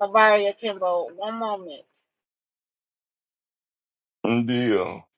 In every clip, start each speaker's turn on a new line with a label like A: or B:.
A: Lavaria Kimbo, one moment.
B: Deal.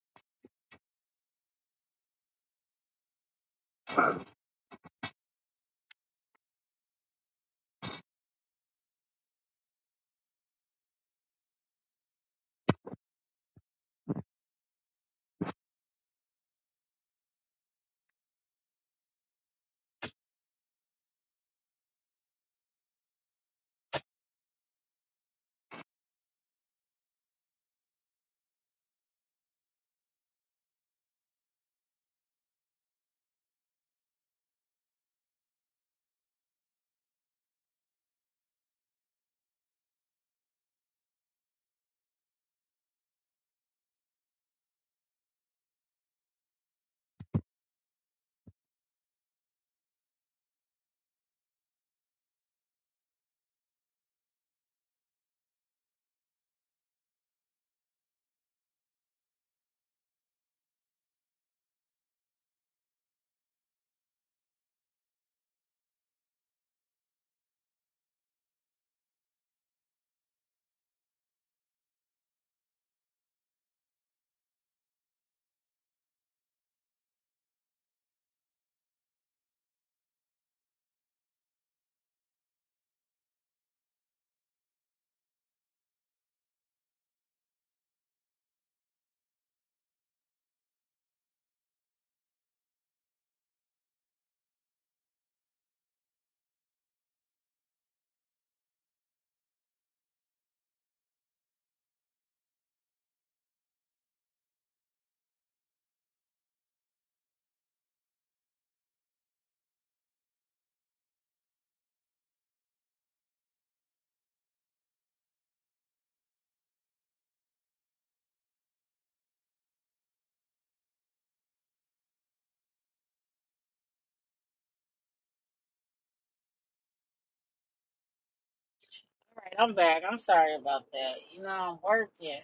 A: All right, I'm back. I'm sorry about that. You know I'm working. You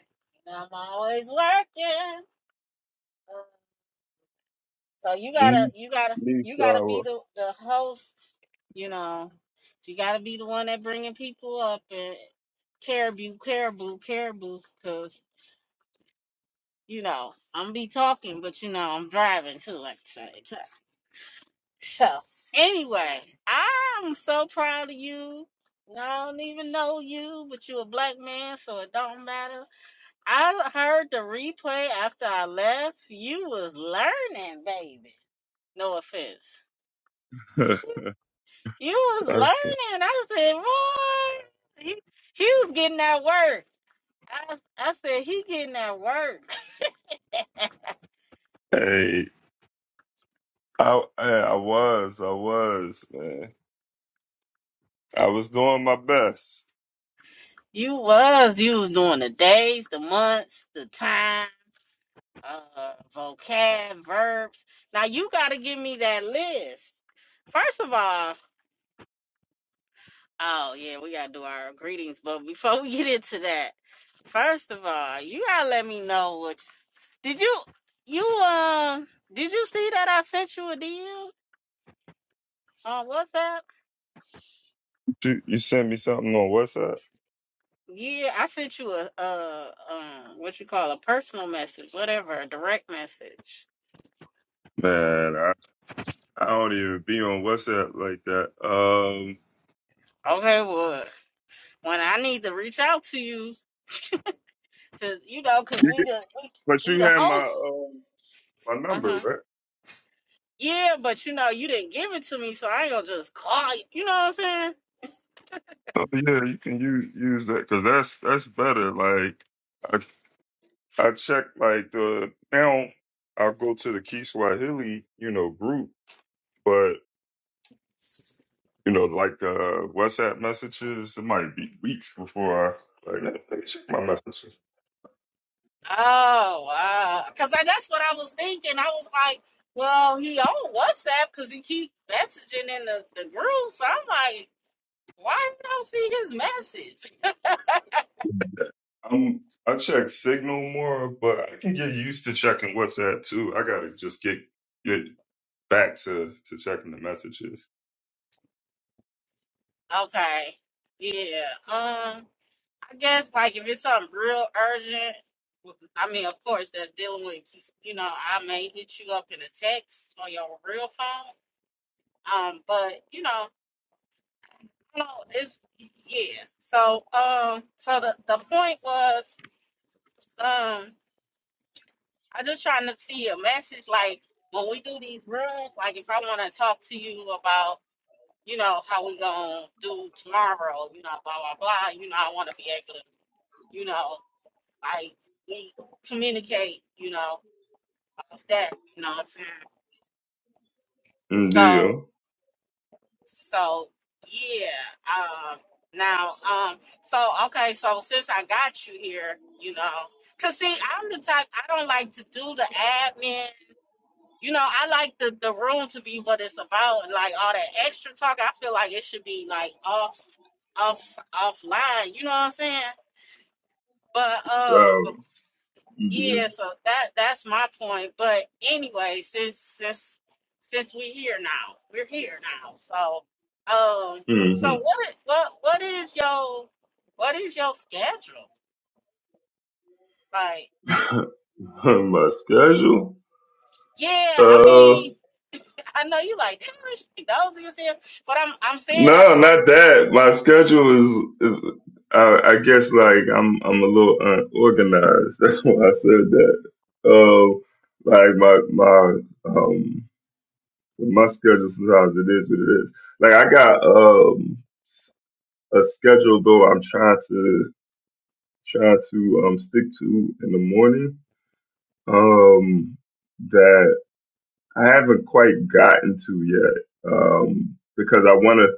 A: know I'm always working. Uh, So you gotta, you gotta, you gotta be
B: Nisha,
A: the the host. You know, you gotta be the one that bringing people up and caribou, caribou, caribou. Cause you know I'm be talking, but you know I'm driving too. Like I say. So anyway, I'm so proud of you. I don't even know you, but you a black man, so it don't matter. I heard the replay after I left. You was learning, baby. No offense.
B: hey,
A: You was
B: I,
A: learning. I said, boy, he, he was getting that work. I, I said, he getting that work.
B: hey, I was, I was, man. I was doing my best.
A: You was. You was doing the days, the months, the time. uh vocab verbs now you got to give me that list first of all oh yeah we got to do our greetings but before we get into that first of all you got to let me know what did you you um did you see that i sent you a deal on whatsapp
B: You, you sent me something on WhatsApp,
A: yeah i sent you a uh um what you call a personal message whatever a direct message
B: man. I, I don't even be on WhatsApp like that. Um,
A: okay well when i need to reach out to you to you know, cause
B: you
A: we
B: get,
A: the we,
B: but
A: we
B: you
A: the
B: had my
A: hosts,
B: um my
A: Uh
B: number,
A: huh.
B: right?
A: Yeah, but you know, you didn't give it to me, so I ain't gonna just call you. You know what I'm saying?
B: Oh yeah, you can use use that because that's that's better. Like I I check like the now I'll go to the Key Swahili, you know, group, but You know, like the WhatsApp messages, it might be weeks before I like let me let me check my messages.
A: Oh wow, cause that's what I was thinking. I was like, well, he on WhatsApp cause he keep messaging in the the group. So I'm like, why don't I see his message?
B: i I check Signal more, but I can get used to checking WhatsApp too. I gotta just get get back to to checking the messages.
A: okay, yeah. um, I guess like if it's something real urgent, I mean, of course, that's dealing with you know, I may hit you up in a text on your real phone. Um, but you know, I don't know, it's yeah. So um, so the the point was um, I just trying to see a message like when we do these rooms, like if I want to talk to you about you know how we gonna do tomorrow, you know, blah blah blah. You know, I want to be able to. You know, Like we communicate, you know, off that, you know what I'm saying?
B: Mm,
A: So
B: Deal.
A: so yeah. Um now um so okay, so since I got you here, you know, cause see I'm the type I don't like to do the admin. You know, I like the, the room to be what it's about and like all that extra talk. I feel like it should be like off off offline. You know what I'm saying? But
B: So
A: um,
B: mm,
A: Yeah, so that that's my point. But anyway, since since since we here now, we're here now. So um, so
B: deal.
A: what i- what what is your what is your schedule like?
B: hmm my schedule.
A: Yeah, I mean, I know you like damn, she dozy as hell, but I'm I'm saying that
B: No,
A: for a
B: not
A: reason.
B: that. My schedule is, is I, I guess like I'm I'm a little unorganized. That's why I said that. Um, like my my um my schedule sometimes it is what it is. Like I got um s- a schedule though I'm trying to trying to um stick to in the morning. Um, that I haven't quite gotten to yet. Um, because I want to.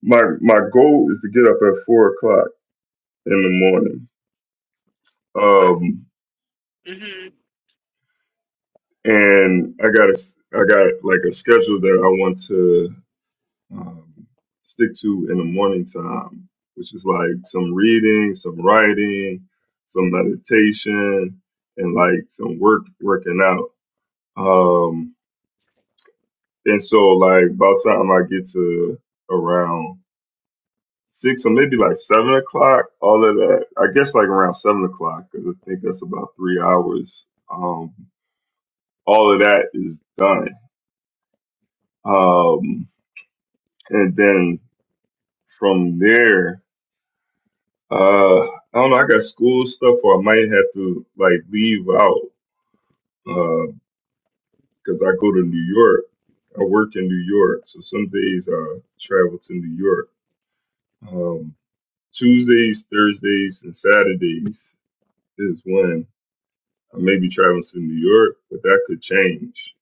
B: My my goal is to get up at four o'clock in the morning.
A: Why?
B: Um,
A: Mm-hmm.
B: and I got a, I got like a schedule that I want to um, stick to in the morning time, which is like some reading, some writing, some meditation, and like some work working out. Um, and so like by the time I get to around six or maybe like seven o'clock, all of that, I guess like around seven o'clock because I think that's about three hours. Um, all of that is done Um, and then from there, uh, I don't know. I got school stuff, or I might have to like leave out because I go to New York. I work in New York, so some days I travel to New York. Um, Tuesdays, Thursdays, and Saturdays is when I may be traveling to New York, but that could change.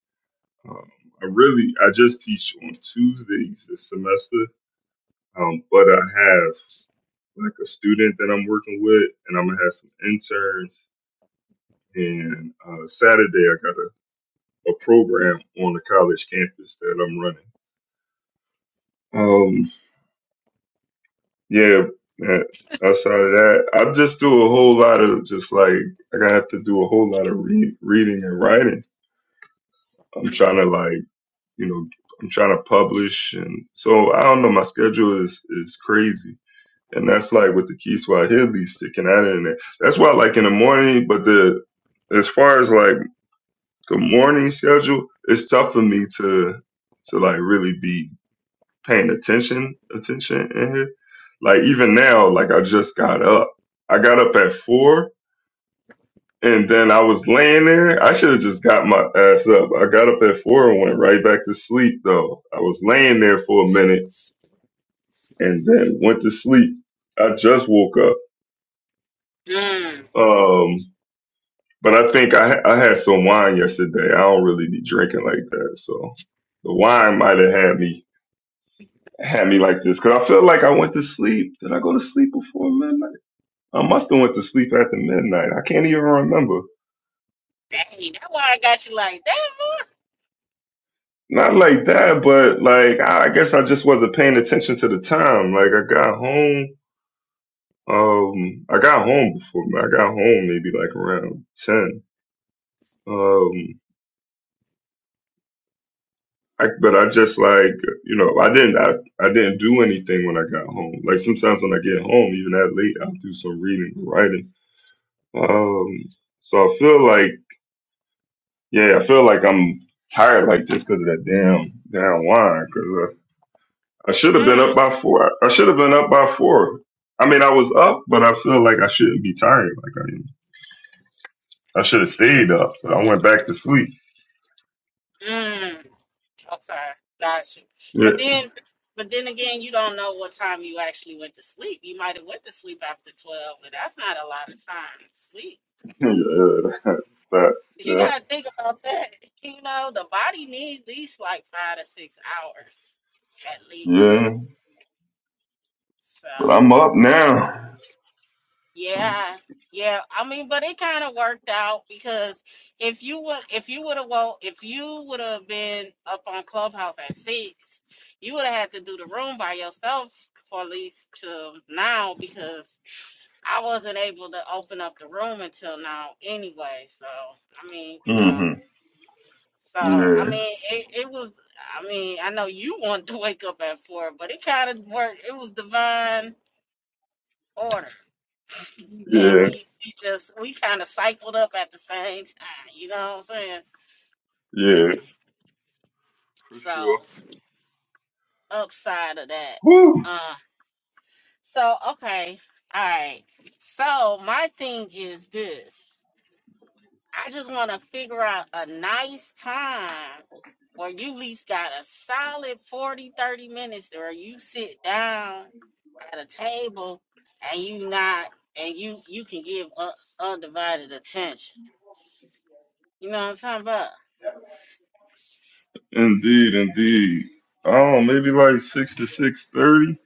B: Um, I really, I just teach on Tuesdays this semester, um, but I have like a student that I'm working with, and I'm gonna have some interns. And uh, Saturday, I got a, a program on the college campus that I'm running. Um, yeah. uh, Outside of that, I just do a whole lot of just like I gotta have to do a whole lot of re- reading and writing. I'm trying
A: Mm-hmm.
B: to like you know I'm trying to publish, and so I don't know. My schedule is is crazy, and that's like with the key Swahili sticking out in there. That's why I like in the morning, but the as far as like the morning schedule it's tough for me to to like really be paying attention attention in here like even now like i just got up i got up at four and then i was laying there i should have just got my ass up i got up at four and went right back to sleep though i was laying there for a minute and then went to sleep i just woke up
A: Mm.
B: um but i think i i had some wine yesterday i don't really be drinking like that so the wine might have had me had me like this because I feel like I went to sleep. Did I go to sleep before midnight? I must have went to sleep after midnight. I can't even remember.
A: Dang, that's why I got you like that, boy.
B: Not like that, but like I guess I just wasn't paying attention to the time. Like I got home. Um, I got home before I got home maybe like around ten. Um, I, but I just like you know I didn't I, I didn't do anything when I got home. Like sometimes when I get home, even that late, I'll do some reading, or writing. Um, so I feel like Yeah, I feel like I'm tired, like just because of that damn damn wine. Because I, I should have been
A: Mm.
B: up by four. I should have been up by four. I mean, I was up, but I feel like I shouldn't be tired. Like I, am. I should have stayed up. but I went back to sleep.
A: mm. Okay, got you.
B: Yeah,
A: But then, but then again, you don't know what time you actually went to sleep. You might have went to sleep after twelve, but that's not a lot of time to sleep.
B: yeah, but,
A: You
B: yeah,
A: gotta think about that. You know, the body needs at least like five to six hours, at
B: yeah.
A: least. So.
B: But I'm up now.
A: Yeah, yeah. I mean, but it kind of worked out because if you would, if you would have, well, if you would have been up on Clubhouse at six, you would have had to do the room by yourself for at least till now because I wasn't able to open up the room until now anyway. So I mean, you know.
B: hmm
A: So I
B: Yeah,
A: mean, it, it was. I mean, I know you wanted to wake up at four, but it kind of worked. It was divine order that
B: yeah,
A: we, we just we kind of cycled up at the same time. You know what I'm saying?
B: yeah, for sure.
A: So upside of that.
B: Whew.
A: Uh so okay. All right. So my thing is this. I just want to figure out a nice time where you at least got a solid 40 30 minutes where you sit down at a table and you not and you you can give u- undivided attention. You know what I'm talking about?
B: Indeed, indeed. Oh, maybe like six to six thirty.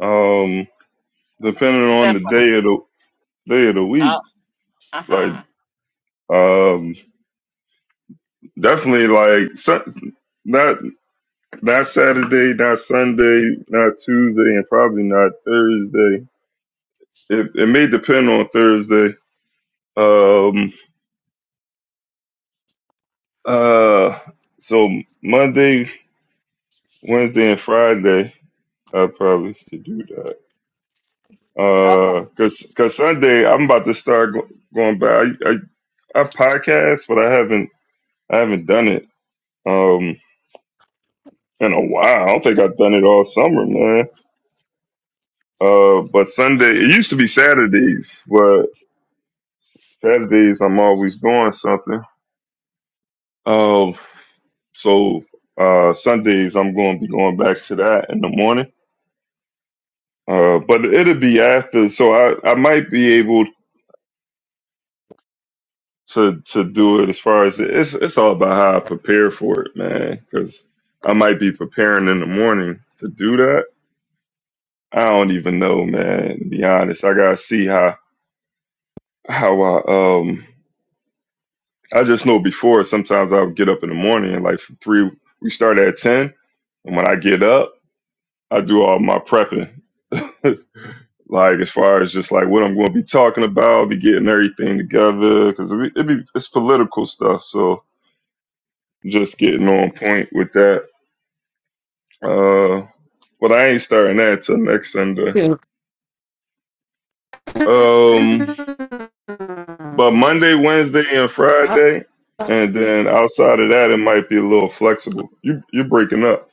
B: Um. depending on
A: Except
B: the
A: for
B: day of the day of the
A: uh,
B: week,
A: Uh
B: like
A: huh.
B: um definitely like Sun- not not Saturday, not Sunday, not Tuesday, and probably not Thursday. It it may depend on Thursday. Um uh so Monday, Wednesday and Friday I probably could do that.
A: Okay.
B: Uh, cause, cause Sunday I'm about to start go- going back. I, I, I podcast, but I haven't, I haven't done it. Um. in a while. I don't think I've done it all summer, man. Uh, but Sunday it used to be Saturdays, but Saturdays I'm always doing something. Um, so uh, Sundays I'm going to be going back to that in the morning. Uh, but it'll be after, so I, I might be able to to do it as far as it's it's all about how I prepare for it, man. Because I might be preparing in the morning to do that. I don't even know, man. To be honest, I gotta see how how I um I just know before sometimes I'll get up in the morning and like for three we start at ten and when I get up, I do all my prepping. like as far as just like what I'm gonna be talking about, be getting everything together because it be, it be it's political stuff, so just getting on point with that. Uh but I ain't starting that till next Sunday.
A: Two.
B: Um but Monday, Wednesday and
A: Oh,
B: Friday and then outside of that it might be a little flexible. You you're breaking up.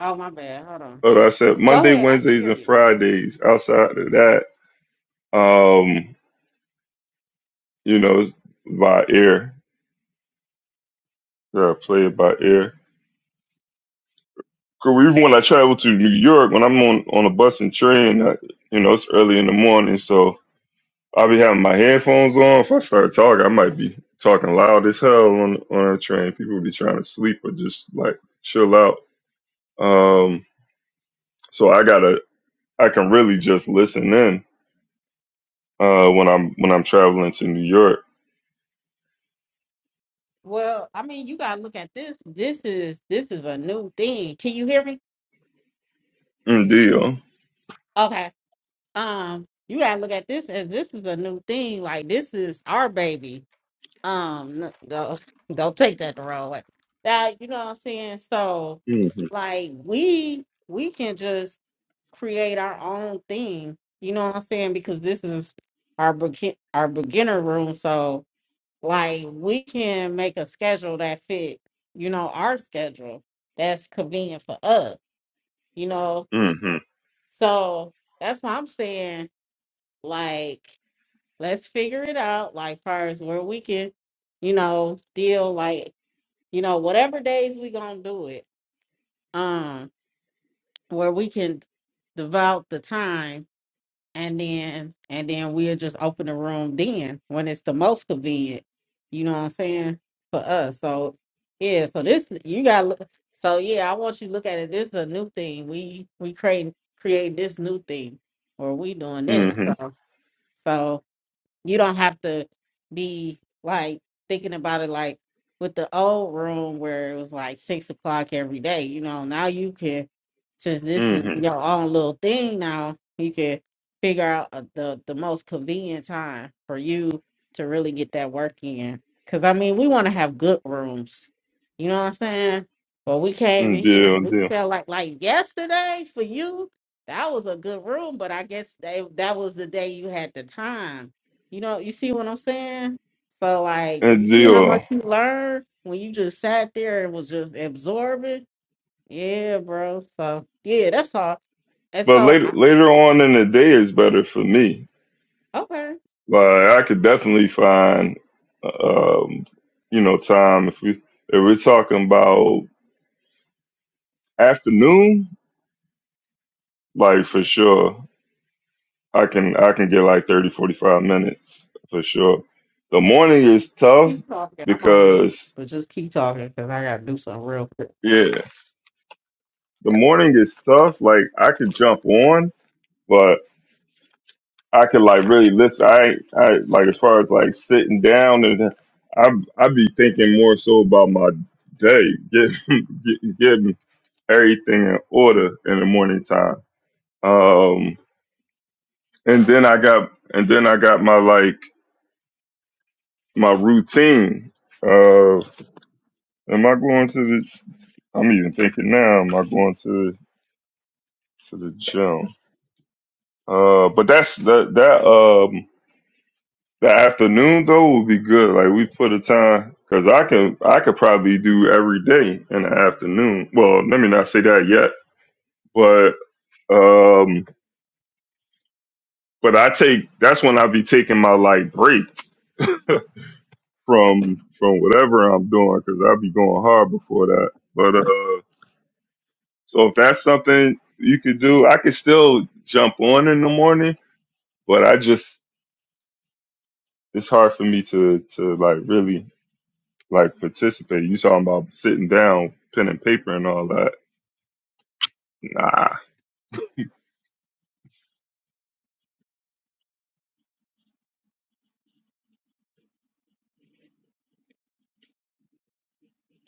A: oh, my bad. Hold on.
B: But I said
A: Go
B: Monday,
A: ahead. I can
B: Wednesdays,
A: hear
B: and
A: you.
B: Fridays. Outside of that, um, you know, it's by air. Yeah, I play it by air. 'Cause even when I travel to New York, when I'm on on a bus and train, I, you know, it's early in the morning, so I'll be having my headphones on. If I start talking, I might be talking loud as hell on on a train. People be trying to sleep or just like chill out. Um, so I gotta, I can really just listen in uh, when I'm when I'm traveling to New York.
A: Well, I mean, you gotta look at this. This is this is a new thing. Can you hear me?
B: Mm, Deal.
A: Okay. Um, you gotta look at this as this is a new thing. Like this is our baby. um n- don't don't take that the wrong way that you know what i'm saying so
B: Mm-hmm.
A: like we we can just create our own thing you know what i'm saying because this is our begin our beginner room so like we can make a schedule that fit you know our schedule that's convenient for us you know
B: Mm-hmm.
A: so that's why i'm saying like let's figure it out like far as where we can you know, still like you know, whatever days we gonna do it, um, where we can devote the time and then and then we'll just open the room then when it's the most convenient. You know what I'm saying? For us. So yeah, so this you gotta so yeah, I want you to look at it. This is a new thing. We we create create this new thing or we doing this.
B: Mm-hmm.
A: So so you don't have to be like thinking about it like with the old room where it was like six o'clock every day. You know, now you can, since this is
B: Mm-hmm.
A: your own little thing now, you can figure out uh, the the most convenient time for you to really get that work in. Because I mean, we want to have good rooms. You know what I'm saying? But we came
B: Mm,
A: in here,
B: Deal,
A: we
B: deal.
A: felt like like yesterday for you. That was a good room, but I guess they, that was the day you had the time you know, you see what I'm saying? So like you
B: And
A: see how
B: deal.
A: much you learn when you just sat there and was just absorbing? Yeah, bro. So yeah, that's all. And
B: But
A: so
B: later
A: I,
B: later on in the day is better for me.
A: okay,
B: Like I could definitely find um, you know, time if we if we're talking about afternoon, like for sure. I can I can get like 30, 45 minutes for sure. The morning is tough
A: keep talking. I'm on mute,
B: because
A: but just keep talking because I gotta do something real quick.
B: yeah, the morning is tough. Like I could jump on, but I could like really listen. I I like as far as like sitting down and I I be thinking more so about my day, getting get, getting everything in order in the morning time. Um, and then I got and then I got my like my routine. Uh, am I going to the? I'm even thinking now. Am I going to to the gym? Uh, but that's that that um The afternoon though would be good. Like we put a time because I can I could probably do every day in the afternoon. Well, let me not say that yet, but um, but I take that's when I be taking my like break from from whatever I'm doing because I'll be going hard before that. But uh, so if that's something you could do, I could still jump on in the morning, but I just it's hard for me to to like really like participate. You talking about sitting down, pen and paper and all that. Nah.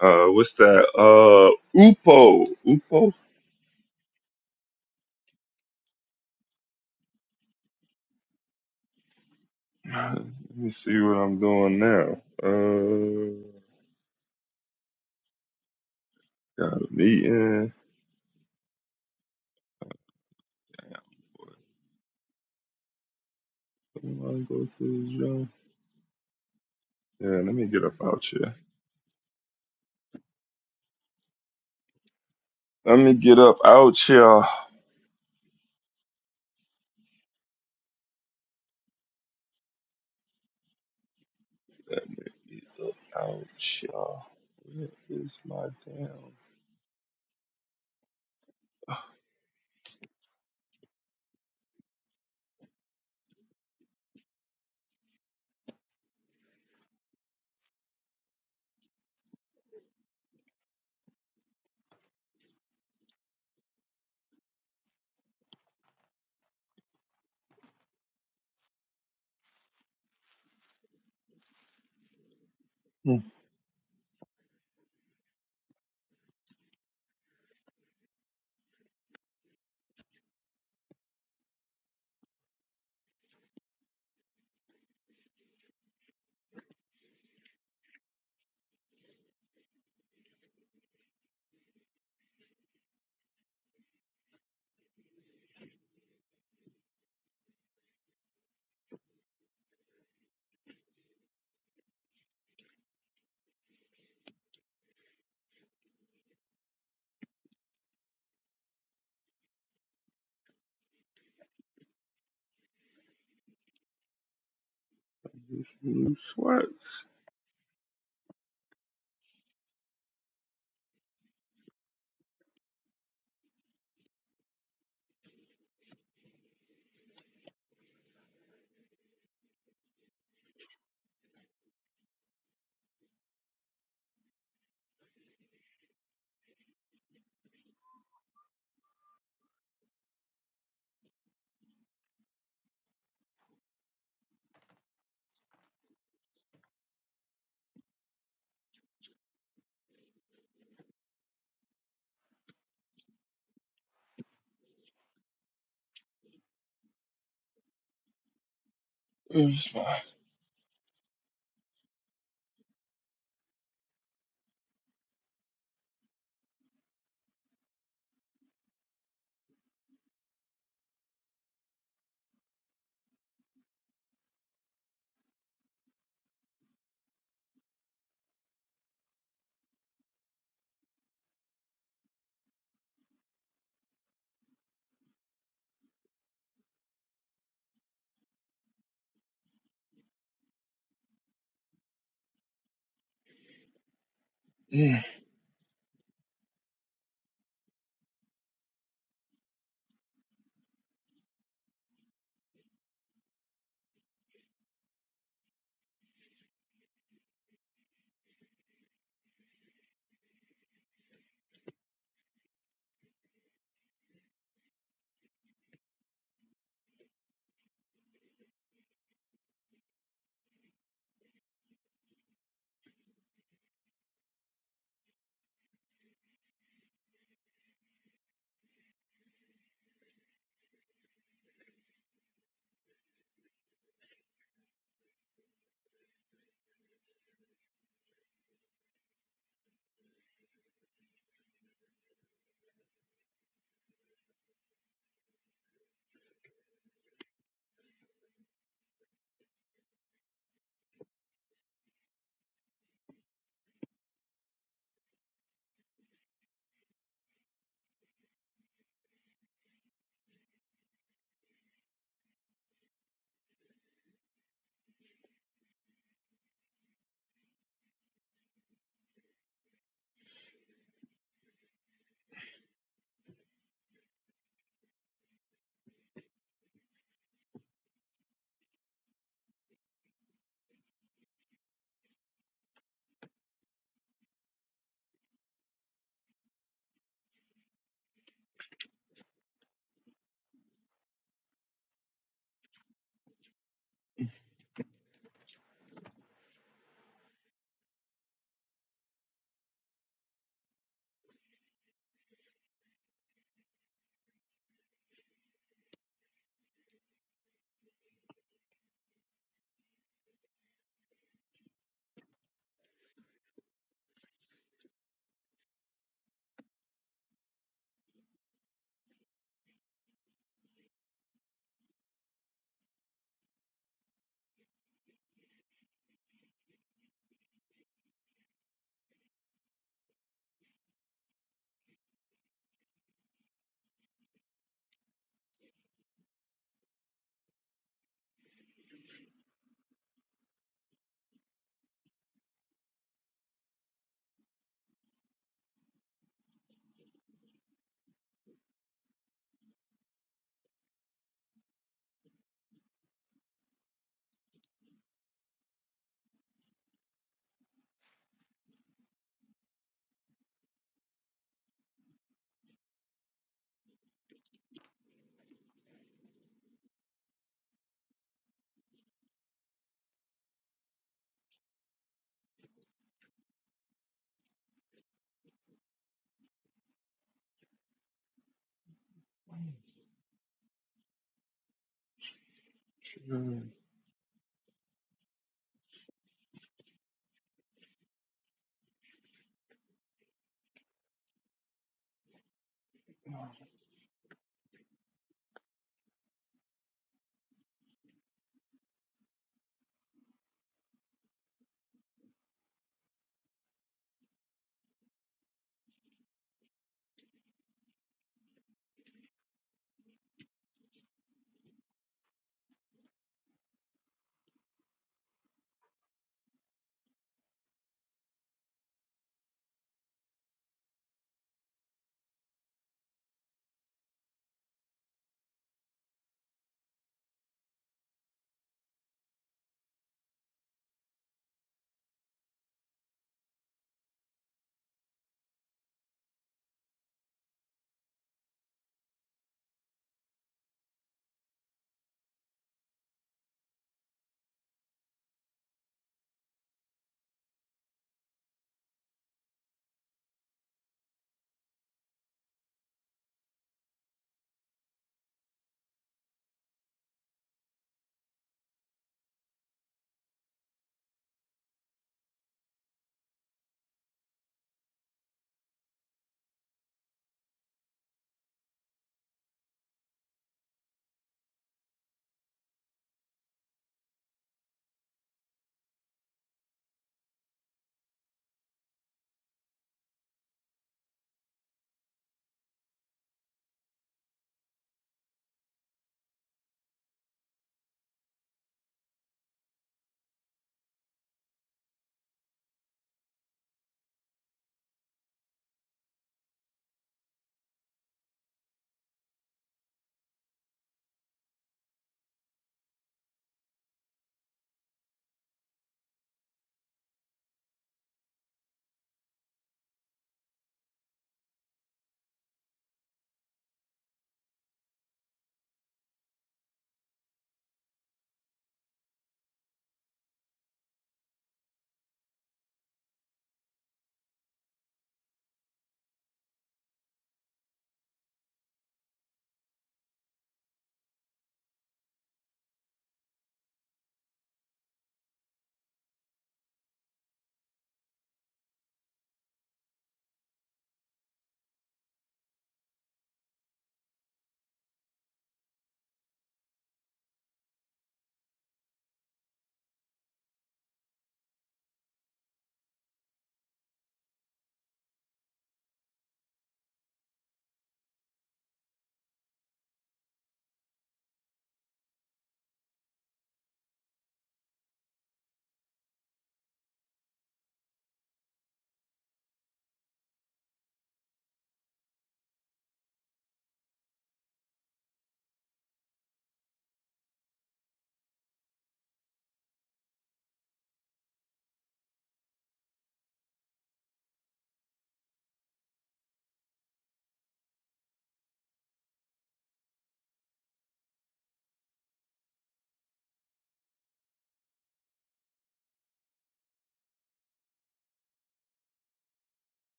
B: Uh what's that? Uh Upo. Upo? Let me see what I'm doing now. Uh got a meeting. Am I go to the gym? Yeah, let me get up out here. Let me get up out here. Out here. Where is my damn hmm, this new sweats? Where's my Hmm.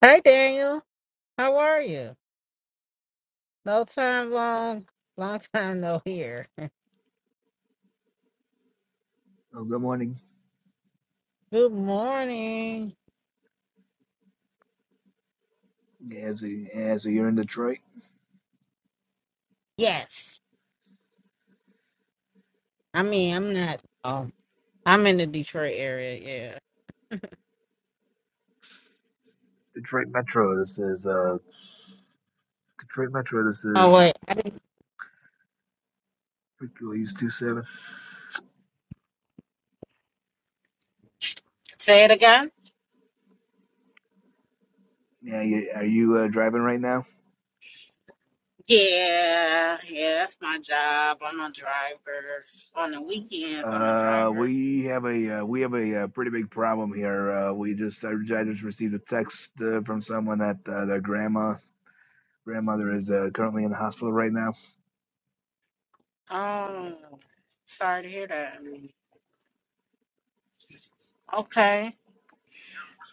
A: Hey Daniel, how are you? No time long, long time no here.
C: Oh, good morning,
A: Good morning.
C: Gansy. Gansy, you're in Detroit?
A: Yes. I mean I'm not um I'm in the Detroit area, yeah.
C: Detroit Metro. This is uh Detroit Metro. This
A: Oh
C: is
A: wait.
C: Hercules two seven.
A: Say it again.
C: Yeah, you, are you uh, driving right now?
A: Yeah, yeah, that's my job. I'm a driver. On the weekends, I'm a
C: Uh,
A: driver.
C: we have a uh, we have a, uh pretty big problem here. Uh, we just I, I just received a text uh, from someone that uh, their grandma grandmother is uh, currently in the hospital right now.
A: Oh, sorry to hear that. Okay.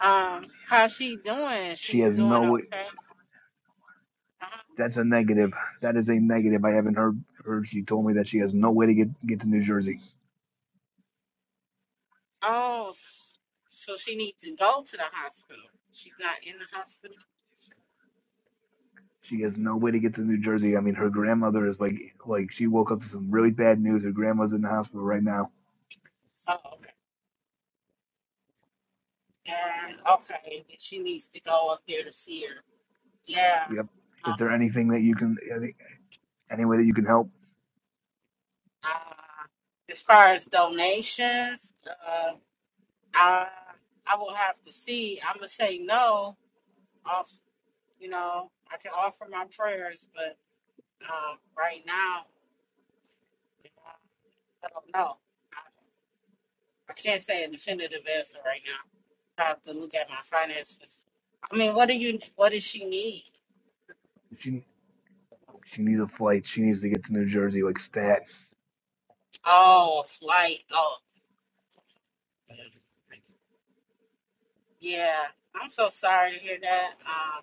A: Um, how's she doing?
C: She
A: She
C: has
A: doing
C: no way.
A: okay? Uh-huh.
C: That's a negative. That is a negative. I haven't heard. heard she told me that she has no way to get get to New Jersey.
A: Oh, s- so she needs to go to the hospital. She's not in the hospital.
C: She has no way to get to New Jersey. I mean, her grandmother is like, like she woke up to some really bad news. Her grandma's in the hospital right now.
A: Oh, okay. And okay, she needs to go up there to see her. Yeah.
C: Yep.
A: Uh,
C: Is there anything that you can, any any way that you can help?
A: uh, as far as donations, uh, I I will have to see. I'm gonna say no. Off, you know, I can offer my prayers, but um, right now, I don't know. I, I can't say a definitive answer right now. I have to look at my finances. I mean, what do you? What does she need?
C: She she needs a flight. She needs to get to New Jersey, like stat.
A: Oh, a flight. Oh, yeah. I'm so sorry to hear that. Um,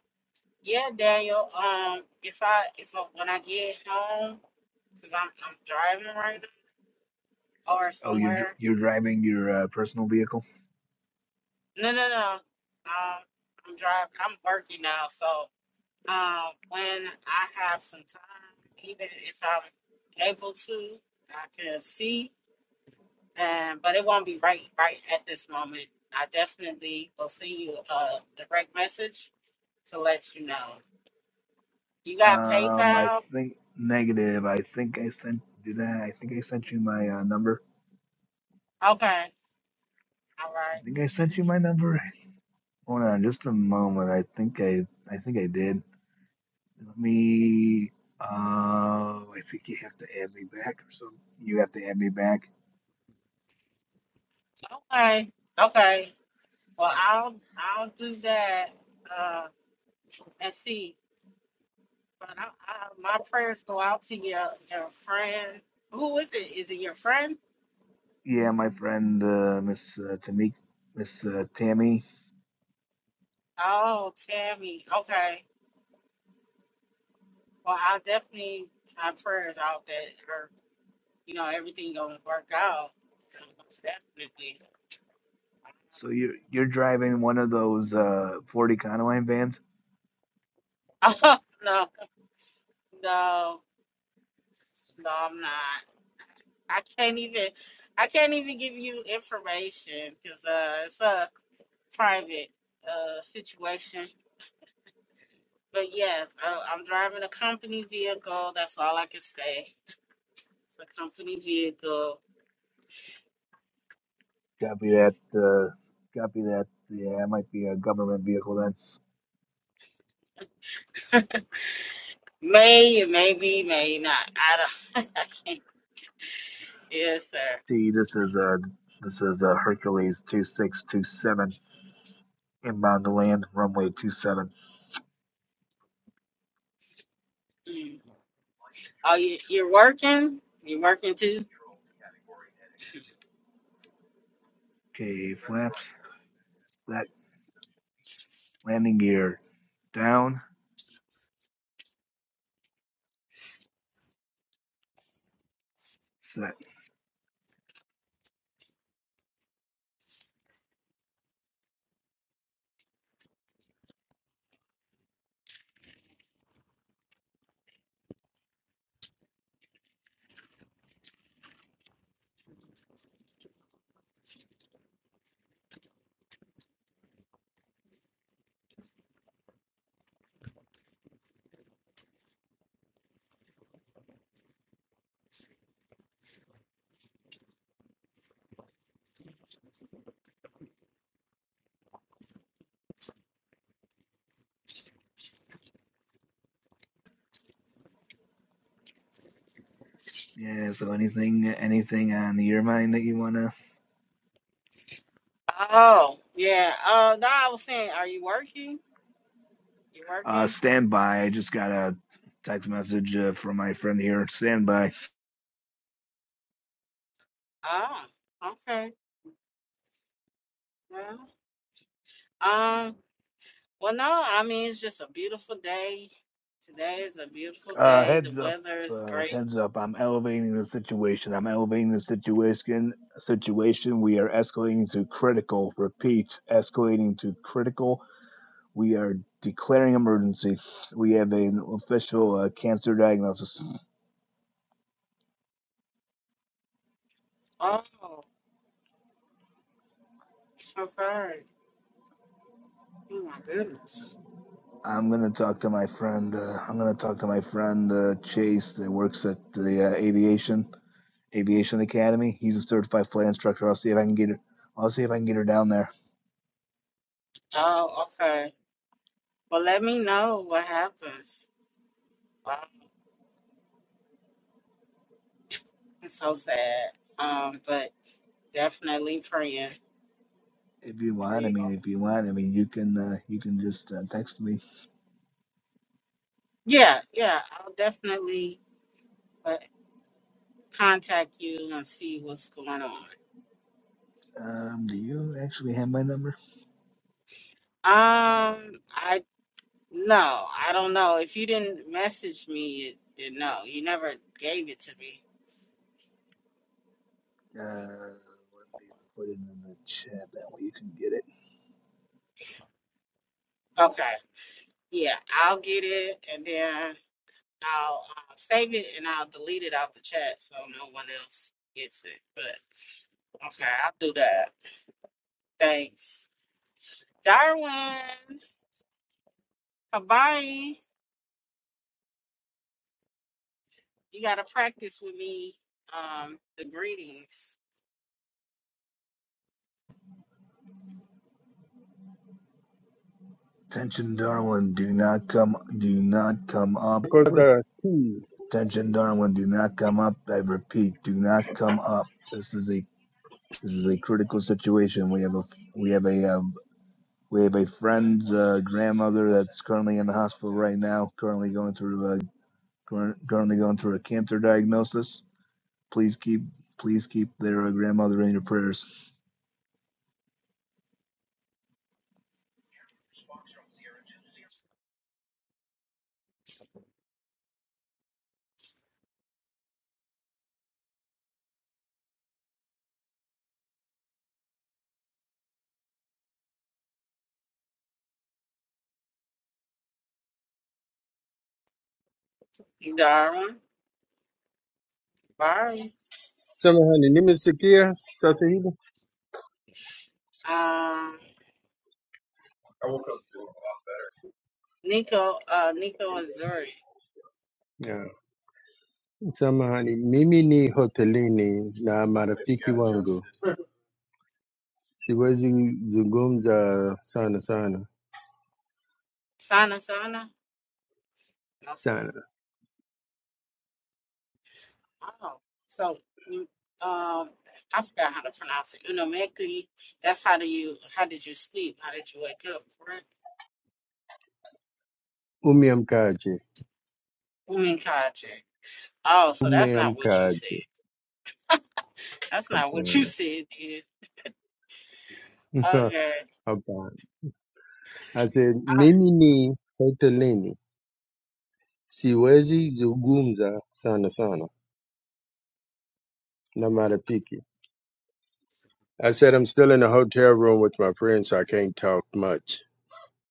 A: yeah, Daniel. Um, if I if I, when I get home, cause I'm I'm driving right now or
C: Oh, you're dr-
A: somewhere.
C: you're driving your uh, personal vehicle.
A: No, no, no. Um, I'm driving. I'm working now, so um, when I have some time, even if I'm able to, I can see. And but it won't be right right at this moment. I definitely will send you a direct message to let you know. You got
C: Um, I
A: PayPal?
C: think negative. I think I sent did I? I think I sent you my uh, number.
A: Okay. All
C: I
A: right.
C: think I
A: And-
C: sent you my number. Hold on, just a moment. I think I I think I did. Let me. Uh, I think you have to add me back or something. You have to add me back.
A: Okay. Okay. Well, I'll I'll do that. Uh, and see. But I, I, my prayers go out to your your friend. Who is it? Is it your friend?
C: Yeah, my friend, uh, Miss uh, Tamik, Miss uh, Tammy.
A: Oh, Tammy. Okay. Well, I definitely have prayers out that her, you know, everything gonna work out. Most definitely.
C: So you're you're driving one of those uh, Ford Econoline vans?
A: Wow. no, no, no, I'm not. I can't even. I can't even give you information because uh, it's a private uh situation. But yes, I, I'm driving a company vehicle. That's all I can say. It's a company vehicle.
C: Copy that. Uh, copy that. Yeah, it might be a government vehicle then.
A: May it may be, may not. I don't. I can't. Yes, sir.
C: See, this is a. this is a Hercules two six two seven inbound to land runway two seven.
A: Mm. Oh, you, you're working. You're working too.
C: Okay, flaps. That landing gear down set yeah so anything anything on your mind that you want to
A: Oh, yeah. Oh, no. I was saying, are you working? You
C: uh
A: working?
C: stand by i just got a text message uh, from my friend here stand by
A: Oh, okay. Well, um. Well, no. I mean, it's just a beautiful day. Today is a beautiful
C: uh
A: day. The
C: heads up
A: weather is
C: uh,
A: great.
C: heads up i'm elevating the situation i'm elevating the situation situation we are escalating to critical repeat escalating to critical we are declaring emergency we have an official uh, cancer diagnosis
A: Oh, so sorry. Oh my goodness.
C: I'm gonna talk to my friend. Uh, I'm gonna talk to my friend uh, Chase that works at the uh, aviation aviation academy. He's a certified flight instructor. I'll see if I can get her. I'll see if I can get her down there.
A: Oh, okay. Well, let me know what happens. Wow, it's so sad. Um, but definitely praying
C: If you
A: for
C: want, I
A: you.
C: mean, if you want, I mean, you can uh, you can just uh, text me.
A: Yeah, yeah. I'll definitely uh, contact you and see what's going on.
C: Um, do you actually have my number?
A: Um, I no, I don't know. If you didn't message me, it, it no, you never gave it to me.
C: Uh, let me put it in the chat. That way you can get it.
A: Okay. Yeah, I'll get it and then. I'll uh, save it and I'll delete it out the chat so no one else gets it. But okay, I'll do that. Thanks, Darwin. Habari, you gotta practice with me. Um, the greetings,
C: Attention, Darwin. Do not come. Do not come up.
D: Kwa hii.
C: Attention, Darwin. Do not come up. I repeat, do not come up. This is a This is a critical situation. We have a we have a um, we have a friend's uh, grandmother that's currently in the hospital right now. Currently going through a curr- currently going through a cancer diagnosis. Please keep please keep their uh, grandmother in your prayers.
A: Darwin. Habari.
D: Samahani, nimesikia sasa hivi
A: Um, Nico. Uh, Nico and Zuri.
D: yeah. Samahani, mimi ni hotelini na marafiki wangu, siwezi zungumza sana sana
A: Sana Sana. Okay.
D: sana.
A: Oh, so you. Um, I forgot how to pronounce it. Unomekli. That's how do you? How did you sleep? How did you wake up?
D: Umeamkaje?
A: Woman contract. Oh, so that's not what you said.
D: Umeamkaje?
A: That's not what you
D: Hapana,
A: said, dear. Okay.
D: hapana. Ase,
A: I-
D: mimi ni hotelini, siwezi zungumza sana sana na marafiki. I said I'm still in a hotel room with my friends, so I can't talk much.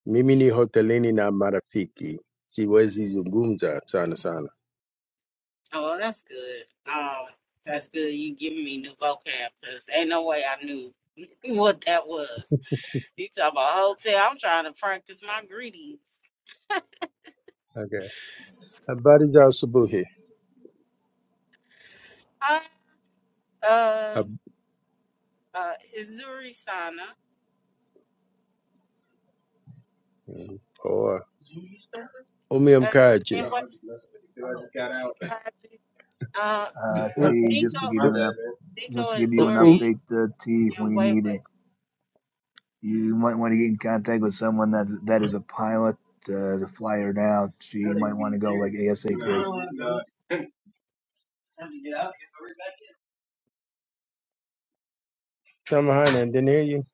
D: Mimi ni hotelini na marafiki, siwezi zungumza sana sana.
A: Oh, well, that's good. Um, that's good. You giving me new vocab because ain't no way I knew what that was. You talk about hotel. I'm trying to practice my greetings.
D: Okay. Habari za asubuhi.
A: Hi, uh,
D: Hab-
A: uh, Izuri Sana.
D: mm, Poa.
A: Uh,
D: Umeamkaje?
A: and what? Uh,
C: Uh,
D: U-
C: T,
A: Nico,
C: just to give you an up,
A: Nico
C: just to
A: and
C: give you an
D: u-
A: Zuri
D: u-
C: update, uh, T,
A: and
C: when you need
A: Wayway.
C: it, you might want to get in contact with someone that that is a pilot uh, to fly her down. She might want to go like ASAP.
D: Samahani, I didn't hear you.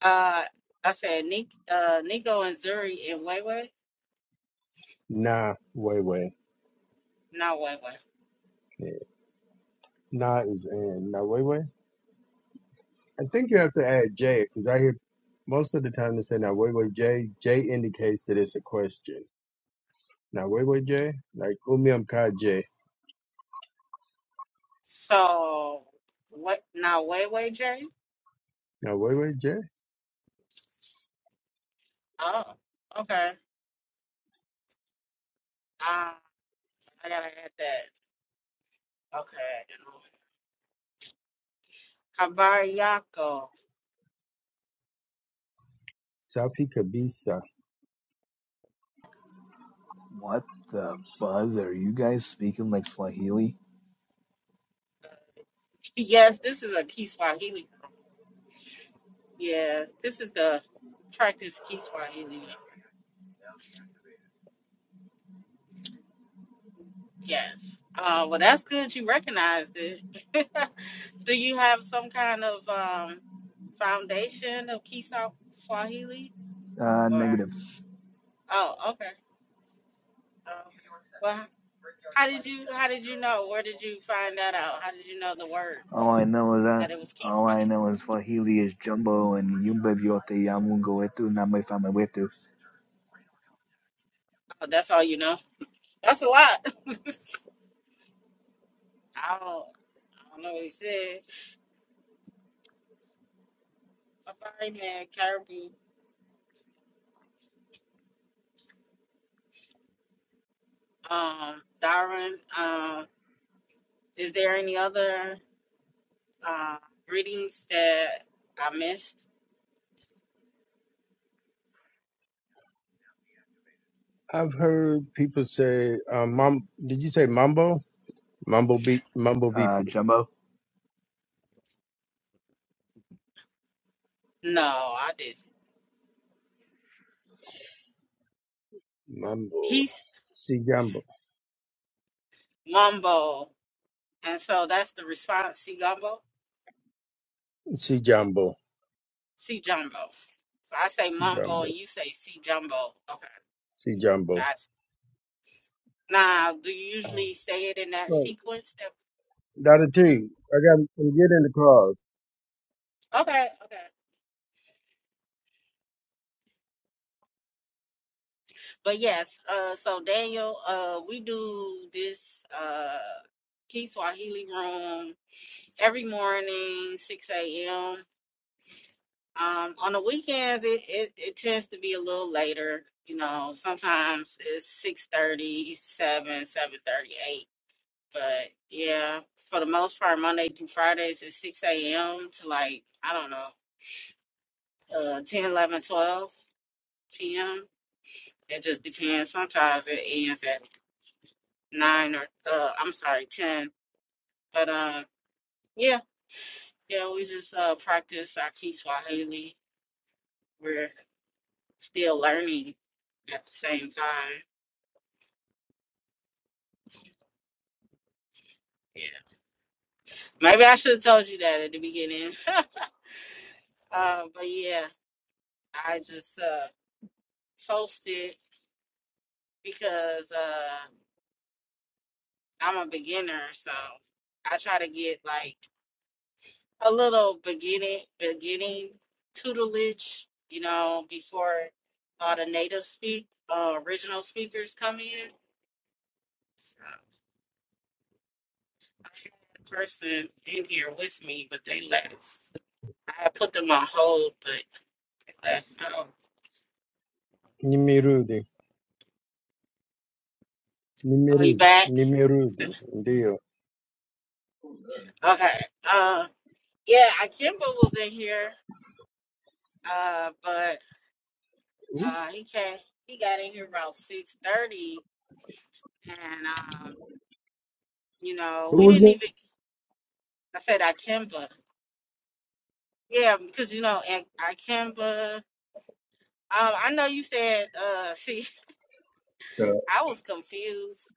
A: Uh, I said Nick, uh, Nico and Zuri and Weiwei,
D: Nah, way way.
A: not Weiwei.
D: Nah is in. Nah, way way. I think you have to add J because I hear most of the time they say nah, way way J. J indicates that it's a question. Nah, way way J. Like umiamkaje.
A: So what? Not Weiwei, J.
D: Nah, way way J.
A: Oh, okay. Uh, I gotta add that. Okay. Habariyako.
D: Safi kabisa.
C: What the buzz? Are you guys speaking like Swahili?
A: Yes, this is a Key Swahili room. Yes, this is the practice Key Swahili. Yes. Uh, well, that's good. You recognized it. Do you have some kind of um foundation of Key Swa- Swahili?
C: Uh,
A: Or
C: negative.
A: oh, okay, oh, okay. Well, how did you how did you know? Where did you find that out? How did you know the
C: All
A: words
C: I know is that
A: that it was Keith's
C: all
A: fight?
C: I know is Swahili is Jumbo and Yumba Vyote Yamungo Etu Namefama Wetu.
A: Oh, that's all you know. That's a lot. I don't I don't know what he said. My body man, Caribou, um, Darren. Um, is there any other uh greetings that I missed?
D: I've heard people say, uh, "Mum, did you say Mambo? Mambo beat, Mambo VP,
C: Uh, Jumbo.
A: No, I didn't.
D: Mambo,
A: He's
D: C Jumbo,
A: mumbo, and so that's the response. See, gumbo.
D: C Jumbo,
A: C Jumbo. So I say
D: C
A: Mumbo
D: Jumbo,
A: and you say C Jumbo. Okay,
D: C Jumbo."
A: gotcha. Now, do you
D: Oh.
A: usually say it in that
D: Right,
A: sequence? That,
D: Dada T,
A: hmm
D: I got. I'm getting the calls.
A: Okay, okay. But yes, uh, so Daniel, uh, we do this uh, Key Swahili room every morning, 6 a.m. Um, on the weekends, it, it, it tends to be a little later. You know, sometimes it's six thirty, seven, 7.38 But yeah, for the most part, Monday through Fridays at 6 a.m. to like, I don't know, uh, 10, p.m. It just depends. Sometimes it ends at 9 or, uh, I'm sorry, 10. But um, yeah, yeah, we just uh, practice our Key Swahili. We're still learning at the same time. Yeah. Maybe I should have told you that at the beginning. uh, but yeah, I just uh, posted because. Uh, I'm a beginner, so I try to get like a little beginning beginning tutelage, you know, before all the native speak uh, original speakers come in. So I had a person in here with me, but they left. I put them on hold, but they left. Oh,
D: Nimirudi,
A: oh you
D: Nimirudi,
A: back?
D: Nimirudi, ndio.
A: Okay. Uh, yeah, I Kimba was in here, uh, but uh, he came. He got in here around six thirty and um, you know,
D: Who
A: we
D: was
A: didn't
D: it?
A: even. I said Akimba, yeah, because you know, Ak- Akimba. Um, I know you said. Uh, see,
D: Uh,
A: I was confused.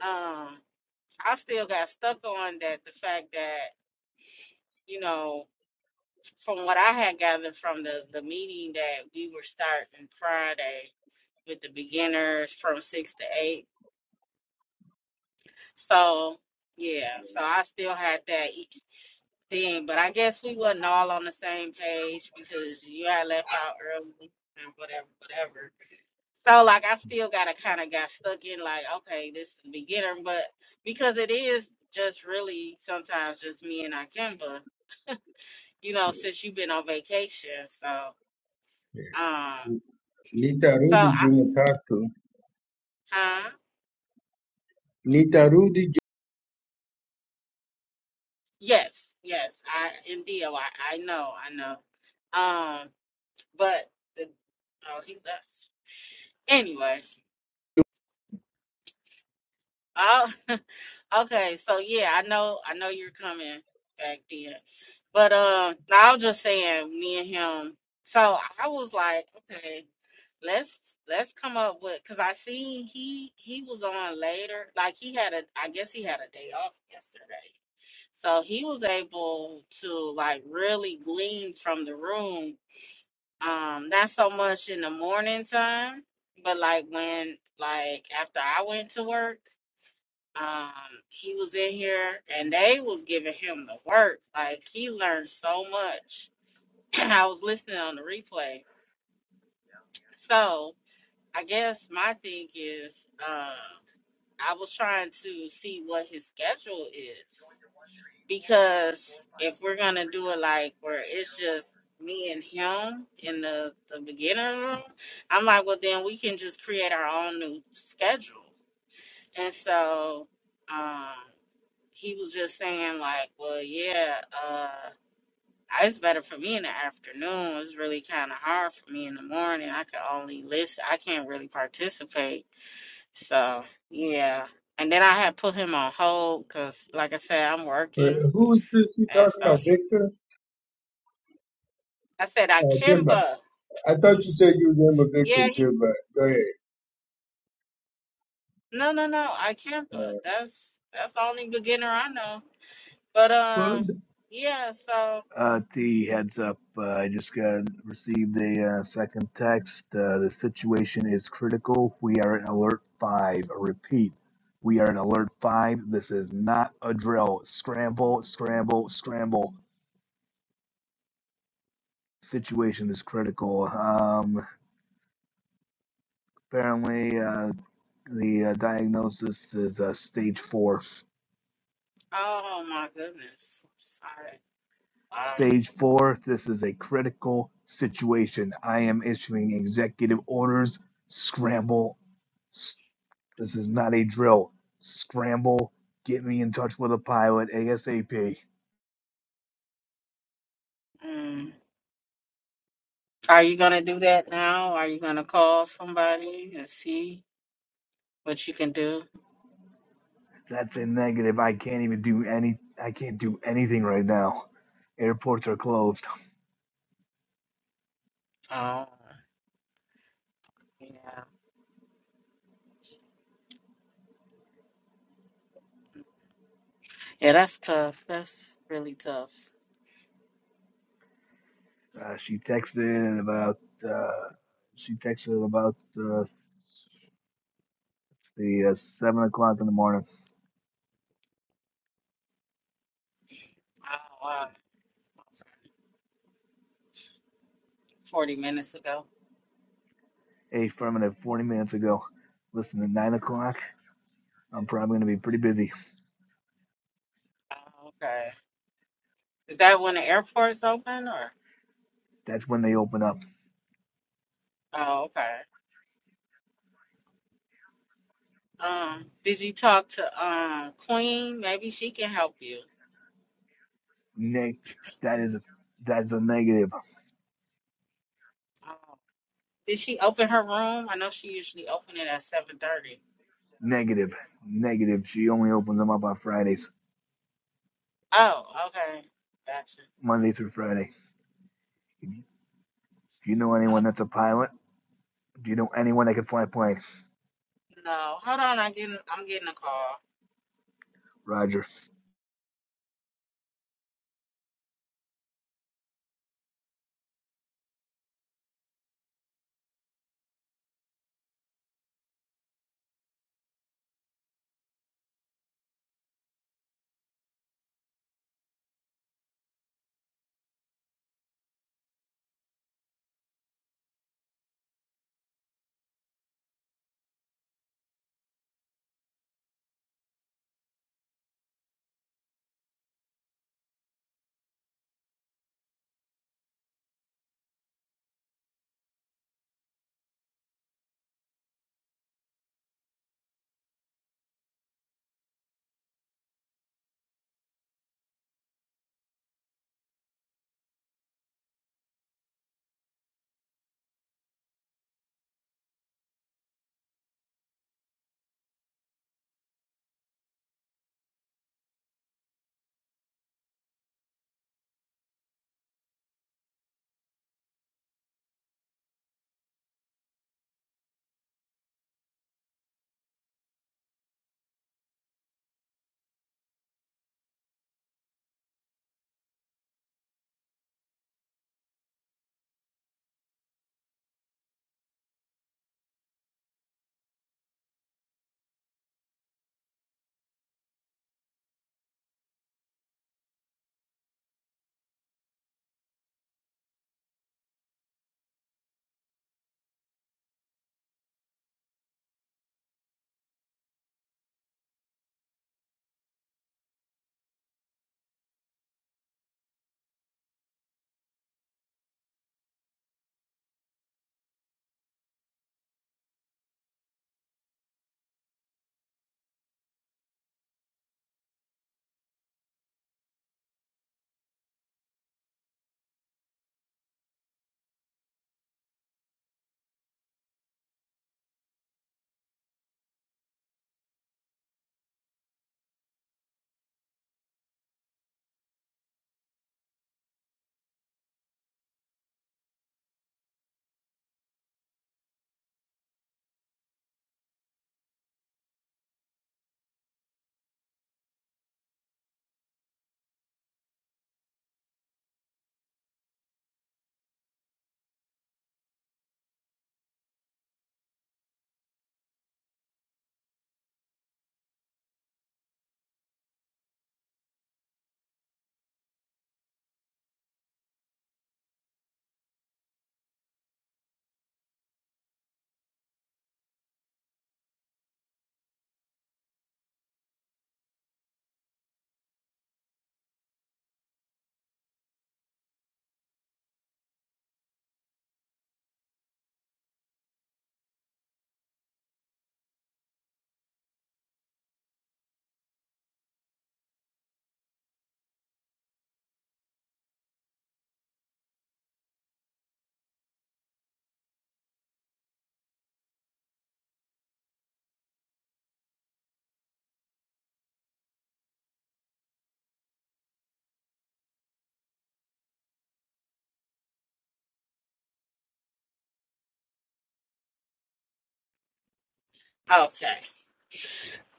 A: Um, I still got stuck on that. The fact that you know, from what I had gathered from the the meeting that we were starting Friday with the beginners from six to eight. So yeah, so I still had that. e thing. But I guess we wasn't all on the same page because you had left out early and whatever, whatever. So like I still gotta kinda got stuck in like, okay, this is the beginner, but because it is just really sometimes just me and Akimba, you know, since you've been on vacation. So um so
D: Nitarudi
A: I
D: Jumatatu.
A: huh?
D: Nitarudi
A: Yes, yes, I indeed I, I know, I know. Um but the oh he left. Anyway, Oh, okay. So yeah, I know, I know you're coming back then, but um, no, I was just saying, me and him. So I was like, okay, let's let's come up with because I seen he he was on later. Like he had a, I guess he had a day off yesterday, so he was able to like really glean from the room. Um, not so much in the morning time, but like when like after I went to work. Um, he was in here and they was giving him the work. Like he learned so much. I was listening on the replay. So I guess my thing is, um, I was trying to see what his schedule is because if we're gonna do it like where it's just me and him in the the beginner room, I'm like, well, then we can just create our own new schedule. And so um, he was just saying, like, well, yeah, uh, it's better for me in the afternoon. It's really kind of hard for me in the morning. I could only listen, I can't really participate. So, yeah. And then I had put him on hold because, like I said, I'm
D: But
A: working.
D: who is this you
A: And
D: talking
A: so
D: about,
A: he-
D: Victor?
A: I said,
D: Uh, Kimba.
A: Akimba.
D: I thought you said you were with Victor
A: Yeah, he,
D: too, but go ahead.
A: no, no, no, Akimba.
D: Uh,
A: That's that's the only beginner I know. But
D: well,
A: um,
D: the
A: yeah, so.
C: Uh, T heads up. Uh, I just got received a uh, second text. Uh, the situation is critical. We are at alert five. Repeat. We are at alert five. This is not a drill. Scramble, scramble, scramble. Situation is critical. Um, apparently, uh, The uh, diagnosis is uh, stage four.
A: Oh my goodness. I'm sorry. Wow.
C: Stage four, this is a critical situation. I am issuing executive orders. Scramble. This is not a drill. Scramble. Get me in touch with a pilot ASAP.
A: Mm. Are you gonna do that now? Are you gonna call somebody and see what you can do?
C: That's a negative. I can't even do any. I can't do anything right now. Airports are closed.
A: Oh, yeah. Yeah, that's tough. That's really tough.
C: Uh, she texted about. Uh, she texted about uh, the uh, seven o'clock in the morning.
A: Oh, wow. 40 minutes ago.
C: Affirmative, 40 minutes ago. Listen, at 9 o'clock, I'm probably going to be pretty busy.
A: Oh, okay. Is that when the airport's open or?
C: That's when they open up.
A: Oh, okay. Um, did you talk to um Queen? Maybe she can help you.
C: Neg- that is that's a negative,
A: Oh. Did she open her room? I know she usually open it at 7:30.
C: negative, negative. She only opens them up on Fridays,
A: Oh, okay. Gotcha.
C: Monday through Friday. Do you know anyone
A: Okay.
C: that's a pilot? Do you know anyone that can fly a plane?
A: No, hold on. I'm getting. I'm getting a call.
C: Roger.
A: Okay.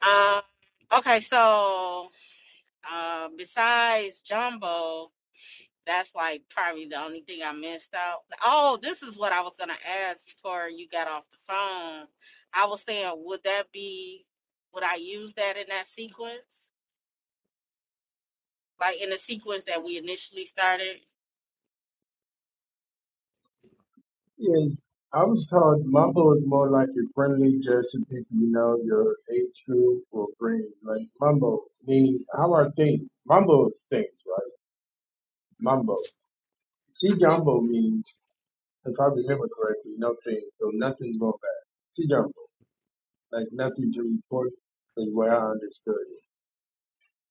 A: Um. Okay. So, uh, besides Jumbo, that's like probably the only thing I missed out. Oh, this is what I was gonna ask before you got off the phone. I was saying, would that be? Would I use that in that sequence? Like in the sequence that we initially started?
D: thing is, I was taught Mambo is more like your friendly gesture people you know, your age group or friends. Like Mambo means how are things? Mambo is things, right? Mambo. See Jumbo means, if I remember correctly, no things, so nothing's going bad. See Jumbo, like nothing to report is where I understood it.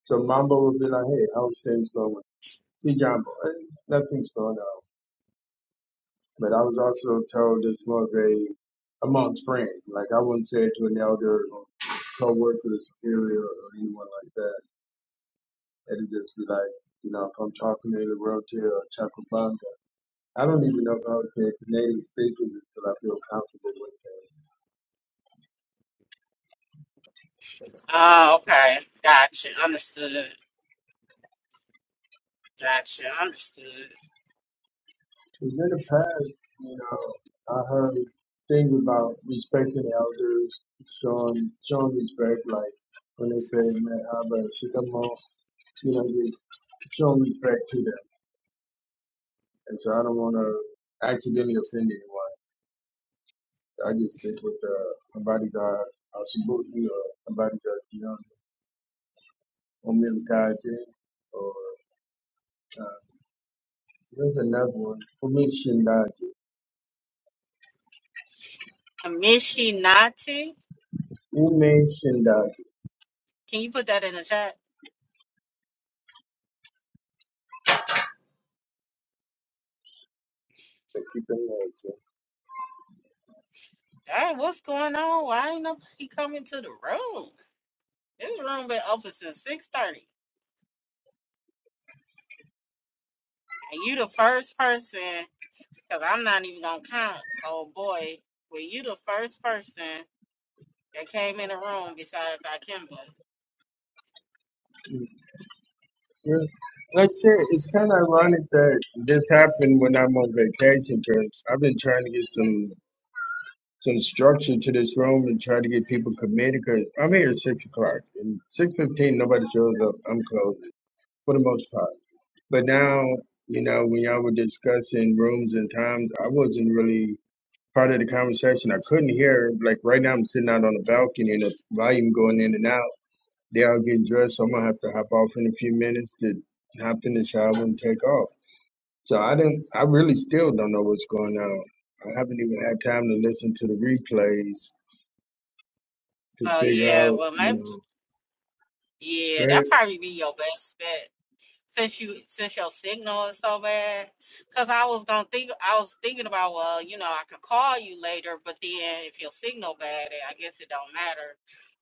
D: So Mambo would be like, hey, how's things going? See, John, Boy, nothing's going on. But I was also told it's more of a amongst friends. Like I wouldn't say it to an elder or co-worker, superior, or anyone like that. It'd just be like, you know, if I'm talking to a realtor or Chacobamba, I don't even know how to say it native speakers until I feel comfortable with them.
A: Oh, okay. Gotcha. Understood. Gotcha. Understood.
D: 'Cause in the past, you know, I heard things about respecting elders, showing showing respect, like when they say, "Man, how about you come on?" You know, Show respect to them. And so I don't want to accidentally offend anyone. I just think with the somebody's uh, uh, or somebody's uh, you know, Omiyakaji or uh, there's another one, Umi Shindaji,
A: Mishinati.
D: Ume Shindaji,
A: Can you put that in the chat?
D: the people know it.
A: Dang, what's going on? Why ain't nobody coming to the room? This room been open since six thirty, and you the first person. Cause I'm not even gonna count. Oh boy, were you the first person that came in the room besides Akimba?
D: Like I said, it's kind of ironic that this happened when I'm on vacation because I've been trying to get some some structure to this room and try to get people committed. Cause I'm here at six o'clock and six fifteen, nobody shows up. I'm closed for the most part. But now, you know, when y'all were discussing rooms and times, I wasn't really part of the conversation. I couldn't hear. Like right now, I'm sitting out on the balcony and the volume going in and out. They all getting dressed, so I'm gonna have to hop off in a few minutes to hop in the shower and take off. So I didn't. I really still don't know what's going on. I haven't even had time to listen to the replays to
A: Oh
D: figure
A: yeah,
D: out,
A: well
D: you
A: maybe
D: know.
A: yeah, that
D: But
A: probably be your best bet. since you since your signal is so bad because i was gonna think i was thinking about well you know i could call you later but then if your signal bad then i guess it don't matter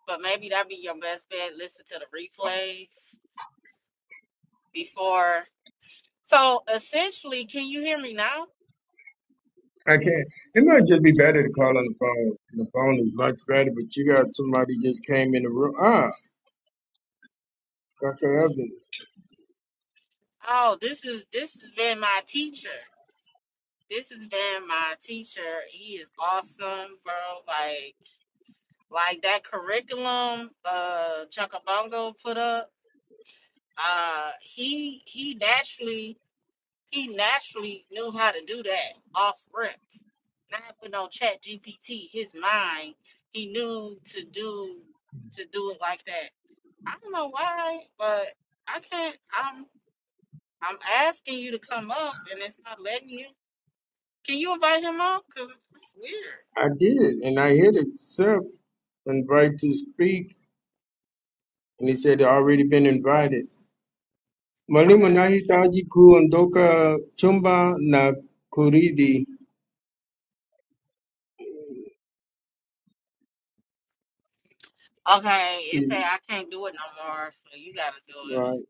A: but maybe that'd be your best bet listen to the replays before so essentially can you hear me now
D: I can't. It might just be better to call on the phone. The phone is much better, but you got somebody just came in the room. Ah, Dr. Evans,
A: oh this is this has been my teacher this has been my teacher he is awesome bro like like that curriculum uh chuckabongo put up Uh, he he naturally he naturally knew how to do that off rip. Not putting on Chat GPT. His mind, he knew to do to do it like that. I don't know why, but I can't. I'm I'm asking you to come up, and it's not letting you. Can you invite him up? Cause it's weird.
D: I did, and I hit accept, invite to speak, and he said already been invited.
A: Okay.
D: Mwalimu
A: he-
D: nahitaji kuondoka chumba na kuridi.
A: Okay. It say I can't do it no more, so you gotta do
D: Right.
A: it.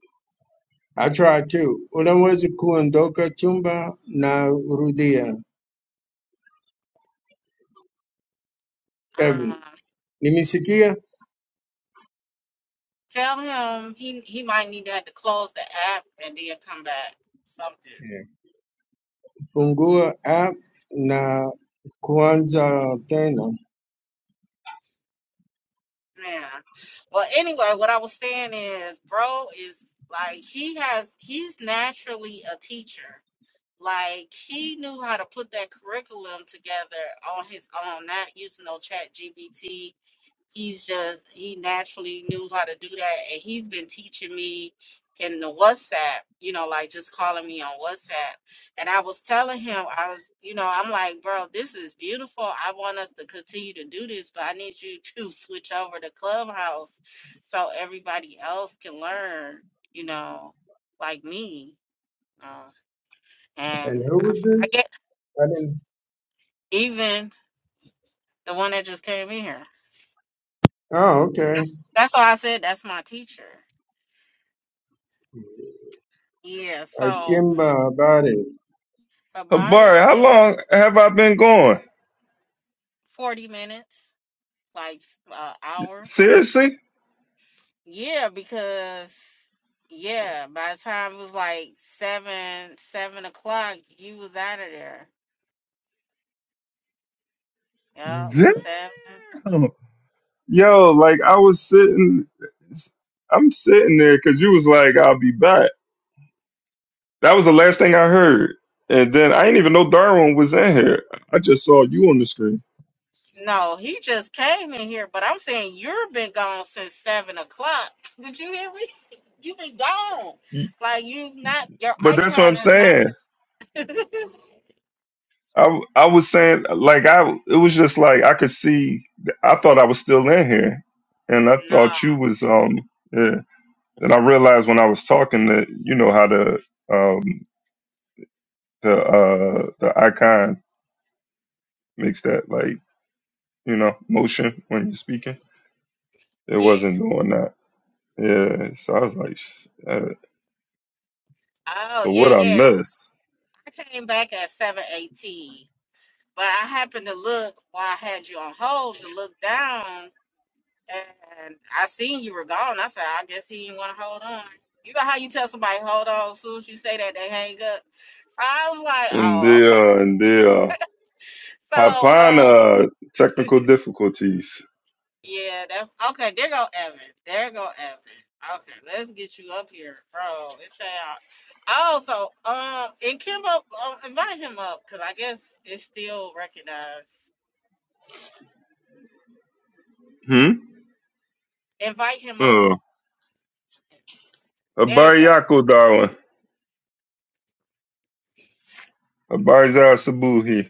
D: I tried too. Unaweza kuondoka chumba na rudia. Evan,
A: Um,
D: nimesikia?
A: Tell him he he might need to have to close the app and then come back. Something.
D: Fungua app na kuanza tena.
A: Man. Well anyway, what I was saying is bro is like he has he's naturally a teacher. Like he knew how to put that curriculum together on his own, not using no chat GBT he's just he naturally knew how to do that and he's been teaching me in the whatsapp you know like just calling me on whatsapp and i was telling him i was you know i'm like bro this is beautiful i want us to continue to do this but i need you to switch over to clubhouse so everybody else can learn you know like me uh, and
D: And who
A: I,
D: was
A: f- I get
D: this? I didn't.
A: even the one that just came in here
D: Oh, okay.
A: that's, that's why i said that's my teacher yeah so
D: Akimba habari.
A: Habari, I
B: Habari, how
A: came up
B: long have I been going?
A: 40 minutes, like uh, hour.
B: Seriously?
A: Yeah, because yeah, by the time it was like seven, seven o'clock, you was out of there. Yep,
B: Damn.
A: seven.
B: Yo, like I was sitting, I'm sitting there because you was like, I'll be back. That was the last thing I heard. And then I didn't even know Darwin was in here. I just saw you on the screen.
A: No, he just came in here, but I'm saying you've been gone since seven o'clock. Did you hear me? You've been gone.
B: You-
A: Like you not your
B: But that's what
A: icon
B: I'm
A: is not
B: saying.
A: Nah.
B: I, I was saying, like, I, it was just like, I could see, I thought I was still in here. And I thought you was, um, yeah. And I realized when I was talking that, you know, how the, um, the, uh, the icon makes that like you know motion when you're speaking. It
A: Yeah.
B: wasn't doing that. Yeah, so I was like, Shit.
A: Oh
B: so
A: yeah,
B: what I
A: yeah.
B: miss?
A: I came back at seven eighteen. But I happened to look while I had you on hold to look down, and I seen you were gone. I said, I guess he didn't want to hold on. You know how you tell somebody hold on, as soon as you say that they hang up. So I was like,
B: And
A: oh,
B: the
A: okay.
B: uh, and the uh,
A: So, uh,
B: Hapana technical difficulties.
A: yeah, that's okay. There go Evan. There go Evan. Okay, let's get you up here, bro. It's out. Oh, so um, and Kimbo, um, invite him up because I guess it's still recognized.
B: Hmm.
A: Invite him up.
B: Uh,
A: There you go.
B: Abari Yako Darwin. Abari Zara Sabuhi.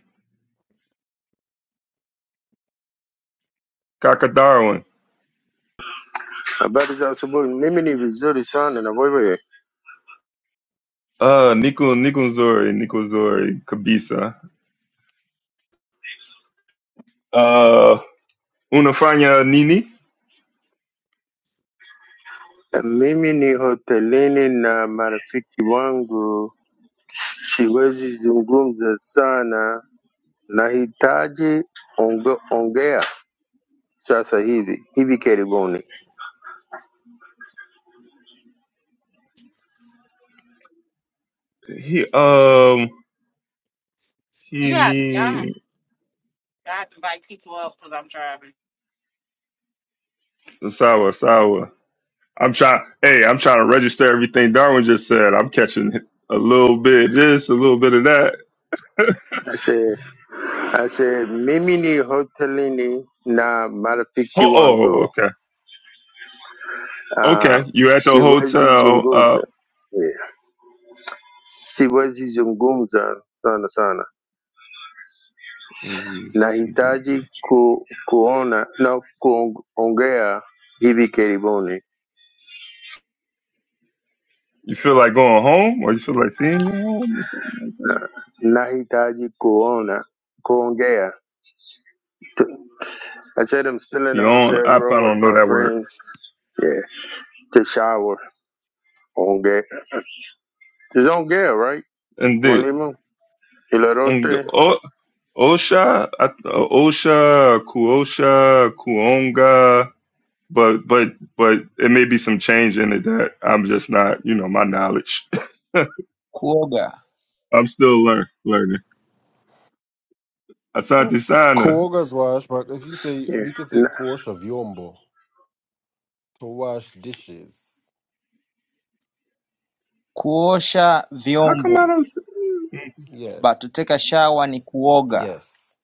B: Kaka Darwin.
D: Habari za asubuhi. Mimi ni vizuri sana na wewe?
B: Uh, Nico Nikozori Nikozori Kabisa. Uh, Unafanya Nini.
D: Mimi ni hotelini na marafiki wangu, siwezi zungumza sana, nahitaji onge, ongea sasa hivi hivi karibuni.
B: He um he
A: You have y'all.
B: ni
A: I have to invite people up because I'm driving.
B: Sawa Sawa. I'm trying. Hey, I'm trying to register everything Darwin just said. I'm catching a little bit of this, a little bit of that.
D: Ase, ase, mimi ni hotelini na marafiki
B: Oh, oh
D: wangu.
B: okay,
D: Uh,
B: okay. You at the
D: Shiwaji
B: hotel? Uh,
D: zungumza yeah. Siwezi zungumza sana sana,
B: you
D: nahitaji ku, kuona na kuongea hivi karibuni.
B: feel like going home, or you feel like seeing your home, or something like that?
D: Na- Nahitaji kuona kuongea. T- I said I'm still in the
B: Kion,
D: hotel
B: I,
D: room
B: I
D: with
B: don't know
D: my
B: that word.
D: friends. Yeah, to shower. Ongea. It's ongea, right?
B: And then
D: Mwalimu
B: and the-
D: Ilarote.
B: O- Osha, I- Osha, Kuosha, Kuonga. But but but it may be some change in it that I'm just not, you know, my knowledge.
E: Kuoga
B: I'm still learn, learning. I tried to sign her.
F: Kuoga's wash, but if you say
D: Yeah.
F: we could say
D: Na,
F: kuosha vyombo to wash dishes.
E: kuosha
B: How come
E: vyombo
B: I don't? See?
E: but
F: Yes.
E: to take a shower ni kuoga
F: Yes.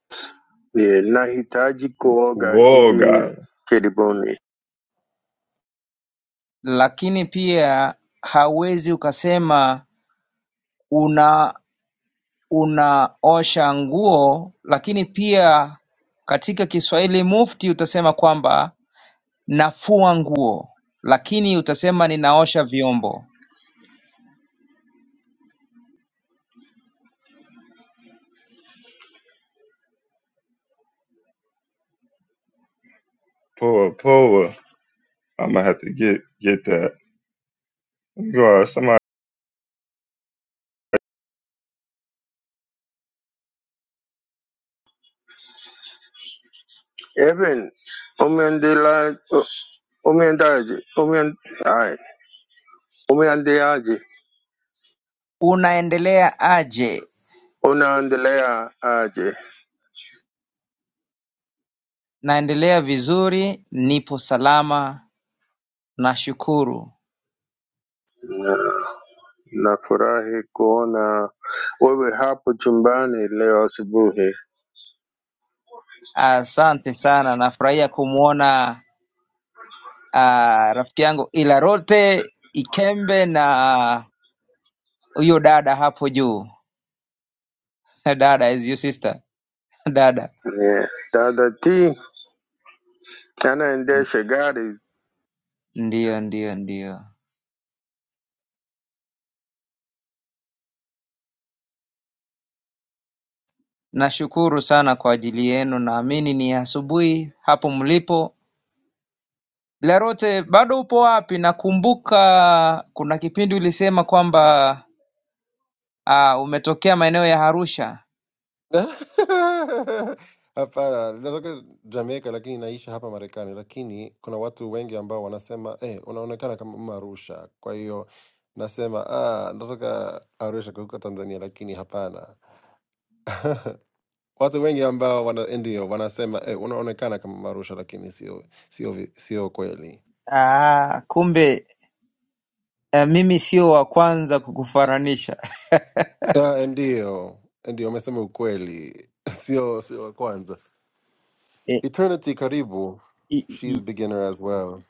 D: yeah. Nahitaji kuoga
B: Whoa,
D: hivi
B: God,
D: karibuni.
E: lakini pia hauwezi ukasema una unaosha nguo lakini pia katika Kiswahili mufti utasema kwamba nafua nguo lakini utasema ninaosha vyombo
B: poor, poor. I'm gonna have to get get that. God, somebody,
D: Evan, Omendela, Omendaji, Omen, aye, Omendeaji,
E: unaendelea aje
D: Onaendelea aje.
E: naendelea vizuri nipo salama nashukuru
D: Na- Nafurahi kona wewe hapo chumbani leo asubuhi.
E: asante sana nafurahia kumwona Ah, rafiki yangu Ilarote Ikembe na huyo dada hapo juu dada is your sister dada.
D: Yeah. Dada T anaendesha gari
E: Ndiyo, ndiyo, ndiyo. Nashukuru sana kwa ajili yenu, naamini ni asubuhi hapo mlipo. Ilarote, bado upo wapi? Nakumbuka kuna kipindi ulisema kwamba ah, umetokea maeneo ya Arusha.
F: Hapana, natoka Jamaica lakini naishi hapa Marekani, lakini kuna watu wengi ambao wanasema eh, unaonekana kama mama Arusha. Kwa hiyo nasema ah, natoka Arusha kutoka Tanzania, lakini hapana. watu wengi ambao wana, ndio wanasema eh, unaonekana kama mama Arusha, lakini sio sio vi- sio kweli.
E: Ah, kumbe ah, mimi sio wa kwanza kukufaranisha.
F: Ah, ndio ndio, amesema ukweli, sio sio wa kwanza. Eternity karibu, she's beginner as well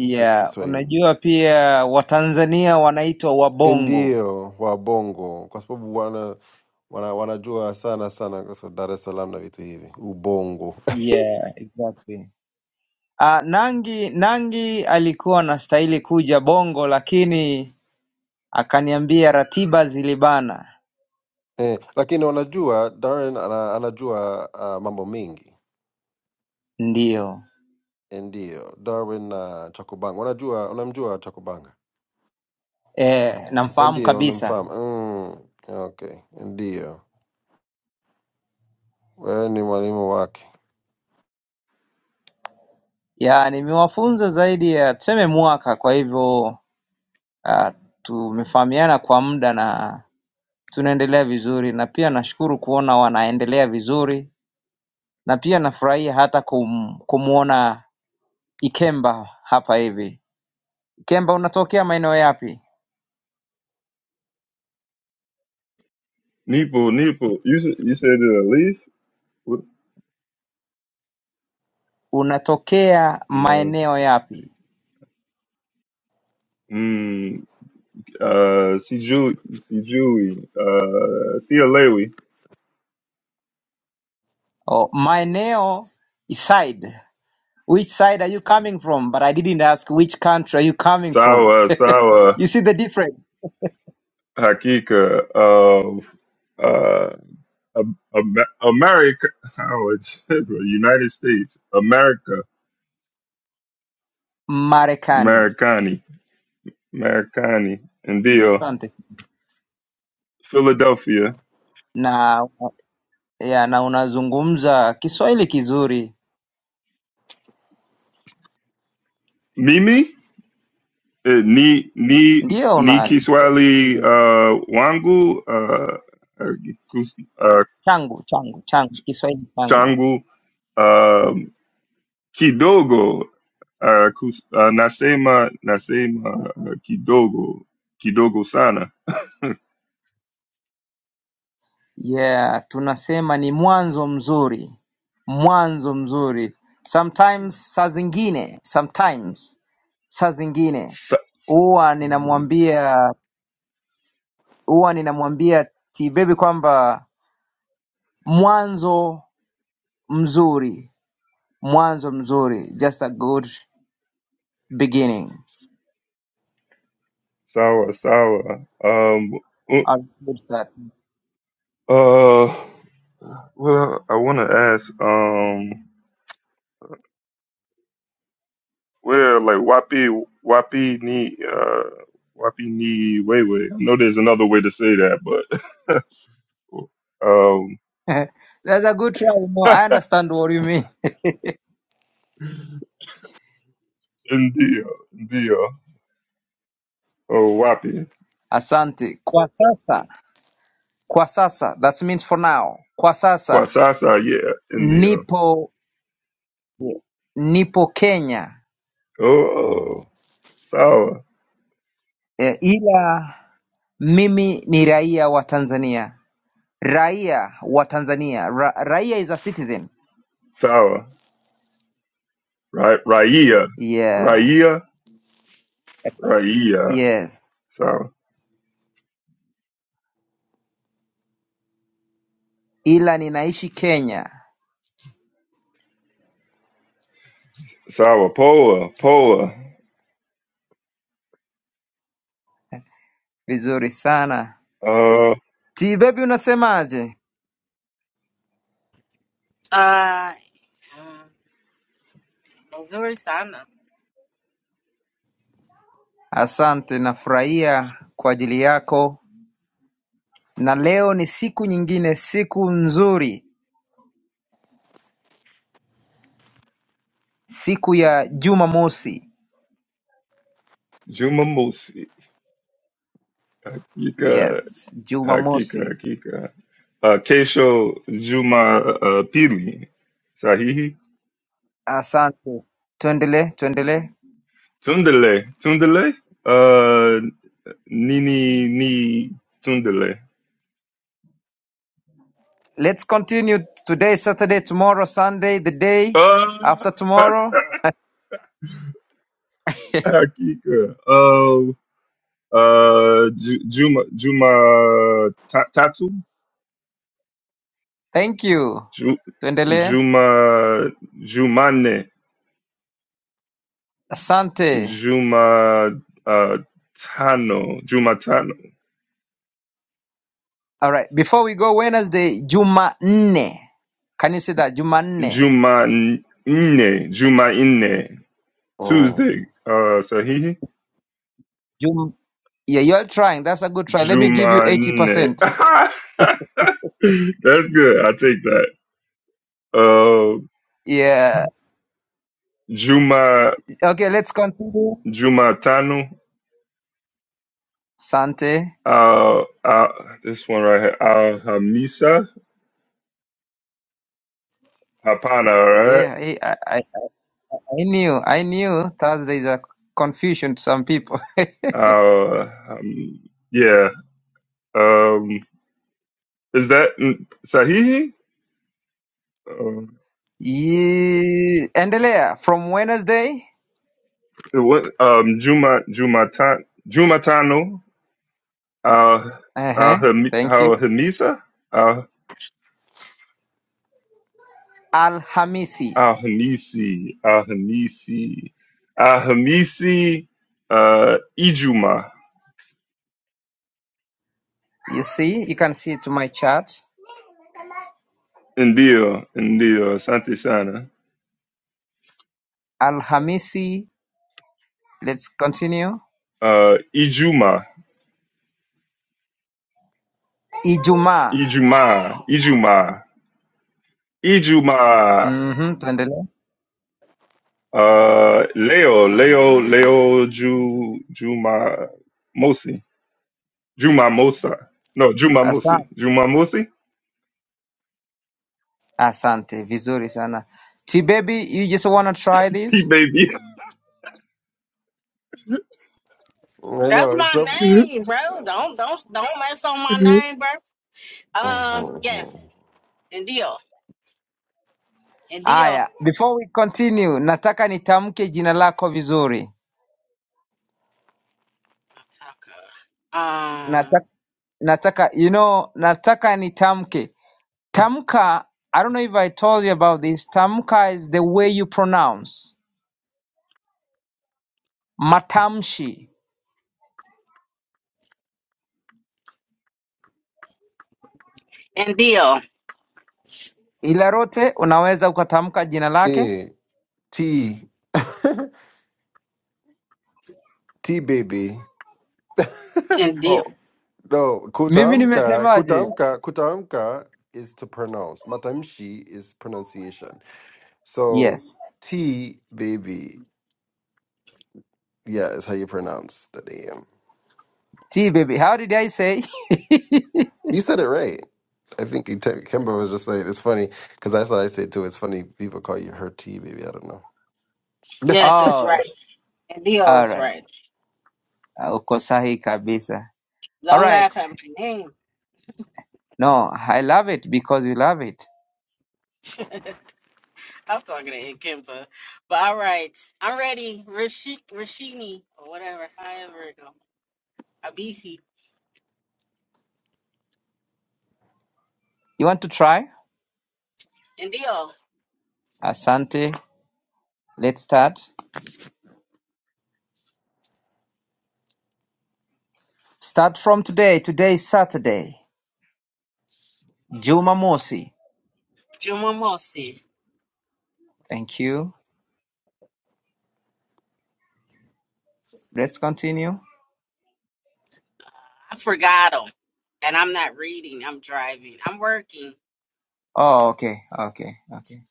F: Nat- Kiswahili
E: unajua pia Watanzania wanaitwa wabongo.
F: ndio wa Bongo, kwa sababu wana wana wanajua sana sana kwa sababu Dar es Salaam na vitu hivi ubongo
E: Yeah, exactly. Ah, Nangi Nangi alikuwa anastahili kuja Bongo lakini akaniambia ratiba zilibana.
F: eh, lakini wanajua Darwin ana, anajua uh, mambo mengi
E: Ndio.
F: ndio. Darwin na uh, Chakubanga wanajua, unamjua Chakubanga
E: Eh, namfahamu
F: ndio, unamfahamu
E: kabisa.
F: mm, okay, ndio wewe ni mwalimu wake.
E: Ya, nimewafunza zaidi ya tuseme mwaka kwa hivyo ah, tumefahamiana kwa muda na tunaendelea vizuri na pia nashukuru kuona wanaendelea vizuri na pia nafurahia hata kum, kumuona Ikemba hapa hivi. Ikemba unatokea maeneo yapi?
B: Neeple, Neeple. You s- you said it a leaf? What?
E: Unatokea
B: No.
E: maeneo yapi?
B: Mm, uh, see Julie, see Julie, uh, see Alewi,
E: Oh, maeneo is side. Which side are you coming from? But I didn't ask which country are you coming from.
B: Sawa, Sawa,
E: you see the difference?
B: Hakika, um, uh, Am- Am- America, oh, it's United States, America,
E: Marekani.
B: Americani. Marakani. Ndio.
E: Asante.
B: Philadelphia.
E: Na ya, na unazungumza Kiswahili kizuri.
B: Mimi? Eh, Ni ni
E: Ndio
B: ni
E: una
B: Kiswahili
E: kizuri.
B: uh, wangu uh, uh, kus- uh,
E: Changu, changu, changu. Kiswahili changu.
B: changu um, kidogo uh, kus, uh, nasema nasema uh, kidogo kidogo sana
E: Yeah, tunasema ni mwanzo mzuri, mwanzo mzuri. Sometimes, saa zingine, sometimes, saa zingine
B: Sa, s-
E: huwa ninamwambia huwa ninamwambia Tibebi kwamba mwanzo mzuri, mwanzo mzuri, just a good beginning.
B: sawa sawa um, uh,
E: A good start.
B: uh, well I want to ask um Well, like Wapi Wapi ni uh Wapi ni Wewe. I know there's another way to say that, but um
E: That's a good try. No, I understand what you mean.
B: India India oh Wapi
E: Asante. Kwa sasa, kwa sasa, that means for now. Kwa sasa
B: Kwasasa yeah India
E: Nipo nipo Kenya
B: oh, oh
F: Mm,
B: Sawa
E: eh, ila mimi ni raia wa Tanzania, raia wa Tanzania. Ra, raia is a citizen
B: Sawa right Raya
E: yeah,
B: Raya Raya
E: yes,
B: Sawa
E: ila ninaishi Kenya.
B: Sawa Poa Poa
E: Vizuri sana.
B: uh
E: Ti baby, unasemaje?
A: Uh, uh, Missouri Sana.
E: Asante, nafurahia kwa ajili yako, na leo ni siku nyingine, siku nzuri, siku ya Jumamosi.
B: Jumamusi Yika
E: Yes,
B: Hakika
E: Jumamosi.
B: Hakika uh, Kesho Juma uh, uh, Pili Sahihi
E: Asante, tuendelee, tuendelee.
B: Tundele Tundele uh, Nini Ni Tundele
E: Let's continue today, Saturday, tomorrow, Sunday, the day
B: uh,
E: after tomorrow.
B: Hakika Oh, uh, Ju- Juma Juma Ta- Tatu
E: Thank you.
B: Ju-
E: Tuendelee.
B: Juma Jumane
E: Asante.
B: Juma uh, Tano Juma Tano
E: All right. Before we go, Wednesday, Jumanne. Can you say that? Jumanne.
B: Juma Ine Juma Ine
F: mm.
B: Tuesday uh, Sahihi
E: Jum- yeah, you're trying. That's a good try. Let me give you
B: Jumane.
E: 80%.
B: That's good. I take that. Uh,
E: Yeah.
B: Juma
E: Okay, let's continue.
B: Jumatanu.
E: Sante.
B: Uh, uh, this one right here. Al Hamisa Hapana. All right.
E: Yeah, I, I, I I knew. I knew Thursday is a confusion to some people.
B: Uh, um, yeah. Um, is that mm, Sahihi? Uh,
E: Yeah. Endelea. From Wednesday.
B: what? Um, Juma Jumatan Jumatanu. Uh, Al
E: Uh-huh. Thank you.
B: Hamisa.
E: Al-Hamisi.
B: Ahanisi, Ahanisi, Ahamisi, uh, Ijuma,
E: You see, you can see it to my chart.
B: ndio, ndio, asante sana.
E: Al-Hamisi. Let's continue.
B: Uh, Ijuma,
E: Ijumaa.
B: Ijuma, Ijuma, Ijuma.
E: Mm-hmm. Tuendelee.
B: Uh, leo, leo, leo, Ju, Juma, Mosi, Juma Mosa. No, Juma Mosi,
E: Asante.
B: Juma Mosi.
E: Asante. Vizuri sana. Tibebi, you just wanna try
B: T
E: this?
B: baby,
F: I
A: That's
F: know it's
A: my
F: up.
A: name, bro. Don't don't don't mess on my name, bro.
F: Mm,
A: Uh,
F: mm, mm.
A: yes, and deal, and deal.
E: Aya. Before we continue, nataka nitamke jina lako vizuri.
A: Taka. Um,
E: Nataka, nataka you know, nataka nitamke. Tamka, I don't know if I told you about this. Tamka is the way you pronounce. Matamshi.
A: and deal,
E: ila rote unaweza ukatamka jina lake.
F: Yeah, T T baby.
A: and deal.
E: Oh,
F: No,
E: mimi
F: kutamka,
E: nimesemaje?
F: kutamka, kutamka is to pronounce. Matamshi is pronunciation. So
E: Yes.
F: T baby, yeah, is how you pronounce the name.
E: T baby, how did I say?
F: You said it right. I think you te- Kimber was just saying it's funny because that's what I say too. It's funny people call you her T baby. I don't know.
A: Yes, that's
E: Oh,
A: right. And deal
E: all
A: is
E: right.
A: right.
E: Uh, uko sahi kabisa. All
A: Don't
E: right.
A: laugh at my name.
E: No, I love it because you love it.
A: I'm talking to Kimba. But all right, I'm ready. Rashik, Rashini, or whatever. However it go. Abisi,
E: You want to try?
A: and deal.
E: Asante. Let's start. Start from today. Today is Saturday. Jumamosi.
A: Jumamosi.
E: Thank you. Let's continue.
A: I forgot them. And I'm not reading. I'm driving. I'm working.
E: Oh, okay. Okay. Okay.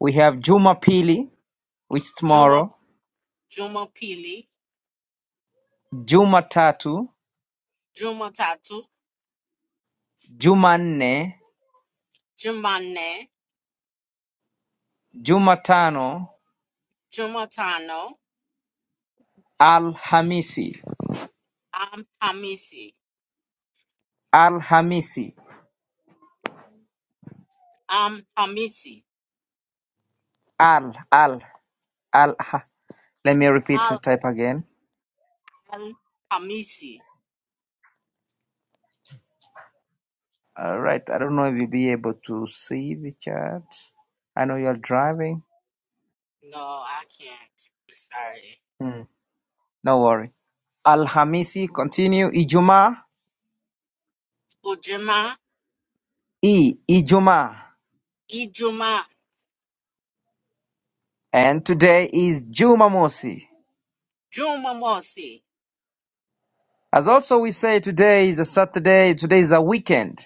E: We have Jumapili, which is
A: Juma
E: tomorrow.
A: Juma Pili.
E: Jumatatu.
A: Juma Tatu.
E: Jumanne
A: Jumane.
E: Jumatano
A: Juma Tano.
E: Alhamisi
A: I'm Hamisi.
E: Alhamisi
A: I'm Hamisi.
E: Al Al Al ha- let me repeat to
A: Al
E: type again.
A: Al Hamisi.
E: All right. I don't know if you'll be able to see the chat. I know you're driving.
A: No, I can't. Sorry.
E: Hmm. No worry. Alhamisi continue Ijuma
A: Ujuma.
E: I Ijuma.
A: Ijuma.
E: And today is Jumamosi.
A: Jumamosi.
E: As also we say today is a Saturday, today is a weekend.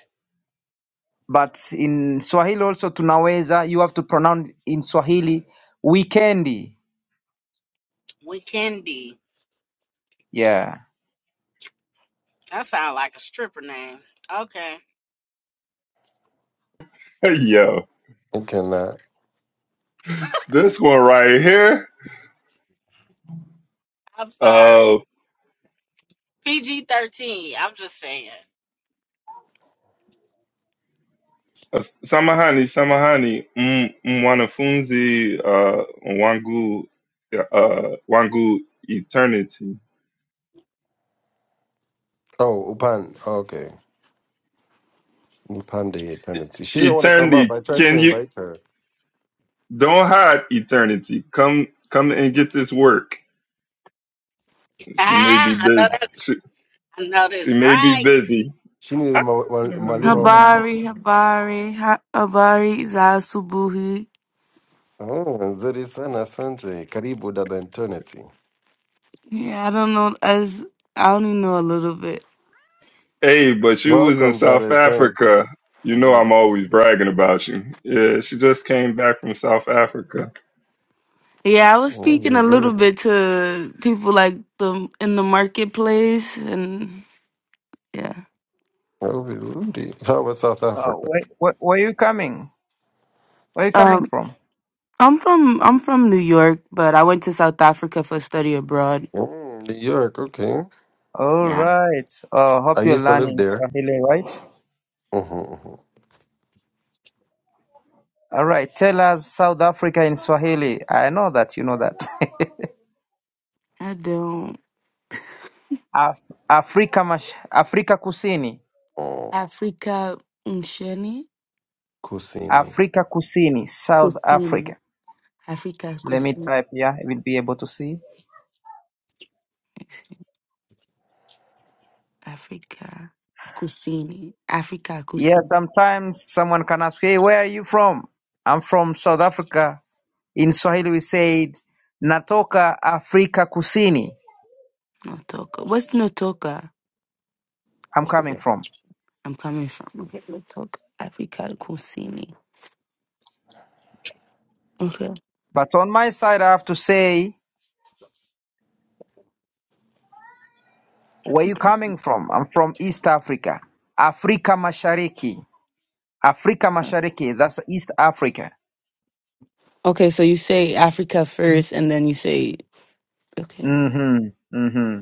E: but in Swahili also tunaweza. You have to pronounce in Swahili weekendi.
A: Weekendy.
E: Yeah.
A: That sounds like a stripper name. Okay.
B: yo,
F: I cannot.
B: this one right here.
A: I'm
B: uh,
A: sorry. PG 13. I'm just saying.
B: Uh, Samahani, samahani, m- mwanafunzi uh, wangu uh, wangu eternity.
F: Oh, upan. Okay. Nipande tendency. She didn't want to come up.
B: Eternity,
F: I tried to
B: can you
F: invite her.
B: don't hide eternity. Come come and get this work. She may be
A: Ah, I know
B: busy.
A: that's
B: She,
A: I know
B: she
A: that's
B: may be
A: right.
B: busy.
F: She needed
B: Ah.
F: ma- ma- Malima. um,
G: Habari, habari, ha- habari za asubuhi.
F: Oh, nzuri sana, asante. Karibu dada eternity.
G: Yeah, I don't know. I, s- I only know a little bit.
B: Hey, but you was in
F: Welcome dada
B: South
F: eternity.
B: Africa. You know
F: Mm,
B: I'm always bragging about you. Yeah, she just came back from South Africa.
G: Yeah, I was
F: oh,
G: speaking a little
F: Vizuri.
G: bit to people like the in the marketplace, and yeah.
F: Oh, vizuri. How was South
E: Uh,
F: Africa?
E: where, where, where are you coming? Where are you coming
G: Um,
E: from?
G: I'm from I'm from New York, but I went to South Africa for study abroad.
F: Mm, New York, okay.
E: All
G: Yeah,
E: right. Uh,
F: I
E: hope you're
F: used to live
E: learning
F: there.
E: Swahili, right?
F: Mm-hmm, hmm
E: All right. Tell us South Africa in Swahili. I know that you know that.
G: I don't
E: Af- Afrika mash Afrika Kusini.
F: Oh,
G: Africa unsheni
F: Kusini.
E: Afrika Kusini, South
G: kusini,
E: Africa.
G: Africa
E: Let me
G: kusini,
E: type here. I will be able to see.
G: Africa kusini, Africa
E: Yeah,
G: kusini.
E: sometimes someone can ask, hey, where are you from? I'm from South Africa. In Swahili, we said, natoka Afrika Kusini.
G: Notoka. What's Notoka?
E: I'm
G: Is
E: coming
G: it?
E: from.
G: I'm coming from. Okay, Notoka. Africa Kusini. Okay.
E: But on my side, I have to say, where you
G: Africa
E: coming
G: Kusini.
E: from? I'm from East Africa. Afrika Mashariki. Afrika Mashariki, that's East Africa.
G: Okay, so you say Africa first and then you say okay.
E: Mm-hmm. Mm-hmm.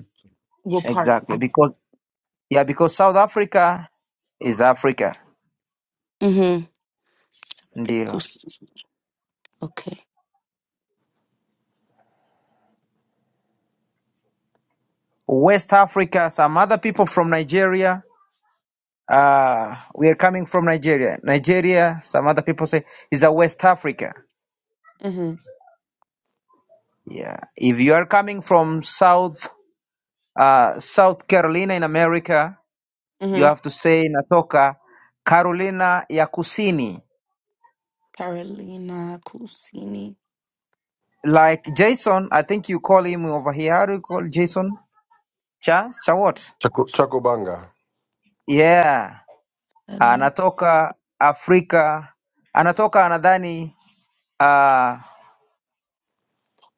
G: What part?
E: Exactly. Because, yeah, because South Africa is Africa.
G: Mm-hmm.
E: Ndio.
G: Kus okay.
E: West Africa, some other people from Nigeria Uh, we are coming from Nigeria. Nigeria, some other people say, is a West Africa.
G: Mm-hmm.
E: Yeah. If you are coming from South uh, South Carolina in America, you
G: Mm-hmm.
E: have to say natoka Carolina ya Kusini.
G: Carolina Kusini.
E: Like Jason, I think you call him over here. How do you call Jason? Cha? Cha what?
F: Chaco, Chacobanga.
E: Yeah.
G: Lala.
E: Anatoka Afrika. Anatoka anadhani uh,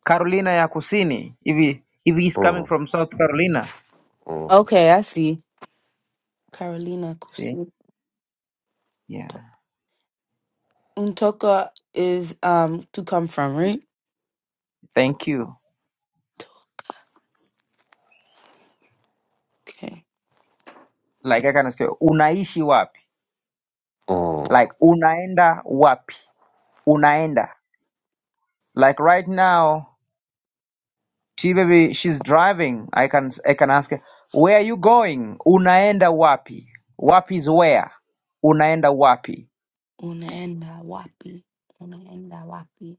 E: Carolina ya Kusini. If he, if he's coming
F: Mm,
E: from South Carolina.
F: mm,
G: Okay, I see. Carolina
E: See?
G: Kusini.
E: Yeah.
G: Notoka Untoka is um to come from, right?
E: Thank you.
G: Toka. Okay.
E: Like I can ask you, unaishi wapi?
F: mm.
E: Like unaenda wapi? Unaenda. Like right now, she baby, she's driving. I can I can ask her, where are you going? Unaenda wapi? Wapi is where? Unaenda wapi?
G: Unaenda wapi? Unaenda wapi?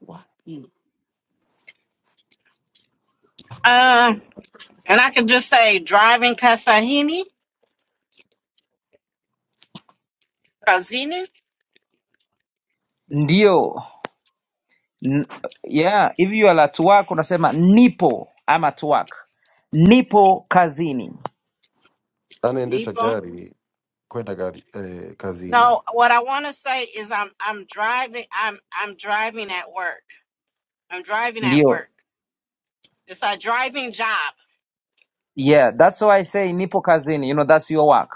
G: Wapi.
A: Um, and I can just say driving Kasahini, Kazini,
E: Ndio. N yeah, if you are at work unasema nipo, I'm at work. Nipo kazini.
F: Anaendesha
A: Nibo.
F: gari kwenda gari eh, kazini.
A: No, what I want to say is I'm I'm driving I'm I'm driving at work. I'm driving at
E: Ndio.
A: work. It's a driving job.
E: Yeah, that's why I say nipo kazini. You know, that's your work.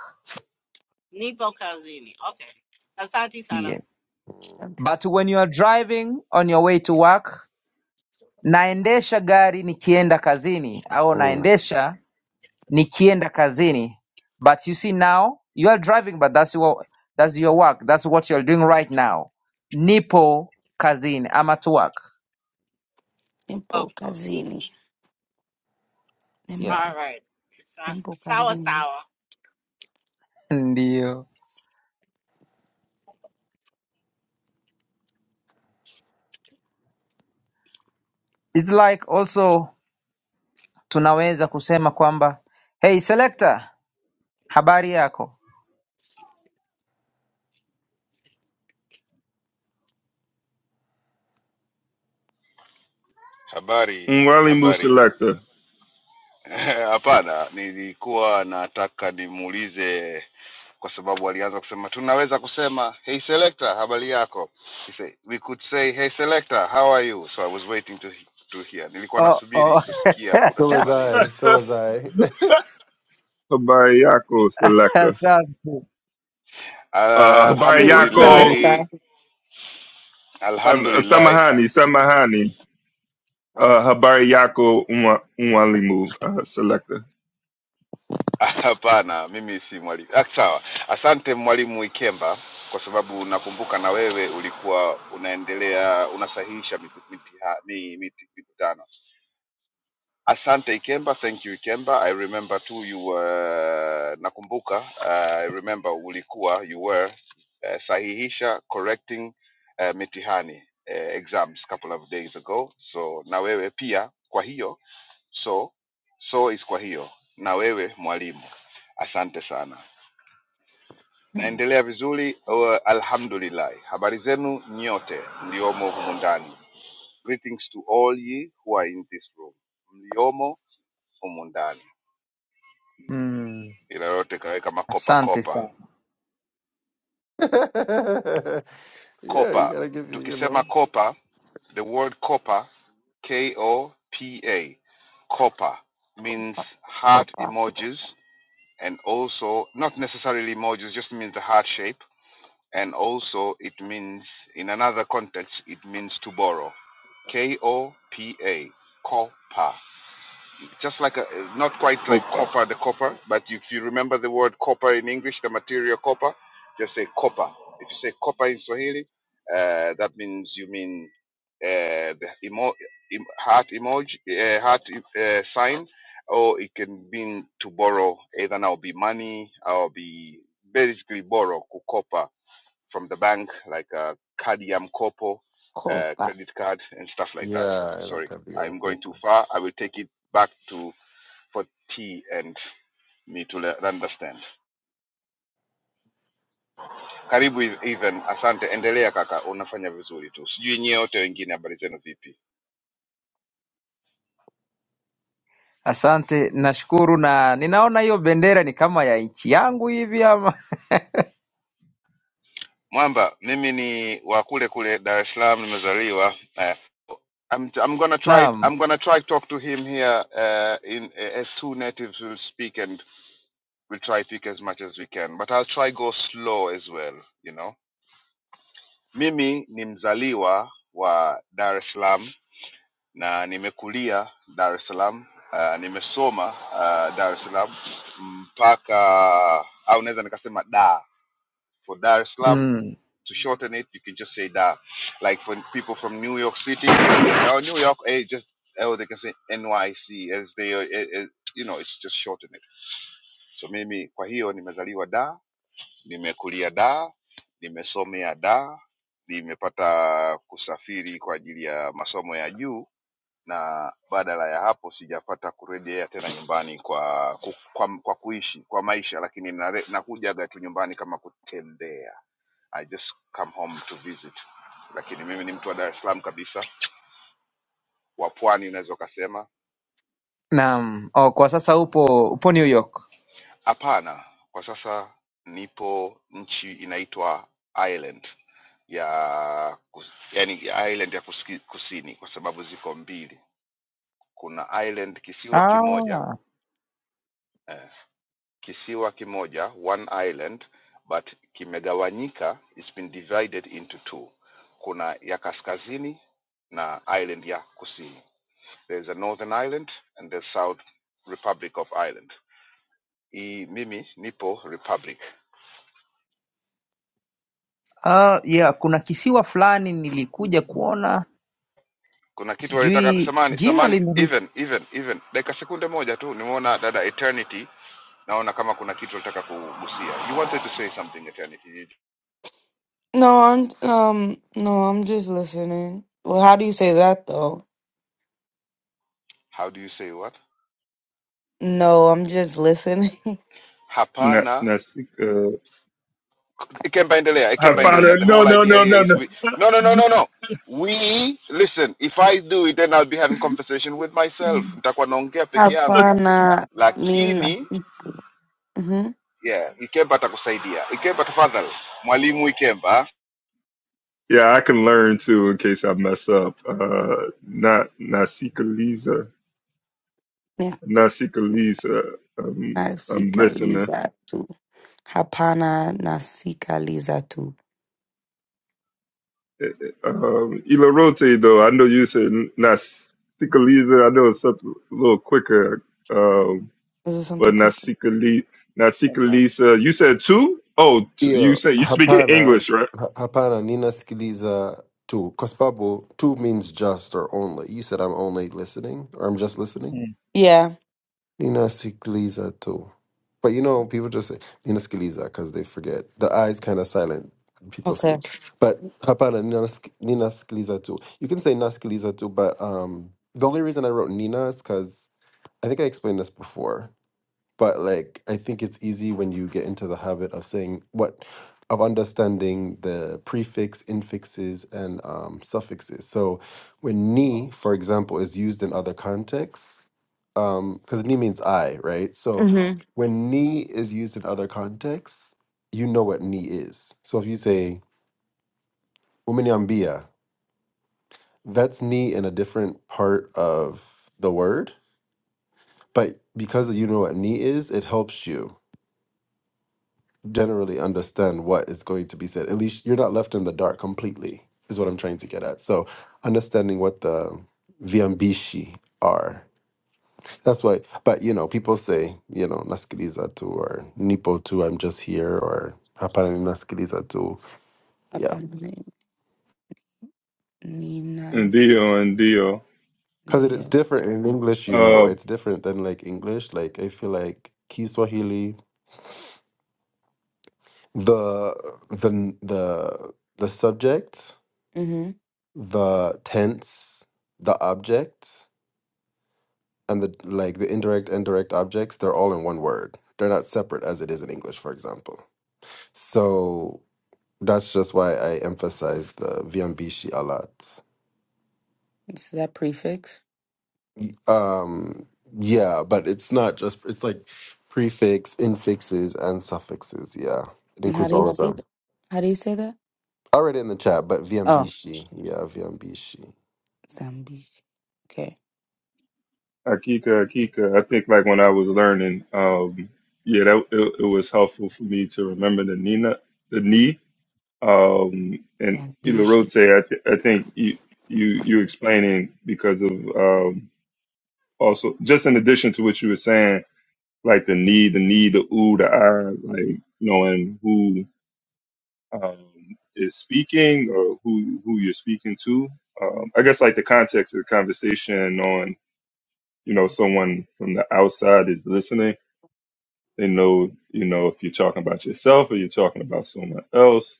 A: Nipo Kazini. Okay. Asante
E: Yes.
A: sana.
E: But when you are driving on your way to work, naendesha gari nikienda kazini au
F: Mm.
E: naendesha nikienda kazini. But you see now you are driving but that's your that's your work. That's what you're doing right now. Nipo kazini I'm at work.
A: Oh,
G: Nipo
A: Ni-
G: kazini.
E: Yeah.
A: all
G: Nimbo,
A: right. Sa-
G: nimbo
A: Sawa
G: kazini.
A: sawa.
E: Ndio. It's like also tunaweza kusema kwamba hey selector habari yako.
H: Habari,
B: Mwali
H: habari.
B: Muselekta.
H: Hapana, nilikuwa nataka nimuulize kwa sababu alianza kusema tunaweza kusema hey selector, habari yako. He say, we could say hey selector, how are you? So I was waiting to to hear. Nilikuwa
E: Oh,
H: nasubiri
E: oh.
H: kusikia
F: So was
H: utasema nini.
F: I. So was I.
B: Habayako selector.
E: Asante.
B: Uh,
G: Hey, what's the
B: Habayako
E: Nzuri.
G: next guy?
H: Alhamdulillahi,
B: um,
H: alhamdulillah,
B: Samahani, Samahani. Uh, Habayako Mwa- Mwalimu uh, selector.
H: Hapana, mimi si mwalimu. Ah, Sawa, asante mwalimu Ikemba, kwa sababu nakumbuka na wewe ulikuwa unaendelea unasahihisha miku- mitiha- mi- miti- mikutano. Asante Ikemba, thank you Ikemba. I remember too you were nakumbuka. Uh, I remember ulikuwa you were uh, sahihisha correcting uh, mitihani uh, exams couple of days ago. So na wewe pia kwa hiyo so so is kwa hiyo na wewe mwalimu. Asante sana.
G: Hmm.
H: Naendelea vizuri uh, alhamdulillah. Habari zenu nyote mliomo humu ndani. Greetings to all ye who are in this room. Mliomo humu ndani.
E: Mm.
H: ila yote kaweka makopa
E: Asante sana.
H: kopa
F: yeah, you
H: kopa
F: gotta give you, you
H: tukisema
F: know.
H: kopa the word kopa k o p a kopa means
G: Copa,
H: heart
G: copa,
H: emojis and also not necessarily emojis just means the heart shape and also it means in another context it means to borrow k o p a kopa just like a, not quite like
B: Kopa.
H: copper, the copper, but if you remember the word copper in English, the material copper, just say copper. If you say copper in Swahili, uh, that means you mean uh, the emo- em- heart emoji, uh, heart uh, sign, or it can mean to borrow either now be money or be basically borrow kukopa from the bank like a kadi ya mkopo, uh,
G: copa.
H: credit card and stuff like that.
F: Yeah,
H: Sorry,
F: inatabia
H: I'm going
F: mkopo
H: too far. I will take it back to for tea and me to understand. Karibu even, asante, endelea kaka, unafanya vizuri tu. Sijui nyie wote wengine habari zenu vipi?
E: Asante, nashukuru na ninaona hiyo bendera ni kama ya nchi yangu hivi ama
H: Mwamba, mimi ni wa kule kule Dar es Salaam nimezaliwa. Eh, I'm, I'm gonna try
E: naam.
H: I'm gonna try talk to him here uh, in uh, as two natives will speak and we'll try to speak as much as we can. But I'll try go slow as well, you know. Mimi ni mzaliwa wa Dar es Salaam na nimekulia Dar es Salaam. Uh, nimesoma uh, Dar es Salaam mpaka au naweza nikasema da for Dar es Salaam
E: Mm,
H: to shorten it you can just say da like for people from New York City or New York eh, just oh they can say NYC as they eh, eh, you know it's just shorten it so mimi kwa hiyo nimezaliwa da nimekulia da nimesomea da nimepata kusafiri kwa ajili ya masomo ya juu na badala ya hapo sijapata kurejea tena nyumbani kwa ku, kwa, kwa kuishi kwa maisha lakini nakujaga tu nyumbani kama kutembea i just come home to visit lakini mimi ni mtu wa dar es salaam kabisa wa pwani unaweza ukasema
E: naam. Oh, kwa sasa upo upo New York.
H: hapana kwa sasa nipo nchi inaitwa ireland ya kus- yani ireland ya kusini kwa sababu ziko mbili kuna ireland kisiwa kimoja
E: Ah,
H: eh, Kisiwa kimoja, one island, but kimegawanyika it's been divided into two. Kuna ya kaskazini na island ya kusini. There is a northern island and the south republic of Ireland. I mimi nipo republic.
E: ah, yeah, kuna kisiwa fulani nilikuja kuona,
H: Kuna kitu walitaka
E: sijui
H: samani
E: jina
H: samani,
E: limeni
H: even even even, dakika sekunde moja tu, nimeona dada Eternity, naona kama kuna kitu walitaka kugusia. You wanted to say something Eternity,
G: No, I'm um no, I'm just listening. Well, how do you say that though?
H: how do you say what?
G: No, I'm just listening.
B: Na-
H: Hapana
B: Nasika.
H: It Pendelea, Ekem
G: say that
H: Pendelea.
G: one.
B: Hapana.
H: The
B: No,
H: whole
B: no,
H: idea
B: no,
H: here
B: no,
H: is
B: no.
H: we. No, no, no, no, no. We listen. If I do it, then I'll be having conversation with myself. Nitakuwa naongea peke yangu,
G: Hapana
H: lakini
G: ninasiku. Mhm.
H: yeah, Ikemba atakusaidia. Ikemba, tafadhali mwalimu Ikemba.
B: Yeah, I can learn too in case I mess up. Uh, not Nasika Lisa. Nasika Lisa. Um, I'm listening.
G: Nasikiliza tu. Hapana nasikiliza tu.
B: Um, Ilarote, though, I know you said Nasika Lisa. I know it's up a little quicker. Um,
G: Is it something
B: But
G: good?
B: Nasika Lee, Nasika Lisa, you said two? Oh, two, you
F: hiyo.
B: said you speaking
F: Hapana,
B: English, right?
F: ha- hapana, ninasikiliza tu kwa sababu tu means just or only. You said I'm only listening or I'm just listening.
G: Yeah.
F: Ninasikiliza tu. But you know, people just say ninasikiliza because they forget. The eyes kind of silent. when People
G: Okay.
F: speak, but hapana ninask- ninasikiliza tu. You can say nasikiliza tu, but um, the only reason I wrote Nina is because I think I explained this before but like I think it's easy when you get into the habit of saying what of understanding the prefix, infixes, and um, suffixes. So when ni, for example, is used in other contexts, because ni means I, right? So
G: Mhm.
F: when ni is used in other contexts, you know what ni is. So if you say uminiambia, that's ni in a different part of the word, but because you know what ni is, it helps you generally understand what is going to be said. At least you're not left in the dark completely, is what I'm trying to get at. So understanding what the viambishi are. That's why, but you know, people say, you know, naskiliza tu or nipo tu, I'm just here or hapana ni naskiliza tu. Yeah.
G: upon the name
B: And
G: Ninas
B: deal and deal.
F: Because it is
G: Leo.
F: different in English, you know,
B: Uh,
F: it's different than like English. Like I feel like Kiswahili, the, the, the, the subject,
G: Mm-hmm.
F: the tense, the object and the like the indirect and direct objects they're all in one word they're not separate as it is in english for example so that's just why i emphasize the viambishi a lot
G: So that prefix.
F: um yeah but it's not just it's like prefix infixes and suffixes yeah it
G: And how
F: includes
G: do you
F: all of
G: say
F: them
G: that? How do you say that?
F: already in the chat but
G: Oh,
F: viambishi yeah viambishi
G: Zambi. Okay,
B: Akika, Akika. I think like when I was learning, um, yeah, that it, it was helpful for me to remember the Nina, the knee, um, and
G: Zambishi.
B: Ilarote. I, th- I think you, you, you explaining because of um, also just in addition to what you were saying, like the knee, the knee, the ooh, the I, like knowing who um, is speaking or who who you're speaking to. Um, I guess like the context of the conversation on you know someone from the outside is listening. They know you know if you're talking about yourself or you're talking about someone else.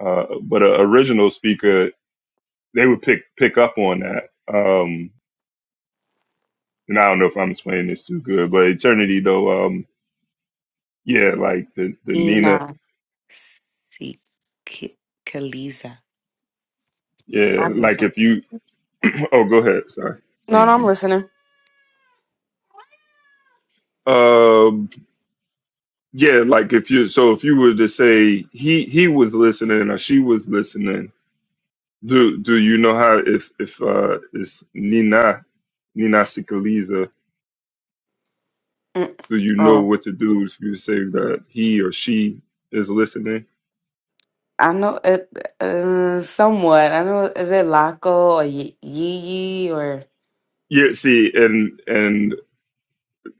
B: Uh, but an original speaker, they would pick pick up on that. Um, and I don't know if I'm explaining this too good, but eternity though, um, yeah, like the the Nina,
G: Ina Si- Ki- Kaliza.
B: yeah,
G: I'm
B: like
G: listening.
B: if you, oh, go ahead, sorry,
G: No, no, I'm
B: someone.
G: listening.
B: Yeah, like if you so if you were to say he he was listening or she was listening, do do you know how if if uh is Nina Nina Sikaliza,
G: Mm.
B: do you know
G: Oh,
B: what to do if you say that he or she is listening?
G: I know it uh, somewhat. I know is it Laco or Yee Yee or.
B: Yeah, see, and and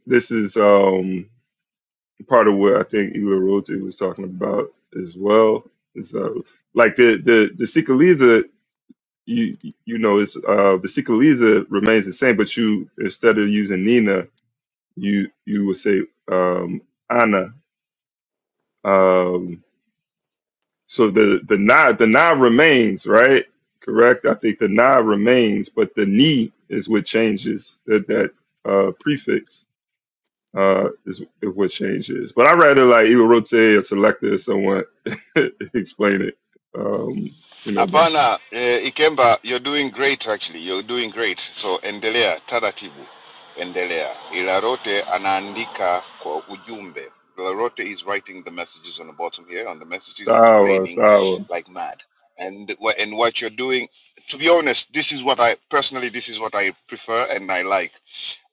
B: this is um part of what I think Ila Rote was talking about as well. Is uh, like the the the Sikaliza you you know it's uh vesicaliza remains the same, but you instead of using Nina, you you would say um Anna. Um so the the na the na remains, right? Correct? I think the na remains, but the ni is what changes that that uh prefix uh is, is what changes. But I rather like Iwarote or Selecta or someone explain it. Um, you know, but
H: Apana eh, Ikemba, you're doing great actually, you're doing great. So endelea taratibu, endelea. Ilarote anaandika kwa ujumbe. Ilarote is writing the messages on the bottom here. On the messages, it's
B: Sawa,
H: planing
B: Sawa.
H: like mad. And wha- and what you're doing, to be honest, this is what I personally, this is what I prefer and I like.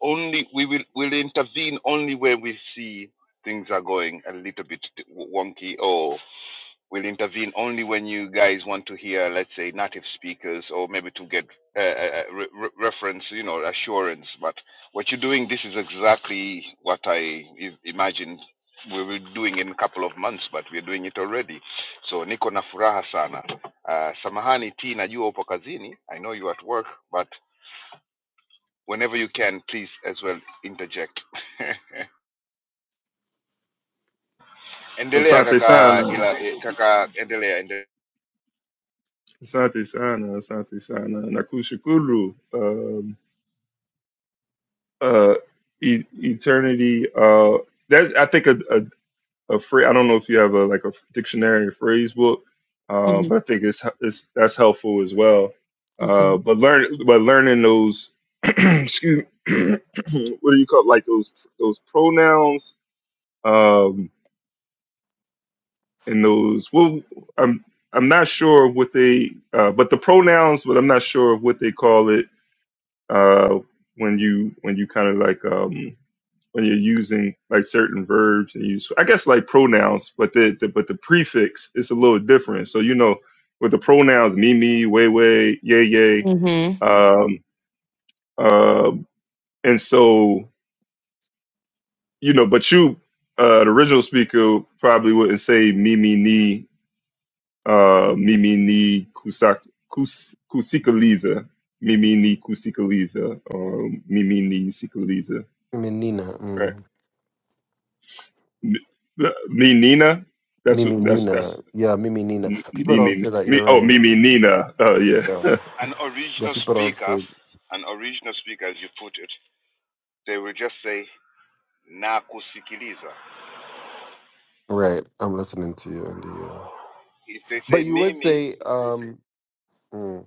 H: Only we will will intervene only where we see things are going a little bit wonky or will intervene only when you guys want to hear, let's say, native speakers or maybe to get uh, uh, uh, re- re- reference, you know, assurance. But what you're doing, this is exactly what I i- imagined we will be doing in a couple of months, but we're doing it already. So niko na furaha sana. Uh, samahani T, najua upo kazini. I know you're at work, but whenever you can, please as well interject. Endelea
B: Asante
H: kaka,
B: Sana.
H: ila, eh, kaka endelea, endelea.
B: Asante sana, asante sana. Nakushukuru. Um, uh, e- eternity. Uh, that I think a a, a phrase. I don't know if you have a like a dictionary or phrase book, uh, but I
G: Mm-hmm.
B: think it's, it's that's helpful as well.
G: Okay.
B: Uh, but learn, but learning those, excuse, what do you call it? like those those pronouns um, and those. Well, I'm I'm not sure what they, uh, but the pronouns. But I'm not sure what they call it uh, when you when you kind of like um, when you're using like certain verbs and use I guess like pronouns, but the, the but the prefix is a little different. So you know with the pronouns me me way way yay yay,
G: Mm-hmm.
B: um, uh, and so you know, but you uh, the original speaker probably wouldn't say me me ni uh, me me ni kusak kus kusikaliza me me ni kusikaliza or me me ni sikaliza
F: miminina
B: right?
F: mm.
B: N- Me Nina. That's what- that's
F: miminina
B: that's
F: yeah miminina
B: N-
F: people don't
B: Nina.
F: say that
B: Me
F: you're
B: oh me
F: right
B: me Nina. Oh yeah.
F: yeah,
H: An
F: yeah
H: original
F: people don't
H: speaker,
F: say
H: an original speaker as you put it, they will just say na kusikiliza.
F: Right. I'm listening to you, Andy. Yeah.
H: If they
F: But
H: say
F: you would
H: mimi,
F: say, um, mm,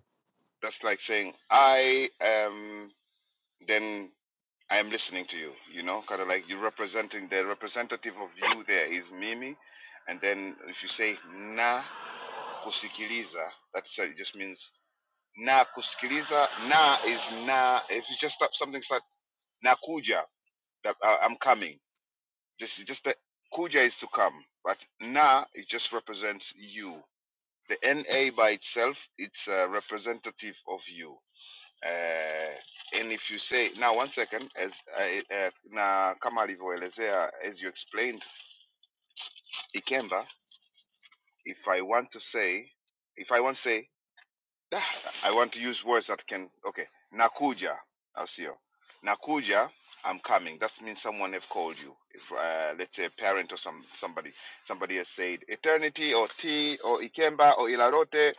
H: that's like saying I am, then I am listening to you, you know, kind of like you're representing, the representative of you there is mimi. And then if you say na kusikiliza, that's uh, it just means na kusikiliza, na is na, if you just stop something, like nakuja that I, I'm coming. Just just the kuja is to come, but na it just represents you. The na by itself, it's a representative of you. Uh, and if you say now one second, as I, uh, na kama alivyoelezea, as you explained, ikemba. If I want to say, if I want to say Ah, I want to use words that can. Okay, nakuja. I'll see you. Nakuja, I'm coming. That means someone have called you. If uh, let's say a parent or some somebody, somebody has said eternity or T or Ikemba or Ilarote,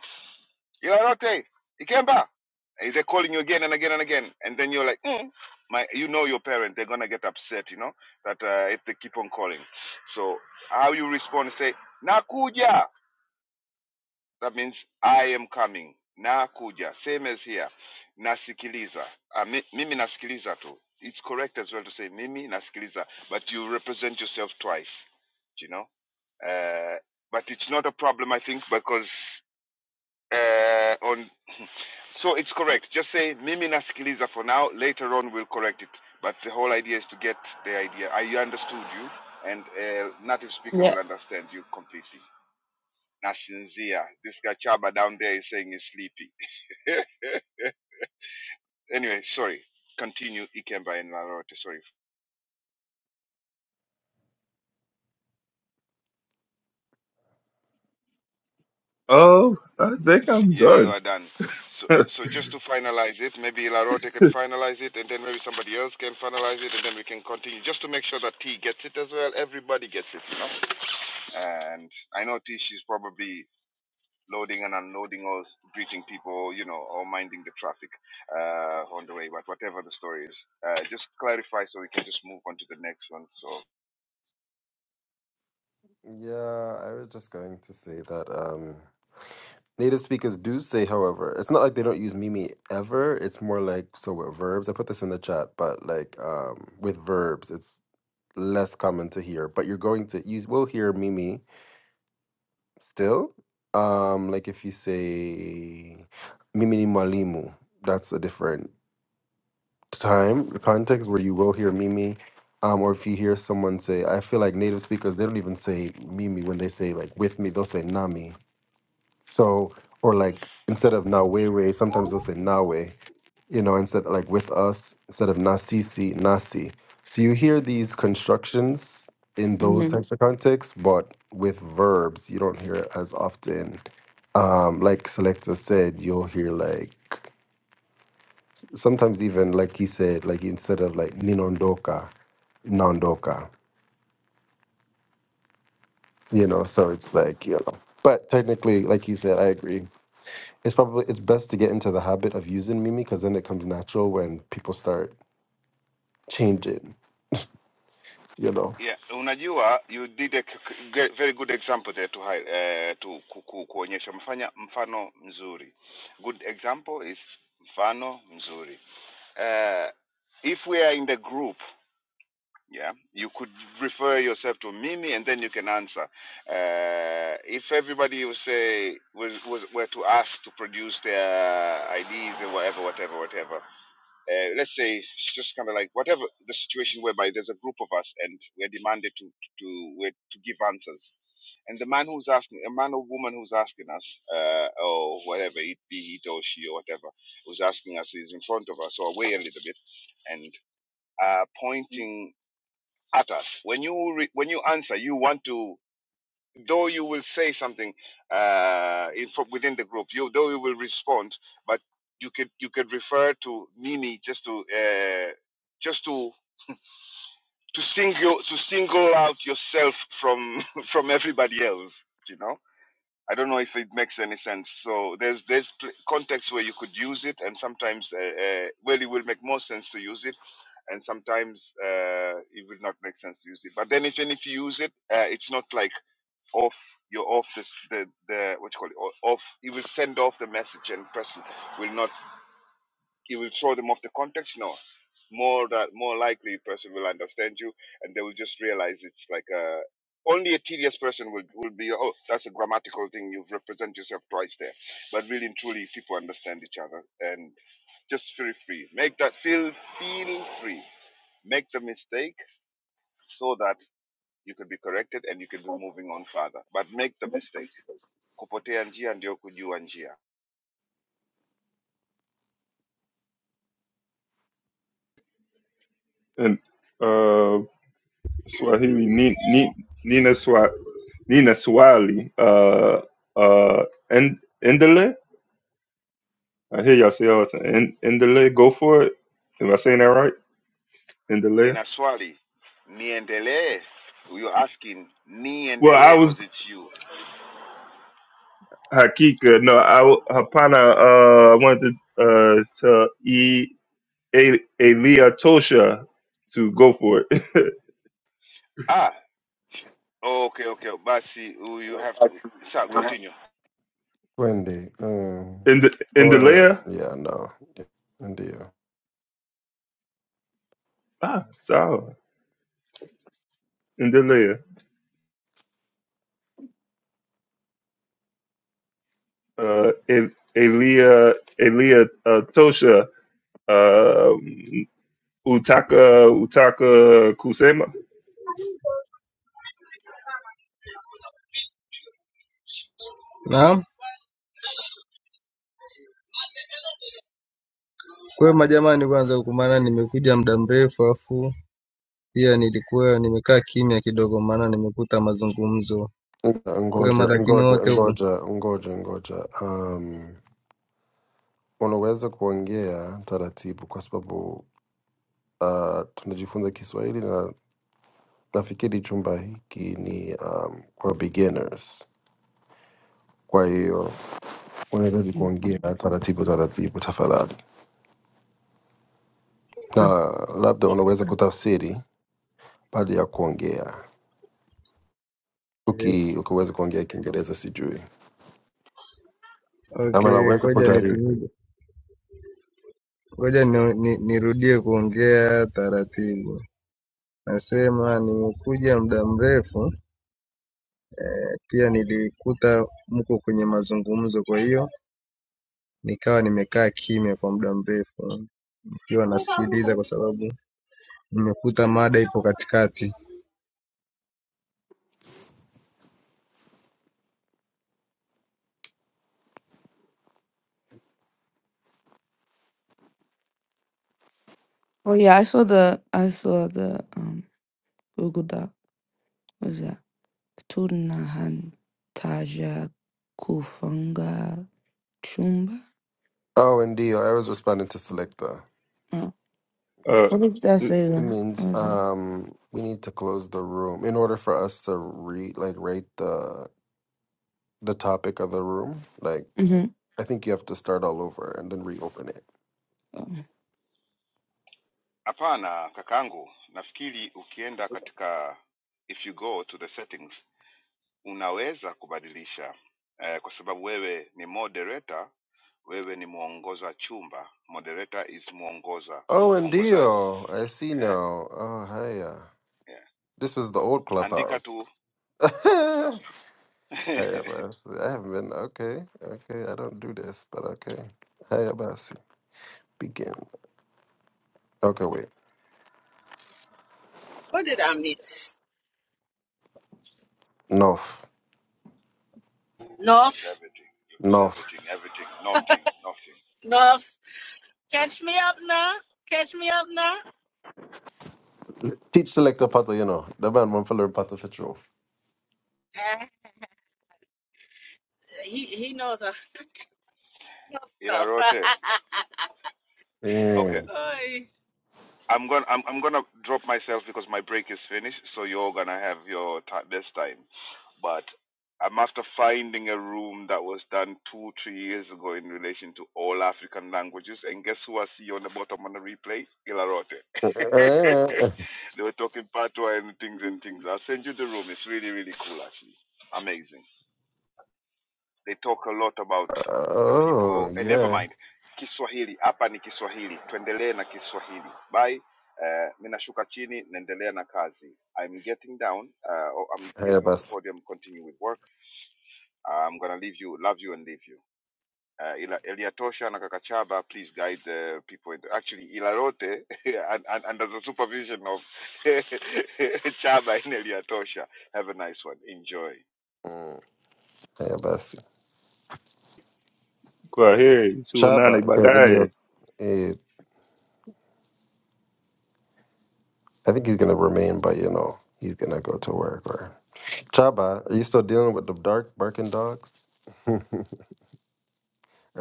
H: Ilarote, Ikemba. Is they calling you again and again and again? And then you're like, mm. my, you know your parent, they're gonna get upset, you know, that uh, if they keep on calling. So how you respond? Say nakuja. That means I am coming. Na kuja. Same as here. Nasikiliza. Uh, mi, mimi nasikiliza too. It's correct as well to say mimi nasikiliza. But you represent yourself twice. You know? Uh, but it's not a problem, I think, because uh, on. so it's correct. Just say mimi nasikiliza for now. Later on, we'll correct it. But the whole idea is to get the idea. I understood you, and a native speaker
G: Yeah.
H: will understand you completely. Nashinzia. This guy Chaba down there is saying he's sleepy. anyway, sorry. Continue Ikemba and Larote. Sorry.
B: oh, I think I'm
H: Yeah, you
B: done.
H: are done. So, so just to finalize it, maybe Larote can finalize it, and then maybe somebody else can finalize it, and then we can continue. Just to make sure that T gets it as well. Everybody gets it, you know. And I know T, she's probably loading and unloading or greeting people, you know, or minding the traffic uh, on the way. But whatever the story is, uh, just clarify so we can just move on to the next one. So
F: yeah, I was just going to say that um, native speakers do say, however, it's not like they don't use Mimi ever. It's more like, so with verbs, I put this in the chat, but like um, with verbs, it's less common to hear. But you're going to use, we'll hear Mimi still. Um, like if you say Mimi ni mwalimu, that's a different. time context where you will hear Mimi, um, or if you hear someone say, I feel like native speakers, they don't even say Mimi when they say like with me, they'll say Nami. So, or like instead of Nawewe, sometimes they'll say Nawe, you know, instead like with us, instead of Nasisi, Nasi. So you hear these constructions in those
G: Mm-hmm.
F: types of contexts, but with verbs, you don't hear it as often. Um, like Selecta said, you'll hear like sometimes even like you said, like instead of like ninondoka, nondoka, you know. So it's like you know. But technically, like you said, I agree. It's probably it's best to get into the habit of using Mimi because then it comes natural when people start changing, you know.
H: yeah, unajua you did a very good example there to, hi- eh, to ku, ku, kuonyesha mfanya mfano mzuri. Good example is mfano mzuri. Uh, if we are in the group Yeah, you could refer yourself to Mimi, and then you can answer. Uh, if everybody will say was, was were to ask to produce their IDs or whatever, whatever, whatever. Uh, let's say it's just kind of like whatever the situation whereby there's a group of us and we're demanded to to to, we're to give answers. And the man who's asking, a man or woman who's asking us, uh, or whatever it be, it or she or whatever, who's asking us is in front of us or away a little bit, and uh, pointing at us. When you re- when you answer, you want to though you will say something uh, in, within the group. You though you will respond, but you could you could refer to Nini just to uh, just to to single to single out yourself from from everybody else. You know. I don't know if it makes any sense. So there's there's contexts where you could use it, and sometimes uh, uh, well, it will make more sense to use it, and sometimes uh, it will not make sense to use it. But then even if you use it, uh, it's not like off you're off this, the the what you call it o- off. It will send off the message, and person will not you will throw them off the context no more that more likely a person will understand you and they will just realize it's like a only a tedious person will, will be oh that's a grammatical thing you've represented yourself twice there but really and truly people understand each other and just feel free make that feel feel free make the mistake so that you can be corrected and you can be moving on further but make the mistake kupotea njia ndio kujua njia.
B: and uh, Swahili Ni, Ni, Nina Swa Nina Swahili. Uh uh, and Endele. I hear y'all say all the time. En- Endele, go for it. Am I saying that right? Endele.
H: nina swali niendelee you're asking
B: Well,
H: niendelee
B: I was
H: because it's you
B: Hakika. No, I w- Hapana. Uh, I wanted to uh to E. A Elia Tosha to go for it.
H: ah okay okay basi you have to sa continue
F: Wendy, um,
B: In the in the
F: or
B: layer,
F: yeah, no, yeah, ndio.
B: ah, sorry, in the layer. Uh, E- Elia Elia uh, Tosha um, Utaka Utaka Kusema.
I: Naam, kwema jamani, kwanza huku, maana nimekuja muda mrefu, afu pia nilikuwa nimekaa kimya kidogo, maana nimekuta mazungumzo kwema,
F: Ngoja,
I: lakini
F: ngoja,
I: wote huku
F: ngoja, ngoja, ngoja. Um, unaweza kuongea taratibu kwa sababu uh, tunajifunza Kiswahili na nafikiri chumba hiki ni um, kwa beginners, kwa hiyo unahitaji kuongea taratibu taratibu tafadhali, na labda unaweza kutafsiri baada ya kuongea,
I: Eh,
F: uki ukiweza kuongea Kiingereza sijui, ama
I: Okay,
F: naweza
I: ngoja
F: kujaribu.
I: nitumie, ngoja ni, ni, nirudie kuongea taratibu. Nasema nimekuja muda mrefu, pia nilikuta mko kwenye mazungumzo, kwa hiyo nikawa nimekaa kimya kwa muda mrefu. nikiwa nasikiliza kwa sababu nimekuta mada ipo katikati
G: Oh yeah, I saw the I saw the um Google Doc. What was that? Tunahan Taja Kufunga Chumba?
F: Oh, ndio, I was responding to Selecta.
G: Oh.
F: Good.
B: Uh,
G: What does that say
F: It
G: though?
F: means
G: What was that?
F: um, we need to close the room in order for us to re like rate the the topic of the room. Like
G: Mm-hmm.
F: I think you have to start all over and then reopen it.
H: hapana kakangu nafikiri ukienda katika if you go to the settings unaweza kubadilisha eh, kwa sababu wewe ni moderator wewe ni mwongoza chumba moderator is mwongoza
F: Oh, and
H: mwongozaji
F: Dio, I see
H: eh,
F: now. Oh, hiya!
H: yeah.
F: this was the old
H: andika tu
F: clubhouse.
H: sawa
F: Hiya, Abbas, I haven't been. Okay, okay, I don't do this, but okay. Hiya, Abbas, begin. Okay, wait.
A: What did I miss?
F: North,
H: You miss
A: North,
H: everything. You miss
F: north.
H: everything. Everything. Nothing. Nothing.
A: north. Catch me up now. Catch me up now.
F: Teach selector pattern, you know. The man want to learn pattern for true.
A: Eh, He he knows stuff.
H: Ilarote. Okay.
F: Mm.
A: Boy.
H: I'm gonna I'm, I'm gonna drop myself because my break is finished. So you're gonna have your ti this time. But I'm after finding a room that was done two three years ago in relation to all African languages. And guess who I see on the bottom on the replay? Ilarote. they were talking patois and things and things. I'll send you the room. It's really really cool actually. Amazing. they talk a lot about the
F: oh,
H: people and never
F: yeah.
H: mind kiswahili hapa ni kiswahili tuendelee na kiswahili bye uh, ninashuka chini naendelea na kazi i'm getting down uh, or i'm
F: Hiya,
H: getting off the
F: Abbas.
H: podium continue with work Uh, i'm gonna leave you love you and leave you uh, ila eliatosha na kakachaba please guide the uh, people into, actually ilarote and, and, under the supervision of chaba in eliatosha have a nice one enjoy
F: Hiya, Abbas.
B: kwa heri
F: Chaba.
B: tuonane
F: Okay, good
B: baadaye.
F: deal. Hey, I think he's gonna remain, but you know, he's gonna go to work. Or Chaba, are you still dealing with the dark barking dogs, or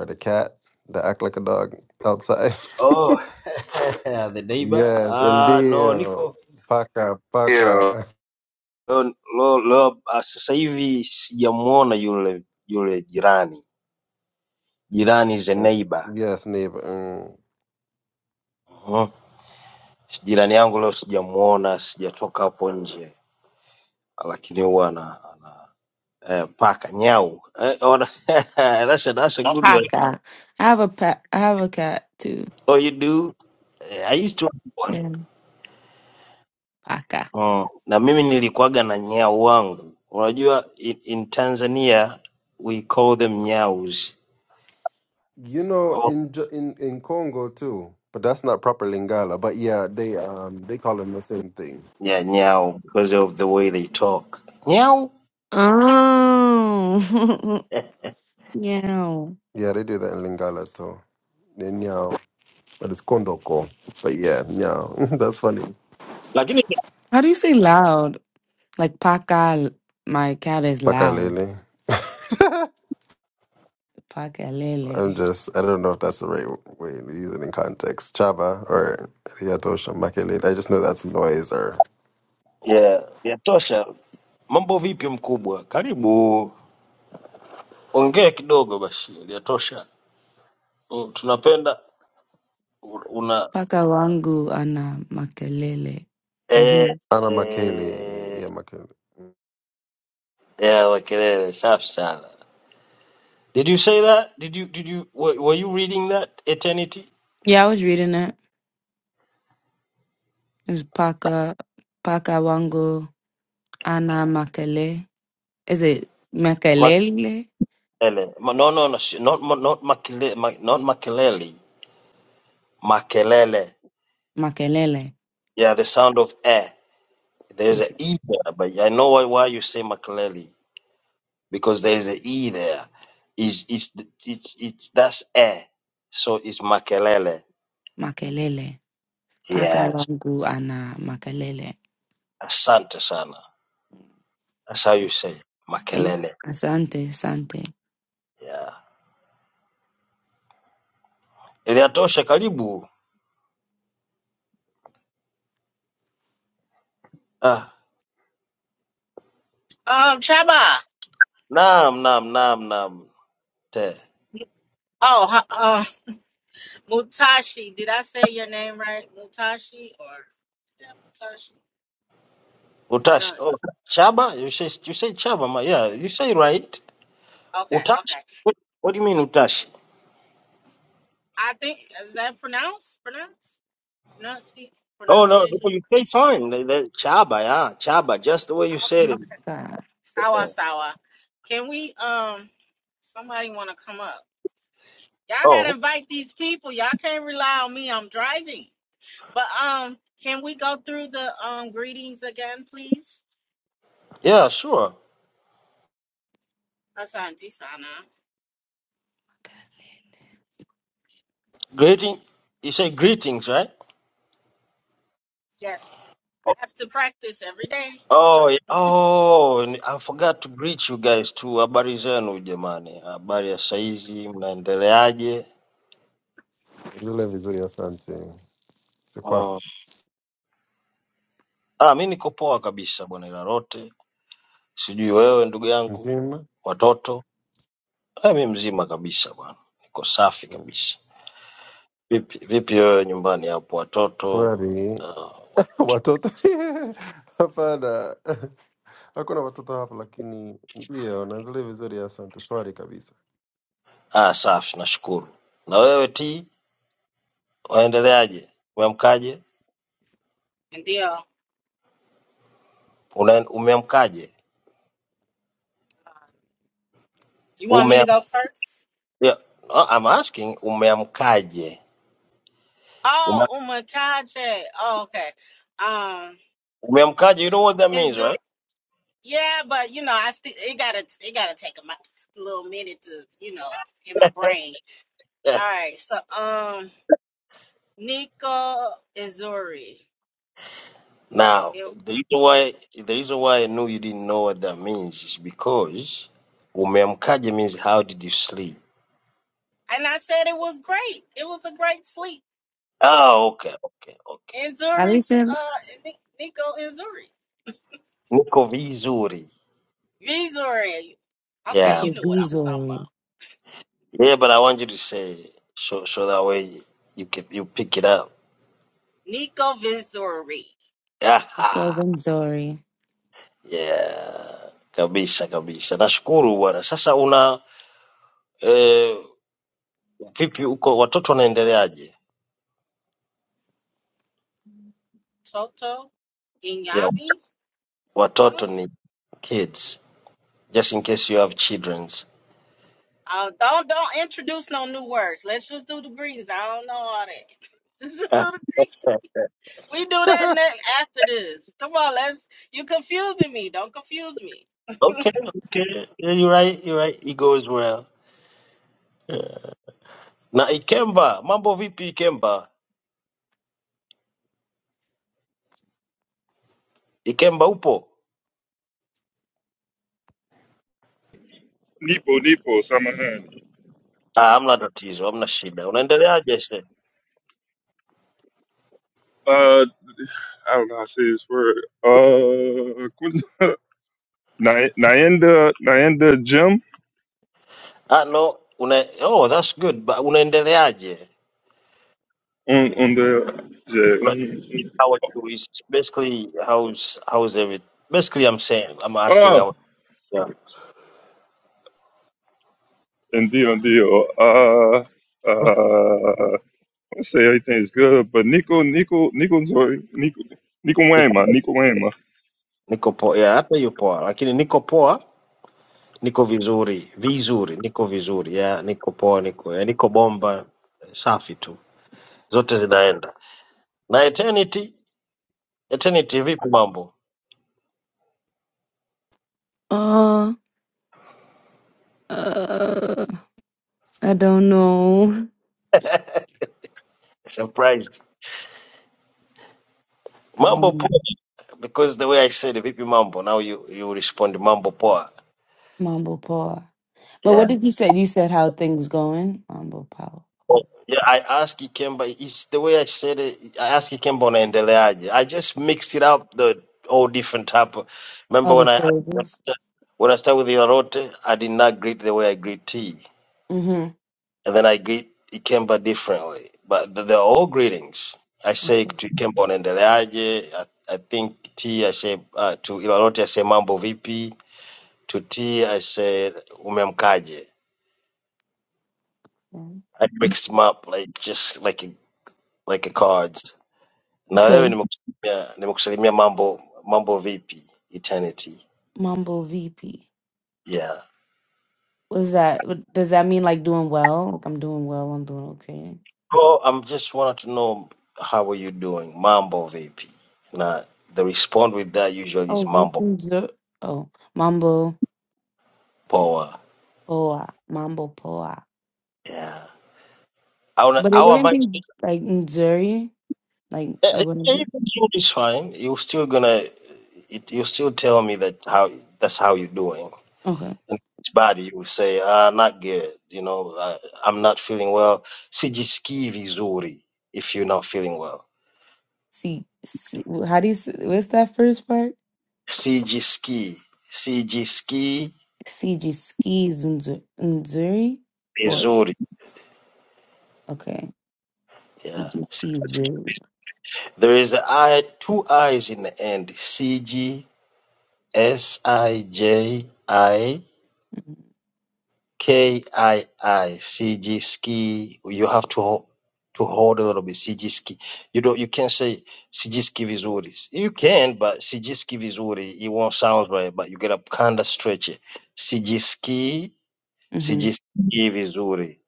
F: the cat that act like a dog outside?
J: Oh, the neighbor.
F: yes,
J: Ah,
F: indeed.
J: no, niko
F: Paka
J: Ndio.
F: paka.
J: Lo, lo, leo, ah, sasa hivi sijamuona yule yule jirani. Jirani is a neighbor.
F: yes, neighbor. Mm.
J: Mhm. Jirani yangu leo sijamuona, sijatoka hapo nje, lakini huwa na eh, paka nyau. Eh, ona- that's, a, that's a good one.
G: Paka. I have a pet I have a cat too.
J: Oh, you do? Eh, I used to have one.
G: Yeah. Paka.
J: Mm. Na mimi nilikuwaga na nyau wangu. Unajua in, in Tanzania we call them nyaus.
F: You know, in J- in in Congo too, but that's not proper Lingala. But yeah, they um they call them the same thing.
J: yeah nyao because of the way they talk nyao
G: Oh yeah.
F: Yeah, they do that in Lingala too. They nyao, but it's Kondoko. But yeah, nyao. that's funny.
J: lakini
G: How do you say loud? Like Paka my cat is
F: Paka
G: loud.
F: lele.
G: Paka Lele.
F: I'm just, I don't know if that's the right way to use it in context. Chaba or Yatosha Makele. I just know that's noise or
J: yeah yatosha mambo vipi mkubwa karibu ongea kidogo basi yatosha Mm, tunapenda u- una
G: Paka wangu ana makelele.
J: eh,
G: hmm
F: Ana Makele. Yeah,
J: eh,
F: Makele.
J: yeah, kelele safi sana did you say that did you did you were, were you reading that eternity
G: Yeah, I was reading it. It was paka paka wangu ana makele. Is it makelele?
J: makelele Ma- no no no sh- not ma- not makelele not makelele makelele
G: Makelele.
J: yeah the sound of eh. There's an
G: Okay.
J: E there, but I know why, why you say Makaleli because there's an E there. Is it's it's it's that's air, so it's Makelele.
G: Makelele. Paka
J: Yes,
G: wangu ana makelele.
J: asante sana. That's how you say it.
G: Thank
J: Makelele.
G: Asante, asante.
J: Yeah, iliatosha karibu. Ah,
A: Um, Chama.
J: nam nam nam nam. Te
A: Oh, huh, uh, Mutashi. Did I say your name right? Mutashi or is that Mutashi?
J: utash. Oh,
A: Pronounce.
J: chaba. You say you say chaba. ma- Yeah, you say right.
A: Okay,
J: Utash.
A: okay.
J: What, what do you mean utash?
A: I think is that pronounced? Pronounce? Pronunci-
J: Oh no, no,
A: pronunciation?
J: you say
A: Pronounce.
J: fine. The- the Chaba, yeah, chaba, just the way you
A: Oh,
J: said it.
A: okay.
G: Sawa.
J: Yeah.
A: Sawa sawa. Can we um somebody wanna come up? Y'all gotta
J: Oh,
A: invite these people. Y'all can't rely on me. I'm driving. But um, can we go through the um greetings again, please?
J: Yeah, sure.
A: Asante sana.
J: Greeting. You say greetings, right?
A: Yes, I have to practice every day.
J: oh, yeah. Oh, ni- I forgot to greet you guys too. Habari zenu jamani, habari ya saizi, mnaendeleaje?
F: Vile vizuri asante. Kwa
J: Mm. Ah, mi niko poa kabisa bwana Ilarote, sijui wewe ndugu yangu,
F: mzima.
J: watoto. Ah, mi mzima kabisa bwana, niko safi kabisa. Vipi vipi wewe nyumbani hapo watoto?
F: Shwari.
J: Uh,
F: Watoto. Hapana. Hakuna watoto hapa lakini ndio na vile vizuri asante. Shwari kabisa.
J: ah, safi, nashukuru. Na wewe T, waendeleaje? Umeamkaje?
A: And deal.
J: Una- Umeamkaje?
A: Um, You want me
J: Ume,
A: to go first?
J: yeah, uh, I'm asking, umeamkaje? Ume,
A: Oh, umakache. Oh, okay. Um,
J: umeamkaje? You know what that
A: and
J: means,
A: Zur-
J: right?
A: yeah, but you know, I still it gotta it gotta take a mi- little minute to you know in my brain.
J: Yeah.
A: All right, so um, Nico Izuri.
J: Now,
A: It,
J: the reason why the reason why I know you didn't know what that means is because umeamkaje means how did you sleep?
A: and I said it was great. It was a great sleep.
J: Oh, okay, okay, okay.
A: Inzuri,
G: Alisa
A: uh, Ni- Nico Inzuri,
J: Niko vizuri.
A: Vizuri. Okay,
G: niko
J: Yeah,
A: you knew what I was talking
G: vizuri.
A: about.
J: yeah, but I want you to say so so that way you can you pick it up.
A: Nico Vizuri,
G: Niko
J: Aha.
G: vizuri.
J: Yeah, kabisa kabisa. Nashukuru bwana. Sasa una eh, Vipi huko watoto wanaendeleaje?
A: Toto
J: Yeah,
A: Inyabi. Uh,
J: watoto ni kids, just in case you have childrens.
A: uh, don't don't introduce no new words. Let's just do the greetings. I don't know all that. Let's just
J: Ah,
A: do the greetings. We do that next after this. Come on, let's. You confusing me. Don't confuse me.
J: okay, okay. Yeah, You're right, you're right. It goes well. Na Ikemba, mambo vipi Ikemba? Ikemba upo?
B: Nipo nipo samahani.
J: Ah, hamna tatizo, hamna shida. Unaendeleaje se?
B: Uh, I don't know how to say this word. Uh, kun- Na- Naenda Naenda Jim
J: Ah, no, una Oh, that's good. But unaendeleaje?
B: on on the yeah.
J: Una-
B: mm,
J: How are you? It's basically how's how's everything? Basically I'm saying, I'm asking
B: mm.
J: how yeah.
B: Indeed, indeed. Uh, uh, I say everything's good, but Nico, Nico, Nico, Nico, Nico
J: Niko
B: Wayma, Nico Wayma,
J: niko poa. Yeah, hata yupo, lakini niko poa Niko vizuri, vizuri, niko vizuri ya, niko poa, niko ya, niko bomba, safi tu, zote zinaenda. Na Eternity, Eternity, vipi mambo?
G: Uh, uh, I don't know.
J: Surprise, mambo
G: Um,
J: poa, because the way I said vipi mambo, now you you respond mambo poa.
G: mambo poa. But
J: Yeah.
G: what did you say? You said how things going? Mambo power.
J: Yeah, I asked Ikemba, it's the way I said it, I asked Ikemba unaendeleaje. I just mixed it up, the all different type of, remember
G: Other
J: when I,
G: phrases.
J: when I started with Ilarote, I did not greet the way I greet tea.
G: Mm-hmm.
J: and then I greet Ikemba differently. But th- they're all greetings. I say
G: Okay.
J: to Ikemba unaendeleaje. I, I think T I say uh, to Ilalote I say mambo vipi. To T I say umemkaje.
G: yeah.
J: I mix them up like just like a, like a cards. Na wewe
G: Okay.
J: nimekusalimia nimekusalimia mambo mambo vipi eternity.
G: Mambo VP.
J: Yeah.
G: What's that? What- Does that mean like doing well? Like I'm doing well. I'm doing okay.
J: Oh, I'm just wanted to know how are you doing? Mambo vipi. Now they respond with that usually is
G: Oh, zo-
J: mambo
G: mm, zo- oh, Mambo
J: Power.
G: Poa. Mambo Poa.
J: Yeah. Our,
G: But it
J: our
G: wouldn't
J: mind,
G: be like Nzuri. Like it
J: eh, eh,
G: wouldn't
J: even
G: be.
J: food is fine. You're still gonna, it, you still tell me that how that's how you're doing.
G: Okay.
J: And if it's bad, you say, ah, not good. You know, uh, I'm not feeling well. Sijiski vizuri if you're not feeling well.
G: See, see how do you? s- What's that first part?
J: Sijiski, sijiski
G: CG ski Nzuri or
J: vizuri.
G: okay.
J: Yeah.
G: EDC Zoo.
J: There is a I, two I's in the end. C G S I J I. K I I C G ski. You have to ho- to hold a little bit. CG ski. You don't. You can't say CG ski vizuri. You can, but CG ski vizuri. It won't sound right. But you gotta kinda stretch it. CG ski.
G: Mm-hmm.
J: CG ski vizuri.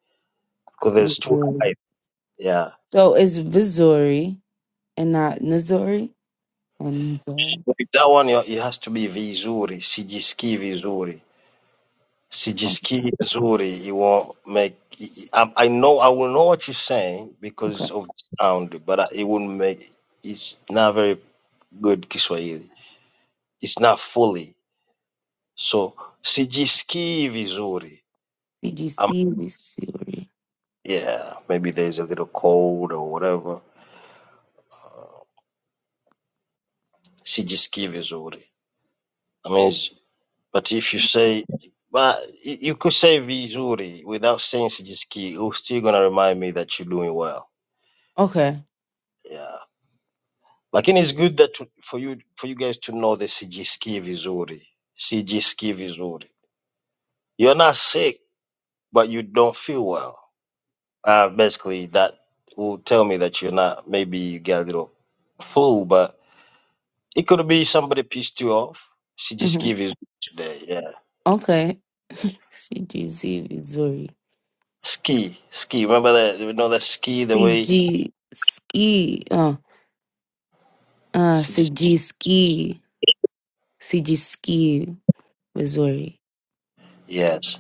J: Because there's two eyes.
G: Missouri.
J: Yeah.
G: So it's Missouri and not Missouri. And Missouri.
J: With that one, you- it has to be vizuri. CG ski vizuri.
G: Oh,
J: sijisikii vizuri it will not make I, I know i will know what you're saying
G: okay.
J: because of the sound but I- it won't make it's not very good kiswahili it's not fully so sijisikii vizuri um,
G: CGC Missouri.
J: yeah maybe there's a little cold or whatever sijisikii vizuri i mean it's- but if you say but you you could say vizuri without saying sijisikii you're still gonna remind me that you're doing well
G: Okay.
J: yeah lakini it's good that to, for you for you guys to know that sijisikii vizuri sijisikii vizuri you're not sick but you don't feel well uh, basically that will tell me that you're not maybe you got a little flu but it could be somebody pissed you off
G: Mm-hmm.
J: sijisikii vizuri today yeah
G: Okay. CGC Missouri.
J: ski ski remember that you know that ski the way
G: CG ski. Uh, uh,
J: sijis-
G: CG ski. CG ski Missouri.
J: yes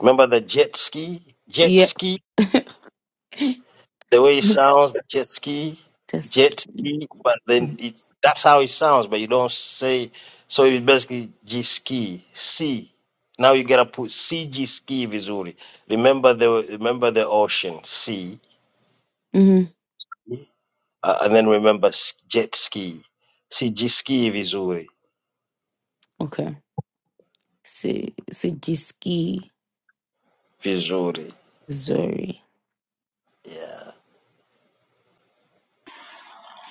J: remember the jet ski jet
G: Yep.
J: ski the way it sounds, jet ski,
G: Just.
J: jet ski, but then it, that's how it sounds, but you don't say so. It's basically G ski, C. Now you gotta put CG ski vizuri. Remember the remember the ocean, sea,
G: Mm-hmm.
J: uh, and then remember s- jet ski, CG ski vizuri,
G: Okay. C- CG ski
J: vizuri.
G: Missouri.
J: Yeah,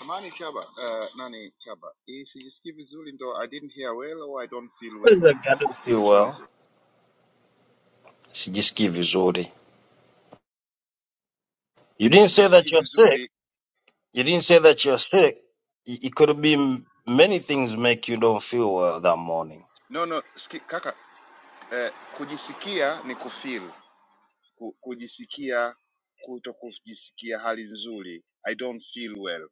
H: Amani Chaba, uh, Nani Chaba, eh, sijisikii vizuri ndo I didn't hear well or I don't feel
J: What
H: well.
J: is that? I don't feel
H: Which one is
J: well.
H: it?
J: CG ski vizuri. You didn't say
H: Sijisikii
J: that you're sick.
H: vizuri.
J: You didn't say that you're sick. It it could be m- many things make you don't feel well that morning.
H: No, no, ski, kaka, eh, kujisikia ni kufeel. Ku, kujisikia, kuto kujisikia hali nzuri. I don't feel well.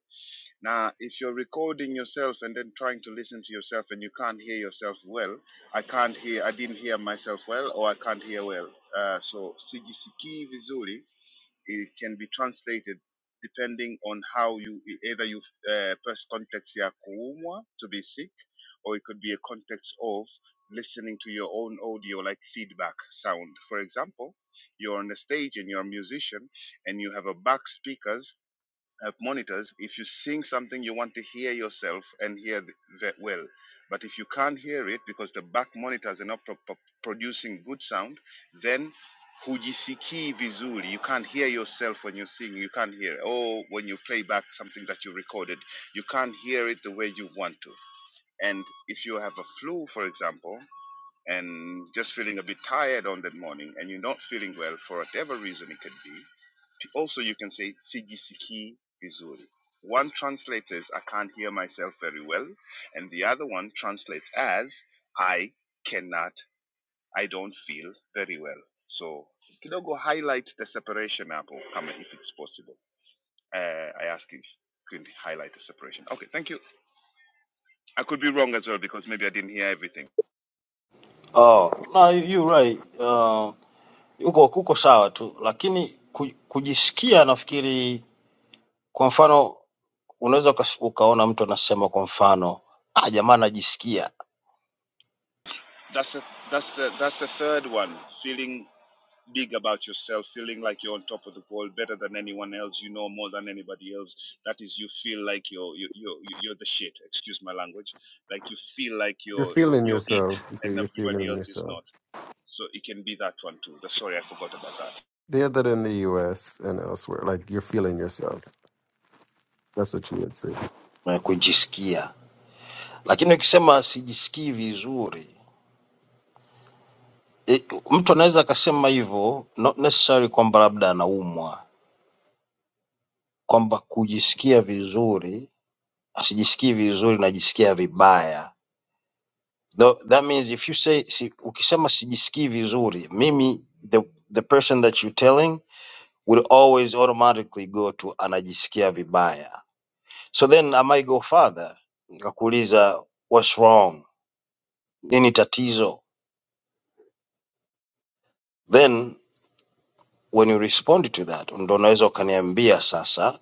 H: Now, if you're recording yourself and then trying to listen to yourself and you can't hear yourself well, I can't hear, I didn't hear myself well or I can't hear well. Uh, so, sijisikii vizuri It can be translated depending on how you either you uh, first context ya kuumwa to be sick, or it could be a context of listening to your own audio like feedback sound. For example, you're on the stage and you're a musician and you have a back speakers uh, monitors, if you sing something, you want to hear yourself and hear th- well. But if you can't hear it because the back monitors are not pro- pro- producing good sound, then hujisikii vizuri. You can't hear yourself when you sing. You can't hear. Or when you play back something that you recorded, you can't hear it the way you want to. And if you have a flu, for example, and just feeling a bit tired on that morning and you're not feeling well for whatever reason it could be, also, you can say sijisiki vizuri. One translates as I can't hear myself very well, and the other one translates as I cannot, I don't feel very well. So kidogo highlight the separation hapo kama if it's possible. Uh, I ask if you can highlight the separation. Okay, thank you. I could be wrong as well because maybe I didn't hear everything.
J: Oh, no, you you right. Uh, uko kuko sawa tu, lakini ku, kujisikia nafikiri, kwa mfano unaweza ukas- ukaona mtu anasema kwa mfano ah, jamaa anajisikia
H: That's the that's the that's the third one. Feeling big about yourself, feeling like you're on top of the world, better than anyone else, you know more than anybody else. That is, you feel like you're you you you're the shit. Excuse my language. Like you feel like
F: You're
H: you're
F: feeling
H: you're it,
F: yourself. You see,
H: and
F: you're
H: everybody
F: feeling
H: else is
F: yourself.
H: not. So it can be that one too. The, sorry, I forgot about that.
F: They had that in the US and elsewhere. Like you're feeling yourself. That's what you would say.
J: na kujisikia, lakini ukisema sijisikii vizuri e, mtu anaweza akasema hivyo, not necessarily kwamba labda anaumwa, kwamba kujisikia vizuri sijisikii vizuri, najisikia vibaya. Tho- That means if you say, si, ukisema sijisikii vizuri, mimi the, the person that you are telling will always automatically go to anajisikia vibaya. So then I might go further, nikakuuliza what's wrong, nini tatizo? Then when you respond to that, ndo unaweza ukaniambia sasa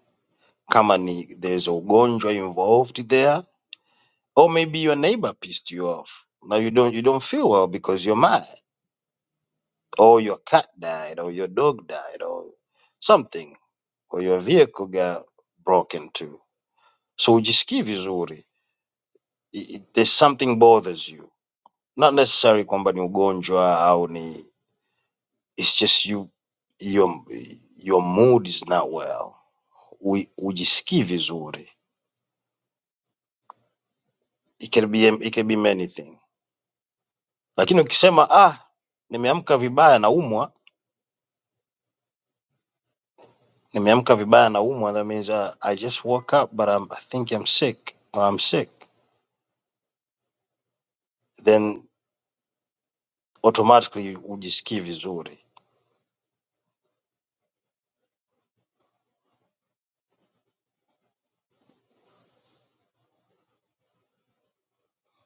J: kama ni there's a ugonjwa involved there or maybe your neighbor pissed you off. Now you don't you don't feel well because you're mad. or your cat died, or your dog died, or something, or your vehicle got broken too. So ujisikie vizuri. I- i- There's something bothers you, not necessarily kwamba ni ugonjwa au ni it's just you your your mood is not well. U- Ujisikii vizuri. It can be it can be many things. Lakini ukisema ah, nimeamka vibaya naumwa, nimeamka vibaya naumwa, that means uh, I just woke up but I'm, I think I'm sick or I'm sick. Then. automatically hujisikii vizuri,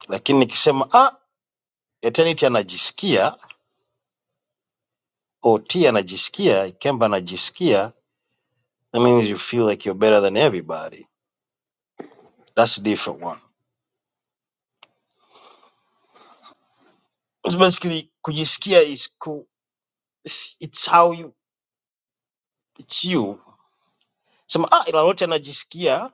J: lakini nikisema ah, eternity anajisikia OT anajisikia Ikemba anajisikia that means you feel like you're better than everybody. That's a different one. It's basically kujisikia is cool. It's, it's how you it's you. Sema ah, Ilalote anajisikia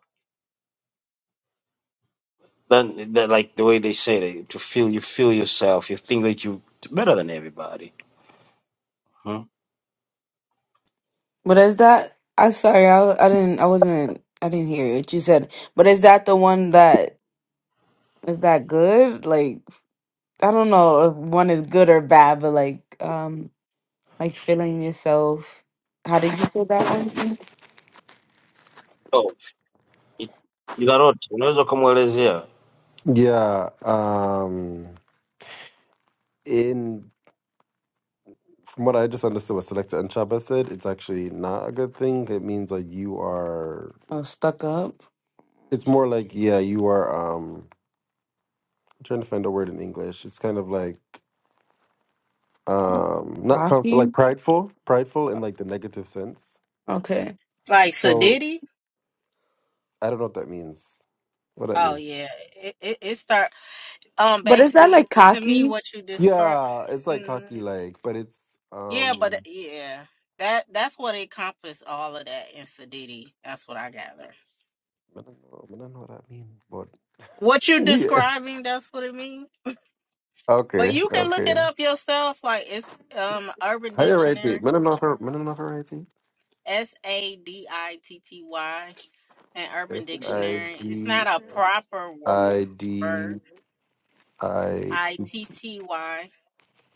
J: then then like the way they say it, to feel you feel yourself, you think that you better than everybody. Hmm?
G: But is that? I sorry, I I didn't I wasn't I didn't hear what you said. But is that the one that is that good? Like I don't know if one is good or bad, but like um like feeling yourself. How did you say that one?
J: So, it, Ilalote unaweza ukamwelezea
F: Yeah. Um, in from what I just understood, what Selecta and Chaba said, it's actually not a good thing. It means like you are.
G: Oh, stuck up,
F: It's more like yeah, you are. Um, I'm trying to find a word in English. It's kind of like um, not conf- like
G: cocky.
F: prideful, prideful in like the negative sense.
G: Okay,
A: Like
F: So
A: Sadiddy.
F: I don't know what that means. What that
A: Oh
F: means?
A: yeah, it it, it start. Um,
G: but is that
A: basically,
G: like
A: to me,
G: cocky?
A: what you describe.
F: Yeah, it's like
A: mm,
F: cocky, like, but it's
A: Yeah, but uh,
F: um.
A: yeah, that that's what encompassed all of that in Sadidi. That's what I gather.
F: I don't know. I don't know what that means, but
A: What you're
F: yeah.
A: describing, that's what it means. But
F: Okay.
A: you can look it
F: Okay.
A: up yourself. Like it's um Urban
F: Higher ID,
A: Dictionary,
F: minimum offer, minimum offer ID.
A: S A D I T T Y, and Urban
F: S I
A: Dictionary. It's
F: D
A: not a
F: S
A: proper wo-
F: I
A: word,
F: D I
A: I
F: T.
A: T
F: T.
A: T Y.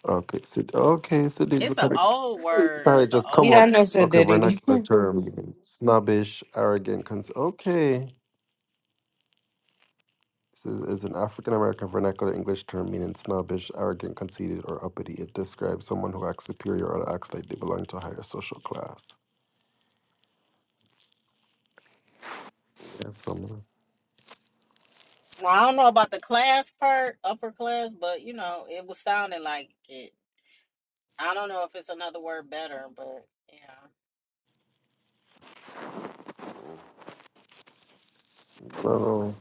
F: Okay, so okay, so they
A: It's
F: look
A: an
F: at
A: old
F: it.
A: word.
F: probably
A: It's an
F: just come
A: old
G: Yeah,
F: up.
G: I
A: word
G: know.
A: too.
G: So
F: Okay,
G: diddy.
F: vernacular term, snobbish, arrogant. Cons- okay, this is, is an African American vernacular English term meaning snobbish, arrogant, conceited, or uppity. It describes someone who acts superior or acts like they belong to a higher social class. Yeah, so,
A: Now I don't know about the class part, upper class, but you know it was sounding like it. I don't know if it's another word better, but yeah.
F: oh.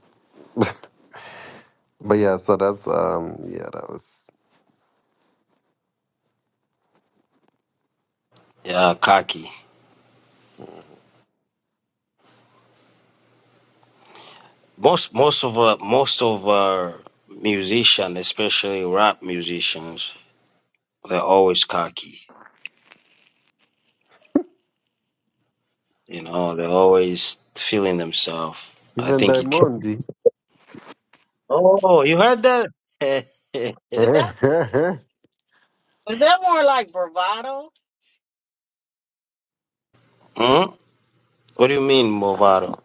F: But yeah, so that's um, yeah, that was.
J: ya kaki Most most of uh, most of uh, musicians, especially rap musicians, they're always cocky. You know, they're always feeling themselves. I
F: Even
J: think it. Can...
F: Diamond.
J: Oh, you heard that?
A: Is that is that more like bravado?
J: hmm? What do you mean, Movado?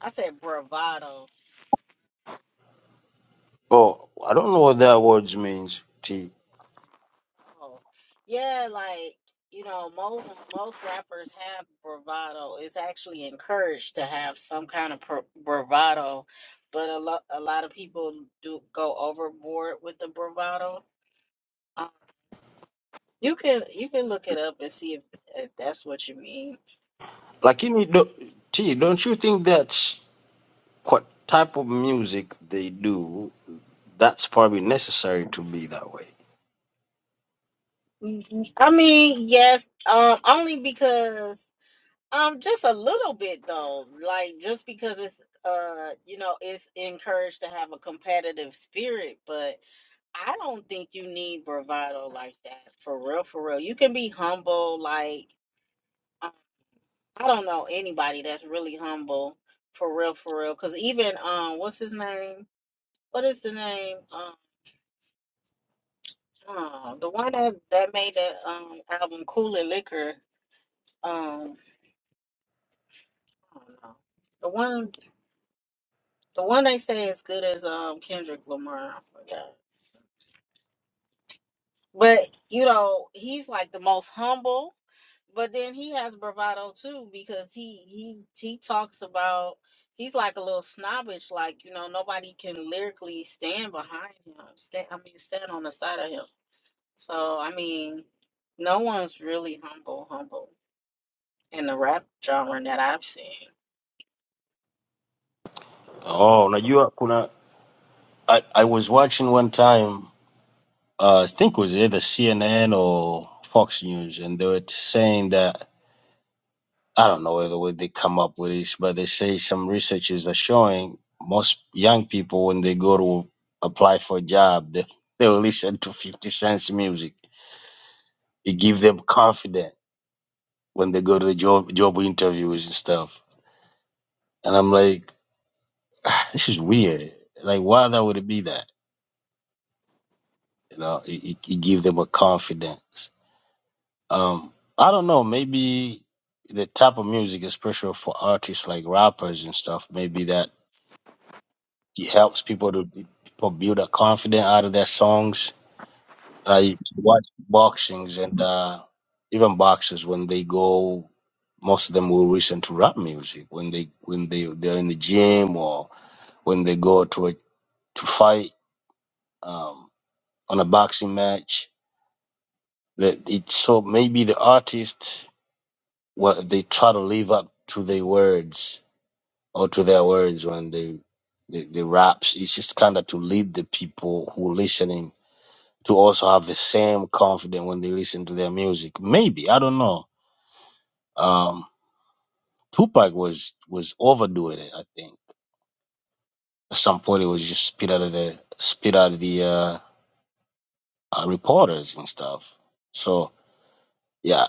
A: I said bravado.
J: Oh, I don't know what that words means. T.
A: Oh. Yeah, like, you know, most most rappers have bravado. It's actually encouraged to have some kind of pro- bravado, but a lot a lot of people do go overboard with the bravado. Um, you can you can look it up and see if, if that's what you mean.
J: Like in do, T. Don't you think that's what type of music they do? That's probably necessary to be that way.
A: Mhm. I mean, yes, um only because Um, just a little bit though. Like just because it's uh, you know, it's encouraged to have a competitive spirit, but I don't think you need bravado like that. For real, for real. You can be humble like I I don't know anybody that's really humble for real, for real. Cause even um what's his name? What is the name? Um uh, the one that that made that um album Cool and Liquor. Um I don't know. The one The one they say is good as um Kendrick Lamar. I forgot. But you know, he's like the most humble, but then he has bravado too because he he he talks about he's like a little snobbish, like you know nobody can lyrically stand behind him. Stand, I mean, stand on the side of him. So I mean, no one's really humble, humble in the rap genre that I've seen.
J: Oh, unajua kuna I, I was watching one time, uh, I think it was either CNN or Fox News, and they were t- saying that I don't know whether way they come up with this, but they say some researchers are showing most young people when they go to apply for a job, they they will listen to Fifty Cent's music. It gives them confidence when they go to the job job interviews and stuff. And I'm like, "Ah, this is weird. Like, why that would it be that? You know, it, it, it gives them a confidence. Um, I don't know. Maybe the type of music, especially for artists like rappers and stuff, maybe that it helps people to people build a confidence out of their songs. I watch boxings and uh, even boxers when they go, most of them will listen to rap music when they when they they're in the gym or when they go to a, to fight um, on a boxing match. That it so maybe the artist what they try to live up to their words or to their words when they the, the raps. It's just kind of to lead the people who listening to also have the same confidence when they listen to their music. Maybe I don't know. Um, Tupac was was overdoing it. I think at some point it was just spit out of the spit out of the uh, uh, reporters and stuff. So yeah,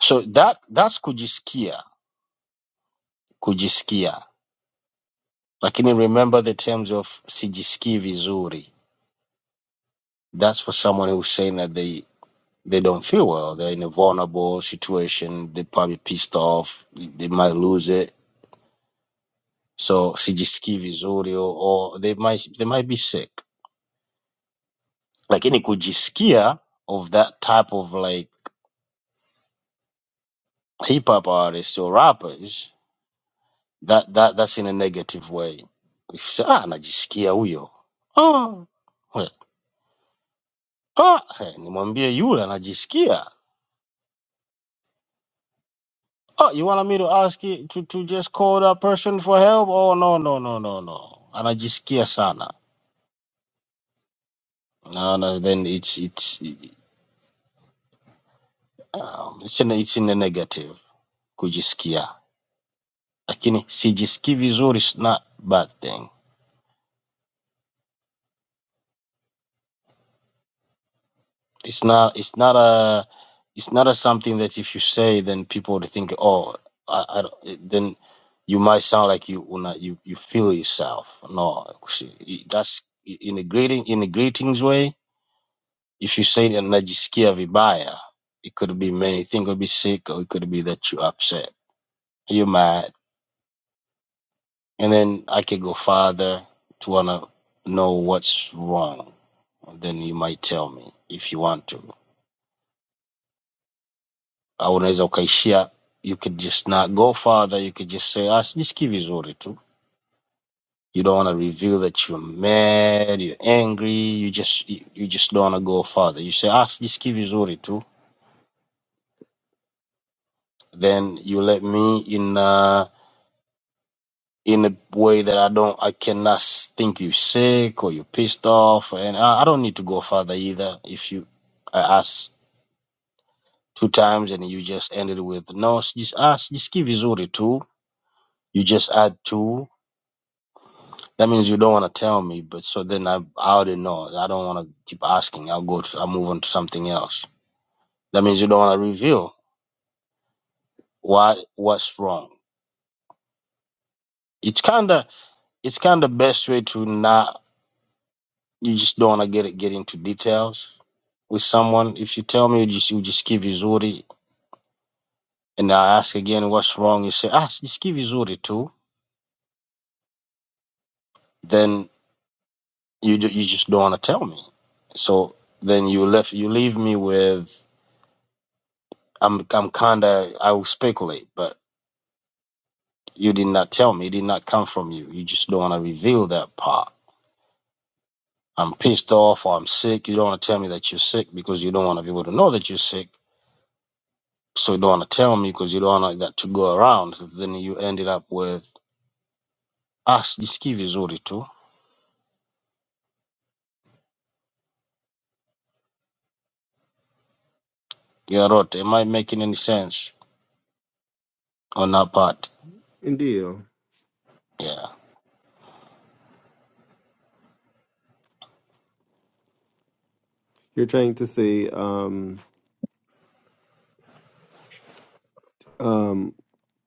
J: so that that's kujisikia kujisikia. Lakini remember the terms of sijisiki vizuri. That's for someone who's saying that they They don't feel well. They're in a vulnerable situation. They're probably pissed off. They might lose it. So sijisikie vizuri or or they might they might be sick. Lakini kujisikia of that type of like hip hop artists or rappers, that, that that's in a negative way. If you say, Ah, najisikia huyo. Oh, well, ah, eh, nimwambie yule anajisikia. Oh, you want me to ask you to, to just call that person for help? Oh, no, no, no, no, no. Anajisikia sana. No, no, then it's it's um, it's in, it's in the negative kujisikia, lakini sijisikii vizuri is not bad thing. It's not it's not a it's not a something that if you say then people would think oh I, I don't- then you might sound like you una, you you feel yourself. No, kusi- that's in a greeting in a greetings way. If you say that najisikia vibaya, it could be many things. It could be sick, or it could be that you're upset. you mad and then I could go farther to wanna know what's wrong. And then you might tell me if you want to. Au unaweza ukaishia, you could just not go farther. You could just say, ah, sijisikii vizuri tu. You don't want to reveal that you're mad, you're angry. You just you, you just don't want to go farther. You say, ah, sijisikii vizuri tu. Then you let me in uh, in a way that I don't, I cannot think you're sick or you're pissed off, and I, I don't need to go further either. If you, I ask two times and you just ended with no s- just ask just give Izuri two you just add two that means you don't want to tell me but so then I, I already know I don't want to keep asking I'll go to, I'll move on to something else that means you don't want to reveal why what's wrong it's kind of it's kind of best way to not you just don't want to get it get into details with someone if you tell me you just you just give Izuri and I ask again what's wrong you say ah just give Izuri two then You ju- you just don't want to tell me. So then you left you leave me with I'm I'm kinda I will speculate, but you did not tell me. It did not come from you. You just don't want to reveal that part. I'm pissed off or I'm sick. You don't want to tell me that you're sick because you don't want to be able to know that you're sick. So you don't want to tell me because you don't want that to go around. So, Then you ended up with us. Nisikie vizuri tu. Yeah, Rote, am I making any sense on that part?
F: Indeed.
J: Yeah.
F: You're trying to say, um, um,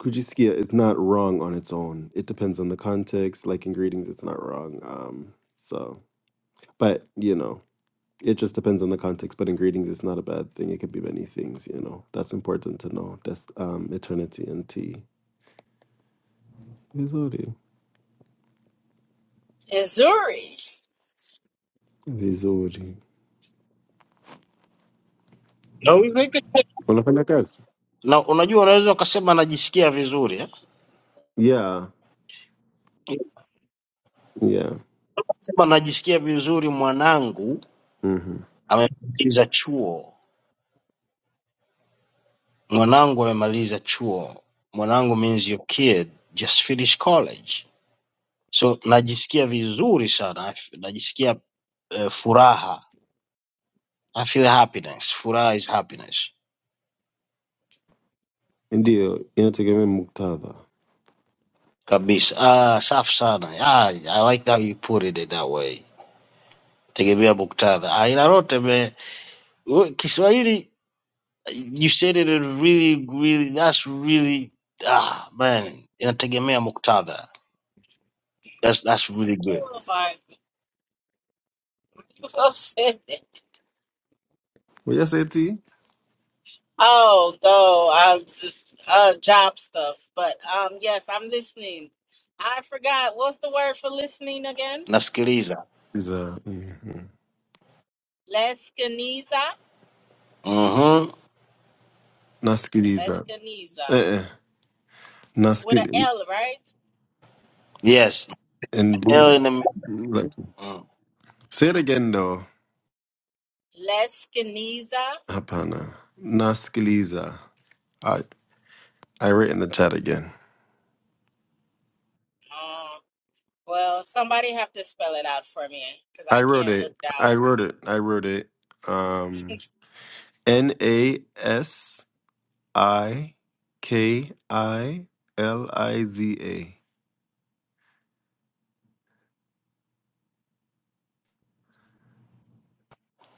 F: Kujiskia is not wrong on its own. It depends on the context. Like in greetings, it's not wrong. Um, so, but you know, it just depends on the context. But in greetings, it's not a bad thing. It could be many things. You know, that's important to know. That's um, eternity and tea. Vizuri.
A: And Zuri,
F: Vizuri.
J: No, we make it.
F: Unafanya kazi?
J: na unajua unaweza ukasema najisikia vizuri eh?
F: Yeah. Yeah.
J: Sema najisikia vizuri, mwanangu
F: Mm-hmm.
J: amemaliza chuo, mwanangu amemaliza chuo, mwanangu means your kid just finished college. So najisikia vizuri sana, najisikia uh, furaha. I feel happiness. Furaha is happiness
F: Ndio, inategemea muktadha.
J: kabisa. Ah, safi sana. Ah, I like how you put it in that way. Tegemea muktadha. Ah, ila lote me we- Kiswahili you said it really really that's really ah man inategemea muktadha that's that's really
A: who
J: good
A: was like, you upset.
F: Uyaseti?
A: Oh, no, I'm just uh job stuff. But um yes, I'm listening. I forgot what's the word for listening again?
J: nasikiliza
F: He's a mhm.
A: Lescaniza.
J: mm-hmm.
F: Naskiliza.
A: Lescaniza.
F: Uh-uh.
A: With a L, right?
J: yes
F: in
J: Hell
F: Buddha.
J: in the
F: Like,
J: mm.
F: say it again though,
A: Lescaniza.
F: Hapana. Naskiliza. I I wrote in the chat again.
A: Um well somebody have to spell it out for me because I
F: I wrote
A: can't look
F: it.
A: down.
F: I wrote it. I wrote it. Um N A S I K I L I Z A.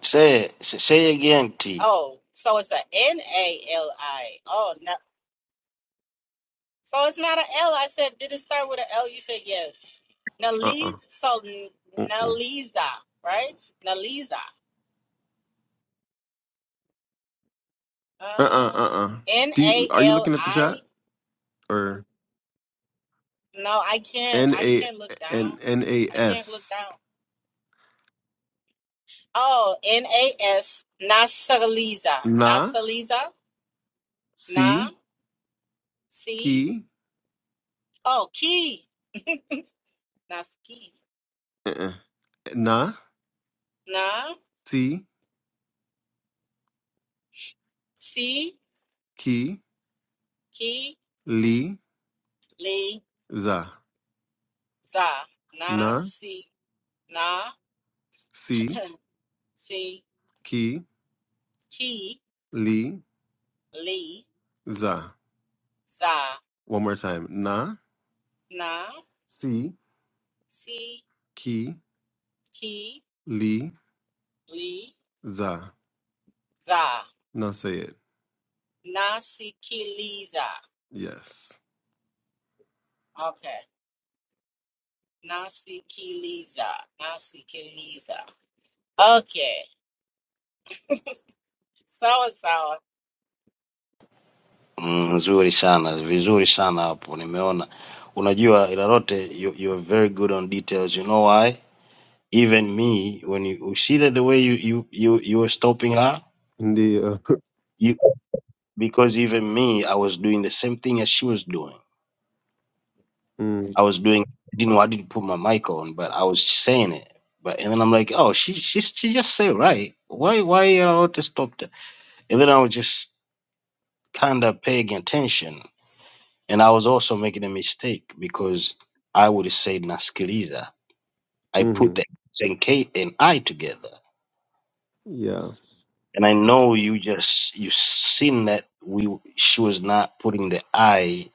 J: say, say say again T.
A: Oh, so it's a N A L I. Oh no. So it's not an L. I said, did it start with an L? You said yes.
F: Uh-uh.
A: Naliz, so N-
F: Uh-uh.
A: Naliza, right? Naliza.
F: Uh-uh.
A: Uh,
F: Uh-uh.
A: N
F: Do you
A: A
F: are you
A: L
F: looking at the
A: I.
F: chat? Or
A: No, I can't.
F: N
A: I
F: A
A: can't look
F: N
A: down.
F: N A
A: I can't look
F: S.
A: down. Oh, N A S. Nasaliza.
F: Nah.
A: Nasaliza. Na.
F: si,
A: C.
F: ki,
A: Oh, key. Naski.
F: uh-uh. na,
A: Na.
F: si,
A: C.
F: ki,
A: Key.
F: li,
A: Liza.
F: za.
A: Na.
F: Na,
A: C. Na.
F: si,
A: C.
F: ki,
A: Ki
F: li,
A: li
F: za.
A: za
F: One more time. Na,
A: na
F: si,
A: si
F: ki,
A: ki
F: li,
A: li
F: za.
A: za
F: Now say it.
A: na si ki li za.
F: Yes.
A: Okay. Na si ki Na si ki Okay. So and so.
J: Mm, nzuri sana vizuri sana hapo nimeona unajua ilarote you, you are very good on details you know why even me when you, you see that the way you you you, you were stopping her
F: India.
J: you, because even me i was doing the same thing as she was doing
F: Mm,
J: I was doing I didn't know I didn't put my mic on, but I was saying it. But and then I'm like, oh, she she she just say right. Why why you know to stop that? And then I was just kind of paying attention, and I was also making a mistake because I would say naskiliza. I put
F: hmm
J: the S and K and I together,
F: Yeah.
J: and I know you just you seen that we she was not putting the I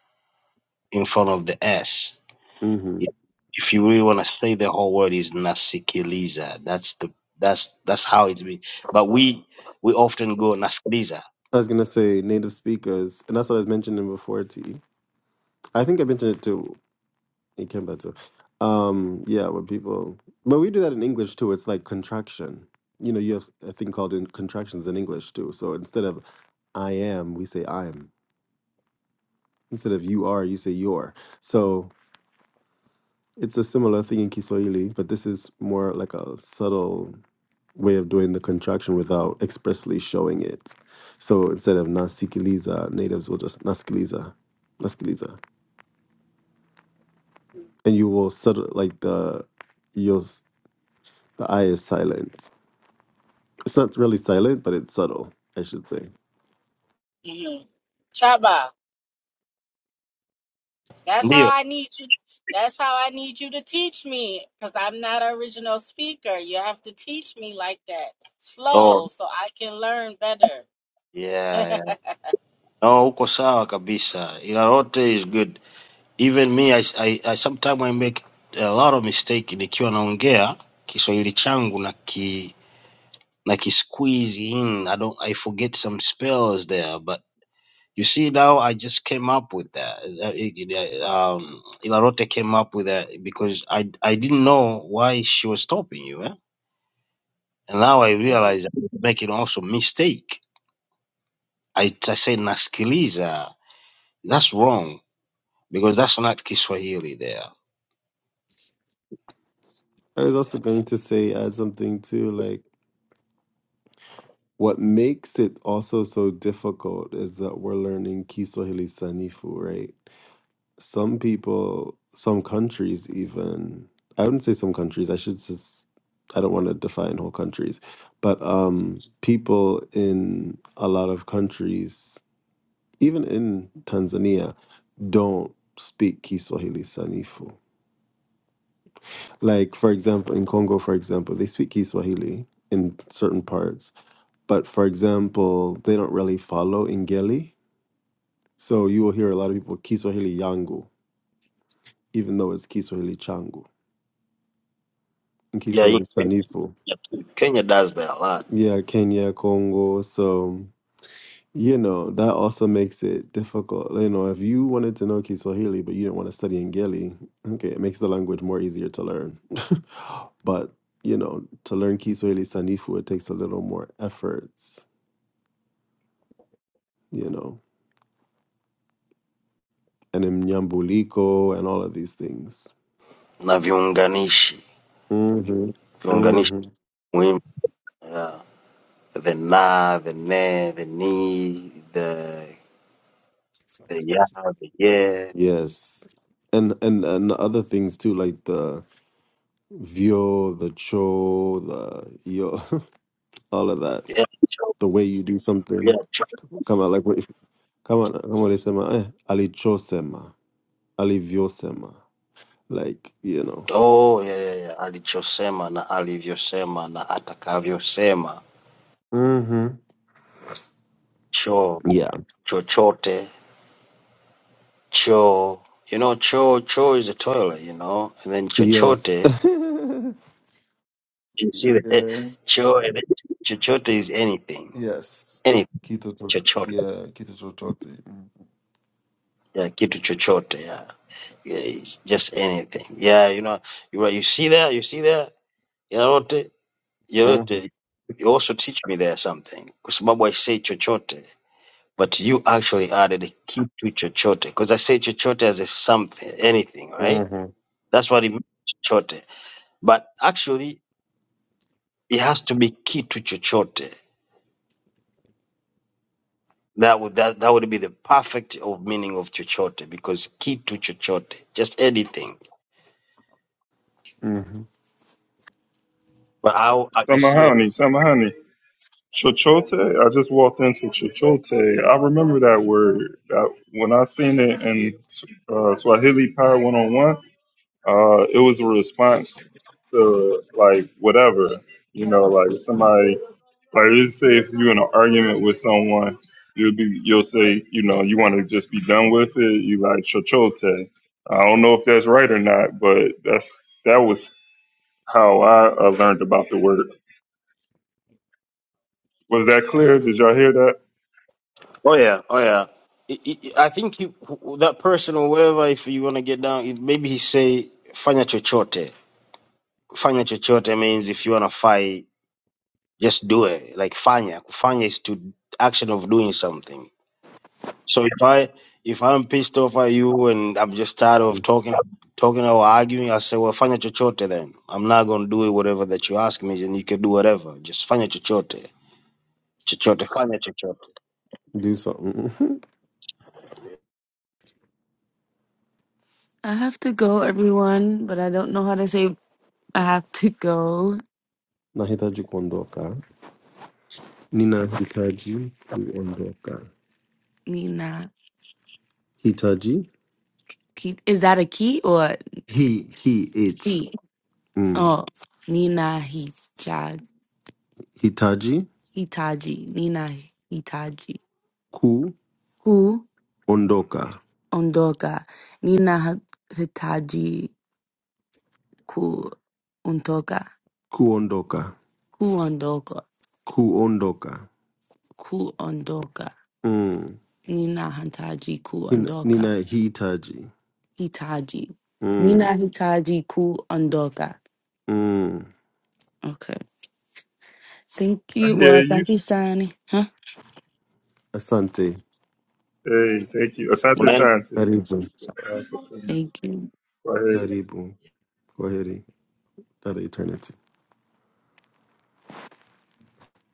J: in front of the S
F: hmm
J: If if you really want to say the whole word is nasikiliza. That's the that's that's how it's been. But we we often go nasikiliza.
F: I was gonna say native speakers, and that's what I was mentioning before. T. I think I mentioned it to It came better. Um, yeah, when people, but we do that in English too. It's like contraction. You know, you have a thing called in contractions in English too. So instead of I am, we say I'm. Instead of you are, you say you're. So it's a similar thing in Kiswahili, but this is more like a subtle way of doing the contraction without expressly showing it. So instead of nasikiliza, natives will just nasikiliza, nasikiliza, and you will subtle like the you'll s- the I is silent It's not really silent, but it's subtle, I should say.
A: hmm Chaba, that's how
J: Ndio.
A: I need you. That's how I need you to teach me because I'm not an original speaker. You have to teach me like that,
J: Oh.
A: slow, so I can learn better.
J: Yeah, yeah. No, uko sawa kabisa. Ila lote is good. Even me I, I, I sometimes I make a lot of mistake nikiwa naongea Kiswahili changu na ki na ki squeeze in. I don't I forget some spells there, but You see, now I just came up with that. Uh, it- it, uh, Um, Ilarote came up with that because I I didn't know why she was stopping you, eh? and now I
A: hmm
J: realize I'm making also mistake. I, I say nasikiliza. That's wrong because that's not Kiswahili there.
F: I was also going to say, add something too, like what makes it also so difficult is that we're learning Kiswahili Sanifu, right? Some people, some countries even, I wouldn't say some countries, I should just, I don't want to define whole countries, but um, people in a lot of countries, even in Tanzania, don't speak Kiswahili Sanifu Like, for example, in Congo, for example, they speak Kiswahili in certain parts, but for example, they don't really follow Ingeli. So you will hear a lot of people Kiswahili yangu, even though it's Kiswahili changu and
J: Yeah, in
F: Kiswahili
J: Kenya,
F: sanifu.
J: too. Kenya does that a lot.
F: Yeah, Kenya, Congo. So, you know, that also makes it difficult. You know, if you wanted to know Kiswahili, but you didn't want to study Ingeli, okay, it makes the language more easier to learn. but you know, to learn Kiswahili Sanifu, it takes a little more efforts. you know, and in Nyambuliko and all of these things.
J: Na viunganishi,
F: hmm
J: viunganishi
F: hmm
J: muhimu. Yeah. The na, the ne, the ni, the the ya, the yeah.
F: Yes. And, and and other things too, like the vio, the cho, the yo, all of that.
J: Yeah, so,
F: The way you do something,
J: yeah.
F: come on, like what if come on, come on, they eh, ali cho sema, ali vio sema, like you know.
J: Oh, ya, ya, ya. Alichosema na alivyosema na atakavyosema.
F: hmm
J: Choo,
F: Yeah.
J: chochote, choo. You know, choo, choo is a toilet, you know. And then
F: Yes.
J: chochote, you see the eh,
F: yeah.
J: choo, and then chochote is anything.
F: Yes.
J: Anything,
F: Kito tot.
J: chochote.
F: Yeah. Kito tototi.
J: Yeah, kitu chochote, yeah. yeah it's just anything. Yeah, you know, you right, you see that, you see that? You know what? You know, you also teach me there something. Kwa sababu I say chochote. but you actually added a kitu chochote because I say chochote as a something, anything, right?
F: Mhm,
J: That's what it means, chochote. But actually, it has to be kitu chochote. That would that, that would be the perfect of meaning of chochote because kitu chochote, just anything.
F: mhm.
J: But how uh, you see? I,
B: Samahani, Samahani, Chochote. I just walked into Chochote. I remember that word. That when I seen it in uh, Swahili Power 101, uh, it was a response to like whatever, you know, like somebody Like let say if you're in an argument with someone, you'll be you'll say, you know, you want to just be done with it. You like chochote. I don't know if that's right or not, but that's that was how I uh, learned about the word. Was that clear? Did y'all hear that?
J: oh yeah, oh yeah. I, I I think you, that person or whatever, if you want to get down, it, maybe he say fanya chochote. Fanya chochote means if you want to fight just do it like fanya kufanya is to action of doing something so if i if i'm pissed off at you and i'm just tired of talking talking or arguing i say well fanya chochote then i'm not going to do it whatever that you ask me and you can do whatever just fanya chochote chochote fanya chochote
F: Do something. Mhm.
G: I have to go, everyone. But I don't know how to say I have to go.
F: Nahitaji kuondoka. Ninahitaji kuondoka.
G: Nina,
F: Hitaji.
G: key. Is that a key or
F: He, he, it's.
G: key?
F: Mm.
G: Oh, Nina Hita-
F: Hitaji
G: Hitaji, Nina Hitaji, ku
F: kuondoka.
G: ondoka, Nina Ha- Hitaji ku ondoka,
F: Kuondoka.
G: ku ondoka,
F: Kuondoka.
G: ku ondoka,
F: Mm.
G: Nina Hitaji ku
F: Nina-
G: ondoka,
F: Ninahitaji.
G: Hitaji,
F: Mm.
G: Nina Hitaji ku ondoka.
F: Mm.
G: Okay. Thank
B: I
G: you.
B: hear
G: Well,
B: you.
G: thank you, Sani. Huh?
F: Asante.
B: Hey, thank you.
J: and
B: Asante
G: Thank you.
J: then
B: Sante.
F: Karibu.
B: Uh, for coming.
G: Thank you.
B: Well, hey,
F: Karibu. Kwaheri. That eternity.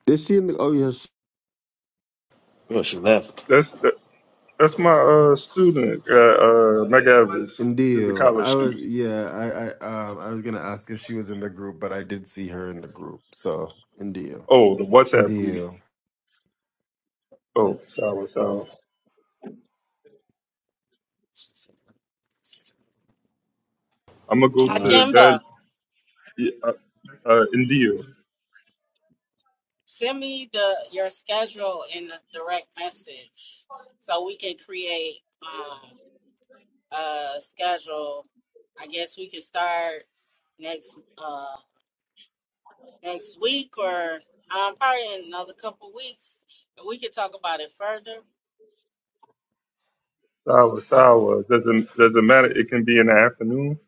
F: Is she in the? Oh, yes.
J: yo she left
B: that's that, that's my uh, student, uh, uh, McAvis.
F: Indeed.
B: He's a college
F: I was
B: student.
F: yeah, I, I um I was gonna ask if she was in the group, but I did see her in the group. So indeed.
B: Oh, the WhatsApp group.
F: Indeed.
B: Oh, sorry, sorry. I'm gonna go
J: Mm.
B: to that
A: Akimba.
B: Yeah, uh, uh, indio.
A: Send me the your schedule in a direct message so we can create um a schedule. I guess we can start next uh next week or um probably in another couple weeks and we can talk about it further.
B: Sawa, sawa. Doesn't doesn't matter. It can be in the afternoon.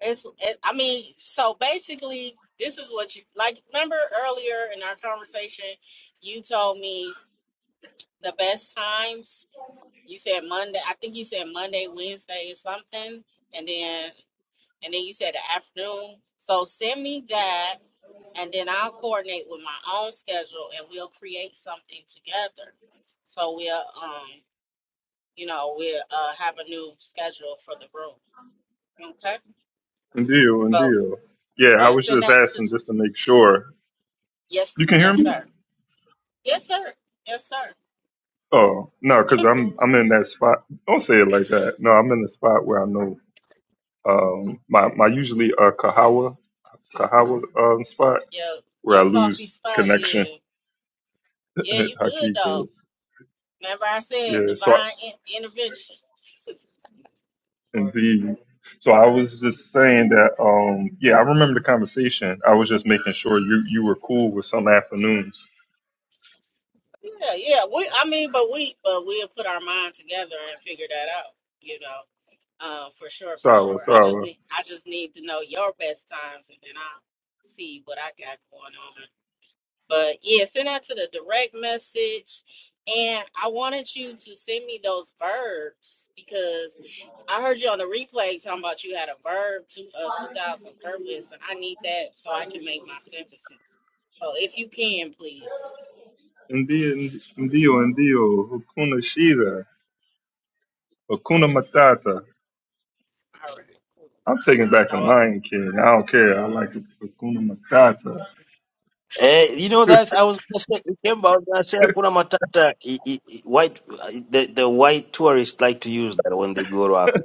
A: It's it, I mean, so basically this is what you like remember earlier in our conversation you told me the best times You said Monday. I think you said Monday, Wednesday, or something, and then and then you said the afternoon. So send me that, and then I'll coordinate with my own schedule, and we'll create something together. So we'll um, you know, we'll uh, have a new schedule for the room. Okay.
B: Indio,
A: So
B: indio. Yeah, I
A: yeah,
B: was
A: send
B: just
A: that to.
B: asking just to make sure. You
A: Yes,
B: can hear
A: yes,
B: me?
A: sir. Yes, sir. Yes, sir.
B: Oh no, because I'm I'm in that spot. Don't say it like that. No, I'm in the spot where I know um my my usually uh Kahawa Kahawa um spot
A: your
B: where I
A: your coffee
B: lose
A: spot.
B: connection.
A: Yeah, yeah. You good
B: Haki
A: though. Remember, I said
B: Yeah, so
A: divine in- intervention.
B: Indeed. So I was just saying that, um, yeah, I remember the conversation. I was just making sure you, you were cool with some afternoons.
A: Yeah, yeah. We, I mean, but we, but we'll put our mind together and figure that out. You know, uh, for sure, for
B: Sawa,
A: sure. I just
B: sawa.
A: need, I just need to know your best times, and then I'll see what I got going on. But yeah, send that to the direct message. And I wanted you to send me those verbs because I heard you on the replay talking about you had a verb to uh, 2000 verb list, and I need that so I can make my sentences. So if you can, please.
B: Indeed, indio, indio, hukuna shida, hukuna
A: Okay.
B: matata.
A: All right. Cool.
B: I'm taking back
A: So
B: the
A: I was,
B: Lion King. I don't care. I like it. hukuna matata.
J: Eh, you know that's I was gonna say. Remember, I was gonna say Hakuna Matata. i- i- i- White, the the white tourists like to use that when they go to Africa.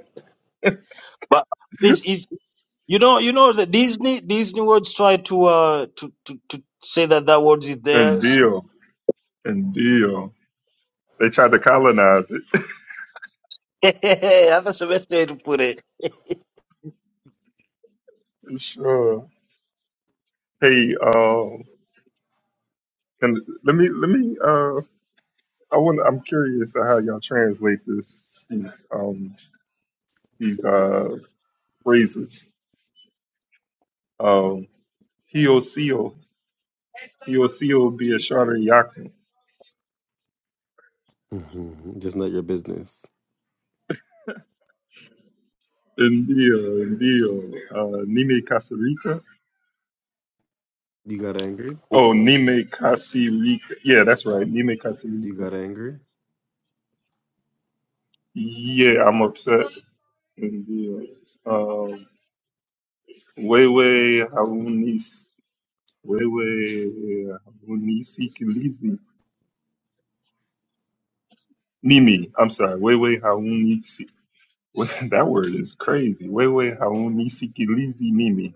J: But please, You know, you know the Disney Disney words try to uh to to, to say that that word is theirs.
B: indio, indio. They tried to colonize it.
J: That's the best way to put it.
B: Sure. Hey, uh, can, let me, let me, uh, I want. I'm curious of how y'all translate this these um these uh phrases. Um, hiosio, hiosio biashara yako,
F: hmm Just not your business.
B: ndio, ndio, uh, nime kasirika.
F: You got angry?
J: Well,
B: Oh, nime kasirika. Yeah, that's right. Nime
F: You
B: kasirika.
F: got angry?
B: Yeah, I'm upset. Ndio. Um, wewe haunis, wewe haunisikilizi. Mimi, I'm sorry. Wewe Well, that word is crazy. Wewe haunisikilizi mimi.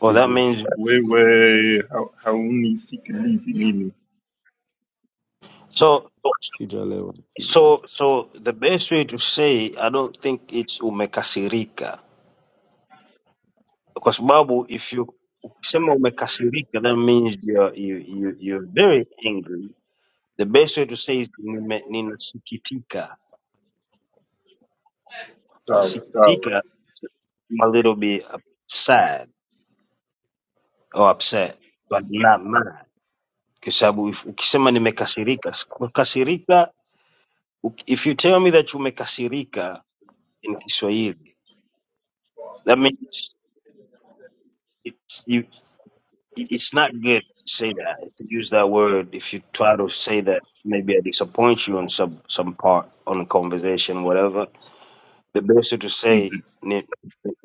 J: well, that
F: you.
J: means
B: Wewe ha- haunisikilizi mimi.
J: so
F: See Jaleel. See you.
J: so so the best way to say I don't think it's umekasirika kwa sababu if you ukisema umekasirika that means you're you, you you're very angry. The best way to say is nime- ninasikitika.
B: Sawa sawa.
J: Sikitika, is I'm a little bit uh, sad. oh, upset but not mad kwa sababu if- ukisema nimekasirika s- kukasirika uki- if you tell me that umekasirika in kiswahili that means it's, you, it's not good to say that to use that word if you try to say that maybe i disappoint you on some, some part on a conversation whatever the best is to say
B: Ndi-
J: ni,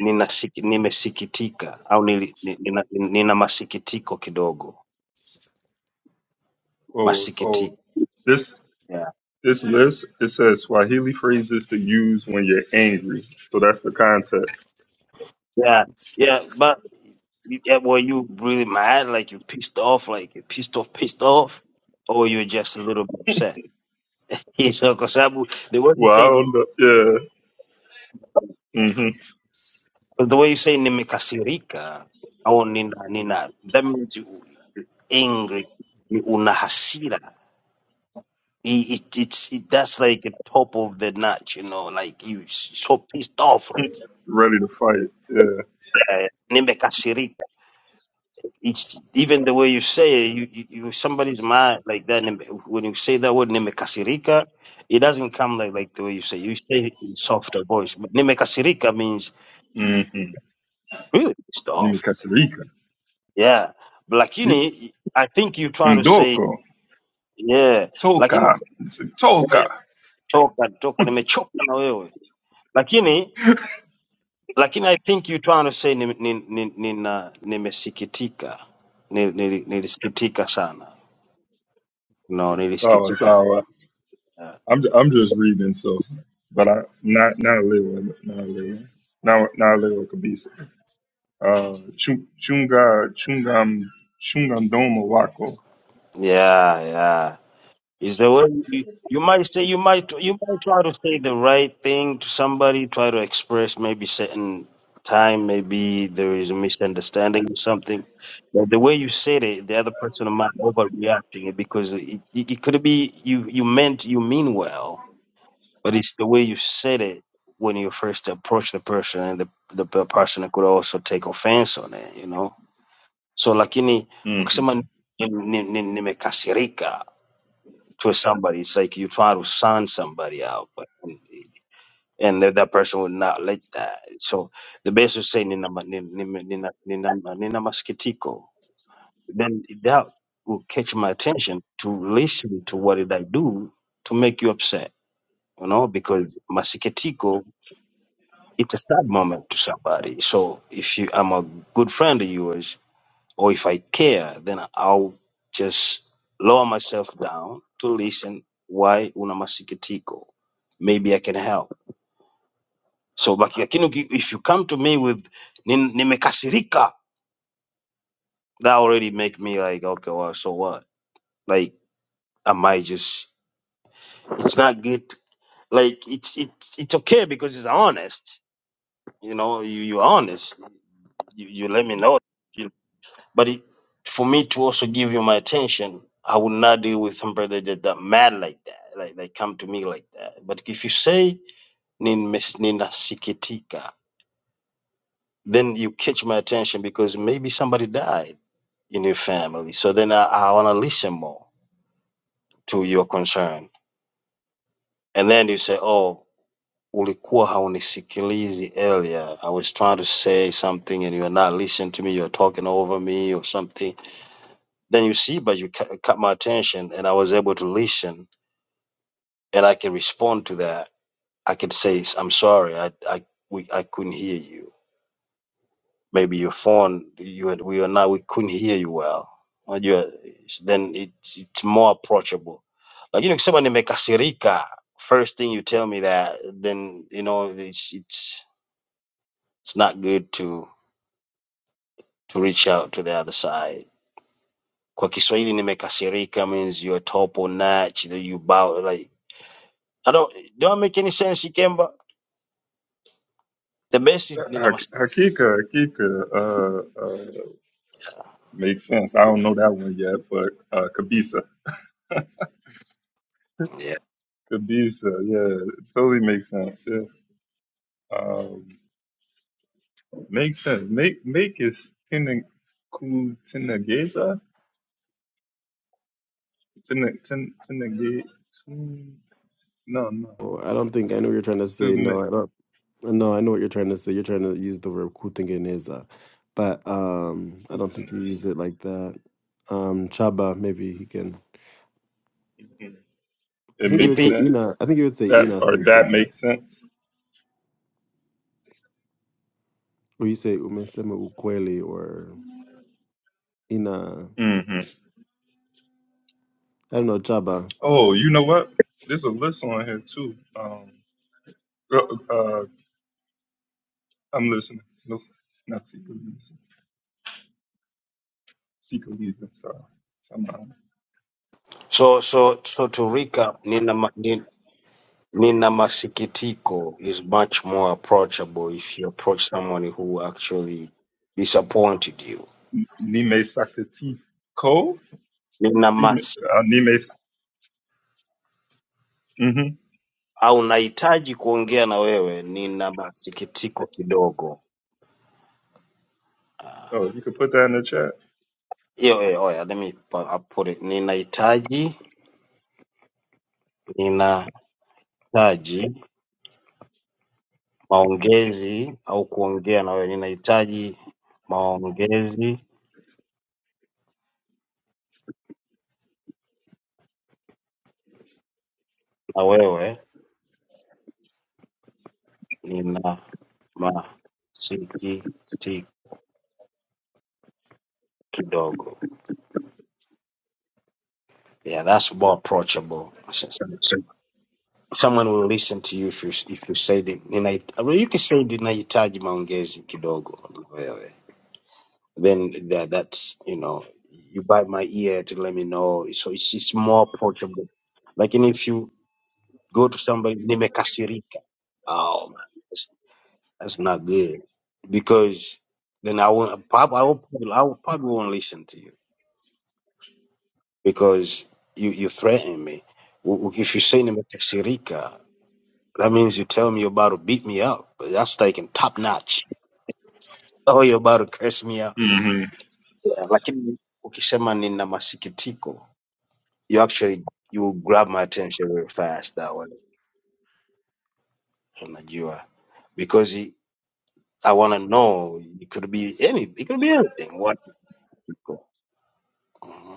J: ninasiki- nimesikitika au nili, ni- nina, nina masikitiko kidogo
B: Oh
J: masikitiko
B: oh. This
J: yeah.
B: this list it says Swahili phrases to use when you're angry. So that's the concept.
J: Yeah, yeah, but You, yeah, were you really mad? Like you pissed off? Like you pissed off, pissed off? Or you're just a little bit upset? So, kwa sababu the way you
B: Well, I
J: say,
B: don't
J: 'cause
B: know. Yeah. Mm-hmm.
J: the way you say nimekasirika au nina, nina, that means you angry, you una hasira. It, it, it's, it, that's like the top of the notch, you know, like you s- so pissed off. Like,
B: Ready to fight. Yeah.
J: uh, Each, even the way you say it, you, you, you somebody's mad like that. and When you say that word "nimekasirika," it doesn't come like, like the way you say. You say it in softer voice. But "nimekasirika" means
B: Mm-hmm.
J: really pissed off.
B: Nimekasirika.
J: Yeah,
B: Ni-
J: lakini I think you're trying to say
B: Ndoko.
J: yeah, lakini
B: Toka. It's a
J: eh,
B: toka.
J: toka toka nimechoka na wewe. Lakini lakini I think you're trying to say ni, ni, ni, nina nimesikitika. Ni- nili- Nilisikitika sana. No,
B: Sawa
J: nilisikitika.
B: sawa. I'm ju- I'm just reading so, but I not not a little not a little not not a little kabisa. Uh, chu- chunga chungam chungandomo wako.
J: Yeah, yeah. Is the way you, you might say you might you might try to say the right thing to somebody, try to express maybe certain time, maybe there is a misunderstanding or something. But the way you said it, the other person might overreacting it because it, it, it could be you you meant you mean well, but it's the way you said it when you first approach the person, and the the, the person could also take offense on it, you know. So lakini
B: Mhm.
J: ukisema nimekasirika to somebody. It's like you try to sign somebody out, but um, and that, that person would not like that. So the best is saying nina, ma- nina, nina, nina, nina maskitiko. Then that will catch my attention to listen to what did I do to make you upset, you know, because maskitiko, it's a sad moment to somebody. So if you, I'm a good friend of yours, or if I care, then I'll just lower myself down to listen why una masikitiko. Maybe I can help. So but lakini uki- if you come to me with "Nin- nimekasirika, that already make me like okay, well, so what? Like am I might just it's not good. Like it's it's it's okay because it's honest. You know, you you're honest. You, you let me know. But it, for me to also give you my attention, I would not deal with somebody that, that mad like that, like they come to me like that. But if you say "Nimes- ninasikitika, then you catch my attention because maybe somebody died in your family. So then I, I want to listen more to your concern. And then you say, oh, ulikuwa haunisikilizi earlier. I was trying to say something and you're not listening to me. You're talking over me or something Then you see, but you ca- caught my attention, and I was able to listen, and I can respond to that. I could say, "I'm sorry, I I we I couldn't hear you. Maybe your phone, you had, we are now we couldn't hear you well." Well, you are- then it's it's more approachable. Like you know, someone nimekasirika. First thing you tell me that, then you know it's it's it's not good to to reach out to the other side. Kwa Kiswahili nimekasirika means you're top or notch, you know, you bow like I don't don't make any sense, Ikemba. The best is nina masikitiko.
B: Hakika hakika uh, uh, makes sense. I don't know that one yet, but uh, kabisa
J: Yeah.
B: kabisa yeah, it totally makes sense. Yeah, um, makes sense. Make make is tena ku tenageza tena ten tenage. No, no.
F: Oh, I don't think I know what you're trying to say. No,
B: Student
F: I don't no, I know what you're trying to say. You're trying to use the verb kutingeneza. But um I don't think
B: Putin.
F: you use it like that. Um Chaba, maybe he can I
B: It
F: think you would
B: makes
F: say
J: Ipi?
B: sense.
F: Ina I think you would say
B: That
F: Ina
B: or that
F: something.
B: makes sense.
F: Well, you say umesema ukweli or in a,
B: hmm
F: I don't know, Jaba.
B: Oh, you know what? There's a list on here too. Um, uh, uh, I'm listening. No, not Sikaliza. Sikaliza, sorry. Come on.
J: So so so to recap, nina ma- nin- nina masikitiko is much more approachable if you approach someone who actually disappointed you.
B: Nime Sakati Ko?
J: Nina
B: See,
J: mas
B: uh, Nime. hmm
J: au nahitaji kuongea na wewe, nina masikitiko kidogo.
B: Oh, you could put that in the chat.
J: Hiyo eh, oya, let me pu- I put it. Ninahitaji, ninahitaji maongezi au kuongea na wewe. Ninahitaji maongezi na wewe, nina masikiti kidogo. Yeah, that's more approachable. Someone will listen to you if you, if you say the, ninahitaji, well, you can say ninahitaji maongezi kidogo na wewe. Then that, that's, you know, you bite my ear to let me know. So it's, it's more approachable. Lakini if you go to somebody, nimekasirika. Oh, man. That's not good because then I will probably I will probably, I will probably won't listen to you because you you threaten me. W- w- If you say to me "Tashirika," that means you tell me you're about to beat me up. But That's taking top notch. Oh, you're about to curse me out.
B: hmm
J: Yeah, lakini ukisema nina masikitiko, you actually you will grab my attention real fast that way. Unajua, because I want to know. It could be any. It could be anything. What? Mm-hmm.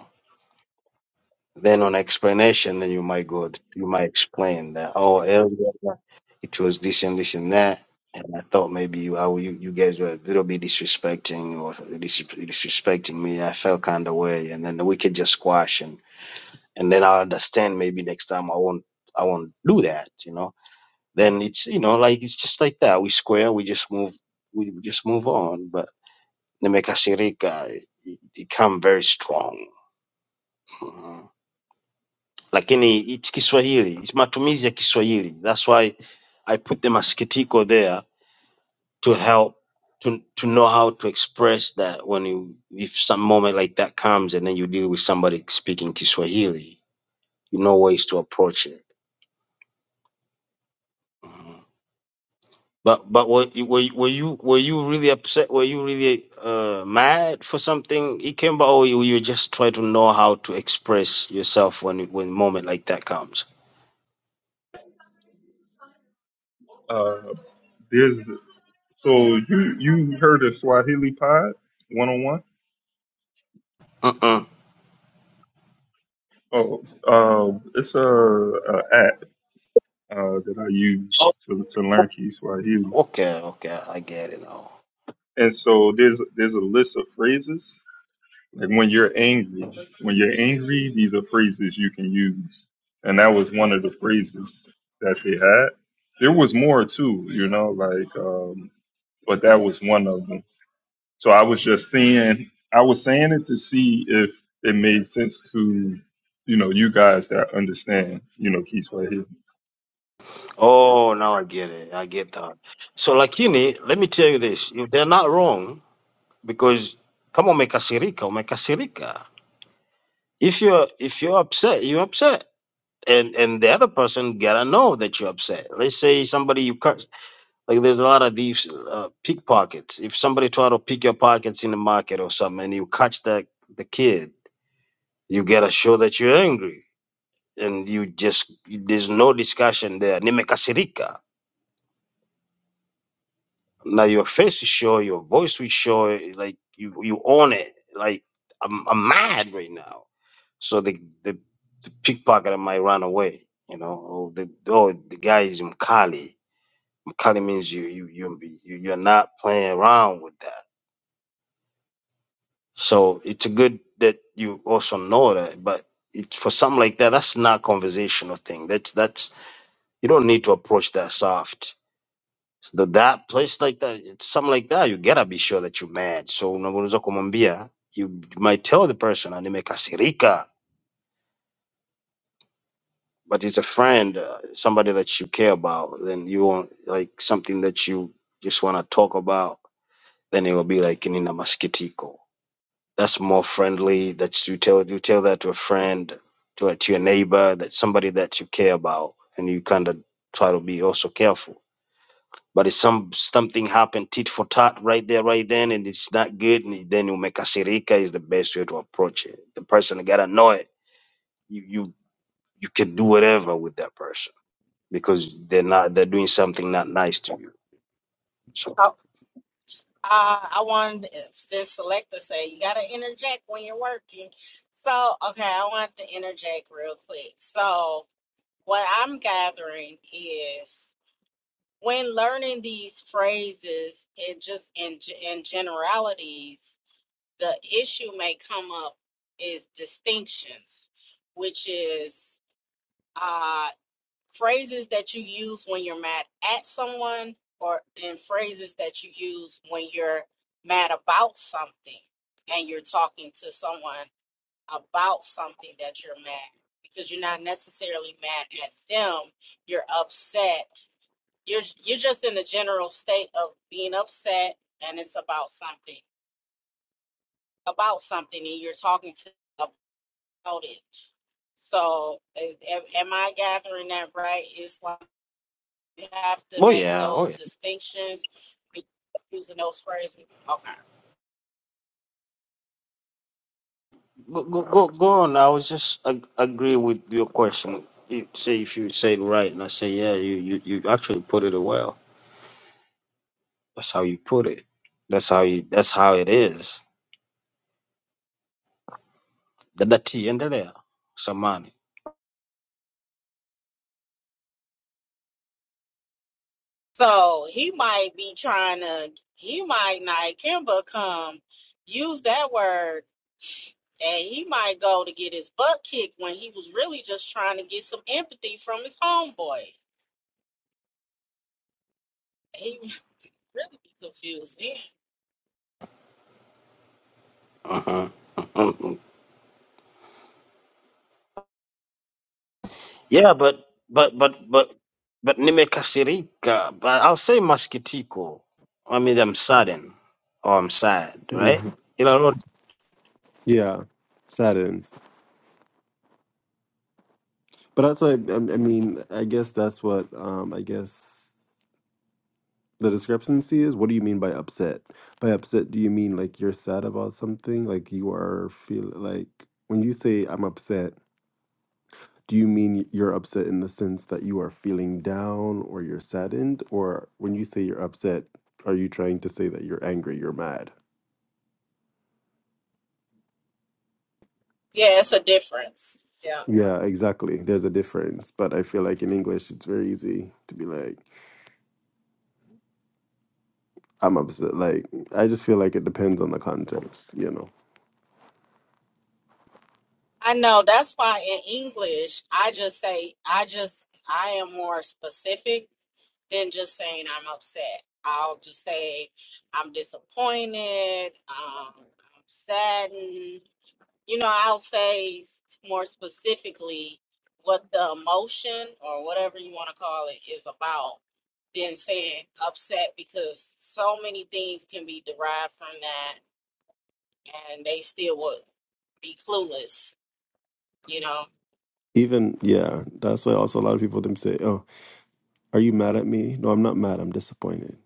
J: Then on explanation, then you might go, you might explain that, oh, earlier it was this and this and that. And I thought maybe you, I, you, you guys were a little bit disrespecting or dis- disrespecting me. I felt kind of way. And then we could just squash and, and then I'll understand maybe next time I won't, I won't do that, you know? Then it's, you know, like, it's just like that. We square, we just move, we just move on. But Nemeka Sirika, it, it come very strong. Mm-hmm. lakini it's Kiswahili, it's matumizi ya Kiswahili. That's why I put the masikitiko there to help to to know how to express that when you if some moment like that comes and then you deal with somebody speaking Kiswahili, you know ways to approach it. Mhm. But but were you- were you- were you were you really upset? Were you really uh, mad for something, Ikemba, or you you just try to know how to express yourself when when moment like that comes?
B: Uh, there's so you you heard of Swahili Pod 101?
J: Mm-mm.
B: Oh, um, it's a, a app uh, that I use to to learn Kiswahili,
J: Okay, okay, I get it now.
B: and so there's there's a list of phrases. Like when you're angry, when you're angry, these are phrases you can use, and that was one of the phrases that they had. There was more too, you know, like, um, but that was one of them. So I was just seeing, I was saying it to see if it made sense to, you know, you guys that understand, you know, Kiswahili.
J: Oh, now I get it. I get that. So lakini, let me tell you this. If they're not wrong, because kama umekasirika, umekasirika. If you're if you're upset, you're upset. And and the other person gotta know that you're upset. Let's say somebody you curse like there's a lot of these uh, pickpockets. If somebody try to pick your pockets in the market or something and you catch the the kid, you gotta show that you're angry. And you just there's no discussion there. Nimekasirika Now your face is sure, your voice was sure, like you you own it. Like I'm I'm mad right now. So the the, the pickpocketer might run away, you know. Or the or the guy is Mkali. Mkali means you you you you- you're not playing around with that. So it's good that you also know that, but it, for something like that, that's not conversational thing. That's that's you don't need to approach that soft the that place like that it's something like that you gotta be sure that you're mad so unaweza kumwambia you might tell the person "Ah, nimekasirika but it's a friend uh, somebody that you care about then you want like something that you just want to talk about then it will be like nina maskitiko that's more friendly that you tell you tell that to a friend to, a, to your neighbor that somebody that you care about and you kind of try to be also careful But if some something happened tit for tat right there, right then, and it's not good, and then you make a shirika is the best way to approach it. The person gotta know it. You you you can do whatever with that person because they're not they're doing something not nice to you. So
A: oh, uh, I wanted to, since Selecta say you gotta interject when you're working. So okay, I wanted to interject real quick. So what I'm gathering is when learning these phrases and just in g- in generalities, the issue may come up is distinctions, which is uh, phrases that you use when you're mad at someone, or and phrases that you use when you're mad about something, and you're talking to someone about something that you're mad because you're not necessarily mad at them. You're upset you're you're just in a general state of being upset and it's about something about something and you're talking to about it so is- am, am i gathering that right it's like you have to
J: oh
A: make
J: yeah,
A: those
J: oh yeah.
A: distinctions be- using those phrases okay
J: Go go go, go on. I was just ag- agree with your question. You say if you say it right, and I say yeah, you you you actually put it well. That's how you put it. That's how you. That's how it is. Dada tiendelea samani
A: so he might be trying to he might not kimba come use that word and he might go to get his butt kicked when he was really just trying to get some empathy from his homeboy He would really be confused then.
J: Uh-huh. Uh-huh. Yeah, but but but but but nimekasirika. But I'll say maskitiko. I mean, I'm saddened or I'm sad, right?
F: hmm
J: Ila lote.
F: Yeah, saddened. But that's what I, I mean. I guess that's what um, I guess the discrepancy is. What do you mean by upset? By upset, do you mean like you're sad about something? Like you are feel like when you say I'm upset, do you mean you're upset in the sense that you are feeling down or you're saddened? Or when you say you're upset, are you trying to say that you're angry, you're mad?
A: Yeah, it's a difference. Yeah.
F: Yeah, exactly. There's a difference, but I feel like in English it's very easy to be like, I'm upset. Like, I just feel like it depends on the context, you know.
A: I know. That's why in English, I just say, I just, I am more specific than just saying I'm upset. I'll just say I'm disappointed, um, I'm saddened. You know, I'll say s- more specifically what the emotion or whatever you want to call it is about than saying upset because so many things can be derived from that and they still would be clueless, you know.
F: Even, yeah, that's why also a lot of people them say, Oh, are you mad at me? No, I'm not mad, I'm disappointed.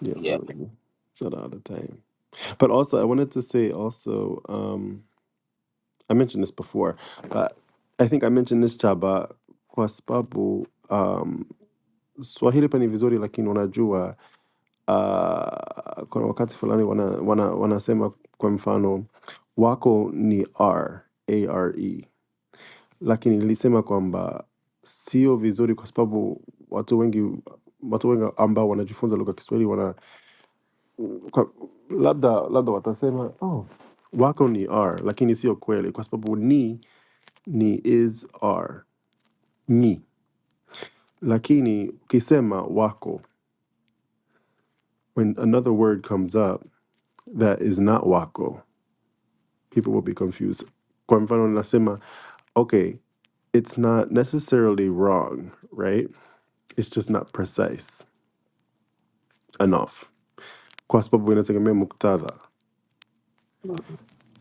F: You
J: Yeah,
F: know, it's not all the time. But also, I wanted to say also, um, I mentioned this before, but I think I mentioned this Chaba, kwa sababu um, Swahili pani vizuri lakini unajua uh, kuna wakati fulani wana, wana, wanasema kwa mfano wako ni r a r e. lakini nilisema kwamba sio vizuri kwa sababu watu wengi watu wengi ambao wanajifunza lugha ya kiswahili wana kwa, labda labda watasema oh, wako ni r lakini sio kweli kwa sababu ni ni is r ni lakini ukisema wako when another word comes up that is not wako people will be confused. Kwa mfano nasema, okay, it's not necessarily wrong, right? It's just not precise enough. Kwa sababu inategemea muktadha.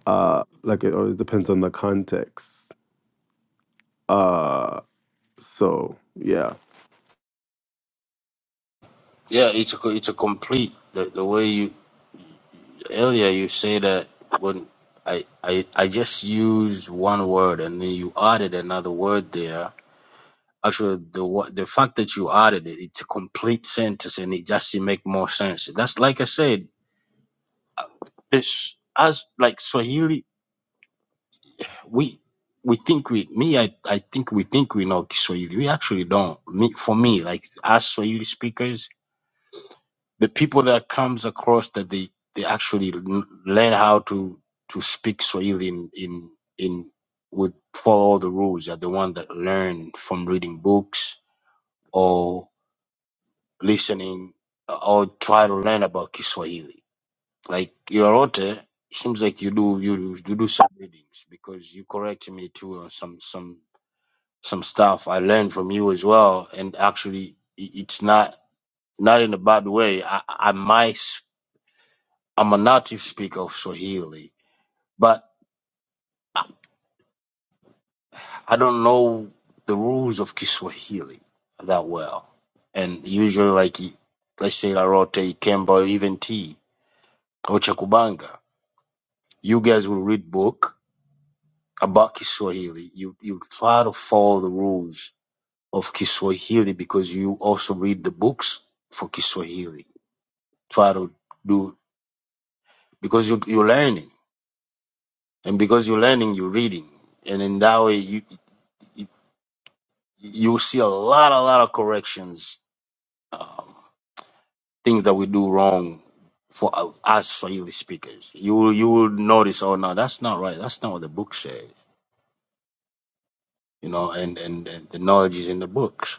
F: Uh, like it always depends on the context. Uh, so, yeah.
J: yeah, it's a co- it's a complete the, the way you earlier you say that when I I I just use one word and then you added another word there. Actually, the wo- the fact that you added it, it's a complete sentence and it just it make more sense. That's like I said, this as like Swahili. we we think we me I, I think we think we know Kiswahili. We actually don't. Me for me, like us Swahili speakers, the people that comes across that they they actually l- learn how to to speak Swahili in in, in would follow the rules are the one that learn from reading books or listening uh, or try to learn about Kiswahili. Like Yororote, it seems like you do you, do- you do some readings because you correct me too on some some some stuff I learned from you as well. And actually, i- it's not not in a bad way. I, I might s- I'm a native speaker of Swahili, but I, I don't know the rules of Kiswahili that well. And usually, like let's say Larote, Kemba, or even T or Chakubanga, you guys will read book about Kiswahili. You you try to follow the rules of Kiswahili because you also read the books for Kiswahili try to do because you you're learning and because you're learning you're reading and in that way you you, you see a lot a lot of corrections um, things that we do wrong for uh, us Swahili speakers you will you will notice oh no that's not right that's not what the book says you know and and, and the knowledge is in the books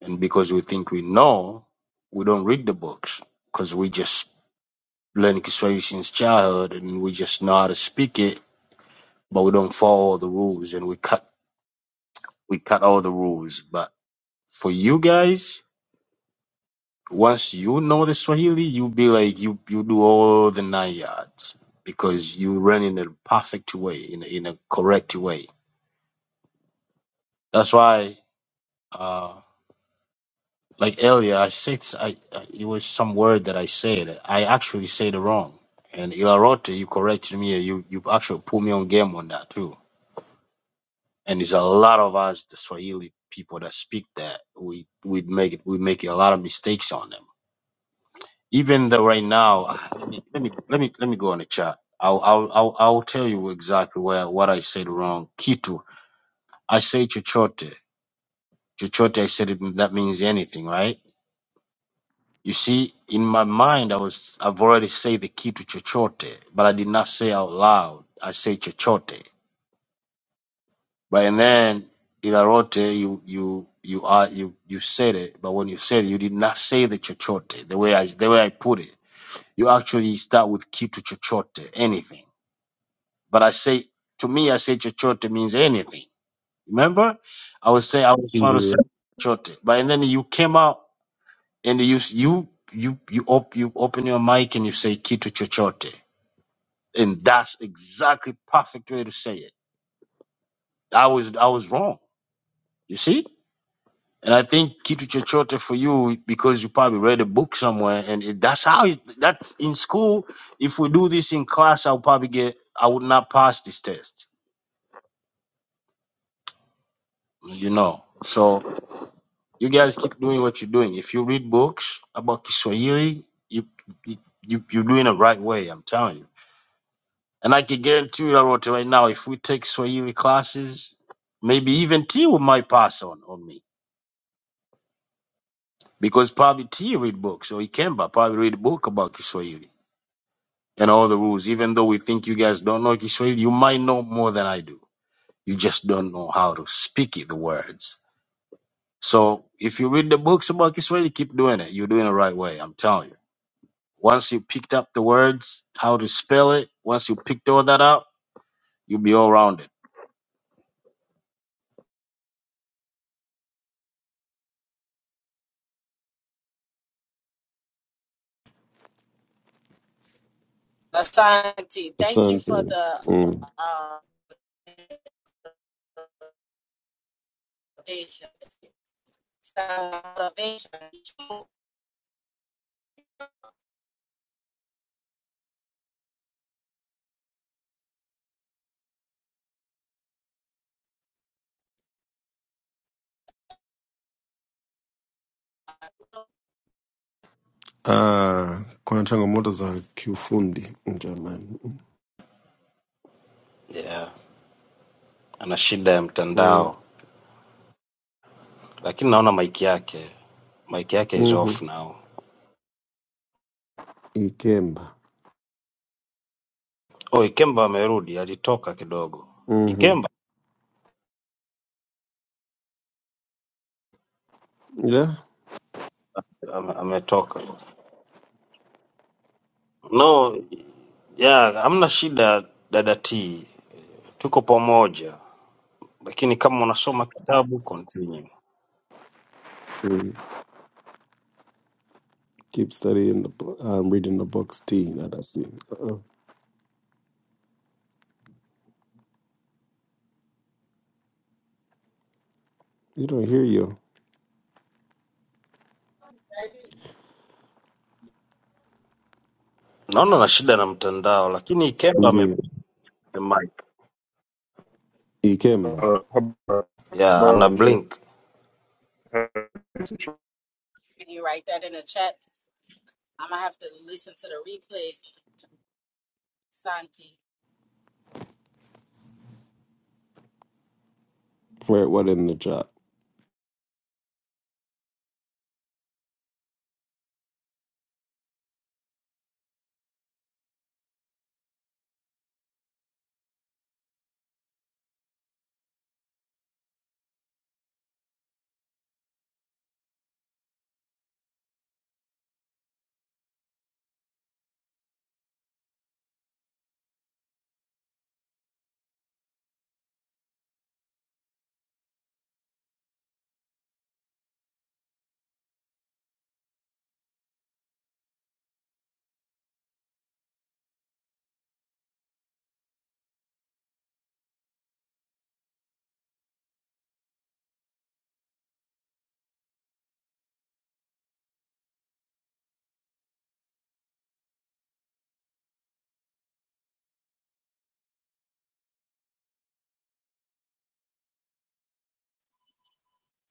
J: and because we think we know we don't read the books because we just learn Kiswahili since childhood and we just know how to speak it but we don't follow the rules and we cut we cut all the rules. But for you guys, once you know the Swahili, you be like you you do all the nine yards because you run in a perfect way, in a, in a correct way. That's why, uh, like earlier, I said I, I it was some word that I said I actually said it wrong. And Ilarote, you corrected me. You you actually put me on game on that too. And there's a lot of us, the Swahili people that speak that, we we make it we make a lot of mistakes on them Even though right now, ah, let me let me let me let me go on the chat. I'll I'll I'll, I'll tell you exactly where what I said wrong. Kitu, I say chochote. Chochote, I said it, that means anything, right? You see, in my mind, I was I've already said the key to chochote, but I did not say out loud. I say chochote, but and then ilarote, you you you are you you said it, but when you said it, you did not say the chochote the way I the way I put it. You actually start with key to chochote, anything But I say, to me, I say chochote means anything. Remember, I was saying I was trying to say
F: Ndio.
J: chochote, but and then you came out and you you you you op, you open your mic and you say kitu chochote, and that's exactly perfect way to say it. I was I was wrong, you see. And I think kitu chochote for you because you probably read a book somewhere, and it, that's how it, that's in school. If we do this in class, I'll probably get I would not pass this test, you know. So You guys keep doing what you're doing. If you read books about Kiswahili, you you, you you're doing it right way. I'm telling you. And I can guarantee you, Arota, right now, if we take Swahili classes, maybe even T will might pass on on me because probably T read books or Ikemba probably read a book about Kiswahili and all the rules. Even though we think you guys don't know Kiswahili, you might know more than I do. You just don't know how to speak it, the words. So if you read the books about Kiswahili, keep doing it. You're doing it right way. I'm telling you. Once you picked up the words, how to spell it, once you picked all that up, you'll be all rounded.
A: Asante, thank you for
F: Asante.
A: the
F: Mm.
A: uh, motivation. Motivation.
F: Ah, kuna changamoto za kiufundi jamani.
J: yeah ana shida ya
F: Mm.
J: mtandao lakini naona mic yake mic yake is
F: hmm
J: off now
F: Ikemba.
J: oh ikemba amerudi alitoka kidogo
F: Mm-hmm.
J: ikemba
F: Yeah.
J: ame- ametoka no yeah hamna shida dada t tuko pamoja lakini kama unasoma kitabu continue
F: Mm. Keep studying the bo- um, reading the books. T. Not that C. Uh-uh. You don't hear you.
J: naona na shida na mtandao lakini ikemba ame
F: Indeed.
J: mic
F: Ikemba.
B: Uh,
J: yeah ana blink
A: Can you write that in the chat? I'm gonna have to listen to the replays, Santi.
F: Where? What in the chat?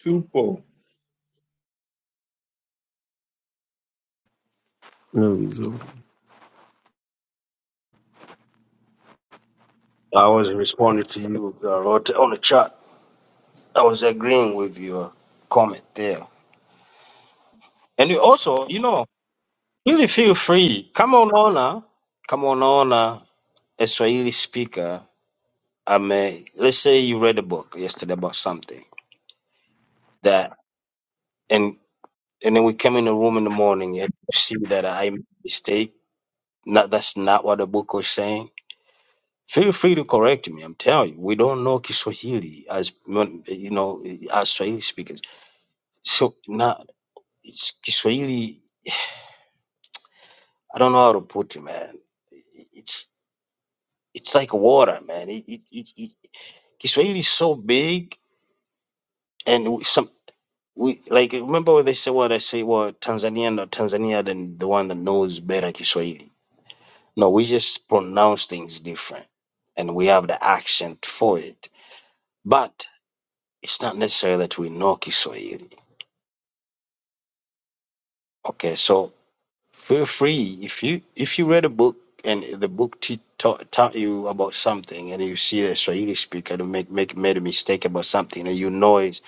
B: Tupo.
F: No, so,
J: I was responding to you, uh, wrote on the chat. I was agreeing with your comment there. And you also, you know, really feel free. Kama unaona, kama unaona a Swahili speaker, I mean, let's say you read a book yesterday about something that, and and then we came in the room in the morning and you see that I made a mistake. Not, that's not what the book was saying. Feel free to correct me. I'm telling you, we don't know Kiswahili as you know, as Swahili speakers. So now. It's Kiswahili. I don't know how to put it, man. It's it's like water, man. It, it, it, it Kiswahili is so big, and we, some we like remember what they say. What I say, well, Tanzanian or Tanzania than the one that knows better Kiswahili. No, we just pronounce things different, and we have the accent for it. But it's not necessary that we know Kiswahili. Okay, so Feel free if you if you read a book and the book te- taught, taught you about something and you see a Swahili speaker to make make made a mistake about something and you know it,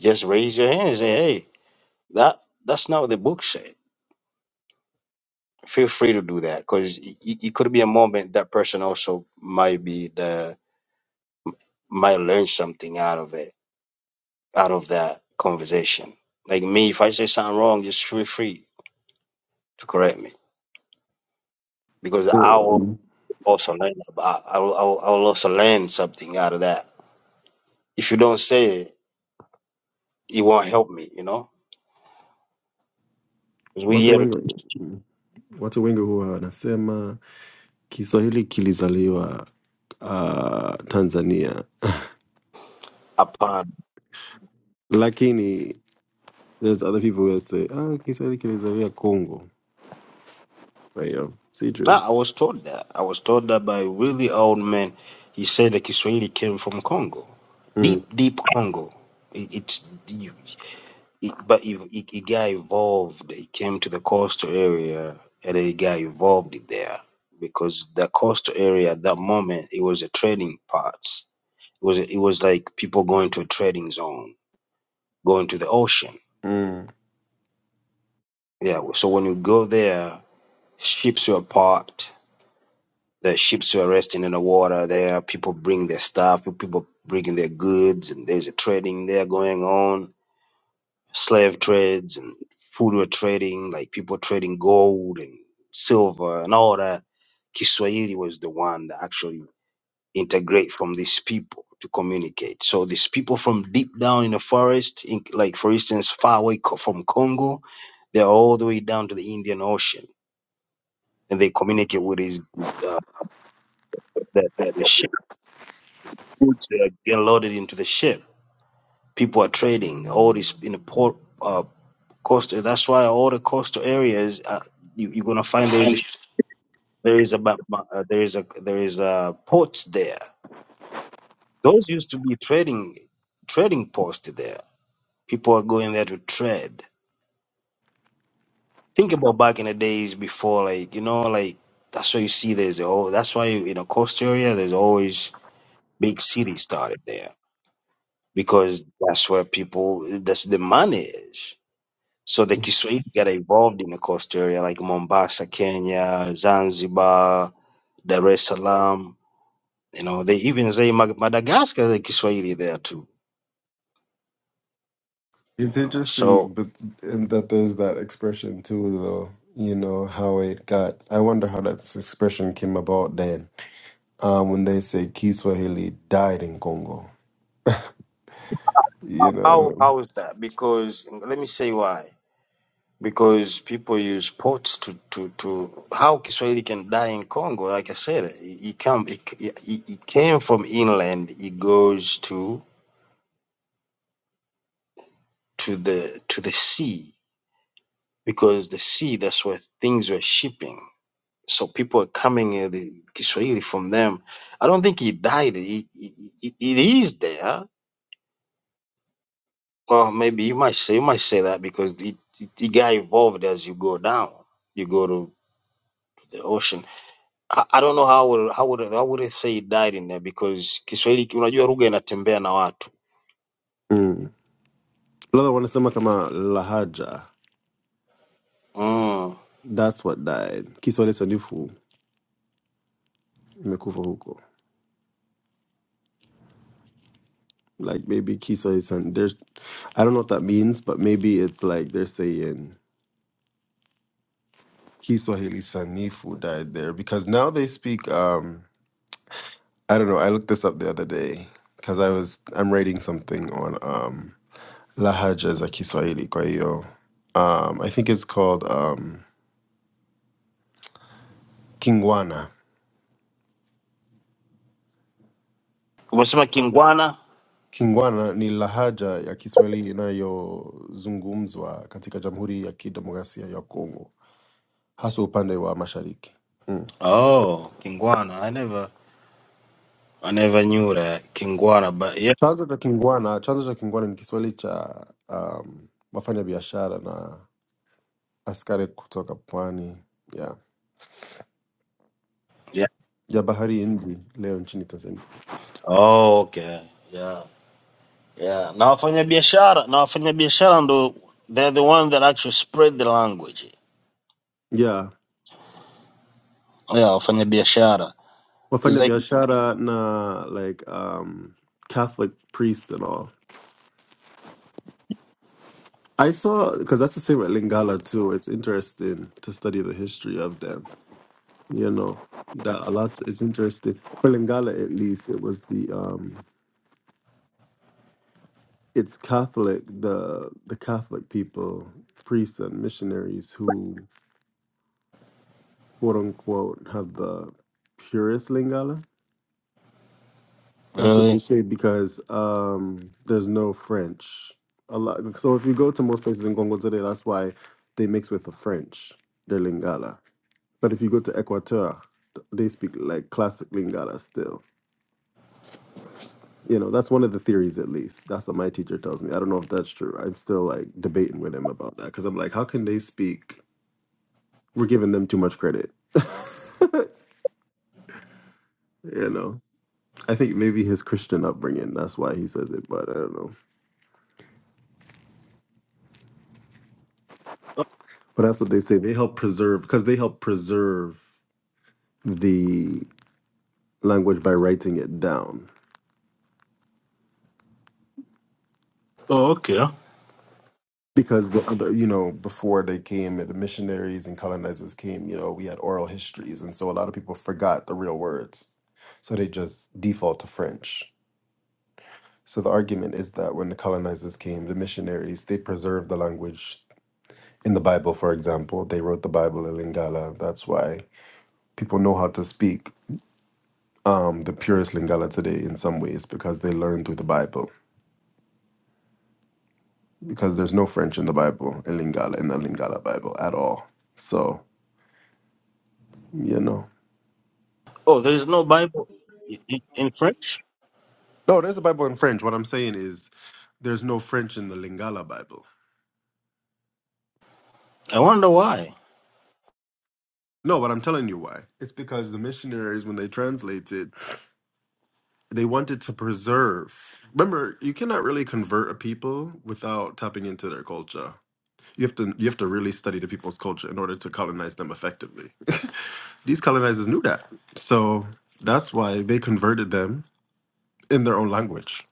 J: just raise your hand and say, "Hey, that that's not what the book said." Feel free to do that because it, it it could be a moment that person also might be the might learn something out of it out of that conversation. Like me, if I say something wrong, just feel free to correct me because I
F: eh,
J: also learn. I, I, will- I, will- I will also learn something out of that. If you don't say it, it won't help me. You know, 'Cause we
F: watu
J: here to teach
F: wengi watu wengi huwa wanasema Kiswahili kilizaliwa uh, Tanzania,
J: upon.
F: lakini there's other people who will say ah, Kiswahili kilizaliwa Congo. Kwa hiyo sijui
J: Nah, I was told that. I was told that by a really old man. He said that Kiswahili came from Congo,
F: mm.
J: deep, deep Congo. It, it's you. It, but it, it, it got evolved. It came to the coastal area and it got evolved there because the coastal area at that moment it was a trading part. It was it was like people going to a trading zone, going to the ocean.
F: Mm.
J: Yeah. So when you go there, ships were parked. The ships were resting in the water there. People bring their stuff. People bringing their goods, and there's a trading there going on slave trades and food were trading, like people trading gold and silver and all that. Kiswahili was the one that actually integrate from these people to communicate. So these people from deep down in the forest, in, like for instance, far away co- from Congo, they're all the way down to the Indian Ocean, and they communicate with these uh, that on the ship. Foods that are get loaded into the ship. People are trading all this in the port. uh, coastal. That's why all the coastal areas uh, you, you're gonna find there is a there is a ba- ba- uh, there is a there is a ports there. Those used to be trading trading posts there. People are going there to trade. Think about back in the days before, like you know, like that's why you see there's oh that's why you, in a coastal area there's always big cities started there because that's where people that's the money is. So the Kiswahili got involved in the coastal area like Mombasa, Kenya, Zanzibar, Dar es Salaam. You know, they even say Mag- Madagascar is Kiswahili there too.
F: It's
J: You know,
F: interesting,
J: so
F: but and that there's that expression too, though. You know how it got. I wonder how that expression came about then. Um, when they say Kiswahili died in Congo, you
J: how
F: know.
J: how is that? Because let me say why. Because people use ports to to to how Kiswahili can die in Congo. Like I said, it, it come it, it, it came from inland. It goes to to the to the sea because the sea that's where things were shipping. So people are coming uh, the Kiswahili from them. I don't think he died. It, it, it it is there Well, maybe you might say you might say that because the the, the guy evolved as you go down, you go to the ocean. I, I don't know how would how would how would I say he died in there because Kiswahili unajua lugha inatembea na watu.
F: Mm. Lala wanasema kama lahaja.
J: Mm.
F: That's what died. Kiswahili sanifu imekufa huko. Like maybe Kiswahili san. There's, I don't know what that means, but maybe it's like they're saying Kiswahili sanifu died there because now they speak. um I don't know. I looked this up the other day because I was I'm writing something on um lahaja za Kiswahili. Kwa hiyo, um, I think it's called um, Kingwana.
J: Umesema Kingwana?
F: Kingwana ni lahaja ya Kiswahili inayozungumzwa katika Jamhuri ya Kidemokrasia ya Kongo, hasa upande wa mashariki. Mm.
J: Oh, Kingwana. I never I never knew that. Kingwana but yeah.
F: Chanzo cha Kingwana, chanzo cha Kingwana ni Kiswahili cha um, wafanya biashara na askari kutoka pwani ya
J: yeah.
F: ya bahari Hindi leo nchini Tanzania.
J: Oh, okay. Yeah. Yeah. Na wafanyabiashara, na wafanyabiashara ndo they're the one that actually spread the language.
F: Yeah.
J: Yeah, wafanyabiashara. It's
F: wafanya
J: like
F: biashara na like um Catholic priest and all. I saw because that's the same at Lingala too. It's interesting to study the history of them. You know, that a lot. It's interesting for Lingala at least. It was the um, it's Catholic the the Catholic people, priests and missionaries who quote unquote have the purest Lingala That's a
J: really.
F: big shame because um, there's no French. A lot. So if you go to most places in Congo today, that's why they mix with the French, their Lingala. But if you go to Equateur, they speak like classic Lingala still. You know, that's one of the theories at least. That's what my teacher tells me. I don't know if that's true. I'm still like debating with him about that because I'm like, how can they speak? We're giving them too much credit. you know, I think maybe his Christian upbringing. That's why he says it, but I don't know. But that's what they say. They help preserve because they help preserve the language by writing it down.
J: Oh, okay.
F: Because the other, you know, before they came, the missionaries and colonizers came, you know, we had oral histories, and so a lot of people forgot the real words, so they just default to French. So the argument is that when the colonizers came, the missionaries they preserved the language in the Bible, for example, they wrote the Bible in Lingala. That's why people know how to speak um, the purest Lingala today in some ways because they learn through the Bible. Because there's no French in the Bible, in Lingala, in the Lingala Bible at all. So, you know.
J: Oh, there's no Bible in, in in French.
F: No, there's a Bible in French. What I'm saying is there's no French in the Lingala Bible.
J: I wonder why.
F: No, but I'm telling you why. It's because the missionaries, when they translated, they wanted to preserve. Remember, you cannot really convert a people without tapping into their culture. You have to you have to really study the people's culture in order to colonize them effectively. These colonizers knew that. So that's why they converted them in their own language.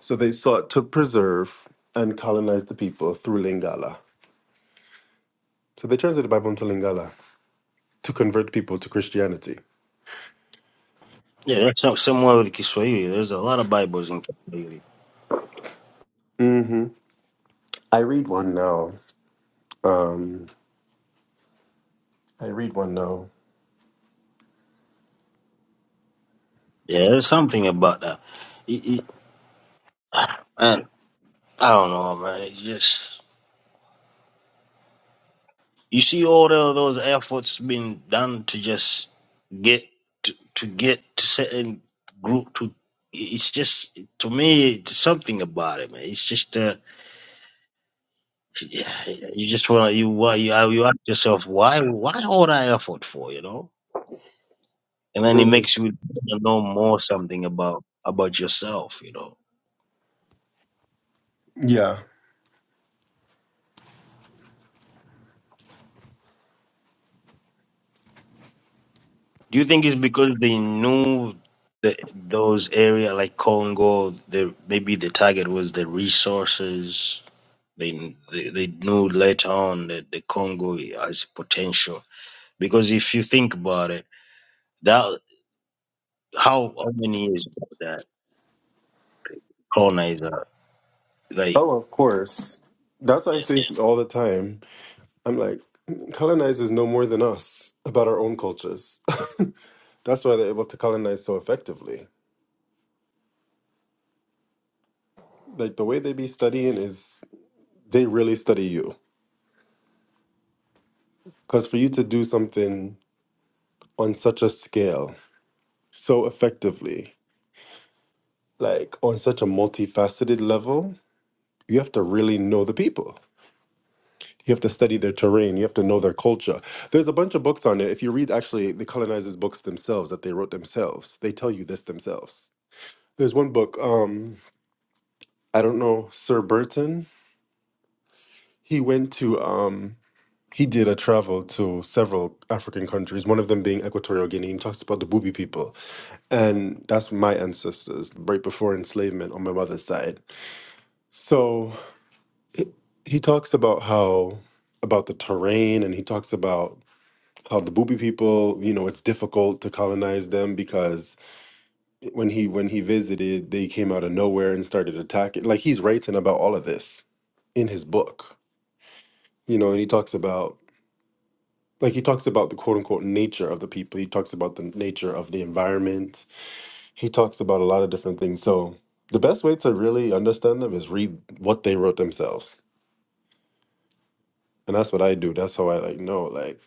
F: So they sought to preserve and colonize the people through Lingala. So they translated the Bible into Lingala to convert people to Christianity.
J: Yeah, that's some- somewhere with Kiswahili. There's a lot of Bibles in Kiswahili.
F: hmm I read one now. Um, I read one now.
J: Yeah, there's something about that. It- it- and I don't know, man. It's just you see all the, those efforts being done to just get to, to get to certain group to. It's just to me it's something about it, man. It's just uh, yeah, you just want to you why you, you ask yourself why why all that effort for you know and then it
F: Mhm.
J: makes you know more something about about yourself you know
F: Yeah.
J: do you think it's because they knew the, those area like congo the maybe the target was the resources they, they they knew later on that the congo has potential because if you think about it that how, how many years ago that colonizer like
F: Oh, of course. That's what I
J: yeah
F: say all the time. I'm like, colonizers know more than us about our own cultures. That's why they're able to colonize so effectively. Like the way they be studying is they really study you. Because for you to do something on such a scale, so effectively, like on such a multifaceted level, you have to really know the people. You have to study their terrain. You have to know their culture. There's a bunch of books on it. If you read actually the colonizers' books themselves that they wrote themselves, they tell you this themselves. There's one book. Um, I don't know, Sir Burton. He went to um he did a travel to several African countries, one of them being Equatorial Guinea. He talks about the Bubi people. And that's my ancestors, right before enslavement on my mother's side. So he he talks about how about the terrain and he talks about how the Bubi people, you know, it's difficult to colonize them because when he when he visited, they came out of nowhere and started attacking. Like he's writing about all of this in his book. you know, and he talks about like he talks about the quote unquote nature of the people. He talks about the nature of the environment. He talks about a lot of different things. So the best way to really understand them is read what they wrote themselves. And that's what I do. That's how I like know like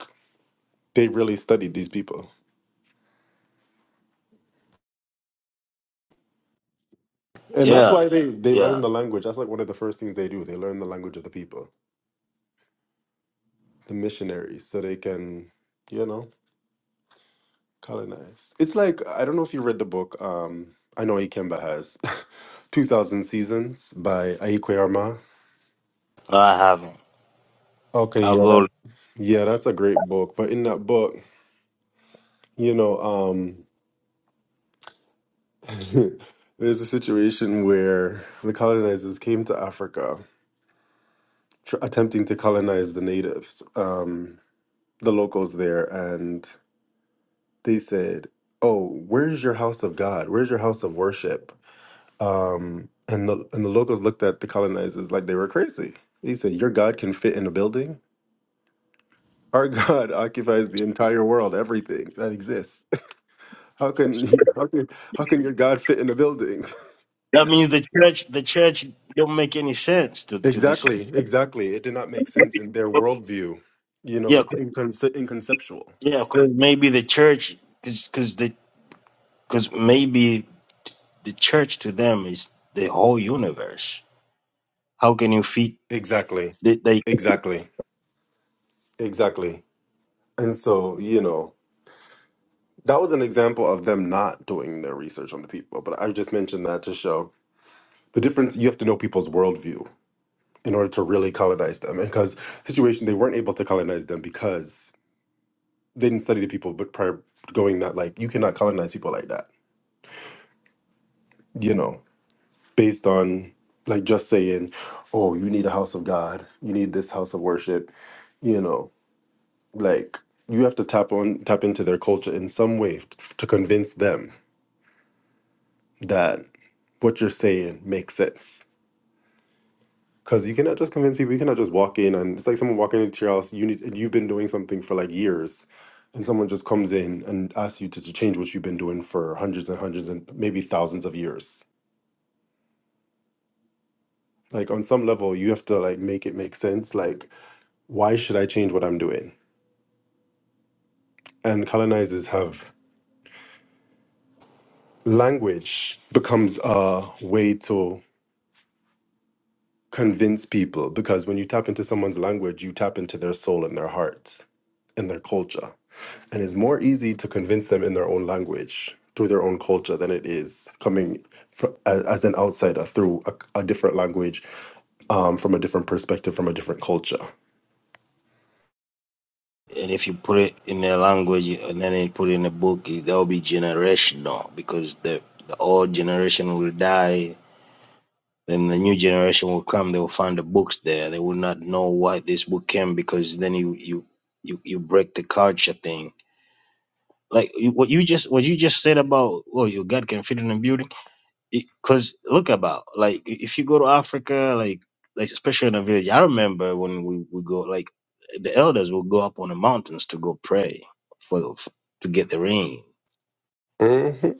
F: they really studied these people. And that's
J: yeah
F: why they they learn
J: yeah
F: the language. That's like one of the first things they do. They learn the language of the people, the missionaries, so they can, you know. Colonized. It's like I don't know if you read the book. Um, I know Ikemba has, Two Thousand Seasons by Aikwe Arma.
J: No, i haven't
F: Okay,
J: i'll
F: yeah,
J: go
F: that, yeah, that's a great book. But in that book, you know, um, there's a situation where the colonizers came to Africa, tr- attempting to colonize the natives, um, the locals there, and they said, "Oh, where's your house of God? Where's your house of worship?" Um, and the and the locals looked at the colonizers like they were crazy. He said, "Your God can fit in a building. Our God occupies the entire world, everything that exists. how can you- how can how can your God fit in a building?"
J: That means the church, the church don't make any sense to to this.
F: exactly, exactly. It did not make sense in their worldview. You know,
J: Yeah,
F: it's
J: 'cause-
F: inconce- inconceptual.
J: yeah, because maybe the church, because the because maybe the church to them is the whole universe. How can you feed
F: Exactly,
J: they, they
F: exactly, exactly. And so, you know, that was an example of them not doing their research on the people. But I just mentioned that to show the difference. You have to know people's worldview in order to really colonize them. And because situation, they weren't able to colonize them because they didn't study the people, but prior going that like you cannot colonize people like that, you know, based on like just saying, oh, you need a house of God, you need this house of worship, you know, like you have to tap on tap into their culture in some way f- to convince them that what you're saying makes sense Because you cannot just convince people. You cannot just walk in and it's like someone walking into your house. You need and you've been doing something for like years, and someone just comes in and asks you to, to change what you've been doing for hundreds and hundreds and maybe thousands of years. Like on some level, you have to like make it make sense. Like why should I change what I'm doing? And colonizers have language becomes a way to convince people because when you tap into someone's language, you tap into their soul and their hearts and their culture. And it's more easy to convince them in their own language through their own culture than it is coming fr- a- as an outsider through a, a different language, um, from a different perspective, from a different culture.
J: and if you put it in their language and then you put it in a book, it- that'll be generational because the the old generation will die. Then the new generation will come. They will find the books there. They will not know why this book came because then you you you, you break the culture thing like you- what you just what you just said about oh your God can fit in a building because look about like i- if you go to africa like like especially in a village i remember when we would go like the elders will go up on the mountains to go pray for the, f- to get the rain
F: Mm-hmm.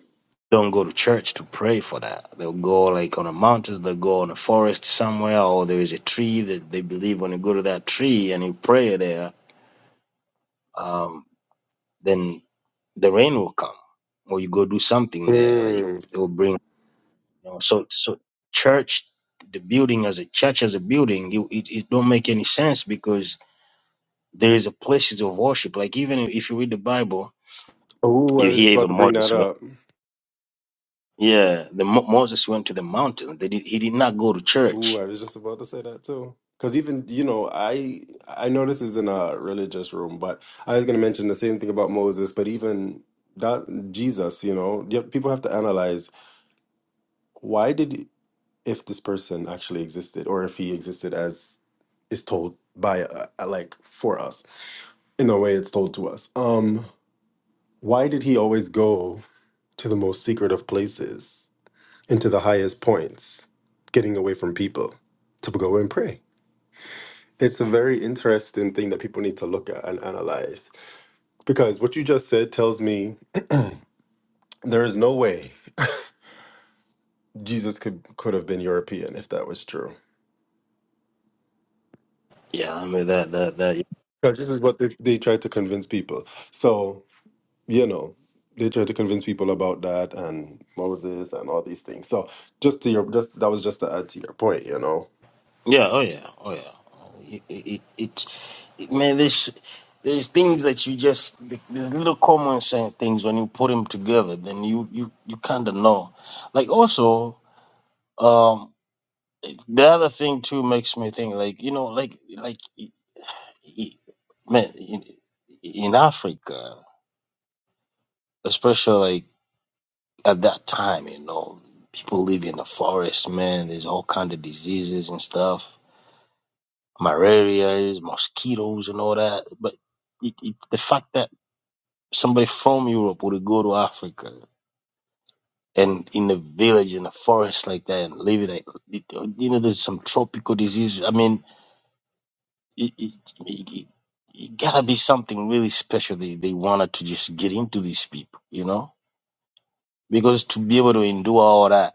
J: don't go to church to pray for that they'll go like on the mountains they'll go on a forest somewhere or there is a tree that they believe when you go to that tree and you pray there um then the rain will come or you go do something there like
F: Mm.
J: they will bring You know, so so church, the building as a church as a building, you, it it don't make any sense because there is a places of worship. Like even if you read the Bible,
F: Oh, I
J: you
F: was
J: hear
F: just about
J: even
F: to bring that
J: Moses went.
F: up.
J: Yeah, the Mo- Moses went to the mountain. They did, he did not go to
F: Ooh,
J: church.
F: I was just about to say that too. Because even, you know, I I know this is in a religious room, but I was going to mention the same thing about Moses, but even that Jesus, you know, you have- people have to analyze why did if this person actually existed or if he existed as is told by uh, uh, like for us in the way it's told to us. Um, why did he always go to the most secret of places and to the highest points, getting away from people to go and pray? It's a very interesting thing that people need to look at and analyze because what you just said tells me there is no way Jesus could could have been European if that was true.
J: Yeah, I mean that that that
F: Because this is what they, they tried to convince people. So, you know, they tried to convince people about that and Moses and all these things. So, just to your just that was just to add to your point, you know.
J: Yeah, oh yeah, oh yeah. It, it, it, it man, there's there's things that you just there's little common sense things when you put them together, then you you you kind of know. Like also, um, the other thing too makes me think like you know like like i- i- man in, in Africa, especially like at that time, you know, people live in the forest, man. There's all kind of diseases and stuff Malaria, mosquitoes, and all that. But it, it, the fact that somebody from Europe would go to Africa and in a village in a forest like that and live in it, like, it you know, there's some tropical diseases. I mean, it, it, it, it, it gotta be something really special. They they wanted to just get into these people, you know, because to be able to endure all that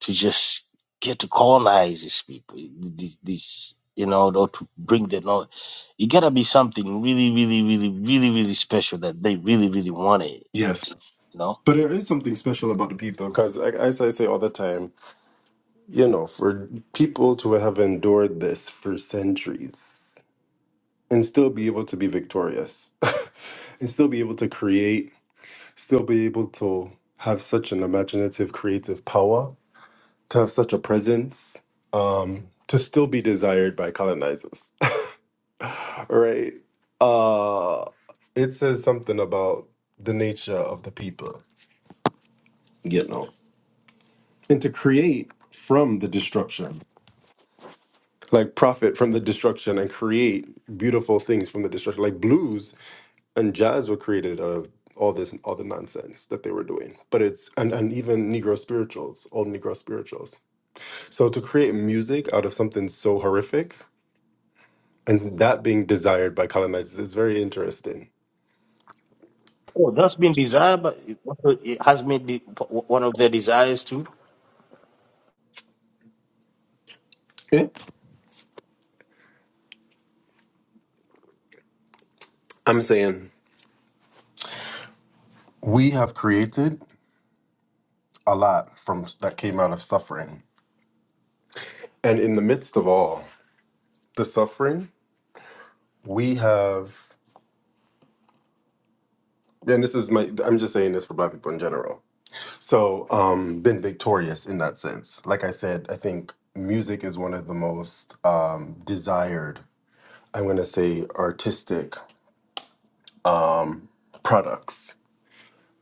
J: to just get to colonize these people, these, these you know, or to bring the knowledge. It gotta be something really, really, really, really, really special that they really, really wanted,
F: Yes,
J: you know?
F: but there is something special about the people because, as I say all the time, you know, for people to have endured this for centuries and still be able to be victorious and still be able to create still be able to have such an imaginative creative power to have such a presence um to still be desired by colonizers right uh it says something about the nature of the people you know and to create from the destruction like profit from the destruction and create beautiful things from the destruction like blues and jazz were created out of all this all the nonsense that they were doing but it's and, and even negro spirituals old negro spirituals so to create music out of something so horrific and that being desired by colonizers is very interesting
J: Oh, that's been desired, but it also- it has been the, one of their desires too.
F: Yeah. i'm saying we have created a lot from that came out of suffering and in the midst of all the suffering we have and this is my i'm just saying this for black people in general So, um, been victorious in that sense. Like I said, I think music is one of the most um, desired, I'm going to say, artistic products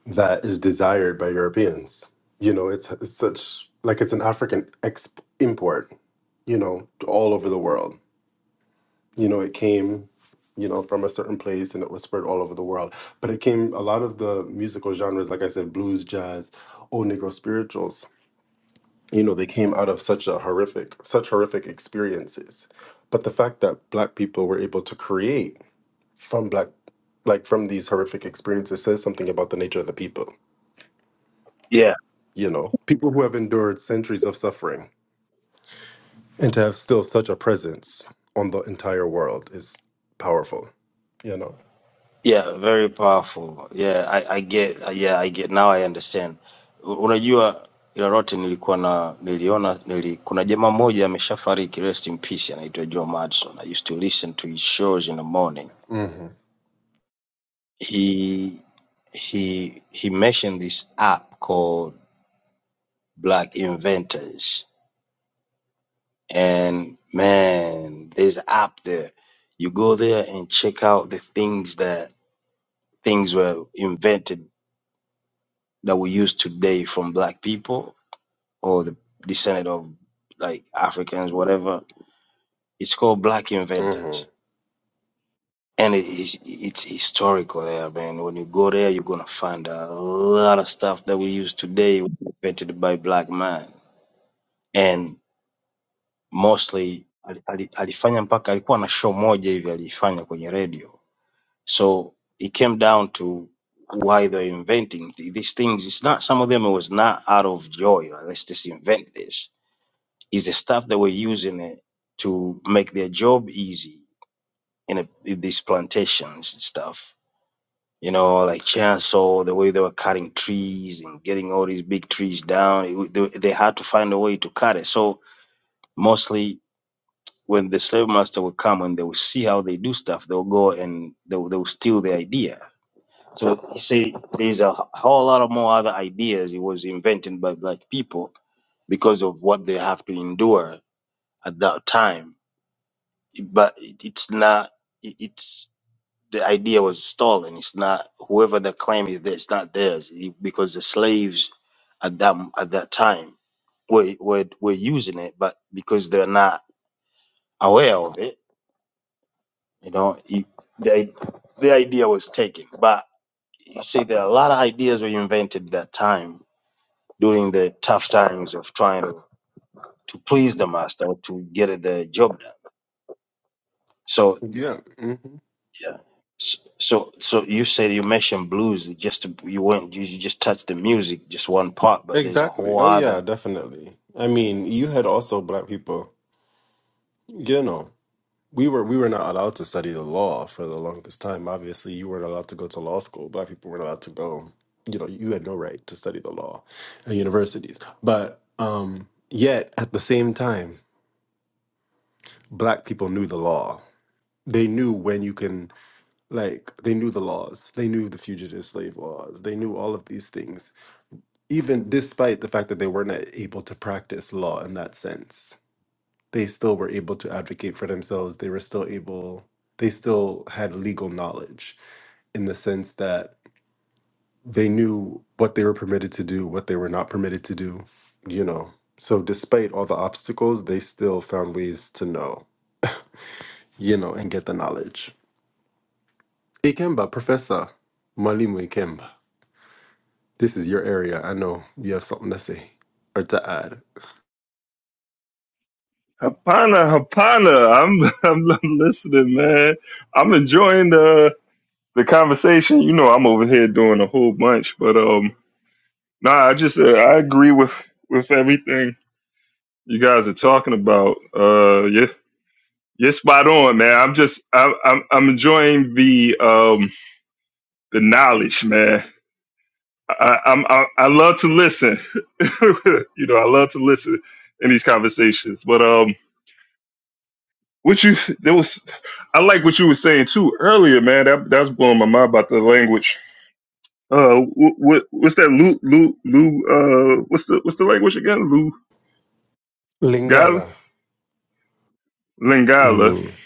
F: that is desired by Europeans. You know, it's, it's such like it's an African exp- import, you know, to all over the world. You know, it came, you know, from a certain place and it was spread all over the world. But it came, a lot of the musical genres, like I said, blues, jazz, old Negro spirituals you know they came out of such a horrific such horrific experiences but the fact that black people were able to create from black like from these horrific experiences says something about the nature of the people
J: Yeah,
F: you know people who have endured centuries of suffering and to have still such a presence on the entire world is powerful you know
J: yeah, very powerful. Yeah, I, I get. Yeah, I get. Now I understand. U- Unajua ila lote nilikuwa na niliona nili, kuna jamaa mmoja ameshafariki, rest in peace, anaitwa Joe Madison. I used to listen to his shows in the morning.
F: hmm
J: He he he mentioned this app called Black Inventors, and man, there's an app there. You go there and check out the things that things were invented that we use today from black people or the descendant of like Africans, whatever. It's called Black
F: hmm
J: Inventors. And it is it's historical there, man. When you go there, you're gonna find a lot of stuff that we use today was invented by black man. And mostly ali- ali- alifanya mpaka alikuwa na show moja hivi alifanya kwenye radio. So it came down to why they're inventing th- these things. It's not some of them it was not out of joy. like, let's just invent this is the stuff they were using it to make their job easy in, a, in these plantations and stuff. You know, like chainsaw, the way they were cutting trees and getting all these big trees down, it, wa- they, they had to find a way to cut it. So mostly when the slave master would come and they would see how they do stuff, they'll go and they'll, they'll steal the idea. So you see, there's a whole lot of more other ideas it was invented by black people because of what they have to endure at that time but it- it's not it- it's the idea was stolen it's not whoever the claim is there it's not theirs It- because the slaves at that m- at that time were were, were using it but because they're not aware of it you know it, the, i- the idea was taken but you see there are a lot of ideas were invented that time during the tough times of trying to, to please the master to get the job done So.
F: yeah hmm
J: Yeah. S- So, so you said you mentioned blues. it Just you weren't you you just touched the music, just one part, but there's a
F: exactly
J: whole
F: oh yeah
J: other.
F: definitely i mean you had also black people you know we were we were not allowed to study the law for the longest time. Obviously, you weren't allowed to go to law school. Black people weren't allowed to go. You know, you had no right to study the law at universities. But um, yet, at the same time, black people knew the law. They knew when you can, like, they knew the laws. They knew the fugitive slave laws. They knew all of these things, even despite the fact that they were not able to practice law in that sense they still were able to advocate for themselves. They were still able, they still had legal knowledge in the sense that they knew what they were permitted to do, what they were not permitted to do, you know. So, despite all the obstacles, they still found ways to know, you know, and get the knowledge. Ikemba, Professor Malimu Ikemba, this is your area. I know you have something to say or to add.
B: Hapana, Hapana. I'm, I'm listening, man. I'm enjoying the the conversation. You know, I'm over here doing a whole bunch, but um, nah. I just uh, I agree with with everything you guys are talking about. Uh, yeah, you're spot on, man. I'm just I'm I'm, I'm enjoying the um the knowledge, man. I, I'm I, I love to listen. you know, I love to listen in these conversations, but um. What you there was I like what you were saying too earlier, man. That that was blowing my mind about the language. Uh, what, what what's that? Lu Lu Lu. Uh, what's the what's the language again? Lu Gali
F: Lingala.
B: Lingala.
F: Mm,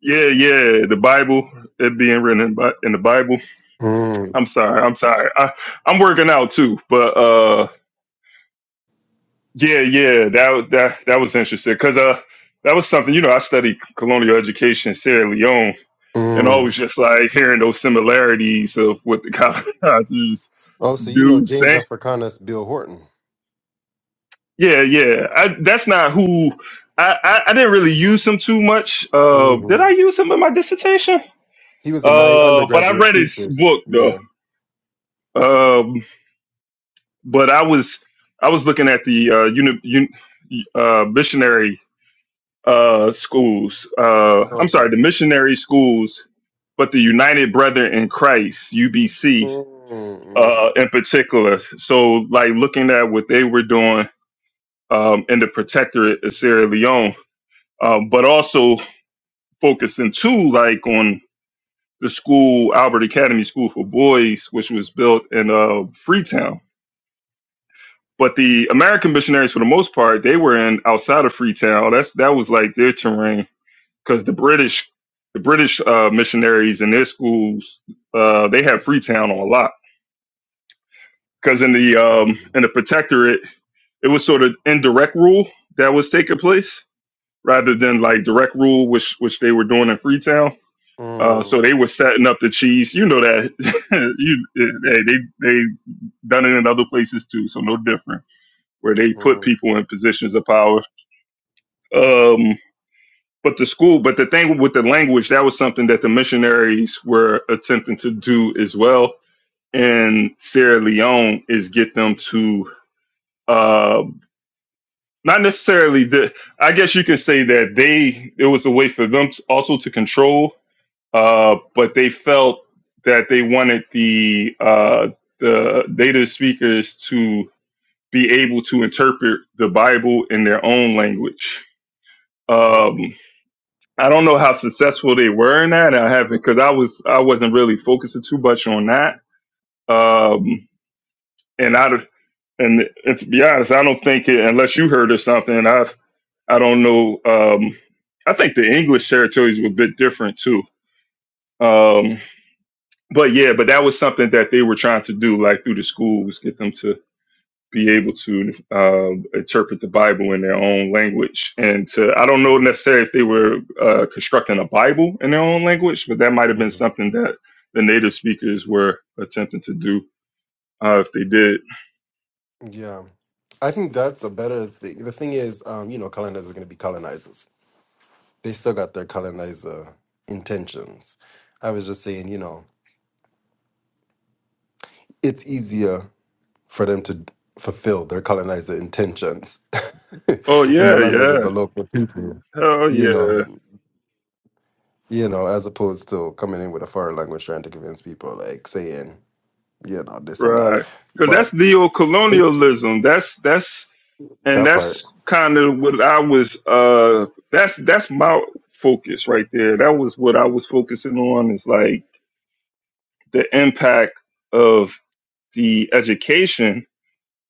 B: Yeah, yeah. The Bible, it being written in, Bi- in the Bible.
F: mm,
B: I'm sorry, I'm sorry. I I'm working out too, but uh, yeah, yeah. That that that was interesting because uh, that was something you know I studied colonial education in Sierra Leone and always
F: mm.
B: just like hearing those similarities of what the colonizers
F: Oh, so you know
B: do
F: James
B: say.
F: Africanus Bill Horton.
B: Yeah, yeah. I, that's not who I, I, I didn't really use him too much. Uh,
F: hmm
B: did I use him in my dissertation?
F: He was in my
B: Uh, but I
F: undergraduate
B: read his
F: thesis.
B: book though.
F: Yeah.
B: Um, but I was I was looking at the uh, uni, un, uh, missionary uh, schools. Uh, I'm sorry,
F: Okay.
B: the missionary schools, but the United Brethren in Christ (UBC)
F: Mm-hmm.
B: uh, in particular. So, like looking at what they were doing um, in the protectorate of Sierra Leone, um, but also focusing too, like on the school Albert Academy School for Boys, which was built in uh, Freetown. But the American missionaries, for the most part, they were in outside of Freetown. That's that was like their terrain because the British, the British uh, missionaries in their schools, uh, they had Freetown on a lot. Because in the
F: Mm,
B: um, in the protectorate it was sort of indirect rule that was taking place rather than like direct rule, which which they were doing in Freetown. Uh,
F: mm,
B: so they were setting up the Chiefs. You know that you eh, they they done it in other places too, so no different. Where they put people in positions of power. Um, but the school, but the thing with the language, that was something that the missionaries were attempting to do as well. And Sierra Leone is get them to uh, not necessarily the i guess you could say that they it was a way for them to- also to control uh but they felt that they wanted the uh the native speakers to be able to interpret the bible in their own language um
F: Mhm.
B: i don't know how successful they were in that i haven't because i was i wasn't really focusing too much on that um and i don't- and, and to be honest i don't think it unless you heard of something I've I don't know. Um, I think the English territories were a bit different too. Um, but yeah, but that was something that they were trying to do, like through the schools, get them to be able to um, interpret the Bible in their own language. And to, I don't know
F: Mhm.
B: necessarily if they were uh, constructing a Bible in their own language, but that might have been
F: mhm.
B: something that the native speakers were attempting to do uh, if they did.
F: Yeah. I think that's a better thing. The thing is, um, you know, colonizers are going to be colonizers. They still got their colonizer intentions. I was just saying, you know, it's easier for them to fulfill their colonizer intentions
B: Oh
F: in the
B: yeah,
F: language of
B: yeah,
F: the local people.
B: hell
F: You know,
B: yeah,
F: you know, as opposed to coming in with a foreign language trying to convince people, like saying, you know, this and that.
B: right. Because
F: But
B: that's neo-colonialism. That's that's and
F: that part,
B: that's kind of what I was. Uh, that's that's my focus right there. That was what I was focusing on is like the impact of the education,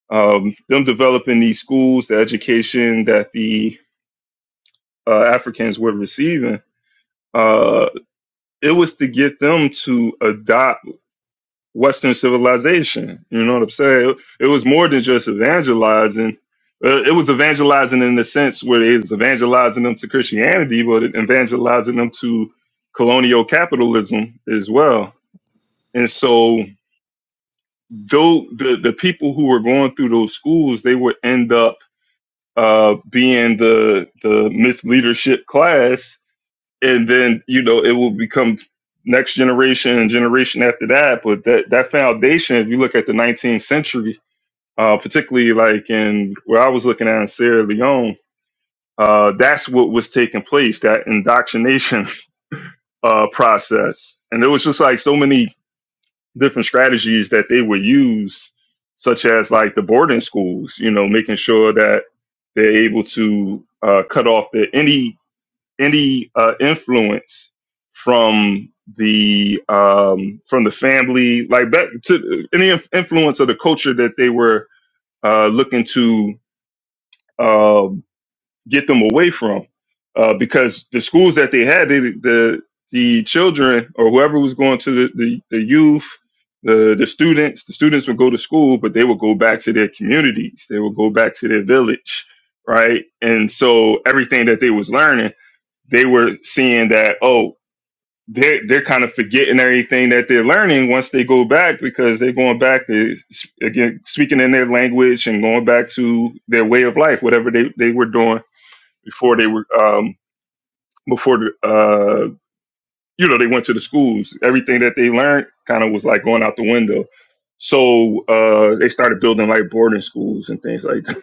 B: um, them developing these schools, the education that the uh, Africans were receiving. Uh, it was to get them to adopt Western civilization. You know what I'm saying? It, it was more than just evangelizing. Uh, it was evangelizing in the sense where it was evangelizing them to Christianity, but it evangelizing them to colonial capitalism as well. And so, though the the people who were going through those schools, they would end up uh, being the the misleadership class and then you know it will become next generation and generation after that but that that foundation if you look at the 19th century uh particularly like in where i was looking at in sierra leone uh that's what was taking place that indoctrination uh process and there was just like so many different strategies that they would use such as like the boarding schools you know making sure that they're able to uh cut off the, any any uh, influence from the um, from the family, like back to any inf- influence of the culture that they were uh, looking to um get them away from, uh, because the schools that they had, they, the the children or whoever was going to the, the, the youth, the the students, the students would go to school, but they would go back to their communities, they would go back to their village, right? And so everything that they was learning they were seeing that oh they're they're kind of forgetting everything that they're learning once they go back because they're going back to again speaking in their language and going back to their way of life whatever they, they were doing before they were um before the, uh you know they went to the schools everything that they learned kind of was like going out the window so uh they started building like boarding schools and things like that,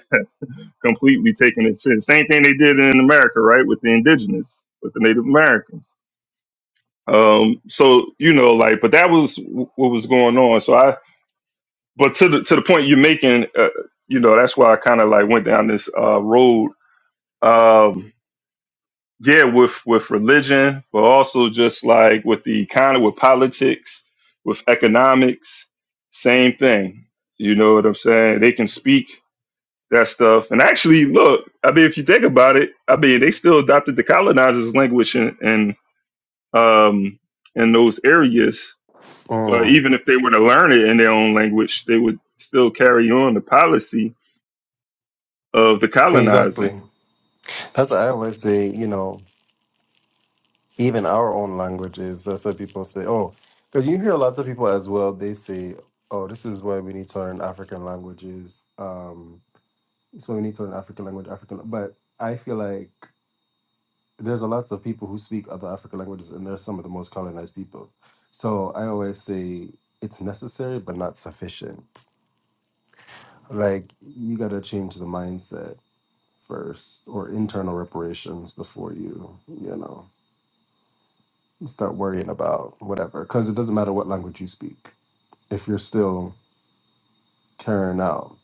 B: completely taking it to the same thing they did in america right with the indigenous with the native americans Um, so you know, like, but that was w- what was going on. So I, but to the to the point you're making, uh, you know, that's why I kind of like went down this uh, road. Um, yeah, with with religion, but also just like with the economy, with politics, with economics, same thing. You know what I'm saying? They can speak that stuff. And actually, look, I mean, if you think about it, I mean, they still adopted the colonizers' language in, in um in those areas Well,
F: mm,
B: even if they were to learn it in their own language, they would still carry on the policy of the colonizer.
F: exactly. That's what I always say, you know, even our own languages, that's what people say, oh, because you hear a lot of people as well, they say, oh, this is why we need to learn African languages. Um, so we need to learn African language, African, but I feel like there's a lots of people who speak other African languages, and they're some of the most colonized people. So I always say it's necessary but not sufficient. Like you got to change the mindset first, or internal reparations before you, you know, start worrying about whatever. Because it doesn't matter what language you speak if you're still carrying out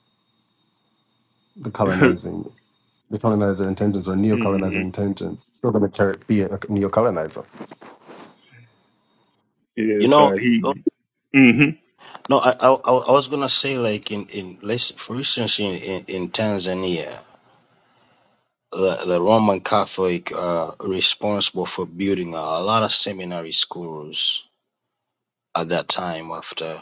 F: the colonizing. The colonizer intentions or neo-colonizer
B: hmm
F: intentions still going to carry, be a neo-colonizer.
J: You
B: Yes,
J: know,
B: uh,
J: oh,
B: he. hmm
J: no, I I, I I was gonna say like in in let's for instance in in, in Tanzania, the, the Roman Catholic uh responsible for building a, lot of seminary schools at that time after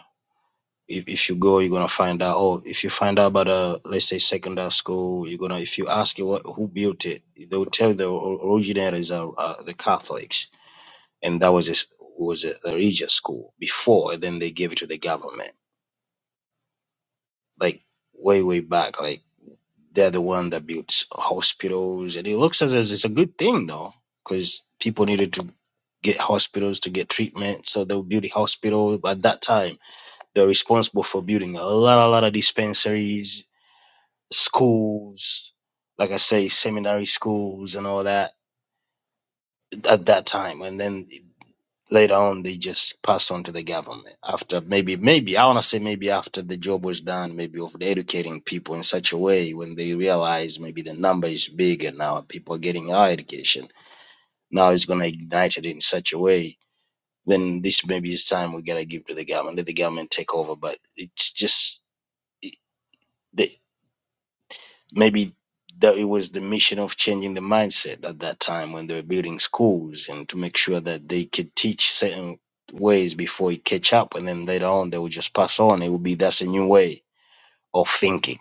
J: if, if you go, you're gonna find out. Oh, if you find out about a let's say secondary school, you're gonna if you ask you what who built it, they'll tell you the o- originators are uh, the Catholics, and that was a, s- was a religious school before, and then they gave it to the government, like way way back. Like they're the one that built hospitals, and it looks as as it's a good thing though, because people needed to get hospitals to get treatment, so they'll build a hospital. At that time, they're responsible for building a lot a lot of dispensaries schools, like I say, seminary schools and all that at that time. And then later on, they just passed on to the government after maybe, maybe, I want to say maybe after the job was done, maybe of educating people in such a way when they realize maybe the number is big and now people are getting our education. Now it's going to ignite it in such a way. Then this maybe is time we got to give to the government, let the government take over. But it's just. it- the. maybe that it was the mission of changing the mindset at that time when they were building schools and to make sure that they could teach certain ways before it catch up and then later on they would just pass on it would be that's a new way of thinking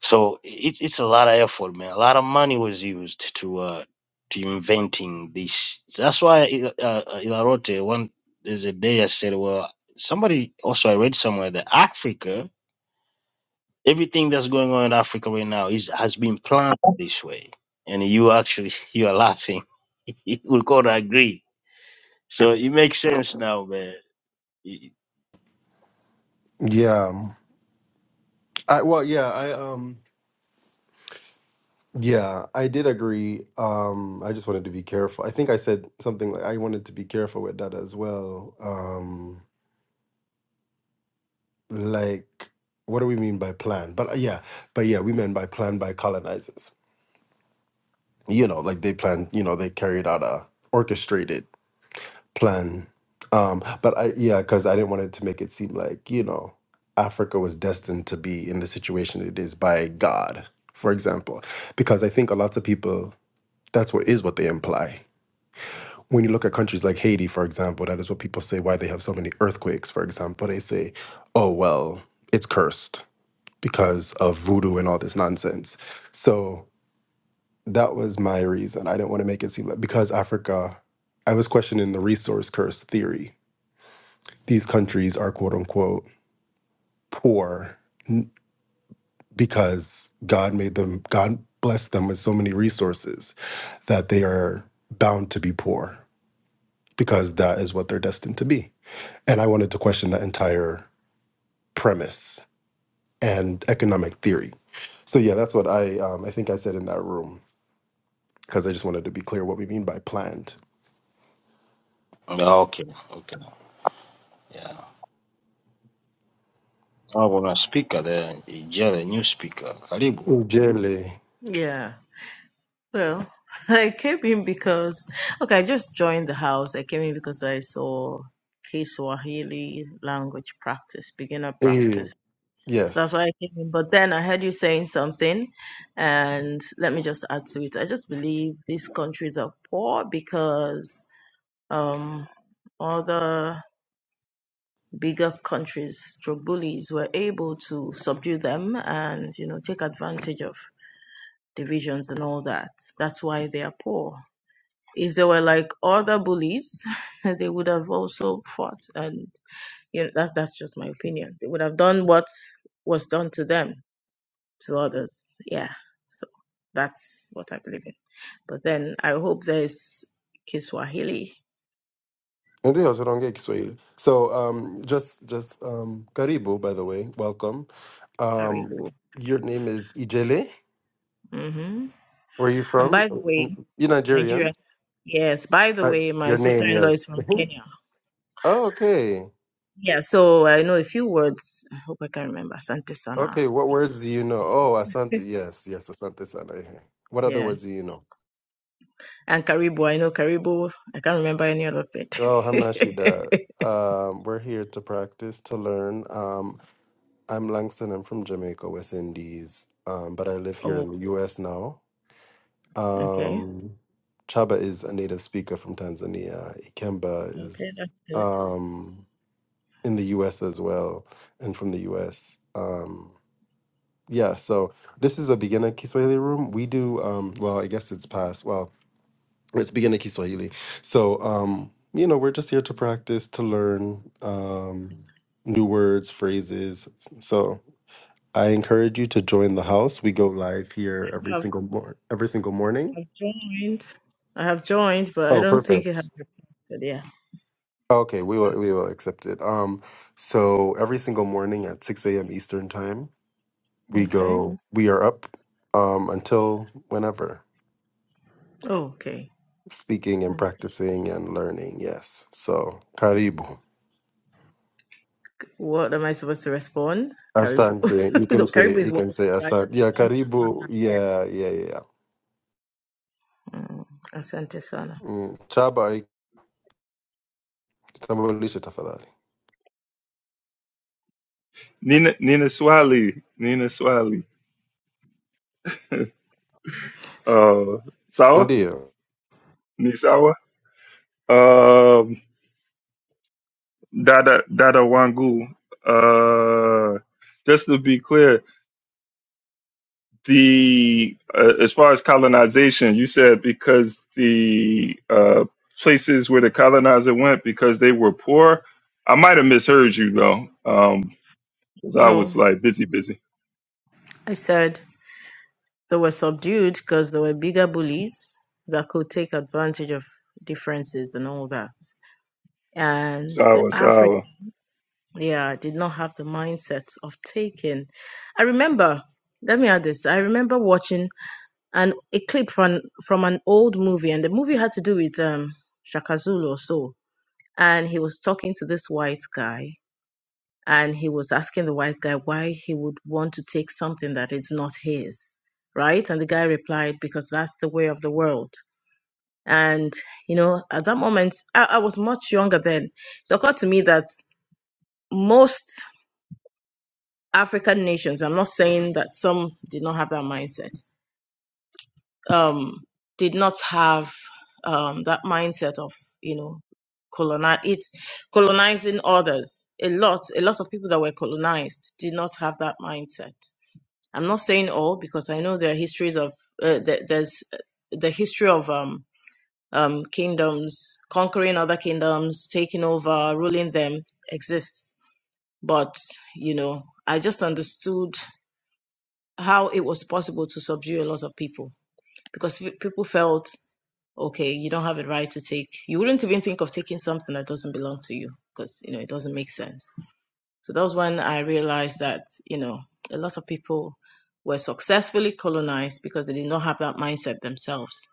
J: so it's it's a lot of effort man a lot of money was used to uh to inventing this that's why I- uh, uh, ilarote one there's a day i said well somebody also i read somewhere that africa Everything that's going on in Africa right now is has been planned this way. And you actually you are laughing. we could agree. So it makes sense now, man. Y-
F: Yeah, I, well, yeah, I um, Yeah, I did agree. Um, I just wanted to be careful. I think I said something like I wanted to be careful with that as well. Um, like, what do we mean by plan? But uh, yeah, but yeah, we meant by plan by colonizers. You know, like they planned. You know, they carried out a orchestrated plan. Um, but I yeah, because I didn't want it to make it seem like you know Africa was destined to be in the situation it is by God, for example, because I think a lot of people that's what is what they imply when you look at countries like Haiti, for example, that is what people say why they have so many earthquakes, for example. They say, oh, well, it's cursed because of voodoo and all this nonsense. So that was my reason. I didn't want to make it seem like because Africa, I was questioning the resource curse theory. These countries are quote unquote poor n- because God made them, God blessed them with so many resources that they are bound to be poor because that is what they're destined to be. and I wanted to question that entire premise and economic theory. So yeah, that's what I um, I think I said in that room because I just wanted to be clear what we mean by planned.
J: Okay, okay. Yeah. Ah, kuna speaker there, Ijele, new speaker. Karibu.
F: Jelly.
K: Yeah. Well, I came in because okay, I just joined the house. I came in because I saw Kiswahili language practice, beginner
F: Eh,
K: practice. So that's why
F: Yes.
K: I came in. But then I heard you saying something, and let me just add to it. I just believe these countries are poor because um, other bigger countries, stroke bullies, were able to subdue them and you know take advantage of divisions and all that. That's why they are poor If they were like other bullies, they would have also fought. And you know, that's that's just my opinion. They would have done what was done to them to others. Yeah. So that's what I believe in. But then I hope there's Kiswahili.
F: Ndio, tunaongea Kiswahili. So um, just just um, karibu by the way, welcome. Um,
K: Karibu.
F: your name is Ijele.
K: hmm
F: Where are you
K: And
F: from?
K: by the way,
F: You're Nigerian.
K: Nigeria. Yes. By the
F: Uh,
K: way, my
F: your name,
K: sister-in-law is
F: yes.
K: from Kenya.
F: oh, okay.
K: Yeah. So I know a few words. I hope I can remember. Asante sana.
F: Okay, what words do
K: Yes.
F: you know?
K: Thank you.
F: Oh, Asante. Yes, yes, Asante Sana. What other
K: Yeah.
F: words do you know?
K: And Karibu, I know Karibu. I can't remember any other state.
F: Oh, Hamnashida. Um, we're here to practice, to learn. Um, I'm Langston. I'm from Jamaica, West Indies, um, but I live here
K: oh,
F: in the U.S. now.
K: okay.
F: Um, Chaba is a native speaker from Tanzania. Ikemba
K: Okay,
F: is
K: that's good.
F: um, in the U.S. as well, and from the U.S. Um, yeah, so this is a beginner Kiswahili room. We do um, well. I guess it's past. Well, it's beginning Kiswahili. So, um, you know, we're just here to practice, to learn um, new words, phrases. So, I encourage you to join the house. We go live here
K: I
F: every
K: have,
F: single mor- every single morning.
K: I've joined. I have joined, but I
F: Oh,
K: don't think it has
F: perfect.
K: reported. Yeah.
F: Okay, we will we will accept it. Um, so every single morning at six a.m. Eastern time, we
K: Okay.
F: go. We are up um, until whenever,
K: Oh, okay.
F: speaking and practicing and learning. Yes. So, karibu.
K: What am I supposed to respond? Karibu.
F: Asante. You
K: no,
F: can
K: Karibu
F: say
K: is
F: you can
K: welcome,
F: say
K: right?
F: asante. Yeah,
K: Asante
F: karibu.
K: sana. Yeah.
F: Yeah, yeah, yeah.
K: Mm, asante sana.
F: Mm. Chaba kitambulishe tafadhali.
B: Nina Nina Swali Nina Swali. uh, Sawa
F: Ndiyo.
B: Nisawa. Um, Dada Dada Wangu. Uh, just to be clear, the uh, as far as colonization, you said because the uh, places where the colonizer went because they were poor. I might have misheard you though, because I was
K: No,
B: like busy, busy.
K: I said they were subdued because there were bigger bullies that could take advantage of differences and all that. and the
B: Sawa,
K: African,
B: sawa,
K: yeah, did not have the mindset of taking. I remember, let me add this. I remember watching an a clip from from an old movie, and the movie had to do with um Shaka Zulu or so. And he was talking to this white guy, and he was asking the white guy why he would want to take something that is not his, right? And the guy replied, "Because that's the way of the world." And you know, at that moment, I, I was much younger then. So It occurred to me that most African nations, I'm not saying that some did not have that mindset, um, did not have um, that mindset of, you know, colonize it's colonizing others. A lot, a lot of people that were colonized did not have that mindset. I'm not saying all because I know there are histories of uh, there, there's the history of um, um, kingdoms conquering other kingdoms, taking over, ruling them exists. But you know, I just understood. how it was possible to subdue a lot of people because people felt okay you don't have a right to take you wouldn't even think of taking something that doesn't belong to you because you know it doesn't make sense so that was when i realized that you know a lot of people were successfully colonized because they did not have that mindset themselves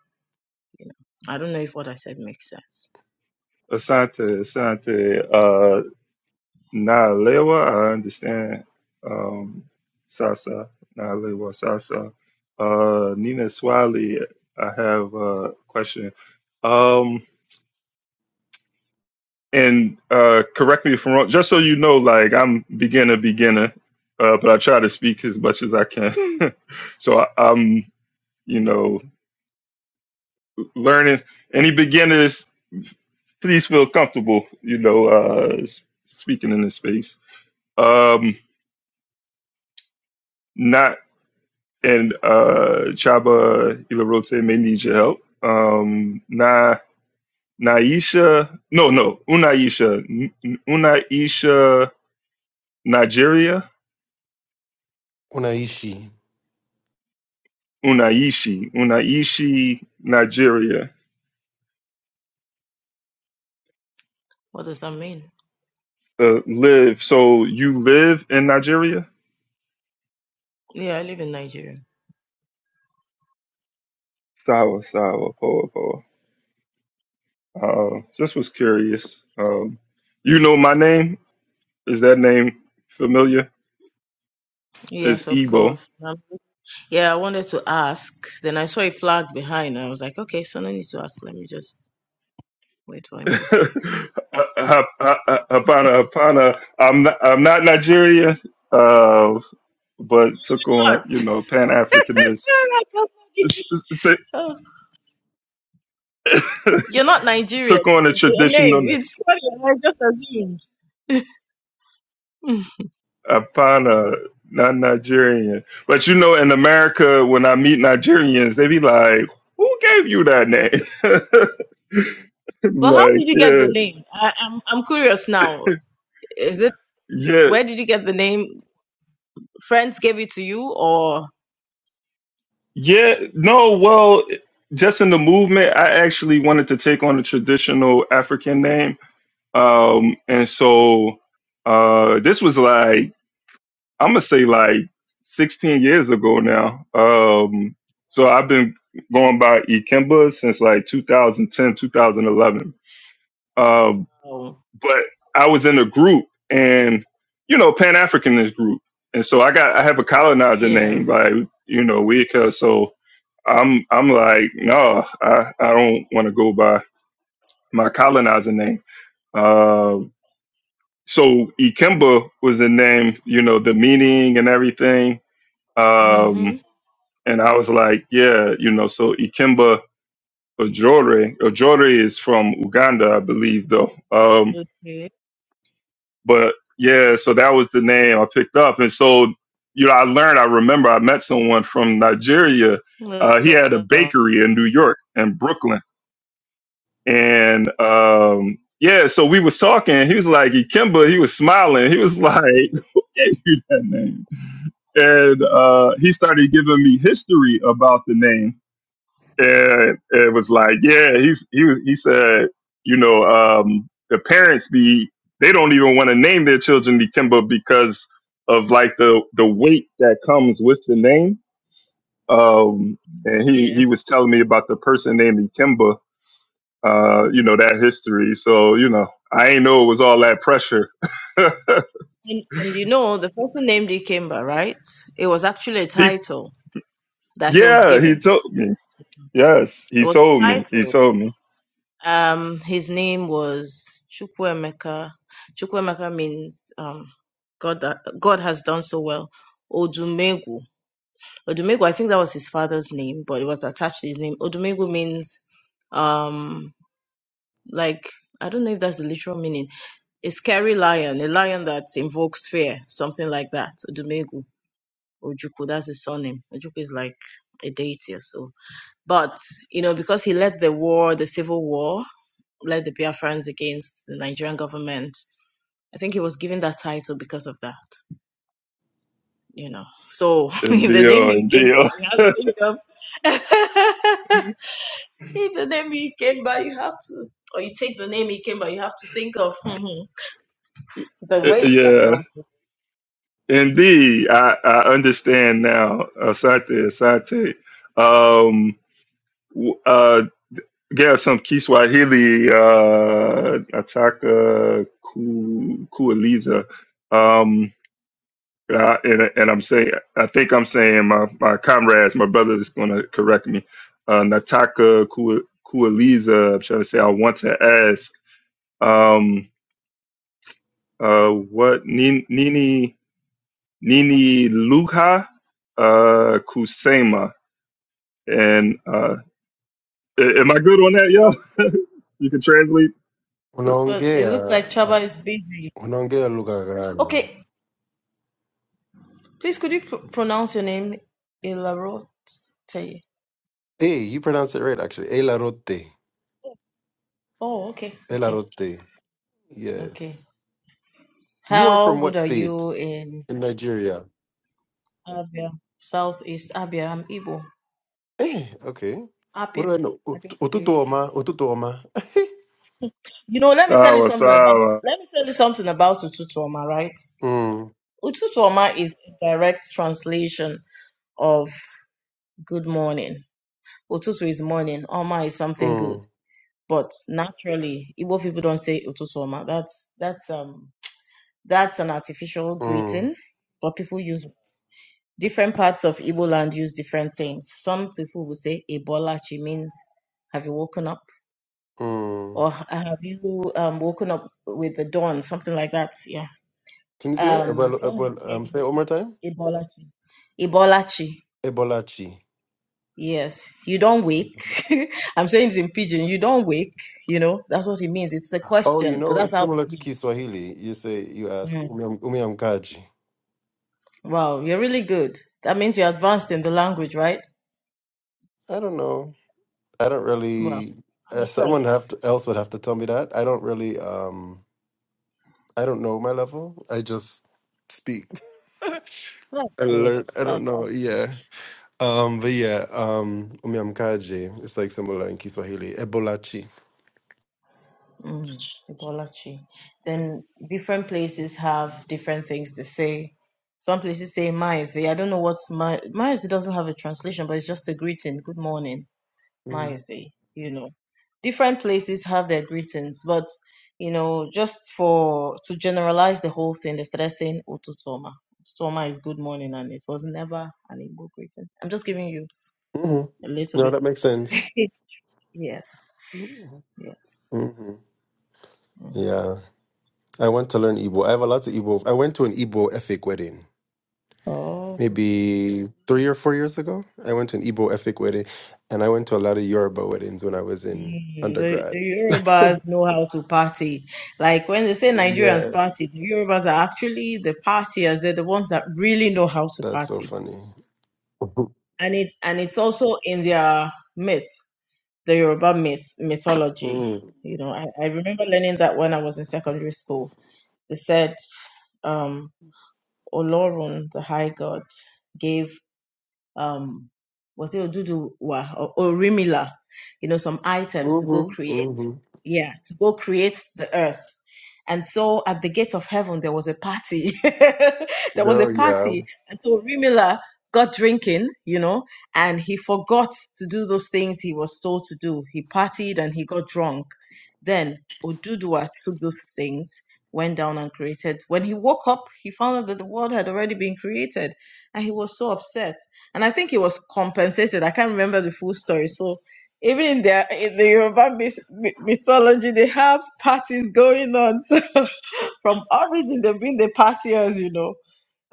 K: you know i don't know if what i said makes sense
B: asante, asante, uh, nalewa. I understand. Um, sasa, nalewa, sasa. Uh, Nina Swali, I have a question. Um, and uh, correct me if I'm wrong. Just so you know, like I'm beginner, beginner, uh, but I try to speak as much as I can. so I, I'm, you know, learning. Any beginners, please feel comfortable, you know, uh, s- speaking in this space. Um, not and uh, Chaba Ilarote may need your help. Um, Na Naisha, no, no, Unaisha, N- N- Unaisha, Nigeria
F: Unaishi.
B: Unaishi, Unaishi, Nigeria.
K: What does that mean?
B: Uh, live. So you live in Nigeria?
K: Yeah, I live in Nigeria.
B: Sawa, sawa, poa, poa. Uh, just was curious. Um, you know my name? Is that name familiar? Is
K: Yes, of
B: Igbo?
K: course. Um, yeah, I wanted to ask. Then I saw a flag behind, and I was like, okay, so no need to ask. Let me just wait for him to say. So
B: Hapana, Hapana. I'm not, I'm not Nigeria, uh, but took on,
K: what?
B: you know, Pan Africanist.
K: That's so funny. Oh, You're not Nigerian.
B: Took on a
K: Your
B: traditional
K: name,
B: name.
K: it's funny. I just assumed. Hmm.
B: Apana, not Nigerian. But you know, in America, when I meet Nigerians, they be like, "Who gave you that name?"
K: But how
B: like,
K: did you get
B: yeah,
K: the name? I, I'm I'm curious now. Is it
B: yeah,
K: where did you get the name? Friends gave it to you, or
B: yeah. No, well, just in the movement, I actually wanted to take on a traditional African name, um, and so uh, this was like I'm gonna say like 16 years ago now. Um, so I've been going by Ikemba since like 2010, 2011. Um,
K: oh,
B: but I was in a group and, you know, Pan Africanist group. And so I got, I have a colonizer
K: yeah.
B: name, like, you know, Wicca. So I'm, I'm like, no, I, I don't want to go by my colonizer name. Uh, so Ikemba was the name, you know, the meaning and everything.
K: Mm-hmm.
B: Um, and I was like, yeah, you know, so Ikemba Ojore, Ojore is from Uganda, I believe, though. Um,
K: Okay.
B: but yeah, so that was the name I picked up, and so you know, I learned. I remember I met someone from Nigeria. Uh, he had a
K: Well,
B: bakery in New York and Brooklyn, and um, yeah, so we was talking. He was like, "Ikemba," he was smiling. He was like, "Who gave you that name?" And uh, he started giving me history about the name and it was like, yeah, he he was- he said, you know, um, the parents be they don't even want to name their children Nikimba because of like the the weight that comes with the name. Um, and he
K: Yeah.
B: he was telling me about the person named Nikimba, uh, you know, that history. So you know, I ain't know it was all that pressure.
K: And, and you know, the person named Ikemba, right? It was actually a
B: he
K: title that he was
B: yeah, he
K: given.
B: told me. Yes,
K: It
B: he
K: was a
B: told me. He
K: title.
B: told me.
K: Um, his name was Chukwemeka. Chukwemeka means um, God that God has done so well. Odumegu. Odumegu, I think that was his father's name, but it was attached to his name. Odumegu means um, like I don't know if that's the literal meaning. A scary lion, a lion that invokes fear, something like that. Odumegu. Ojukwu, that's his surname. Ojukwu is like a deity or so. But, you know, because he led the war, the civil war, led the Biafrans against the Nigerian government, I think he was given that title because of that, you know. So
B: And
K: if the name
B: deal,
K: you
B: and
K: came
B: deal.
K: by, you have to think of. if the name you came by, you have to. Or you take the name he came by, you have to think of mhm, the weight that
B: yeah,
K: comes.
B: Indeed, I, I understand now, Asante, Asante. Um, w- uh, yeah, some Kiswahili, uh, Ataka Ku- Kuuliza. Um, uh, and, and I'm saying, I think I'm saying my, my comrades, my brother is going to correct me. Uh, Nataka Ku- Kuuliza, I'm trying to say, I want to ask, um, uh, what Nini, Nini Luha uh, Kusema. And uh, a- am I good on that, y'all? you can translate.
K: Well, it
F: Unaongea
K: looks like Chaba
F: uh,
K: is busy.
F: unaongea lugha gani?
K: Okay, please could you pr- pronounce your name, Ilaro? Teye?
F: Hey, you pronounce it right actually. Elarote.
K: Oh, okay, okay,
F: Elarote.
K: okay.
F: Yes. You are
K: How
F: from
K: good
F: what
K: are
F: state
K: you in
F: in Nigeria?
K: Abia, Southeast Abia? I'm Igbo,
F: Eh, okay. What
K: Abia,
F: do I know? Ut-
K: Abia State.
F: Ututuoma, ututuoma.
K: You know, let me tell you
B: Sawa
K: something about
B: sawa.
K: let me tell you something about Ututuoma, right?
F: mm,
K: Ututuoma is a direct translation of good morning. Ututu is morning, Oma is something good.
F: mm,
K: But naturally, Igbo people don't say Ututuoma. That's that's um that's an artificial
F: mm,
K: greeting, but people use it. different parts of Igbo land use different things. Some people will say Ebolachi means have you woken up
F: mm.
K: or have you um, woken up with the dawn, something like that. Yeah.
F: Can you say it?
K: Um,
F: Ebola?
K: some
F: ebol,
K: would
F: um, say
K: say
F: it one more time.
K: Ebolachi. Ebolachi.
F: Ebolachi.
K: Yes, you don't wake. I'm saying it's in pidgin. You don't wake. You know that's what it means. It's the
F: Oh, you
K: question, but
F: know,
K: that's
F: it's
K: how it
F: similar to
K: means.
F: Kiswahili. You say, you ask,
K: Mm.
F: "Ume- umeamkaji.
K: Wow, you're really good. That means you're advanced in the language, right?
F: I don't know. I don't
K: Wow,
F: really,
K: I'm
F: uh, someone
K: impressed.
F: have to, else would have to tell me that. I don't really, um, I don't know my level. I just speak. I
K: That's good.
F: learn, I don't
K: That's.
F: know. Yeah. Um, but yeah, um, umeamkaji. It's like similar in Kiswahili. Ebolachi.
K: Mm, Ibolachi. Then different places have different things they say. Some places say Maize. I don't know what's Maize. Maize doesn't have a translation, but it's just a greeting. Good morning,
F: Mm-hmm.
K: Maize. You know, different places have their greetings, but you know, just for to generalize the whole thing, they started saying Otutoma. Otutoma is good morning, and it was never an Igbo greeting. I'm just giving you a little
F: No,
K: bit.
F: that makes sense.
K: yes,
F: Mm-hmm.
K: yes.
F: Yeah. I went to learn Igbo. I have a lot of Igbo. I went to an Igbo ethnic wedding
K: Mm.
F: maybe three or four years ago. I went to an Igbo ethnic wedding, and I went to a lot of Yoruba weddings when I was in
K: Mm, The, the
F: undergrad.
K: Yorubas know how to party. Like when they say Nigerians party,
F: yes,
K: the Yorubas are actually the partiers. They're the ones that really know how to
F: that's so
K: party,
F: funny.
K: and it and it's also in their myth, the Yoruba myth mythology. You know, I, I remember learning that when I was in secondary school. They said, um, "Olorun, the High God, gave um was it Oduduwa or Orimila, you know, some items to go
F: Mm-hmm.
K: create,
F: Mm-hmm.
K: yeah, to go create the earth. And so at the gate of heaven there was a party. there was a
F: No, yeah.
K: party. And so Orimila got drinking, you know, and he forgot to do those things he was told to do. He partied and he got drunk. Then Oduduwa took those things, went down and created. When he woke up, he found out that the world had already been created and he was so upset and I think it was compensated. I can't remember the full story. So even in their in the Yoruba myth, mythology, they have parties going on. So from origin, they've been the partiers, you know.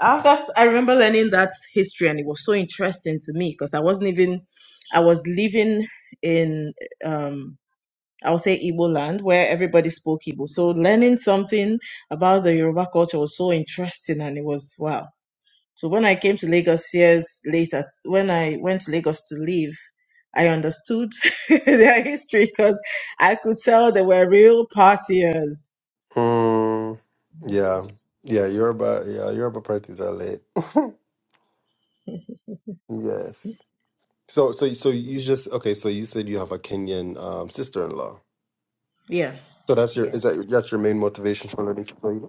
K: After s- I remember learning that history, and it was so interesting to me because I wasn't even I was living in um I would say Igbo land where everybody spoke Igbo. So learning something about the Yoruba culture was so interesting, and it was wow so when I came to Lagos years later, when I went to Lagos to live, I understood their history because I could tell they were real partiers.
F: Mm, yeah, yeah. Yoruba, yeah. Yoruba parties are late. yes. So, so, so you just okay. So you said you have a Kenyan um, sister-in-law.
K: Yeah,
F: So that's your
K: yeah.
F: is that that's your main motivation for learning to play?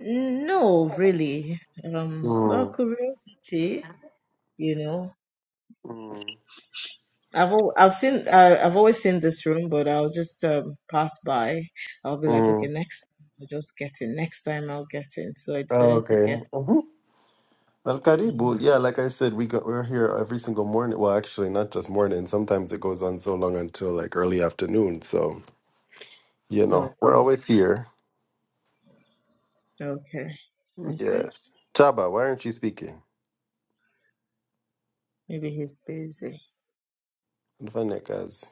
K: No, really. Um, well,
F: Mm,
K: curiosity, you know.
F: mm,
K: I've al- I've seen uh, I've always seen this room, but I'll just um, pass by. I'll be like, okay,
F: mm.
K: next time I'll just get in. Next time I'll get in. So I decided to
F: Okay.
K: get.
F: hmm Al
K: in.
F: Caribou, yeah, like I said, we got we're here every single morning. Well, actually, not just morning. Sometimes it goes on so long until like early afternoon. So you know, we're
K: Okay,
F: always here.
K: okay, okay.
F: Yes. Chaba, why aren't you speaking?
K: Maybe he's busy.
F: Nfanekazi.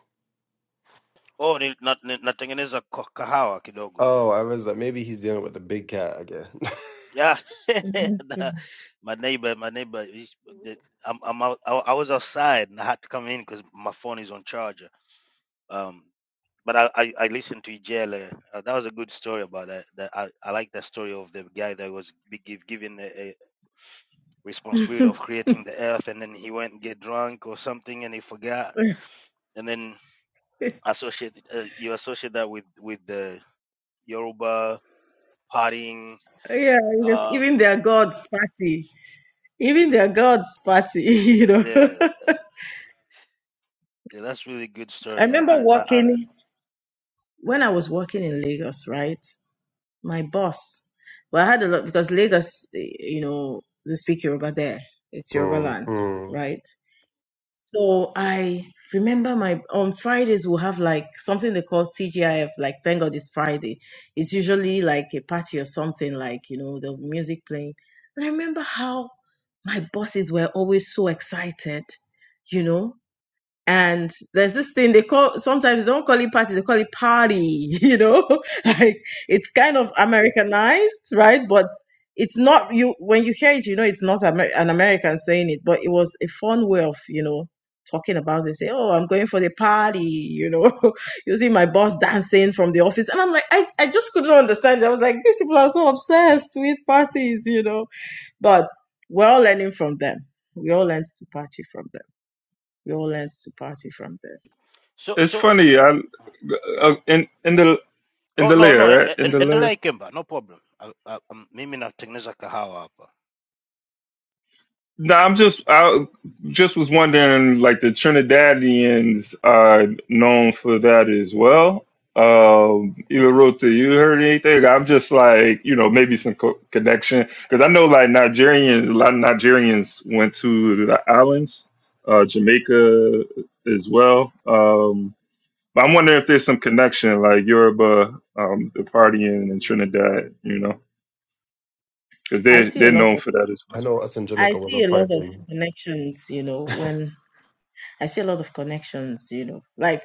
J: oh ni, na, ni, natengeneza ko- kahawa kidogo
F: Oh, I was like, maybe he's dealing with the big cat again.
J: yeah
K: Mhm.
J: the, my neighbor my neighbor he's, the, I'm, I'm out, I, I was outside and I had to come in because my phone is on charger Um. but I, I, I listened to Ijele. Uh, that was a good story about that. that I, I like that story of the guy that was be give, given the a responsibility of creating the earth, and then he went and get drunk or something, and he forgot.
K: yeah,
J: And then associate uh, you associate that with with the Yoruba partying.
K: because
J: Uh,
K: even their God's party, even their God's party, you know. I
J: I,
K: remember
J: I, I,
K: working when I was working in Lagos, right? My boss, well, I had a lot because Lagos, eh, you know, they speak Yoruba there. It's Yoruba
F: mm,
K: land,
F: mm.
K: right? So I remember my on Fridays we'll have like something they call TGIF, like thank God it's Friday. It's usually like a party or something, like you know, the music playing. And I remember how my bosses were always so excited, you know and there's this thing they call sometimes they don't call it party they call it party you know like it's kind of americanized right but it's not you when you hear it you know it's not Amer- an american saying it but it was a fun way of you know talking about it say oh i'm going for the party you know you see my boss dancing from the office and i'm like i, I just couldn't understand it. i was like these people are so obsessed with parties you know but we're all learning from them we all learned to party from them we all learned to party from there.
J: so
B: It's
J: so.
B: funny. I uh, in in the in
J: Oh
B: the
J: no
B: layer,
J: no,
B: right? In
J: and
B: the
J: and
B: layer.
J: like no problem. I, I, um, mimi natengeneza kahawa hapa.
B: No, I'm just I just was wondering, like the Trinidadians are known for that as well. Um, Ilorota, you heard anything? I'm just like, you know, maybe some co- connection because I know like Nigerians, a lot of Nigerians went to the islands, uh, Jamaica as well. Um, but I'm wondering if there's some connection, like Yoruba, um, the partying in Trinidad, you know, because
K: I
B: they
K: see a
B: they're
K: lot
B: known
K: of
B: for that as
F: I
B: well.
F: know us in
K: I
F: Jamaica was a
K: see a lot of
F: party.
K: connections, you know, when I see a lot of connections, you know. Like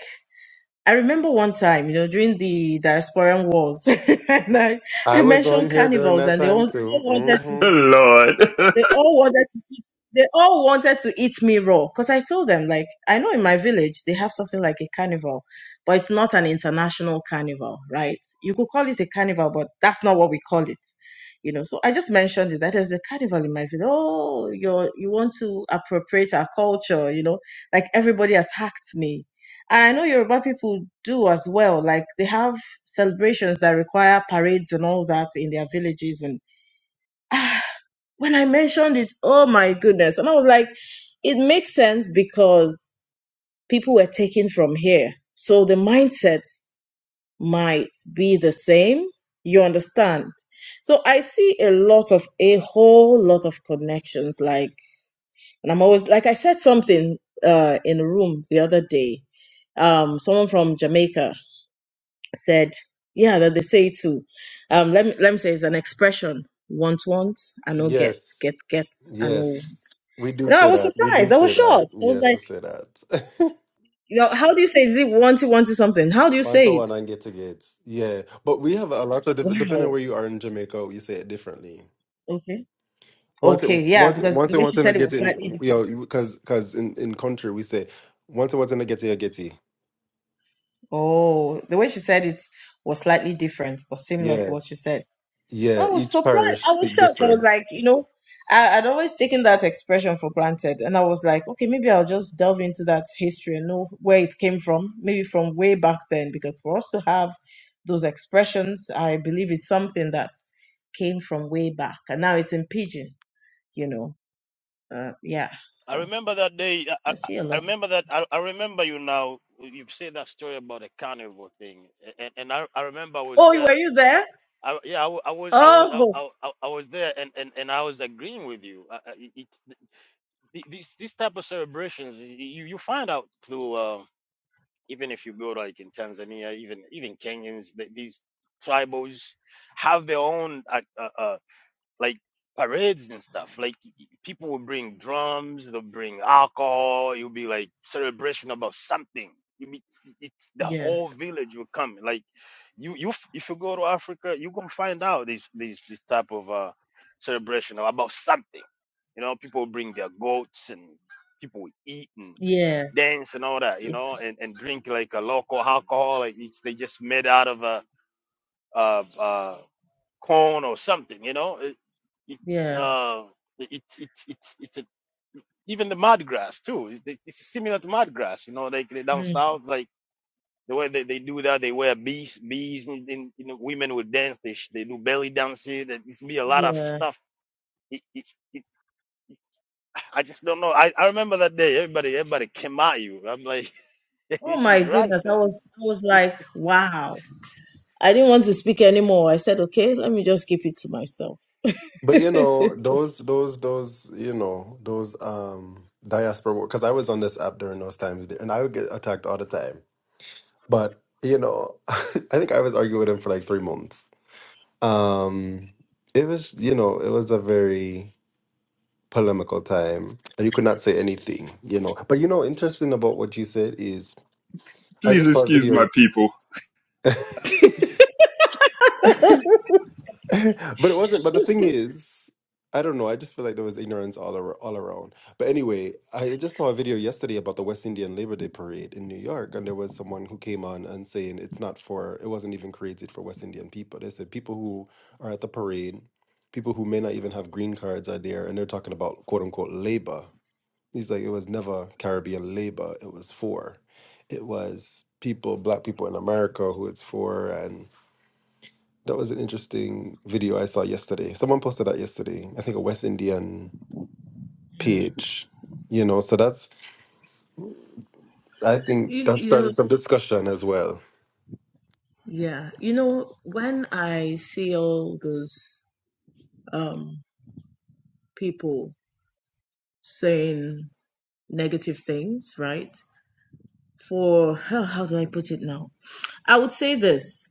K: I remember one time, you know, during the diasporan wars, and I,
F: I
K: I
F: was on
K: mentioned
F: here during
K: carnivals,
F: that
K: and they all
F: time
K: all
F: too.
K: wanted to
F: Mm-hmm.
B: Lord.
K: they all wanted to eat. They all wanted to eat me raw because I told them like I know in my village they have something like a carnival, but it's not an international carnival, right? You could call it a carnival, but that's not what we call it, you know. So I just mentioned it that there's a carnival in my village. Oh, you are you want to appropriate our culture, you know? Like everybody attacked me, and I know Yoruba people do as well. Like they have celebrations that require parades and all that in their villages and. when I mentioned it, oh my goodness. And I was like, it makes sense because people were taken from here. So the mindsets might be the same. You understand? So I see a lot of, a whole lot of connections. Like, and I'm always, like I said something uh, in a room the other day. Um, someone from Jamaica said, yeah, that they say too. Um, let me, let me say it's an expression. Want, want, and no get,
F: Yes.
K: get, get, and no.
F: Yes. We do
K: No, I
F: say
K: was
F: that. We do
K: surprised. I was
F: say that.
K: shocked. I was
F: Yes,
K: like,
F: we say that.
K: you know, how do you say zig wanty wanty something? How do you
F: One to
K: say it?
F: one and get to get. Yeah. But we have a lot of different, depending
K: Wow.
F: where you are in Jamaica, you say it differently.
K: Okay.
F: Once it,
K: Okay. Yeah,
F: once,
K: because
F: once
K: the
F: it,
K: way she
F: once in a
K: said it
F: get
K: was slightly
F: in, you
K: different.
F: know, because, because in, in country, we say, once it, once in a get a getty.
K: Oh, the way she said it was slightly different or similar
F: Yeah.
K: to what she said. I
F: Yeah.
K: was
F: Each
K: surprised.
F: parish
K: I was
F: speak
K: shocked. I was
F: different.
K: like, you know, I, I'd always taken that expression for granted. And I was like, okay, maybe I'll just delve into that history and know where it came from, maybe from way back then, because for us to have those expressions, I believe it's something that came from way back. And now it's in Pidgin, you know. Uh, yeah.
J: I
K: So
J: remember that day. I,
K: I
J: I,
K: see a
J: I
K: lot.
J: remember that. I, I remember you now. You said that story about the carnival thing, a- and, and I, I remember I was
K: Oh, were
J: there.
K: you there?
J: I, yeah, I, wa- I was, I was, I,
K: Oh,
J: I, I I was there, and, and, and I was agreeing with you. I, I- it- it's th- these these type of celebrations. y- You you find out through uh, even if you go like in Tanzania, even even Kenyans, th- these tribals have their own. uh, uh, uh, like parades and stuff. Like people will bring drums, they'll bring alcohol. It'll be like celebration about something. You meet it's the whole
K: yes.
J: village will come. Like you, you if you go to Africa, you gonna find out this this this type of uh celebration about something. You know, people will bring their goats and people will eat and
K: Yes.
J: dance and all that. You know, and and drink like a local alcohol. Like it's they just made out of a uh uh corn or something. You know, it's
K: Yeah.
J: uh, it's it's it's it's a even the mud grass too. It's it's similar to mud grass. You know, like they down
K: Mm,
J: south, like the way they, they do that, they wear bees, bees, and, and you know, women would dance. They sh- they do belly dances. That it's be a lot of
K: yeah.
J: stuff. It, it, it, I just don't know. I, I remember that day. Everybody everybody came at you. I'm like,
K: Oh my
J: she's right
K: goodness. I
J: there.
K: was I was like, wow. I didn't want to speak anymore. I said, okay, let me just keep it to myself.
F: But you know, those, those, those, you know, those, um, diaspora, because I was on this app during those times and I would get attacked all the time. But, you know, I think I was arguing with him for like three months. Um, it was, you know, it was a very polemical time and you could not say anything, you know. But, you know, interesting about what you said is I
B: Please
F: just saw a
B: excuse my
F: video.
B: people.
F: But it wasn't. But the thing is, I don't know. I just feel like there was ignorance all ar- all around. But anyway, I just saw a video yesterday about the West Indian Labor Day parade in New York, and there was someone who came on and saying it's not for. It wasn't even created for West Indian people. They said people who are at the parade, people who may not even have green cards are there, and they're talking about quote unquote labor. He's like, it was never Caribbean labor. It was for. It was people, black people in America, who it's for, that was an interesting video I saw yesterday. Someone posted that yesterday. I think a West Indian
K: Mm.
F: page. You know, so that's I think
K: You,
F: that
K: you know,
F: started some discussion as well.
K: yeah. You know, when I see all those um, people saying negative things, right? For how, how do I put it now? I would say this.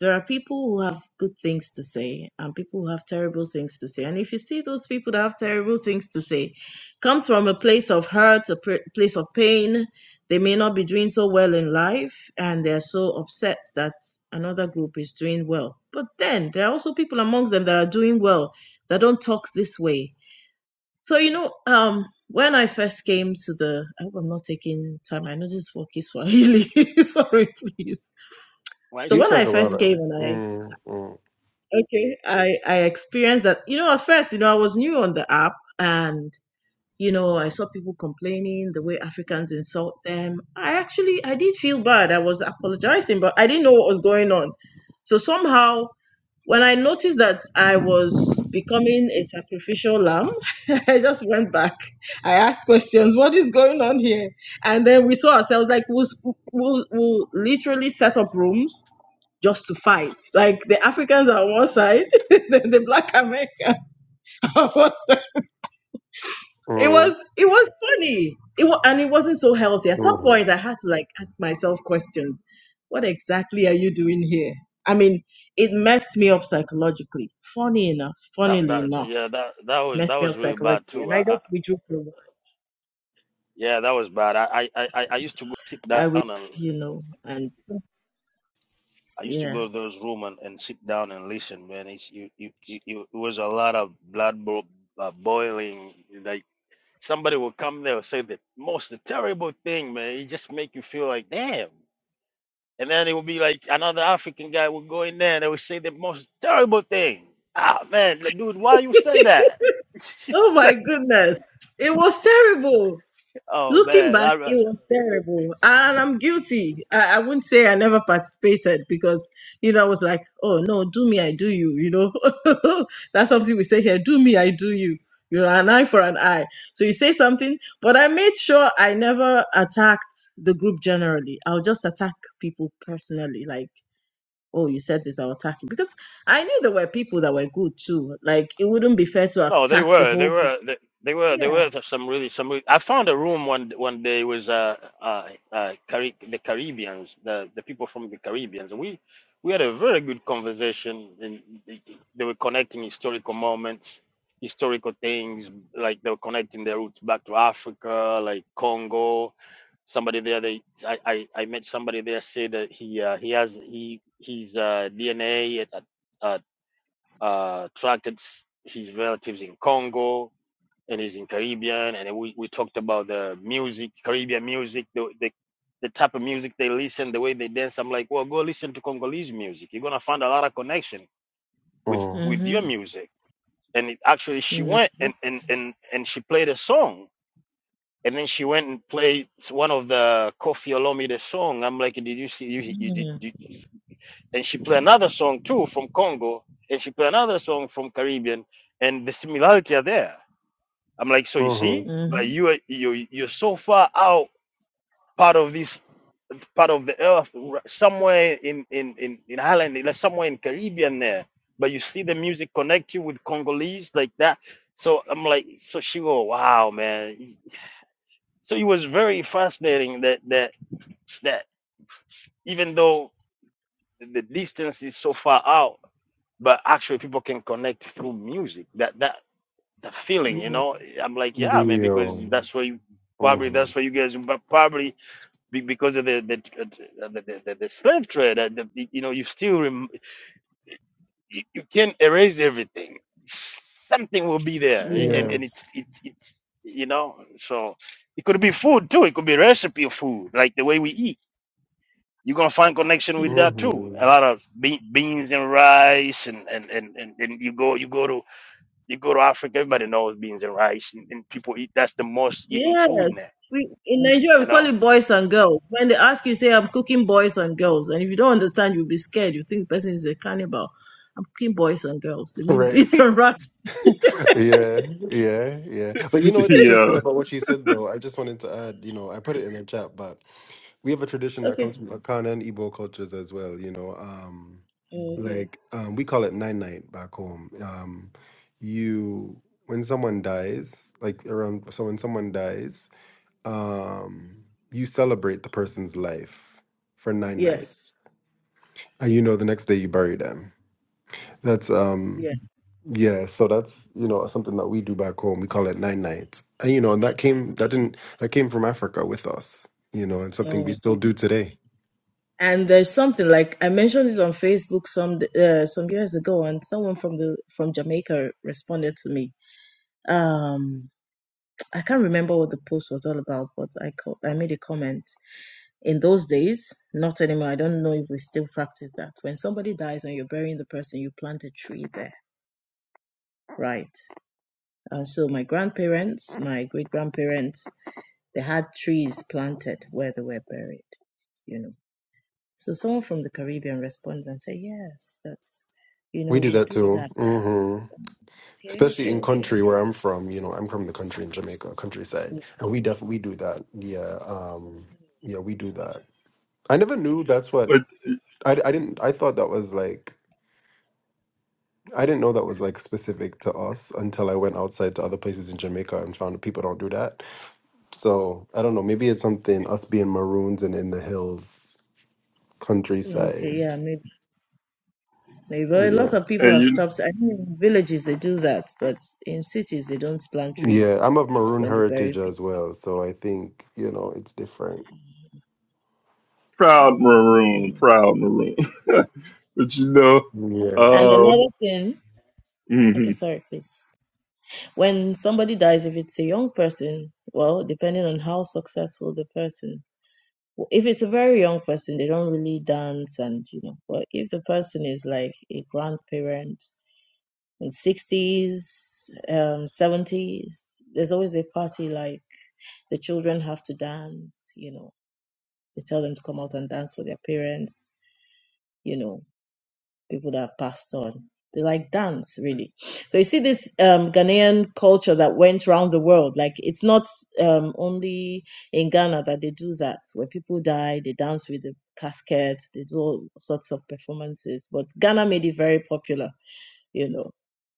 K: There are people who have good things to say and people who have terrible things to say. And if you see those people that have terrible things to say, comes from a place of hurt, a pr- place of pain. They may not be doing so well in life and they're so upset that another group is doing well. But then there are also people amongst them that are doing well that don't talk this way. So, you know, um, when I first came to the, I hope I'm not taking time. I know this is for Kiswahili. Sorry, please
J: well,
K: so
J: it's
F: You
K: when I
F: talk
J: okay.
K: first
F: about everything.
K: came and I
F: Mm, mm,
K: okay, I I experienced that. You know, at first, you know, I was new on the app and you know, I saw people complaining the way Africans insult them. I actually I did feel bad. I was apologizing, but I didn't know what was going on. So somehow when I noticed that I was becoming a sacrificial lamb, I just went back. I asked questions, what is going on here? And then we saw ourselves like we'll, we'll, we'll literally set up rooms just to fight. Like the Africans are on one side, the, the black Americans are on one side. It
F: mm,
K: was it was funny. It was, and it wasn't so healthy. At some
F: mm,
K: point, I had to like ask myself questions. What exactly are you doing here? I mean, it messed me up psychologically. Funny enough,
J: That
K: funnily
J: that
K: enough,
J: yeah that that
K: it
J: was
K: messed
J: that
K: me up
J: was really bad
K: psychologically, and
J: too.
K: I
J: I, I,
K: just withdrew for a while.
J: yeah, that was bad. I, I I I I used to go sit
K: I
J: down
K: wi-
J: and.
K: you know, and
J: I used to
K: yeah.
J: go to those room and, and sit down and listen, man. It's you, you, you, you- it was a lot of blood bo- uh, boiling. Like somebody would come there and say the most terrible thing, man. It just make you feel like damn. And then it would be like another African guy would go in there and they would say the most terrible thing. Ah man, like, dude, why you say that?
K: Oh
J: It's
K: my
J: like,
K: goodness, it was terrible.
J: oh
K: Looking
J: man,
K: back,
J: I.
K: it was terrible. And I'm guilty. I, I wouldn't say I never participated because, you know, I was like, oh, no, do me, I do you, you know. That's something we say here do me, I do you. You know, an eye for an eye. So you say something, but I made sure I never attacked the group generally. I'll just attack people personally, like, oh, you said this, I'll attack you. Because I knew there were people that were good too. Like, it wouldn't be fair to
J: No, they
K: attack the
J: were, they
K: whole group.
J: were, they, they were, there
K: Yeah.
J: were some really some. Really, I found a room one one day it was uh uh, uh Cari- the Caribbeans, the the people from the Caribbeans, we we had a very good conversation, and they, they were connecting historical moments, historical things, like they were connecting their roots back to Africa, like Congo. Somebody there, they I I, I met somebody there say that he uh, he has he he's uh DNA at, at uh, tracked his relatives in Congo and he's in Caribbean. And we, we talked about the music, Caribbean music, the, the, the type of music they listen, the way they dance. I'm like, well, go listen to Congolese music. You're going to find a lot of connection with,
F: mm,
J: with your
K: Mm-hmm.
J: music. And it, actually, she went and,
K: Mm-hmm.
J: and, and, and she played a song. And then she went and played one of the Kofi Olomide song. I'm like, did you see? You, you, did, did and she played another song too from Congo, and she played another song from Caribbean, and the similarity are there. I'm like, so you
F: mm,
J: see, but
K: Mm-hmm.
J: you are you you're so far out part of this part of the earth, somewhere in in in in Highland, like somewhere in Caribbean there, but you see the music connect you with Congolese like that. So I'm like, so she go, wow, man. So it was very fascinating that that that even though the distance is so far out but actually people can connect through music that that the feeling you
K: Yeah,
J: know i'm like yeah man because
F: mm, yeah.
J: that's why you probably
F: mm,
J: that's why you guys but probably be- because of the the uh, the, the, the, the slave trade uh, the, the- you know you still rem- you, you can't erase everything something will be there a- and
K: yeah,
J: and it's
F: Yes.
J: it's it's you know so it could be food too it could be recipe of food like the way we eat you're gonna find connection
K: yeah.
J: with that too a
F: hmm
J: lot of be- beans and rice and and, and and and you go you go to You go to Africa, everybody knows beans and rice, and, and people eat. That's the most eaten food
K: Yes.
J: now.
K: We in Nigeria we
J: You
K: call
J: know,
K: it boys and girls. When they ask you, say I'm cooking boys and girls, and if you don't understand, you'll be scared. You think the person is a cannibal. I'm cooking boys and girls. They mean
F: Right.
K: beats and rats.
F: Yeah, yeah, yeah. But you know what's interesting
B: yeah,
F: about what she said, though? I just wanted to add, you know, I put it in the chat, but we have a tradition that
K: Okay.
F: comes from Akana and Igbo cultures as well, you know. Um,
K: Okay.
F: like um, we call it nine night back home. Um, you when someone dies, like around so when someone dies, um, you celebrate the person's life for nine
K: Yes.
F: nights. And you know the next day you bury them. That's um
K: Yeah.
F: yeah, so that's you know something that we do back home. We call it nine nights, and you know, and that came that didn't that came from Africa with us, you know, and something we
K: Oh.
F: still do today.
K: And there's something like I mentioned it on Facebook some uh, some years ago, and someone from the from Jamaica responded to me. Um, I can't remember what the post was all about, but I co- I made a comment in those days, not anymore. I don't know if we still practice that. When somebody dies and you're burying the person, you plant a tree there, right? And so my grandparents, my great grandparents, they had trees planted where they were buried, you know. So someone from the Caribbean responded and said, "Yes, that's, you
F: We
K: know,
F: do
K: we
F: that
K: do
F: too,
K: that."
F: hmm
K: Okay,
F: especially
K: okay,
F: in
K: okay,
F: country where I'm from. You know, I'm from the country in Jamaica, countryside, and we definitely do that. Yeah, um, yeah, we do that. I never knew that's what
B: but
F: I, I didn't I thought that was like I didn't know that was like specific to us until I went outside to other places in Jamaica and found that people don't do that. So I don't know. Maybe it's something us being maroons and in the hills,
K: Mm, okay,
F: countryside.
K: yeah, maybe, maybe. But a
F: Yeah,
K: lot of people
B: and
K: have
B: you
K: stopped. I mean, in villages they do that, but in cities they don't plant trees
F: yeah. I'm of maroon
K: when they bury
F: heritage
K: people
F: as well, so I think you know it's different.
B: proud
K: Mm,
B: maroon,
K: mm.
B: proud maroon. but you know,
F: Yes,
K: And
B: uh,
K: another thing, okay,
B: hmm
K: sorry, please. When somebody dies, if it's a young person, well, depending on how successful the person, if it's a very young person, they don't really dance and, you know, but if the person is like a grandparent in 60s, um, 70s, there's always a party like the children have to dance, you know, they tell them to come out and dance for their parents, you know, people that have passed on. They like dance, really. So you see this um, Ghanaian culture that went round the world. Like it's not um, only in Ghana that they do that. When people die, they dance with the caskets. They do all sorts of performances. But Ghana made it very popular. You know,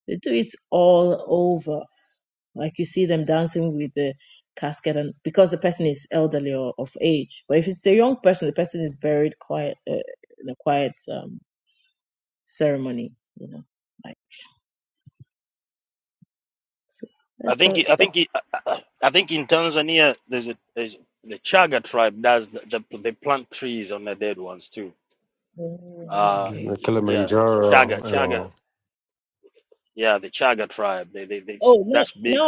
K: they do it all over. Like you see them dancing with the casket, and because the person is elderly or of age. But if it's a young person, the person is buried quiet uh, in a quiet. Um, ceremony, you know. Like, so
J: I
K: let's
J: think
K: start,
J: it- I
K: stop.
J: think it, I think in Tanzania there's a there's the Chaga tribe does the, the they plant trees on the dead ones too.
K: Oh,
J: Uh,
F: You
K: Okay.
F: know,
J: yeah, Chaga
F: Kilimanjaro and
J: Chaga,
F: all.
J: yeah, the Chaga tribe. They they, they
K: No,
J: that's big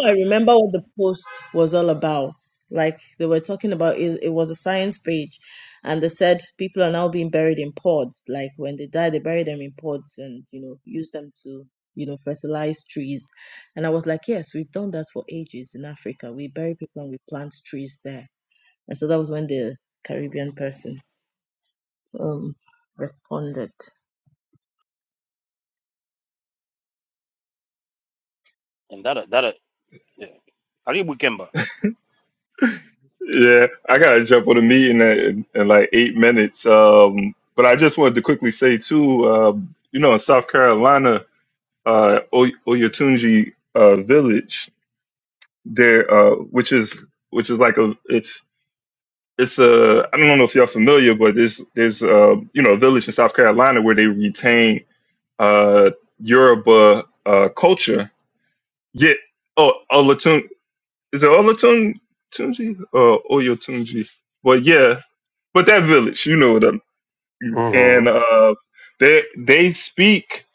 K: was all about like they were talking about it, it was a science page, and they said people are now being buried in pods. Like when they die, they bury them in pods and you know use them to you know fertilize trees. And I was like, yes, we've done that for ages in Africa. We bury people and we plant trees there. And so that was when the Caribbean person um responded.
J: and that that yeah. Karibu Kemba.
B: yeah, I gotta jump on a meeting in, in like eight minutes. Um, but I just wanted to quickly say too, uh, you know, in South Carolina, uh, Oy- Oyatunji uh, Village, there, uh, which is which is like a it's it's a I don't know if y'all familiar, but there's there's uh, you know a village in South Carolina where they retain uh, Yoruba uh, culture. Yet, oh, Olatun is it Olatun Tunji or Oyotunji? But yeah, but that village, you know them, and
F: hmm
B: uh, they they speak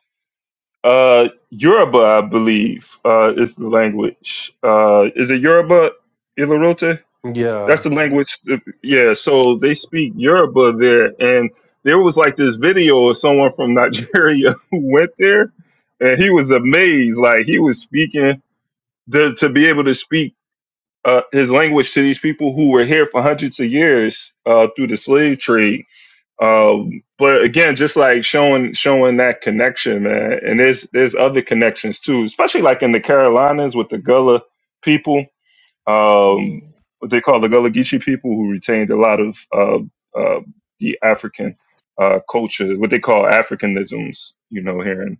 B: uh, Yoruba, I believe, uh, is the language. Uh, is it Yoruba, Ilarote? that's
F: Yeah.
B: the language. Yeah, so they speak Yoruba there, and there was like this video of someone from Nigeria who went there, and he was amazed. Like he was speaking to, to be able to speak uh, his language to these people who were here for hundreds of years uh, through the slave trade. Um, but again, just like showing showing that connection, man. And there's there's other connections too, especially like in the Carolinas with the Gullah people um, what they call the Gullah Geechee people, who retained a lot of uh, uh, the African uh, culture, what they call Africanisms, you know, here in,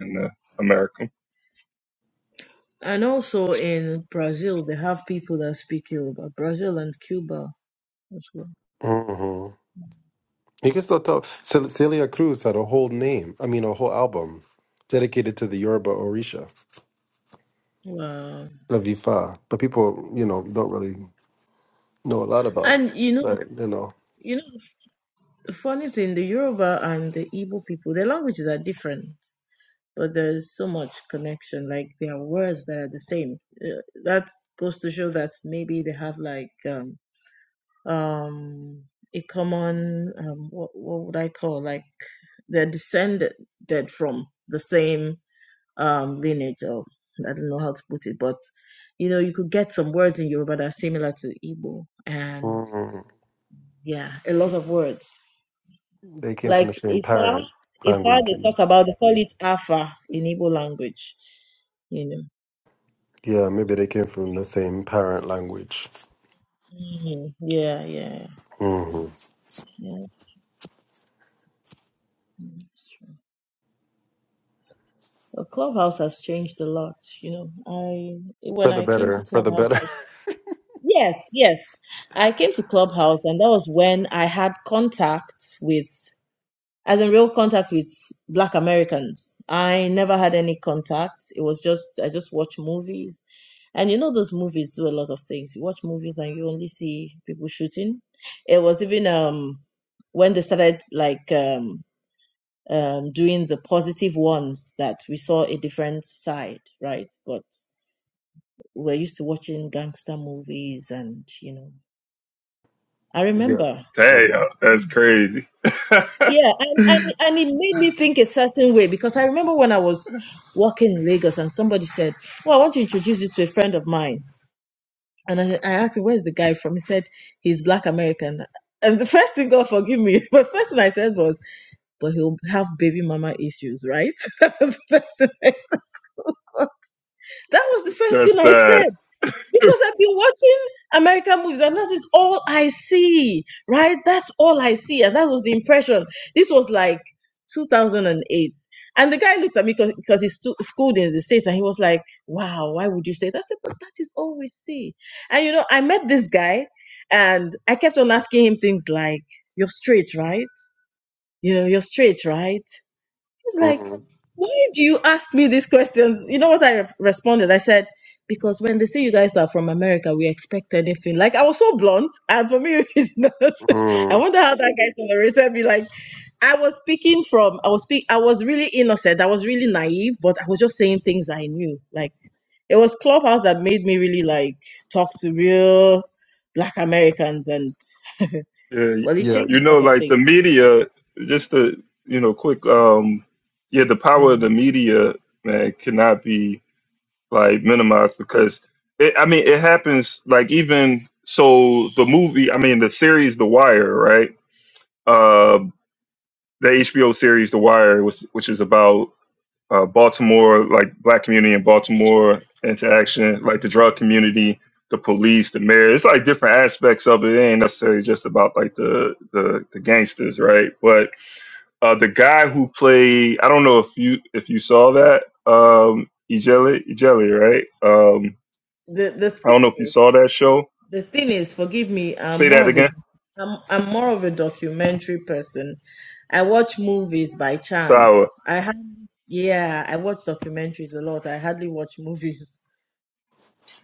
B: in uh, America.
K: And also in Brazil, they have people that speak Yoruba, Brazil and Cuba as well.
F: Mhm. You can still tell. Cel- Celia Cruz had a whole name, I mean, a whole album dedicated to the Yoruba Orisha,
K: Wow.
F: La Vifa. But people, you know, don't really know a lot about.
K: And you know,
F: But, you know,
K: you know, the funny thing, the Yoruba and the Igbo people, their languages are different, but there's so much connection. Like there are words that are the same. Uh, That goes to show that maybe they have like um um a common um what what would I call like they're descended from the same um, lineage, or I don't know how to put it, but you know, you could get some words in Yoruba that are similar to Igbo, and
F: mm,
K: yeah, a lot of words.
F: they came from
K: Like
F: the same
K: Ifa,
F: parent
K: Ifa,
F: language.
K: they talk about, they call it Afa in Igbo language, you know.
F: Yeah, maybe they came from the same parent language.
K: Mhm. Yeah, yeah,
F: hmm
K: yeah. That's true. Well, Clubhouse has changed a lot, you know. I when
F: For the
K: I came to
F: better, for the
K: Clubhouse,
F: better.
K: I, yes, yes, I came to Clubhouse, and that was when I had contact with. as in real contact with black americans i never had any contact it was just i just watch movies and you know those movies do a lot of things you watch movies and you only see people shooting it was even um when they started like um um doing the positive ones that we saw a different side right but we're used to watching gangster movies and you know i
F: yeah.
K: remember
B: Hey,
F: mm
B: that's crazy.
K: Yeah, and, and and it made me think a certain way because I remember when I was walking in Lagos and somebody said, "Well, I want to introduce you to a friend of mine," and I, I asked him, "Where's the guy from?" He said, "He's Black American." And the first thing, God forgive me, but first thing I said was, "But he'll have baby mama issues, right?" that was the first thing I said. That was the first thing
B: that's
K: I
B: sad.
K: said. Because I've been watching American movies and that is all I see, right? That's all I see. And that was the impression. This was like 2008. And the guy looked at me because he's stu- schooled in the States and he was like, wow, why would you say that? I said, but that is all we see. And you know, I met this guy and I kept on asking him things like, you're straight, right? You know, you're straight, right? was like,
F: mm
K: why do you ask me these questions? You know what I re- responded? I said, because when they say you guys are from America, we expect anything. Like I was so blunt, and for me, it's not. I
F: mm.
K: wonder how that guy tolerated me. Like I was speaking from, I was speak, I was really innocent. I was really naive, but I was just saying things I knew. Like it was Clubhouse that made me really like talk to real Black Americans, and
B: Yeah,
K: well, it
F: Yeah.
K: changed
B: you
K: a
B: know,
K: lot of
B: like the
K: things.
B: media, just the, you know, quick, um, yeah, the power of
K: Mm.
B: the media, man, cannot be like minimized because it, I mean, it happens like even so the movie, I mean, the series The Wire, right? uh, the HBO series The Wire, which, which is about uh, Baltimore, like black community in Baltimore interaction, like the drug community, the police, the mayor. It's like different aspects of it. It ain't necessarily just about like the the, the gangsters, right? But uh, the guy who played, I don't know if you if you saw that, um, Ijeli, Ijeli, right? Um,
K: The the
B: I don't know
K: thing
B: if you
K: is.
B: saw that show.
K: the thing is, forgive me, I'm
B: Say
K: more
B: that
K: of a
B: again.
K: I'm I'm more of a documentary person. I watch movies by
B: Sawa.
K: chance. I had yeah, I watch documentaries a lot. I hardly watch movies.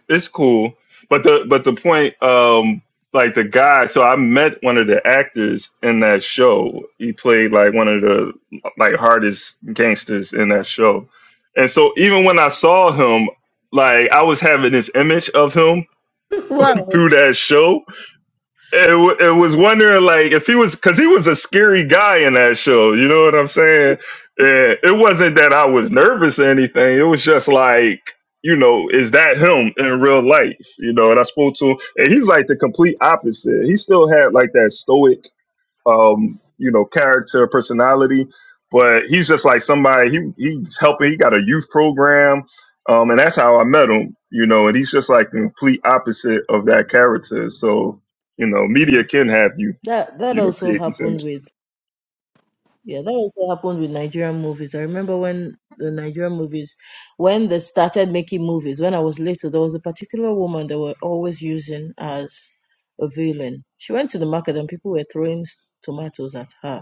B: it's cool. But the but the point, um, like the guy. So I met one of the actors in that show. He played like one of the like hardest gangsters in that show. And so even when I saw him, like I was having this image of him
K: wow.
B: through that show, it, wa- it was wondering like if he was because he was a scary guy in that show you know what i'm saying and it wasn't that i was nervous or anything it was just like you know is that him in real life you know and i spoke to him and he's like the complete opposite he still had like that stoic um, you know, character, personality. But he's just like somebody. He he's helping. He got a youth program, um, and that's how I met him. You know, and he's just like the complete opposite of that character. So you know,
K: Yeah.
B: media can have you,
K: That that
B: you know,
K: also
B: create these
K: happened
B: images.
K: with yeah, that also happened with Nigerian movies. I remember when the Nigerian movies when they started making movies, when I was little, there was a particular woman they were always using as a villain. She went to the market and people were throwing s- tomatoes at her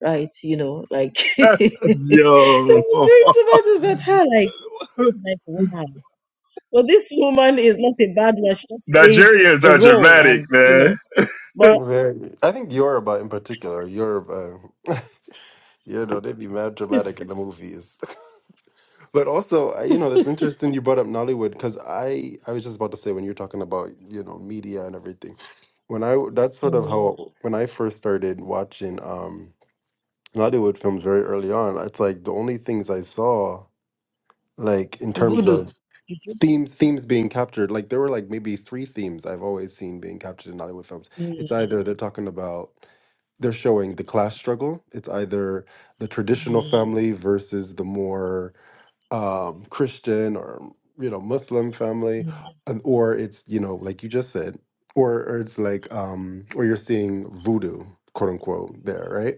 K: right? You know, like so
B: Yo,
K: we throwing tomatoes at her, like like wow. Well, this woman is not a bad one. She just played
B: Nigerians
K: a
B: are
K: role,
B: dramatic,
K: and you know,
B: man.
K: but
F: Very. I think Yoruba in particular, Yoruba, you know, they be mad dramatic in the movies. But also, I- you know, that's interesting you brought up Nollywood because I I was just about to say when you're talking about, you know, media and everything. When I that's sort of
K: mm,
F: how when I first started watching um Nollywood films very early on, it's like the only things I saw like in terms
K: voodoo.
F: of
K: Juju.
F: themes themes being captured like there were like maybe three themes i've always seen being captured in hollywood films
K: Mm,
F: it's either they're talking about they're showing the class struggle it's either the traditional
K: mm,
F: family versus the more um, Christian or you know Muslim family,
K: mm,
F: and- or it's you know like you just said, or or it's like um, or you're seeing voodoo, quote unquote, there, right?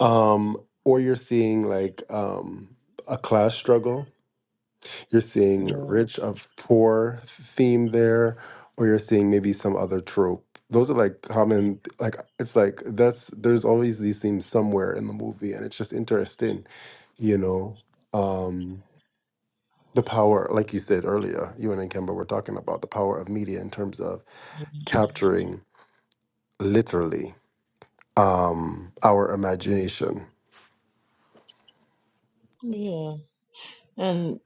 F: Um, or you're seeing like um, a class struggle. You're seeing
K: yeah,
F: rich of poor theme there, or you're seeing maybe some other trope. Those are like common, like it's like that's there's always these themes somewhere in the movie, and it's just interesting, you know. Um, the power, like you said earlier, you and Kemba were talking about the power of media in terms of capturing literally um, our imagination.
K: yeah. And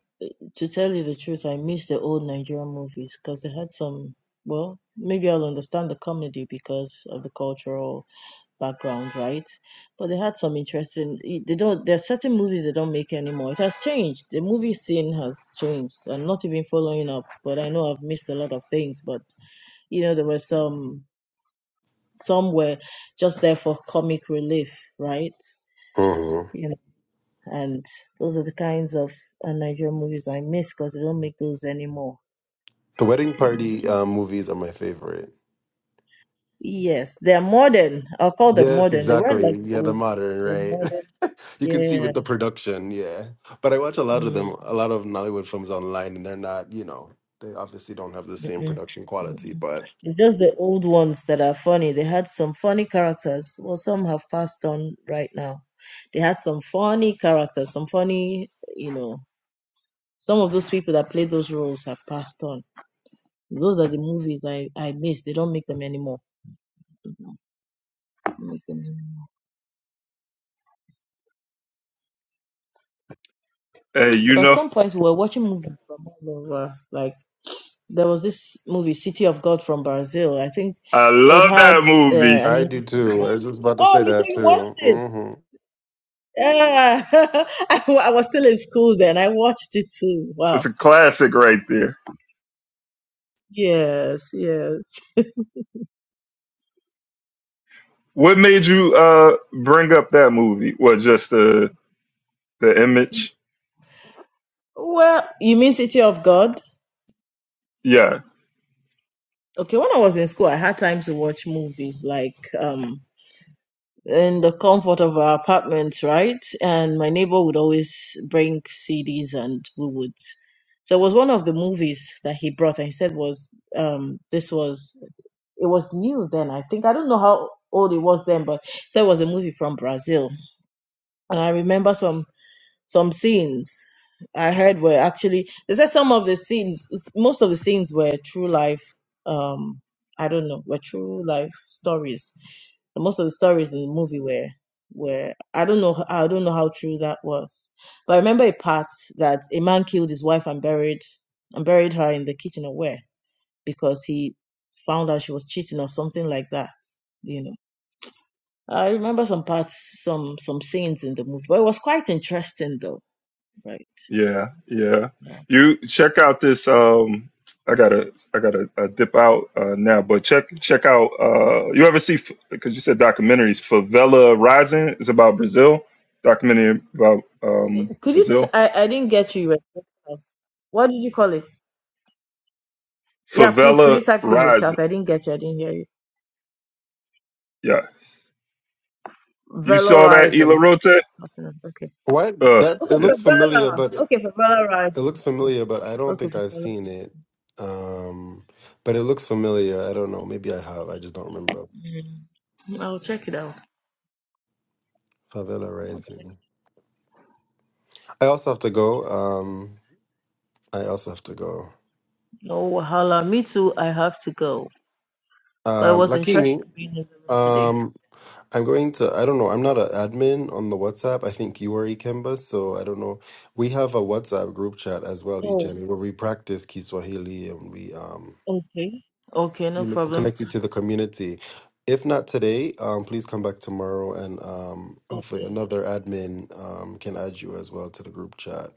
K: to tell you the truth, I miss the old Nigerian movies because they had some. Well, maybe I'll understand the comedy because of the cultural background, right? But they had some interesting. They don't. There are certain movies they don't make anymore. It has changed. The movie scene has changed. I'm not even following up, but I know I've missed a lot of things. But you know, there were some. Some were just there for comic relief, right?
F: hmm
K: You know, and those are the kinds of uh, Nigerian movies I miss because they don't make those anymore.
F: The wedding
K: Mm.
F: party um, movies are my favorite.
K: Yes, they're modern. I'll call them
F: Yes,
K: modern. They weren't like
F: exactly.
K: the
F: Yeah, the
K: old ones.
F: modern,
K: They're modern.
F: right? you can see
K: Yeah.
F: with the production, yeah. But I watch a lot of
K: Mm.
F: them, a lot of Nollywood films online, and they're not, you know, they obviously don't have the same
K: Mm,
F: production
K: mm,
F: quality,
K: mm.
F: but
K: It's just the old ones that are funny. They had some funny characters. Well, some have passed on right now. They had some funny characters, some funny, you know, some of those people that played those roles have passed on. Those are the movies I, I miss. They don't make them anymore. They don't make them anymore.
B: Hey, you
K: But at
B: know,
K: some point, we were watching movies from all over. Like, there was this movie, City of God from Brazil. I think
B: I
K: it
B: love that
K: had uh,
B: movie.
K: an
F: I do
K: English
F: too.
K: subtitle.
F: I was just about to
K: Oh,
F: say
K: you so
F: that
K: you watched
F: too.
K: it?
F: hmm
K: Yeah. I, wa- I was still in school then. I watched it too. Wow.
B: It's a classic right there.
K: Yes, yes.
B: What made you uh bring up that movie? Well, just the the image.
K: Well, you mean City of God?
B: Yeah,
K: Okay, when I was in school, I had time to watch movies like um in the comfort of our apartment, right? And my neighbor would always bring CDs and we would. So it was one of the movies that he brought and he said was um this was it was new then, I think. I don't know how old it was then, but so it was a movie from Brazil and I remember some some scenes I heard were actually they said some of the scenes most of the scenes were true life um I don't know were true life stories. And most of the stories in the movie were were I don't know I don't know how true that was. But I remember a part that a man killed his wife and buried and buried her in the kitchen or where because he found out she was cheating or something like that. you know. I remember some parts, some some scenes in the movie, but it was quite interesting though, right?
B: yeah, yeah.
K: Uh,
B: You check out this. Um, I gotta, I gotta uh, dip out uh, now. But check, check out. Uh, you ever see? Because you said documentaries. Favela Rising is about Brazil. Documentary about um,
K: Could you? T-
B: Brazil.
K: I I didn't get you. you were What did you call it? Yeah, please. Could
B: Favela
K: you type it in the
B: Rising.
K: chat? I didn't get you. I didn't hear you.
B: Yeah, you saw that
K: Valorizing.
B: Ila Rote?
K: Nothing else. Okay.
F: What?
B: Uh,
F: That's
K: Okay
F: it
B: yeah.
K: for
F: looks familiar,
K: Valor.
F: but
K: Okay for
F: It
K: valorizing.
F: looks
K: Okay.
F: familiar, but I don't
K: Okay
F: think
K: for
F: I've seen it.
K: valorizing.
F: Um, but it looks familiar. I don't know. Maybe I have. I just don't remember.
K: mm, I'll check it out.
F: Favela
K: Okay.
F: Rising. I also have to go. Um, I also have to go.
K: No wahala. Me too. I have to go. But it
F: Um,
K: was
F: Lakini,
K: interesting being in the room today.
F: um, I'm going to. I don't know. I'm not an admin on the WhatsApp. I think you are Ikemba, so I don't know. We have a WhatsApp group chat as well,
K: Oh,
F: Ijeni, where we practice Kiswahili and we um
K: okay. Okay, no
F: you know,
K: problem.
F: connected to the community. If not today, um, please come back tomorrow, and um, hopefully another admin um, can add you as well to the group chat.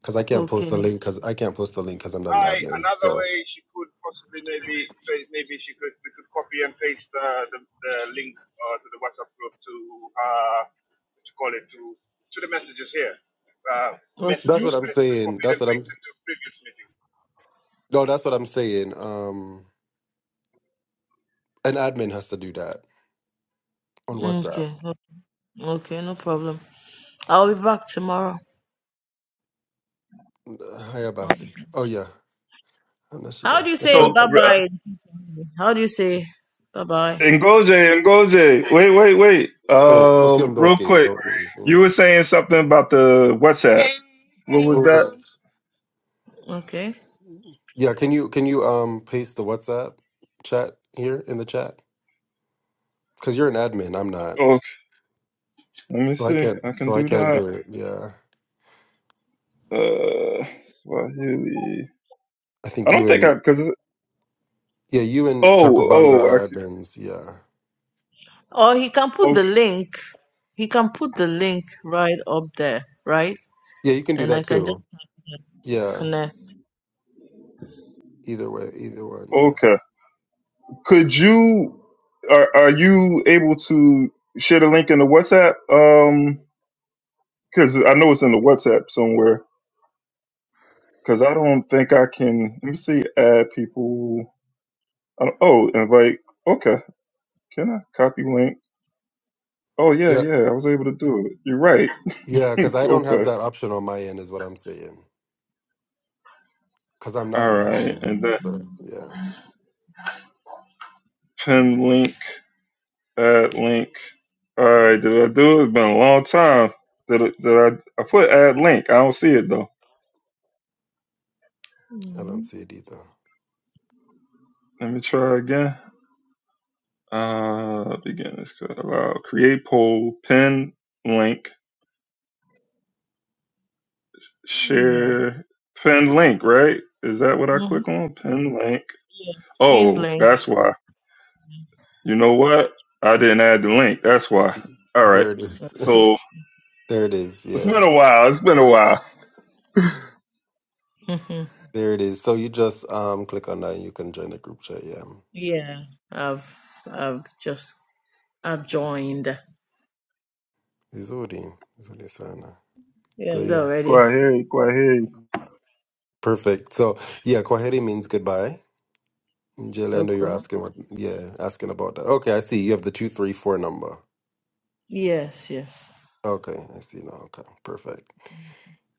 F: Because I can't
K: Okay,
F: post
K: no
F: the link. Because I can't post the link because I'm not an
H: I
F: admin.
H: another
F: So
H: way she could possibly maybe maybe she could we could copy and paste the the, the link uh, to the WhatsApp group to uh what you call it to to the messages here. Uh, message
F: that's
H: was
K: Okay.
F: what I'm
H: pasted-
F: saying.
H: copied
F: That's
H: and
F: what I'm.
H: pasted to previous meeting.
F: No, that's what I'm saying. Um, an admin has to do that on WhatsApp.
K: Okay. o- Okay. No problem. I'll be back tomorrow.
F: Hiya,
K: I'll be
F: Basi.
K: back.
F: Oh yeah,
K: How
F: Anashida.
K: do you
B: So
K: say
F: Sent.
K: bye
B: uh,
K: bye? How do you say bye bye?
B: Ngoje, Ngoje, wait, wait, wait.
F: Oh,
B: Uh, real
F: usiamdoke.
B: quick,
F: Don't leave.
B: you were saying something about the WhatsApp. What was
F: Mm.
B: that?
K: Okay.
F: Yeah, can you can you um paste the WhatsApp chat here in the chat? because you're an admin. I'm not,
B: Let me
F: so I
B: see.
F: can't.
B: I can
F: So I
B: do
F: can't
B: that.
F: do it. Yeah,
B: Uh, Swahili.
F: I
B: I
F: think you
B: don't think I
F: and
B: because
F: yeah, you and
B: oh
F: Chakubanga
B: oh I
F: are admins. Yeah,
K: Or he can
B: c-
K: put the link. He can put the link right up there, right?
F: yeah, you can do
K: And I
F: that
K: can just
F: too. Yeah,
K: connect.
F: either way, either one. Yeah,
B: okay okay. Could you are are you able to share the link in the WhatsApp? Um, because I know it's in the WhatsApp somewhere. Because I don't think I can. Let me see. Add people. I don't, oh, invite. Okay. Can I copy link? Oh yeah
F: yeah,
B: yeah. I was able to do it. You're right.
F: yeah. Because I don't have
B: okay.
F: that option on my end, is what I'm saying. Because I'm not
B: All
F: an admin.
B: right. And then
F: So yeah,
B: pin link. Add link. All right, did I do it? It's been a long time. Did, it, did I? I put add link. I don't see it though.
F: I don't
K: hmm
F: see it either.
B: Let me try again. Uh, begin this code. Allow create poll, pin link,
K: Yeah.
B: share, pin link. Right? Is that what I
K: hmm
B: click on? Pin link.
K: Yeah. In
B: Oh,
K: link.
B: that's why. You know what? I didn't add the link. That's why. All right.
F: There it is.
B: So
F: there it is.
B: it's
F: Yeah,
B: been a while. It's been a while.
K: hmm
F: there it is. So you just um click on that and you can join the group chat. Yeah,
K: Yeah. I've I've just I've joined.
F: Izuri, Izuri sana.
K: Yeah, I'm
F: Great.
K: there
F: yeah.
K: already.
B: Quite heavy. quite heavy.
F: Perfect. So yeah, Kwaheri means goodbye. Jill, I know you're
K: Okay.
F: asking what, yeah, asking about that. Okay, I see. You have the 234 number.
K: Yes. Yes.
F: Okay, I see now. Okay, perfect.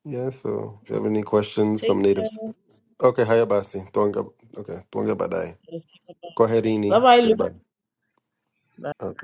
F: Yeah, so if you have any questions,
K: Take
F: some natives.
K: care.
F: Okay, hi, Abasi. Tuanga, okay, Tuanga Badai.
K: Bye
F: Koherini.
K: bye, Lou.
F: Goodbye.
K: Bye.
F: Okay.